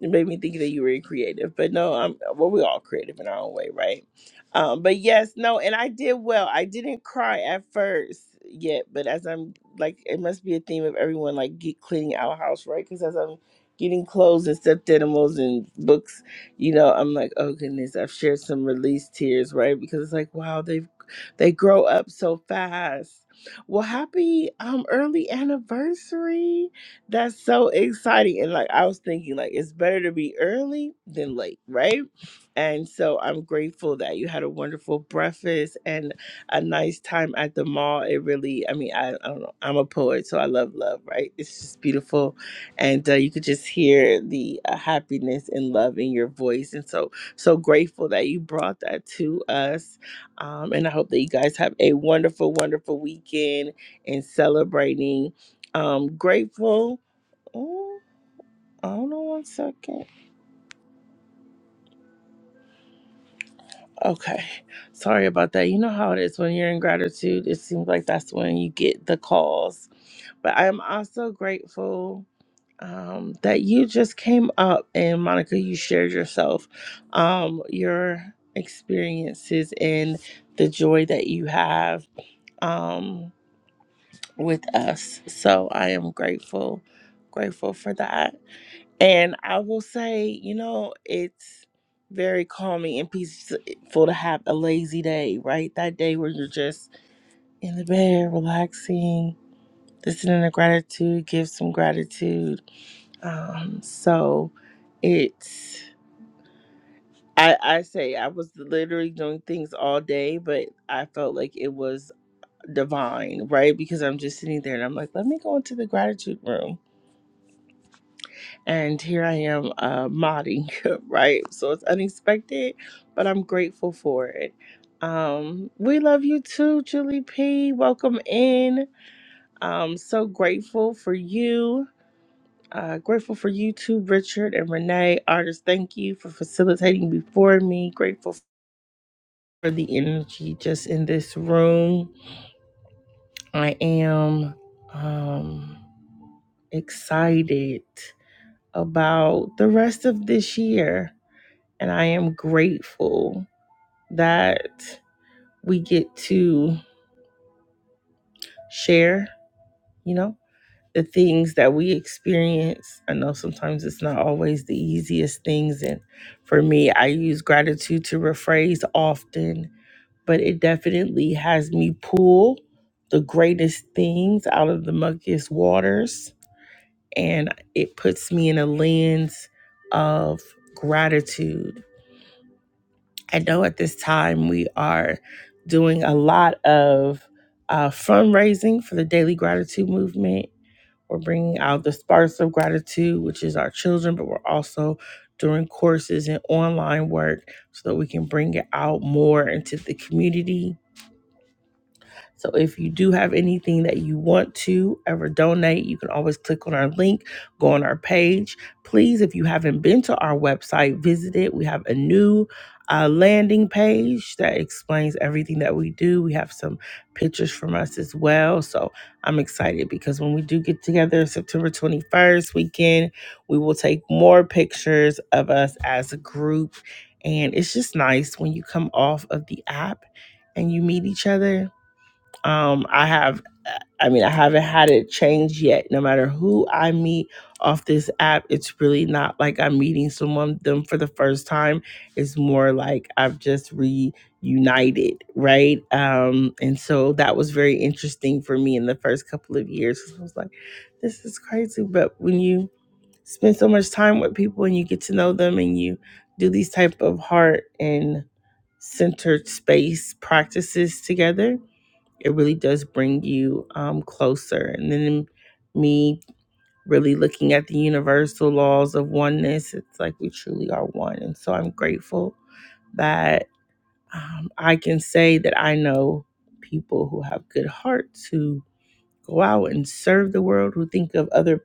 Speaker 18: It made me think that you were creative, but no, I'm well. We all creative in our own way, right? Um, but yes, no, and I did well. I didn't cry at first yet, but as I'm like, it must be a theme of everyone like get cleaning our house, right? Because as I'm getting clothes and stuffed animals and books, you know, I'm like, oh goodness, I've shared some release tears, right? Because it's like, wow, they they grow up so fast. Well, happy um early anniversary. That's so exciting. And like I was thinking, like it's better to be early than late, right? And so I'm grateful that you had a wonderful breakfast and a nice time at the mall. It really, I mean, I, I don't know. I'm a poet, so I love love, right? It's just beautiful. And uh, you could just hear the uh, happiness and love in your voice. And so, so grateful that you brought that to us. Um, and I hope that you guys have a wonderful, wonderful weekend and celebrating. Um, grateful Oh, I don't know. One second. Okay. Sorry about that. You know how it is when you're in gratitude. It seems like that's when you get the calls. But I'm also grateful um, that you just came up and Monica, you shared yourself, um, your experiences and the joy that you have um, with us. So I am grateful, grateful for that. And I will say, you know, it's very calming and peaceful to have a lazy day, right? That day where you're just in the bed, relaxing, listening to gratitude, give some gratitude. Um, so it's, I, I say, I was literally doing things all day, but I felt like it was divine, right? Because I'm just sitting there and I'm like, let me go into the gratitude room and here I am uh, modding, right? So it's unexpected, but I'm grateful for it. Um, we love you too, Julie P. Welcome in. Um, so grateful for you. Uh, grateful for you too, Richard and Renee. Artists, thank you for facilitating before me. Grateful for the energy just in this room. I am um, excited about the rest of this year And I am grateful that we get to share, you know, the things that we experience. I know sometimes it's not always the easiest things. And for me, I use gratitude to rephrase often, but it definitely has me pull the greatest things out of the muckiest waters. And it puts me in a lens of gratitude I know at this time we are doing a lot of uh, fundraising for the Daily Gratitude Movement. We're bringing out the Sparks of Gratitude, which is our children, but we're also doing courses and online work so that we can bring it out more into the community so if you do have anything that you want to ever donate, you can always click on our link, go on our page. Please, if you haven't been to our website, visit it. We have a new uh, landing page that explains everything that we do. We have some pictures from us as well. So I'm excited because when we do get together September 21st weekend, we will take more pictures of us as a group. And it's just nice when you come off of the app and you meet each other um, I have, I mean, I haven't had it change yet. No matter who I meet off this app, it's really not like I'm meeting someone them for the first time. It's more like I've just reunited, right? Um, and so that was very interesting for me in the first couple of years. 'cause I was like, this is crazy. But when you spend so much time with people and you get to know them and you do these type of heart and centered space practices together it really does bring you um, closer. And then me really looking at the universal laws of oneness, it's like we truly are one. And so I'm grateful that um, I can say that I know people who have good hearts who go out and serve the world, who think of other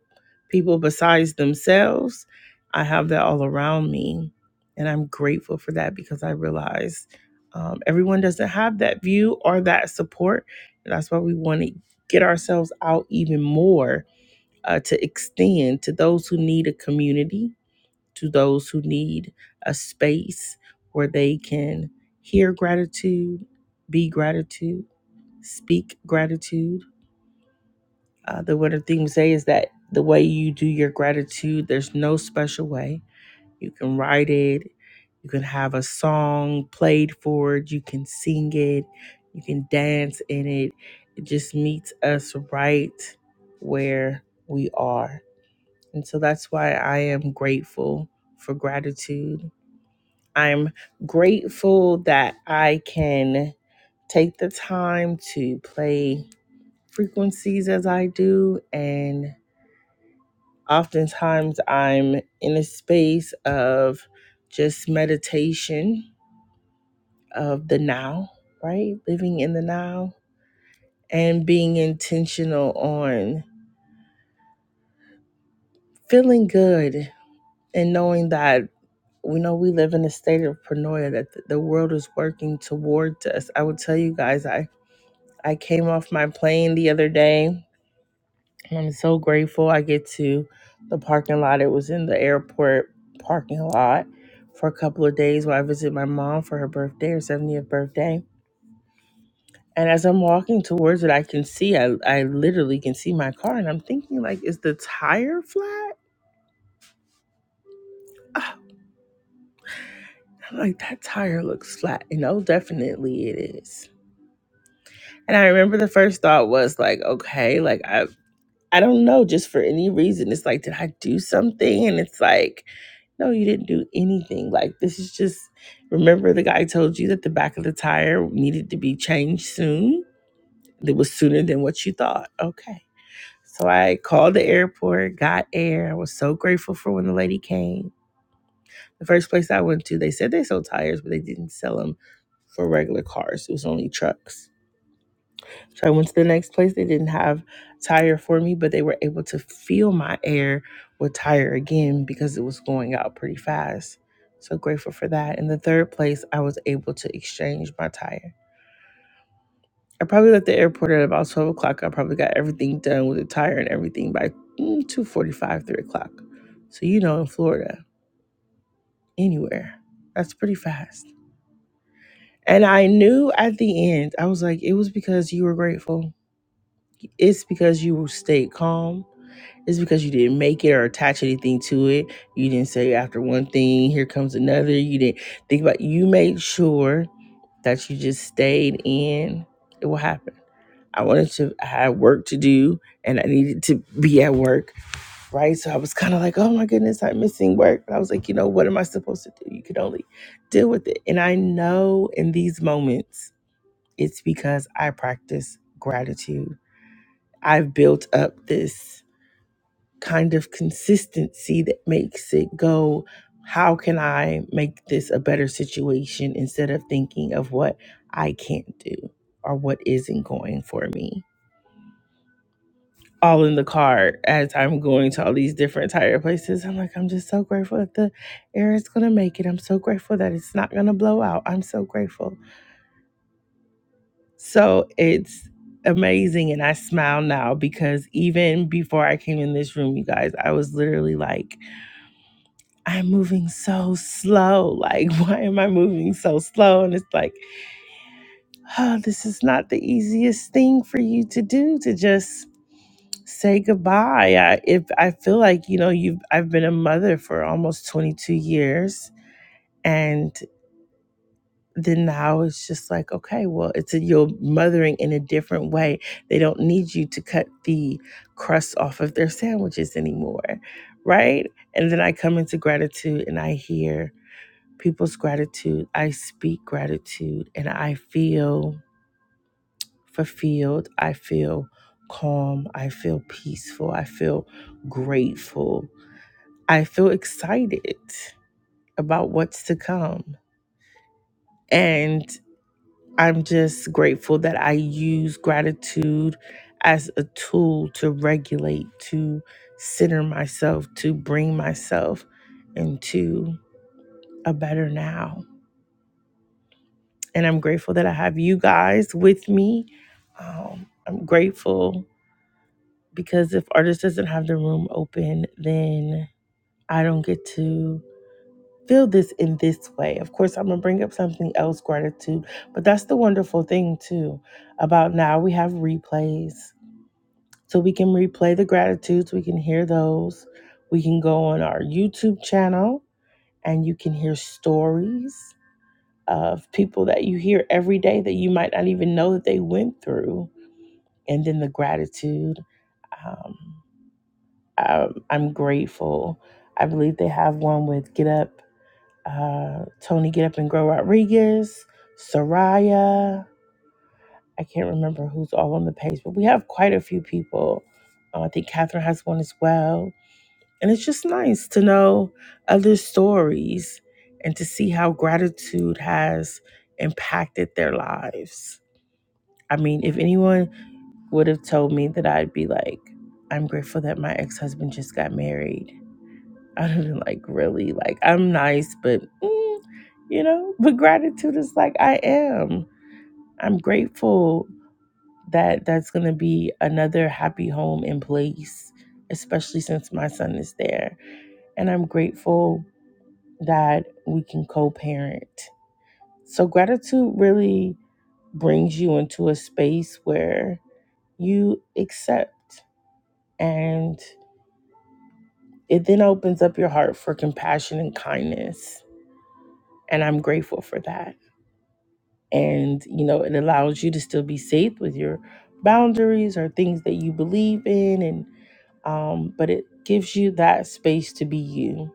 Speaker 18: people besides themselves. I have that all around me. And I'm grateful for that because I realize um, everyone doesn't have that view or that support. And that's why we want to get ourselves out even more uh, to extend to those who need a community, to those who need a space where they can hear gratitude, be gratitude, speak gratitude uh, the winning thing to say is that the way you do your gratitude, there's no special way. You can write it, you can have a song played for it, you can sing it, you can dance in it. It just meets us right where we are. And so that's why I am grateful for gratitude. I'm grateful that I can take the time to play frequencies as I do and Oftentimes, I'm in a space of just meditation of the now, right? Living in the now and being intentional on feeling good and knowing that we know we live in a state of paranoia that th- the world is working towards us. I will tell you guys, I I came off my plane the other day I'm so grateful I get to the parking lot. It was in the airport parking lot for a couple of days while I visited my mom for her birthday, her 70th birthday. And as I'm walking towards it, I can see, I, I literally can see my car. And I'm thinking, like, is the tire flat? Ah, I'm like, that tire looks flat. You know, definitely it is. And I remember the first thought was like, okay, like, I, I don't know, just for any reason. It's like, did I do something? And it's like, No, you didn't do anything. Like, this is just, remember the guy told you that the back of the tire needed to be changed soon? It was sooner than what you thought. Okay. So I called the airport, got air. I was so grateful for when the lady came. The first place I went to, they said they sold tires, but they didn't sell them for regular cars. It was only trucks. So I went to the next place. They didn't have tire for me, but they were able to feel my air with tire again because it was going out pretty fast. So grateful for that. In the third place, I was able to exchange my tire. I probably left the airport at about 12 o'clock. I probably got everything done with the tire and everything by mm, 2.45, 3 o'clock. So, you know, in Florida, anywhere, that's pretty fast. And I knew at the end, I was like, it was because you were grateful. It's because you stayed calm It's because you didn't make it or attach anything to it. You didn't say after one thing, here comes another. You didn't think about you made sure that you just stayed in. It will happen. I wanted to I had work to do and I needed to be at work, right? So I was kind of like, oh my goodness, I'm missing work. But I was like, you know, what am I supposed to do? You could only deal with it. And I know in these moments, it's because I practice gratitude. I've built up this kind of consistency that makes it go, how can I make this a better situation instead of thinking of what I can't do or what isn't going for me? All in the car as I'm going to all these different tire places. I'm like, I'm just so grateful that the air is going to make it. I'm so grateful that it's not going to blow out. I'm so grateful. So it's amazing. And I smile now because even before I came in this room, you guys, I was literally like, I'm moving so slow. Like, why am I moving so slow? And it's like, oh, this is not the easiest thing for you to do to just say goodbye. I, if I feel like, you know, you've, I've been a mother for almost 22 years. And then now it's just like, okay, well, it's a, you're mothering in a different way. They don't need you to cut the crust off of their sandwiches anymore. Right. And then I come into gratitude and I hear, people's gratitude. I speak gratitude and I feel fulfilled. I feel calm. I feel peaceful. I feel grateful. I feel excited about what's to come. And I'm just grateful that I use gratitude as a tool to regulate, to center myself, to bring myself into a better now. and I'm grateful that I have you guys with me. Um, I'm grateful because if artist doesn't have the room open, then I don't get to feel this in this way. Of course, I'm gonna bring up something else, gratitude, but that's the wonderful thing too about now we have replays, so we can replay the gratitudes, we can hear those, we can go on our YouTube channel and you can hear stories. of people that you hear every day that you might not even know that they went through. And then the gratitude. Um, I'm, I'm grateful. I believe they have one with Get Up, uh, Tony Get Up and Grow Rodriguez, Soraya. I can't remember who's all on the page, but we have quite a few people. Uh, I think Catherine has one as well. And it's just nice to know other stories and to see how gratitude has impacted their lives I mean, if anyone would have told me that I'd be like, I'm grateful that my ex husband just got married, I'd have been like, really? Like, I'm nice, but, mm, you know, but gratitude is like, I am. I'm grateful that that's going to be another happy home and place, especially since my son is there. And I'm grateful that we can co parent. So, gratitude really brings you into a space where you accept. And it then opens up your heart for compassion and kindness. And I'm grateful for that. And, you know, it allows you to still be safe with your boundaries or things that you believe in. And, um, but it gives you that space to be you.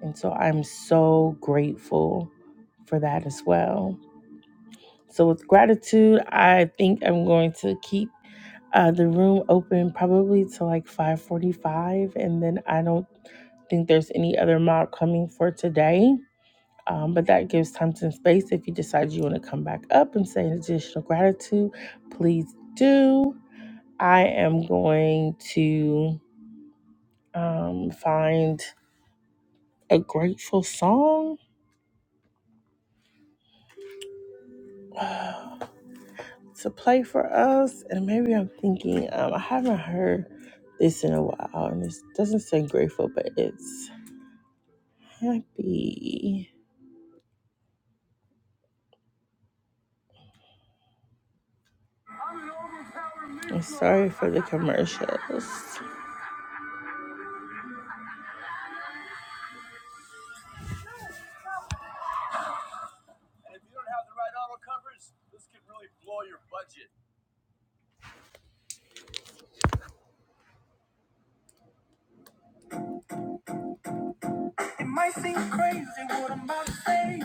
Speaker 18: And so I'm so grateful for that as well. So, with gratitude, I think I'm going to keep uh, the room open probably to like 5:45, and then I don't think there's any other mob coming for today. Um, but that gives time and space. If you decide you want to come back up and say an additional gratitude, please do. I am going to um, find a grateful song. to play for us. And maybe I'm thinking, um, I haven't heard this in a while, and it doesn't say grateful, but it's happy. I'm sorry for the commercials. It might seem crazy what I'm about to say.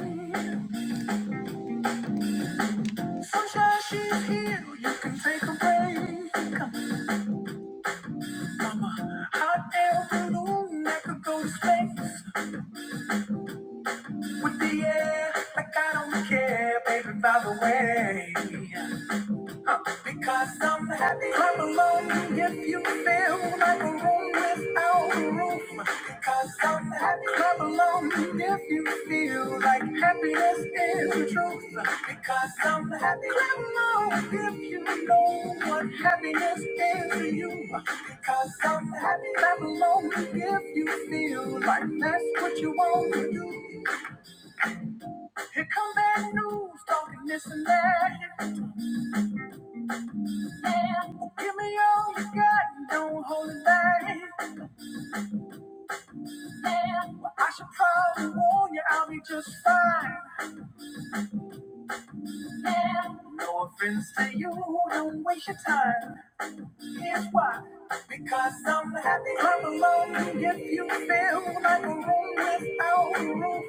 Speaker 18: Sunshine, she's here. You can take a break. Come on, a hot air balloon that could go to space with the air. Like I don't care, baby, by the way. Because I'm happy I'm alone if you feel like a room without a roof. Because I'm happy I'm alone if you feel like happiness is the truth. Because I'm happy I'm alone if you know what happiness is to you. Because I'm happy I'm alone if you feel like that's what you want to do. Here come bad news, talking this and that. Give me all you got, don't hold it back. Well, I should probably warn you, I'll be just fine. No offense to you, don't waste your time. Here's why. Because I'm happy I'm alone. If you feel like a room without a roof.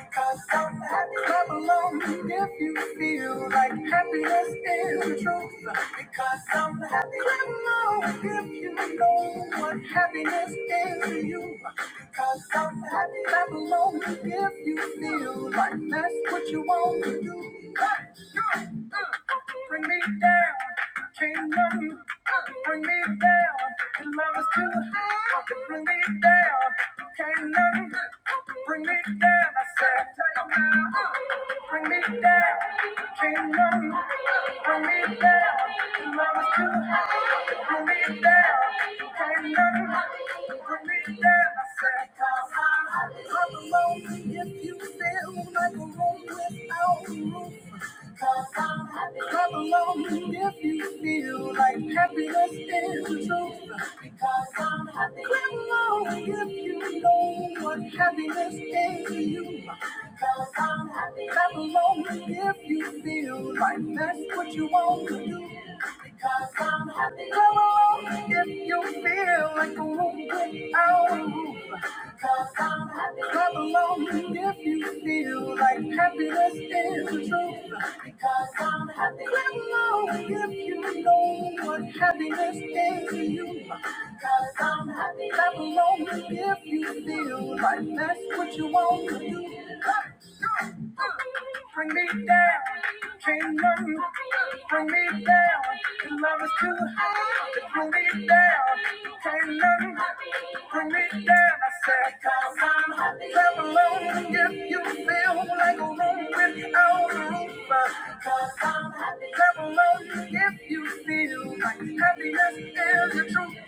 Speaker 18: Because I'm happy I'm alone. If you feel like happiness is the truth. Because I'm happy I'm alone. If you know what happiness is to you. Because I'm happy I'm alone. If you feel like that's what you want to do. Hey, yeah. Uh, Bring me down. Can't nothing bring me down. Your love is too high to bring me down. Can't nothing bring me down. I said, take me now. Bring me down. Can't nothing bring me down. Your love is too high to bring me down. Can't nothing bring me down. I said, cause I'm alone if you feel like a room without a roof. 'Cause I'm happy. Clap along if you feel like happiness is the truth. Because I'm happy. Clap along if you know what happiness is to you. Because I'm happy. Clap along if you feel like that's what you want to do. Because I'm happy. Clap along if you feel like a room without a roof. Clap along if you feel like happiness is the truth. Because I'm happy. Clap along if you know what happiness is to you. Because I'm happy. Clap along if you feel like that's what you want to do. Bring me down, kingdom. Bring me down, 'cause love is too high. Bring me down, kingdom. Bring me down, I said, i I'm happy. Clap along if you feel like a room without a roof, i I'm happy alone if you feel like happiness is the truth.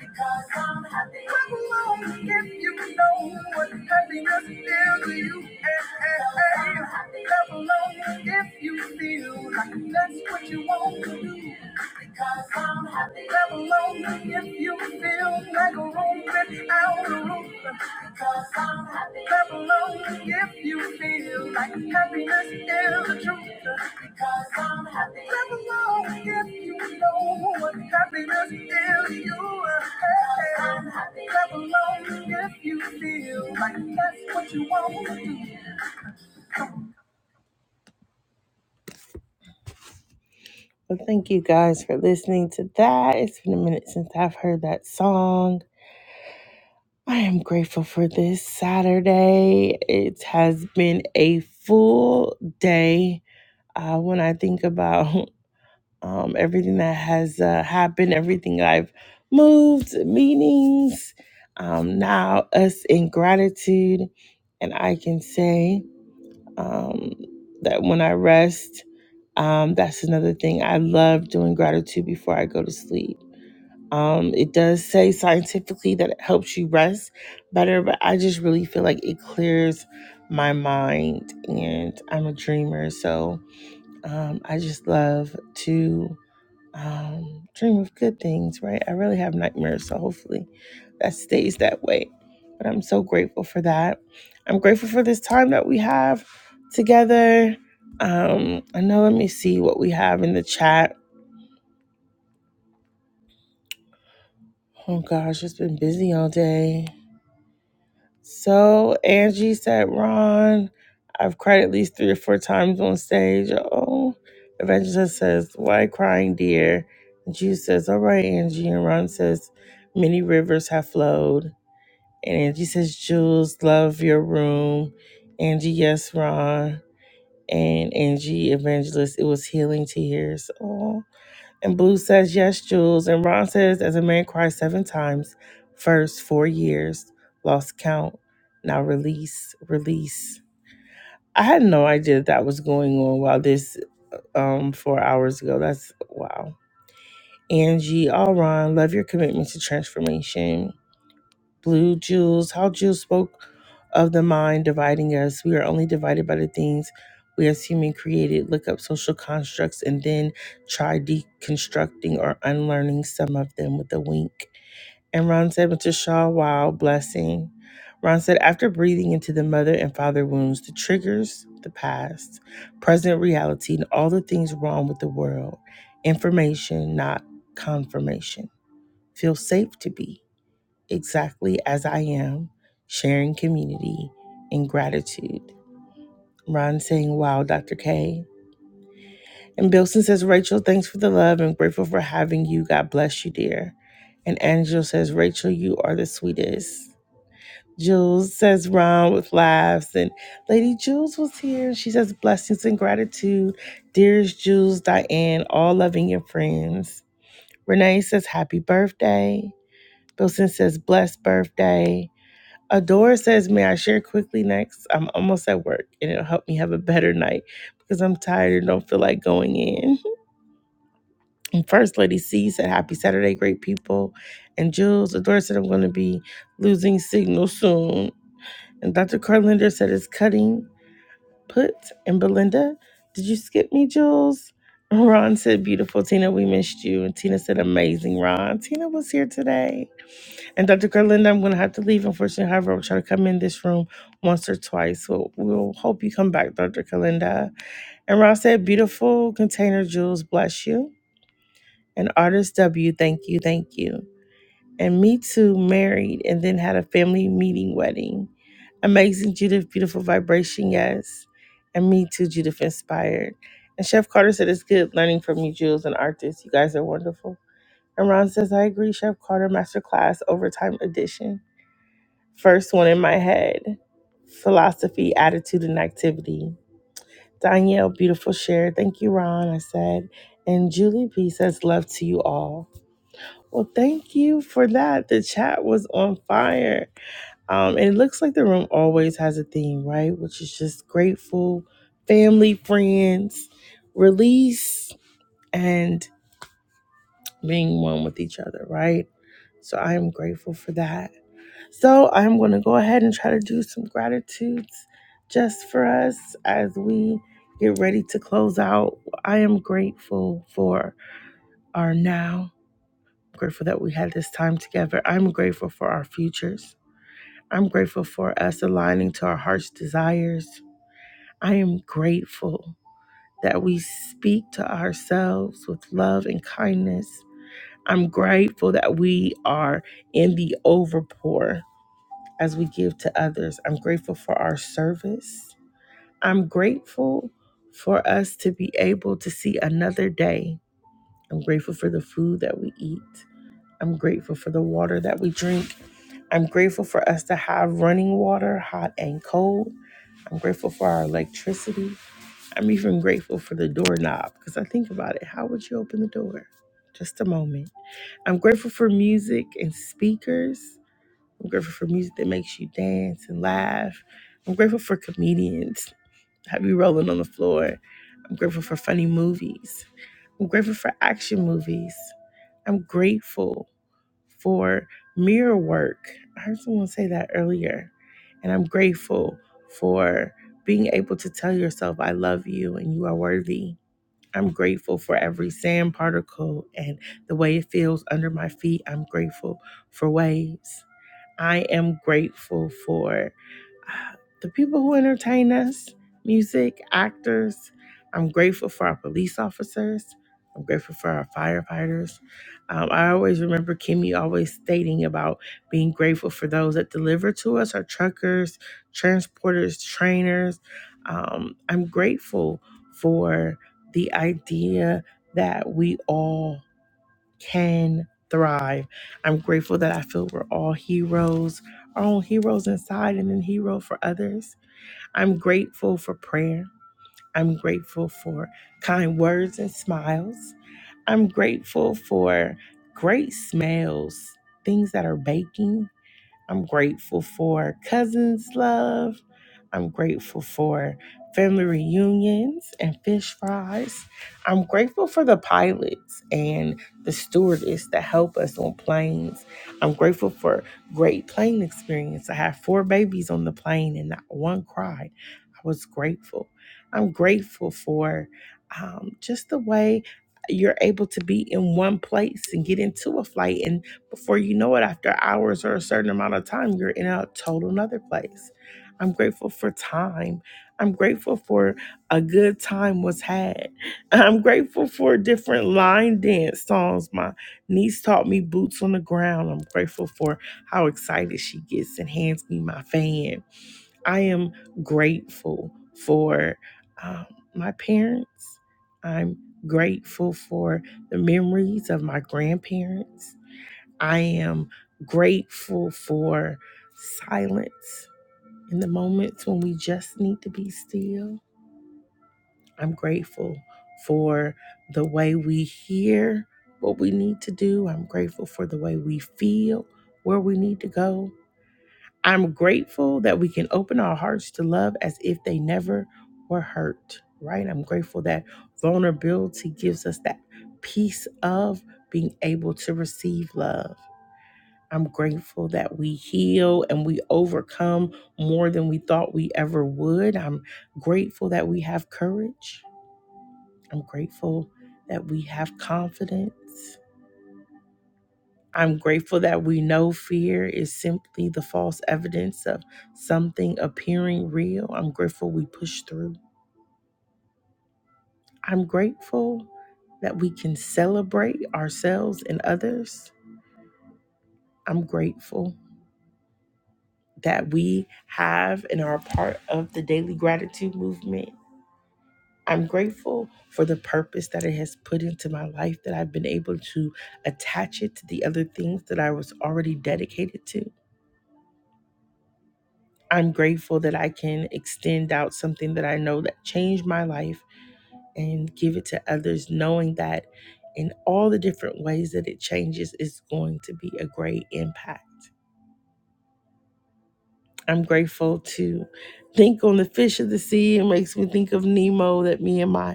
Speaker 18: Because I'm happy. Clap along if you know what happiness is to you. Hey, hey, hey. Clap along if you feel like that's what you want to do. Because I'm happy. Clap along if you feel like Cause I'm happy. Clap along if you feel like happiness is the truth. Because I'm happy. Clap along if you know what happiness is to you. Hey. I'm happy. Clap along if you feel like that's what you want to do. Well, thank you guys for listening to that. It's been a minute since I've heard that song. I am grateful for this Saturday. It has been a full day. Uh, when I think about um, everything that has uh, happened, everything I've moved, meetings, um, now us in gratitude. And I can say um, that when I rest, um, that's another thing. I love doing gratitude before I go to sleep um, it does say scientifically that it helps you rest better, but I just really feel like it clears my mind and I'm a dreamer. So um, I just love to um, dream of good things, right? I really have nightmares. So hopefully that stays that way. But I'm so grateful for that. I'm grateful for this time that we have together. Um, I know, let me see what we have in the chat. Oh gosh, it's been busy all day. So Angie said, Ron, I've cried at least three or four times on stage. Oh, Evangelist says, Why crying, dear? And she says, All right, Angie. And Ron says, Many rivers have flowed. And Angie says, Jules, love your room. Angie, yes, Ron. And Angie, Evangelist, it was healing tears. Oh. And Blue says, Yes, Jules. And Ron says, As a man cries seven times, first four years, lost count, now release, release. I had no idea that was going on while this um four hours ago. That's wow. Angie, all Ron, love your commitment to transformation. Blue, Jules, how Jules spoke of the mind dividing us. We are only divided by the things we as human created. Look up social constructs and then try deconstructing or unlearning some of them with a wink. And Ron said, Mr. Shaw, wow, blessing. Ron said, after breathing into the mother and father wounds, the triggers, the past, present reality, and all the things wrong with the world, information, not confirmation. Feel safe to be exactly as I am, sharing community and gratitude. Ron saying, Wow, Dr. K. And Bilson says, Rachel, thanks for the love and grateful for having you. God bless you, dear. And Angel says, Rachel, you are the sweetest. Jules says, Ron with laughs. And Lady Jules was here. She says, Blessings and gratitude. Dearest Jules, Diane, all loving your friends. Renee says, Happy birthday. Bilson says, Blessed birthday. Adora says, May I share quickly next? I'm almost at work and it'll help me have a better night because I'm tired and don't feel like going in. And First Lady C said, Happy Saturday, great people. And Jules, Adora said, I'm going to be losing signal soon. And Dr. Carlinder said, It's cutting. Put and Belinda, did you skip me, Jules? Ron said, Beautiful. Tina, we missed you. And Tina said, Amazing, Ron. Tina was here today. And Dr. Gerlinda, I'm going to have to leave. Unfortunately, however, I'll try to come in this room once or twice. So we'll hope you come back, Dr. Gerlinda. And Ron said, beautiful container Jules. bless you. And artist W, thank you, thank you. And me too, married and then had a family meeting wedding. Amazing, Judith, beautiful vibration, yes. And me too, Judith, inspired. And Chef Carter said, it's good learning from you, Jules and Artist. You guys are wonderful. And Ron says, I agree, Chef Carter, masterclass, overtime edition. First one in my head philosophy, attitude, and activity. Danielle, beautiful share. Thank you, Ron. I said. And Julie B says, love to you all. Well, thank you for that. The chat was on fire. Um, and it looks like the room always has a theme, right? Which is just grateful, family, friends, release, and being one with each other, right? So I am grateful for that. So I'm going to go ahead and try to do some gratitudes just for us as we get ready to close out. I am grateful for our now, grateful that we had this time together. I'm grateful for our futures. I'm grateful for us aligning to our heart's desires. I am grateful that we speak to ourselves with love and kindness. I'm grateful that we are in the overpour as we give to others. I'm grateful for our service. I'm grateful for us to be able to see another day. I'm grateful for the food that we eat. I'm grateful for the water that we drink. I'm grateful for us to have running water, hot and cold. I'm grateful for our electricity. I'm even grateful for the doorknob because I think about it. How would you open the door? Just a moment. I'm grateful for music and speakers. I'm grateful for music that makes you dance and laugh. I'm grateful for comedians, have you rolling on the floor. I'm grateful for funny movies. I'm grateful for action movies. I'm grateful for mirror work. I heard someone say that earlier. And I'm grateful for being able to tell yourself, I love you and you are worthy. I'm grateful for every sand particle and the way it feels under my feet. I'm grateful for waves. I am grateful for uh, the people who entertain us music, actors. I'm grateful for our police officers. I'm grateful for our firefighters. Um, I always remember Kimmy always stating about being grateful for those that deliver to us our truckers, transporters, trainers. Um, I'm grateful for the idea that we all can thrive. I'm grateful that I feel we're all heroes, our own heroes inside and then hero for others. I'm grateful for prayer. I'm grateful for kind words and smiles. I'm grateful for great smells, things that are baking. I'm grateful for cousins' love. I'm grateful for family reunions and fish fries. I'm grateful for the pilots and the stewardess that help us on planes. I'm grateful for great plane experience. I had four babies on the plane and not one cried. I was grateful. I'm grateful for um, just the way you're able to be in one place and get into a flight and. Before you know it, after hours or a certain amount of time, you're in a total another place. I'm grateful for time. I'm grateful for a good time was had. I'm grateful for different line dance songs. My niece taught me boots on the ground. I'm grateful for how excited she gets and hands me my fan. I am grateful for um, my parents. I'm grateful for the memories of my grandparents. I am grateful for silence in the moments when we just need to be still. I'm grateful for the way we hear what we need to do. I'm grateful for the way we feel where we need to go. I'm grateful that we can open our hearts to love as if they never were hurt, right? I'm grateful that vulnerability gives us that peace of being able to receive love. I'm grateful that we heal and we overcome more than we thought we ever would. I'm grateful that we have courage. I'm grateful that we have confidence. I'm grateful that we know fear is simply the false evidence of something appearing real. I'm grateful we push through. I'm grateful that we can celebrate ourselves and others. I'm grateful that we have and are a part of the daily gratitude movement I'm grateful for the purpose that it has put into my life, that I've been able to attach it to the other things that I was already dedicated to. I'm grateful that I can extend out something that I know that changed my life and give it to others, knowing that in all the different ways that it changes, it's going to be a great impact. I'm grateful to think on the fish of the sea. It makes me think of Nemo that me and my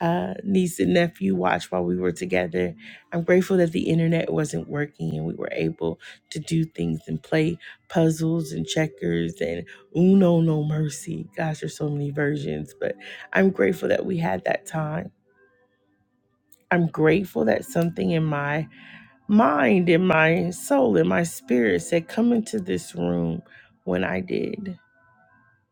Speaker 18: uh, niece and nephew watched while we were together. I'm grateful that the internet wasn't working and we were able to do things and play puzzles and checkers and Uno No Mercy. Gosh, there's so many versions, but I'm grateful that we had that time. I'm grateful that something in my mind, in my soul, in my spirit said, come into this room when I did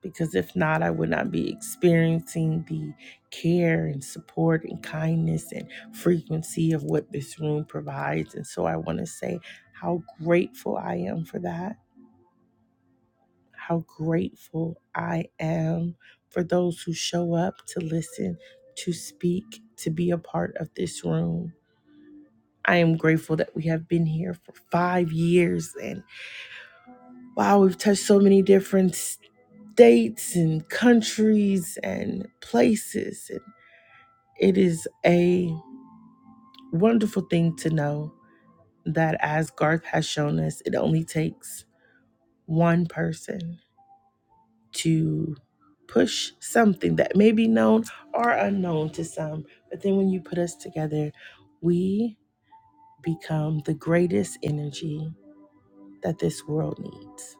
Speaker 18: because if not, I would not be experiencing the care and support and kindness and frequency of what this room provides. And so I want to say how grateful I am for that, how grateful I am for those who show up to listen, to speak, to be a part of this room. I am grateful that we have been here for five years and wow, we've touched so many different states and countries and places and It is a wonderful thing to know that, as Garth has shown us, it only takes one person to push something that may be known or unknown to some. But then when you put us together, we become the greatest energy that this world needs.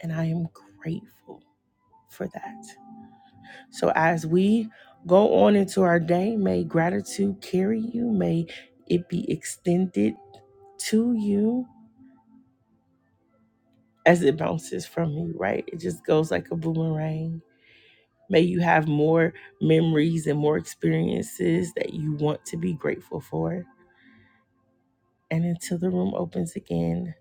Speaker 18: And I am grateful for that. So as we go on into our day, may gratitude carry you, may it be extended to you as it bounces from you, right? It just goes like a boomerang. May you have more memories and more experiences that you want to be grateful for. And until the room opens again,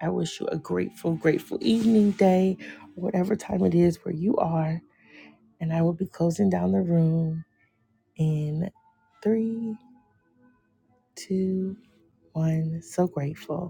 Speaker 18: I wish you a grateful, grateful evening, day, whatever time it is where you are. And I will be closing down the room in three, two, one. So grateful.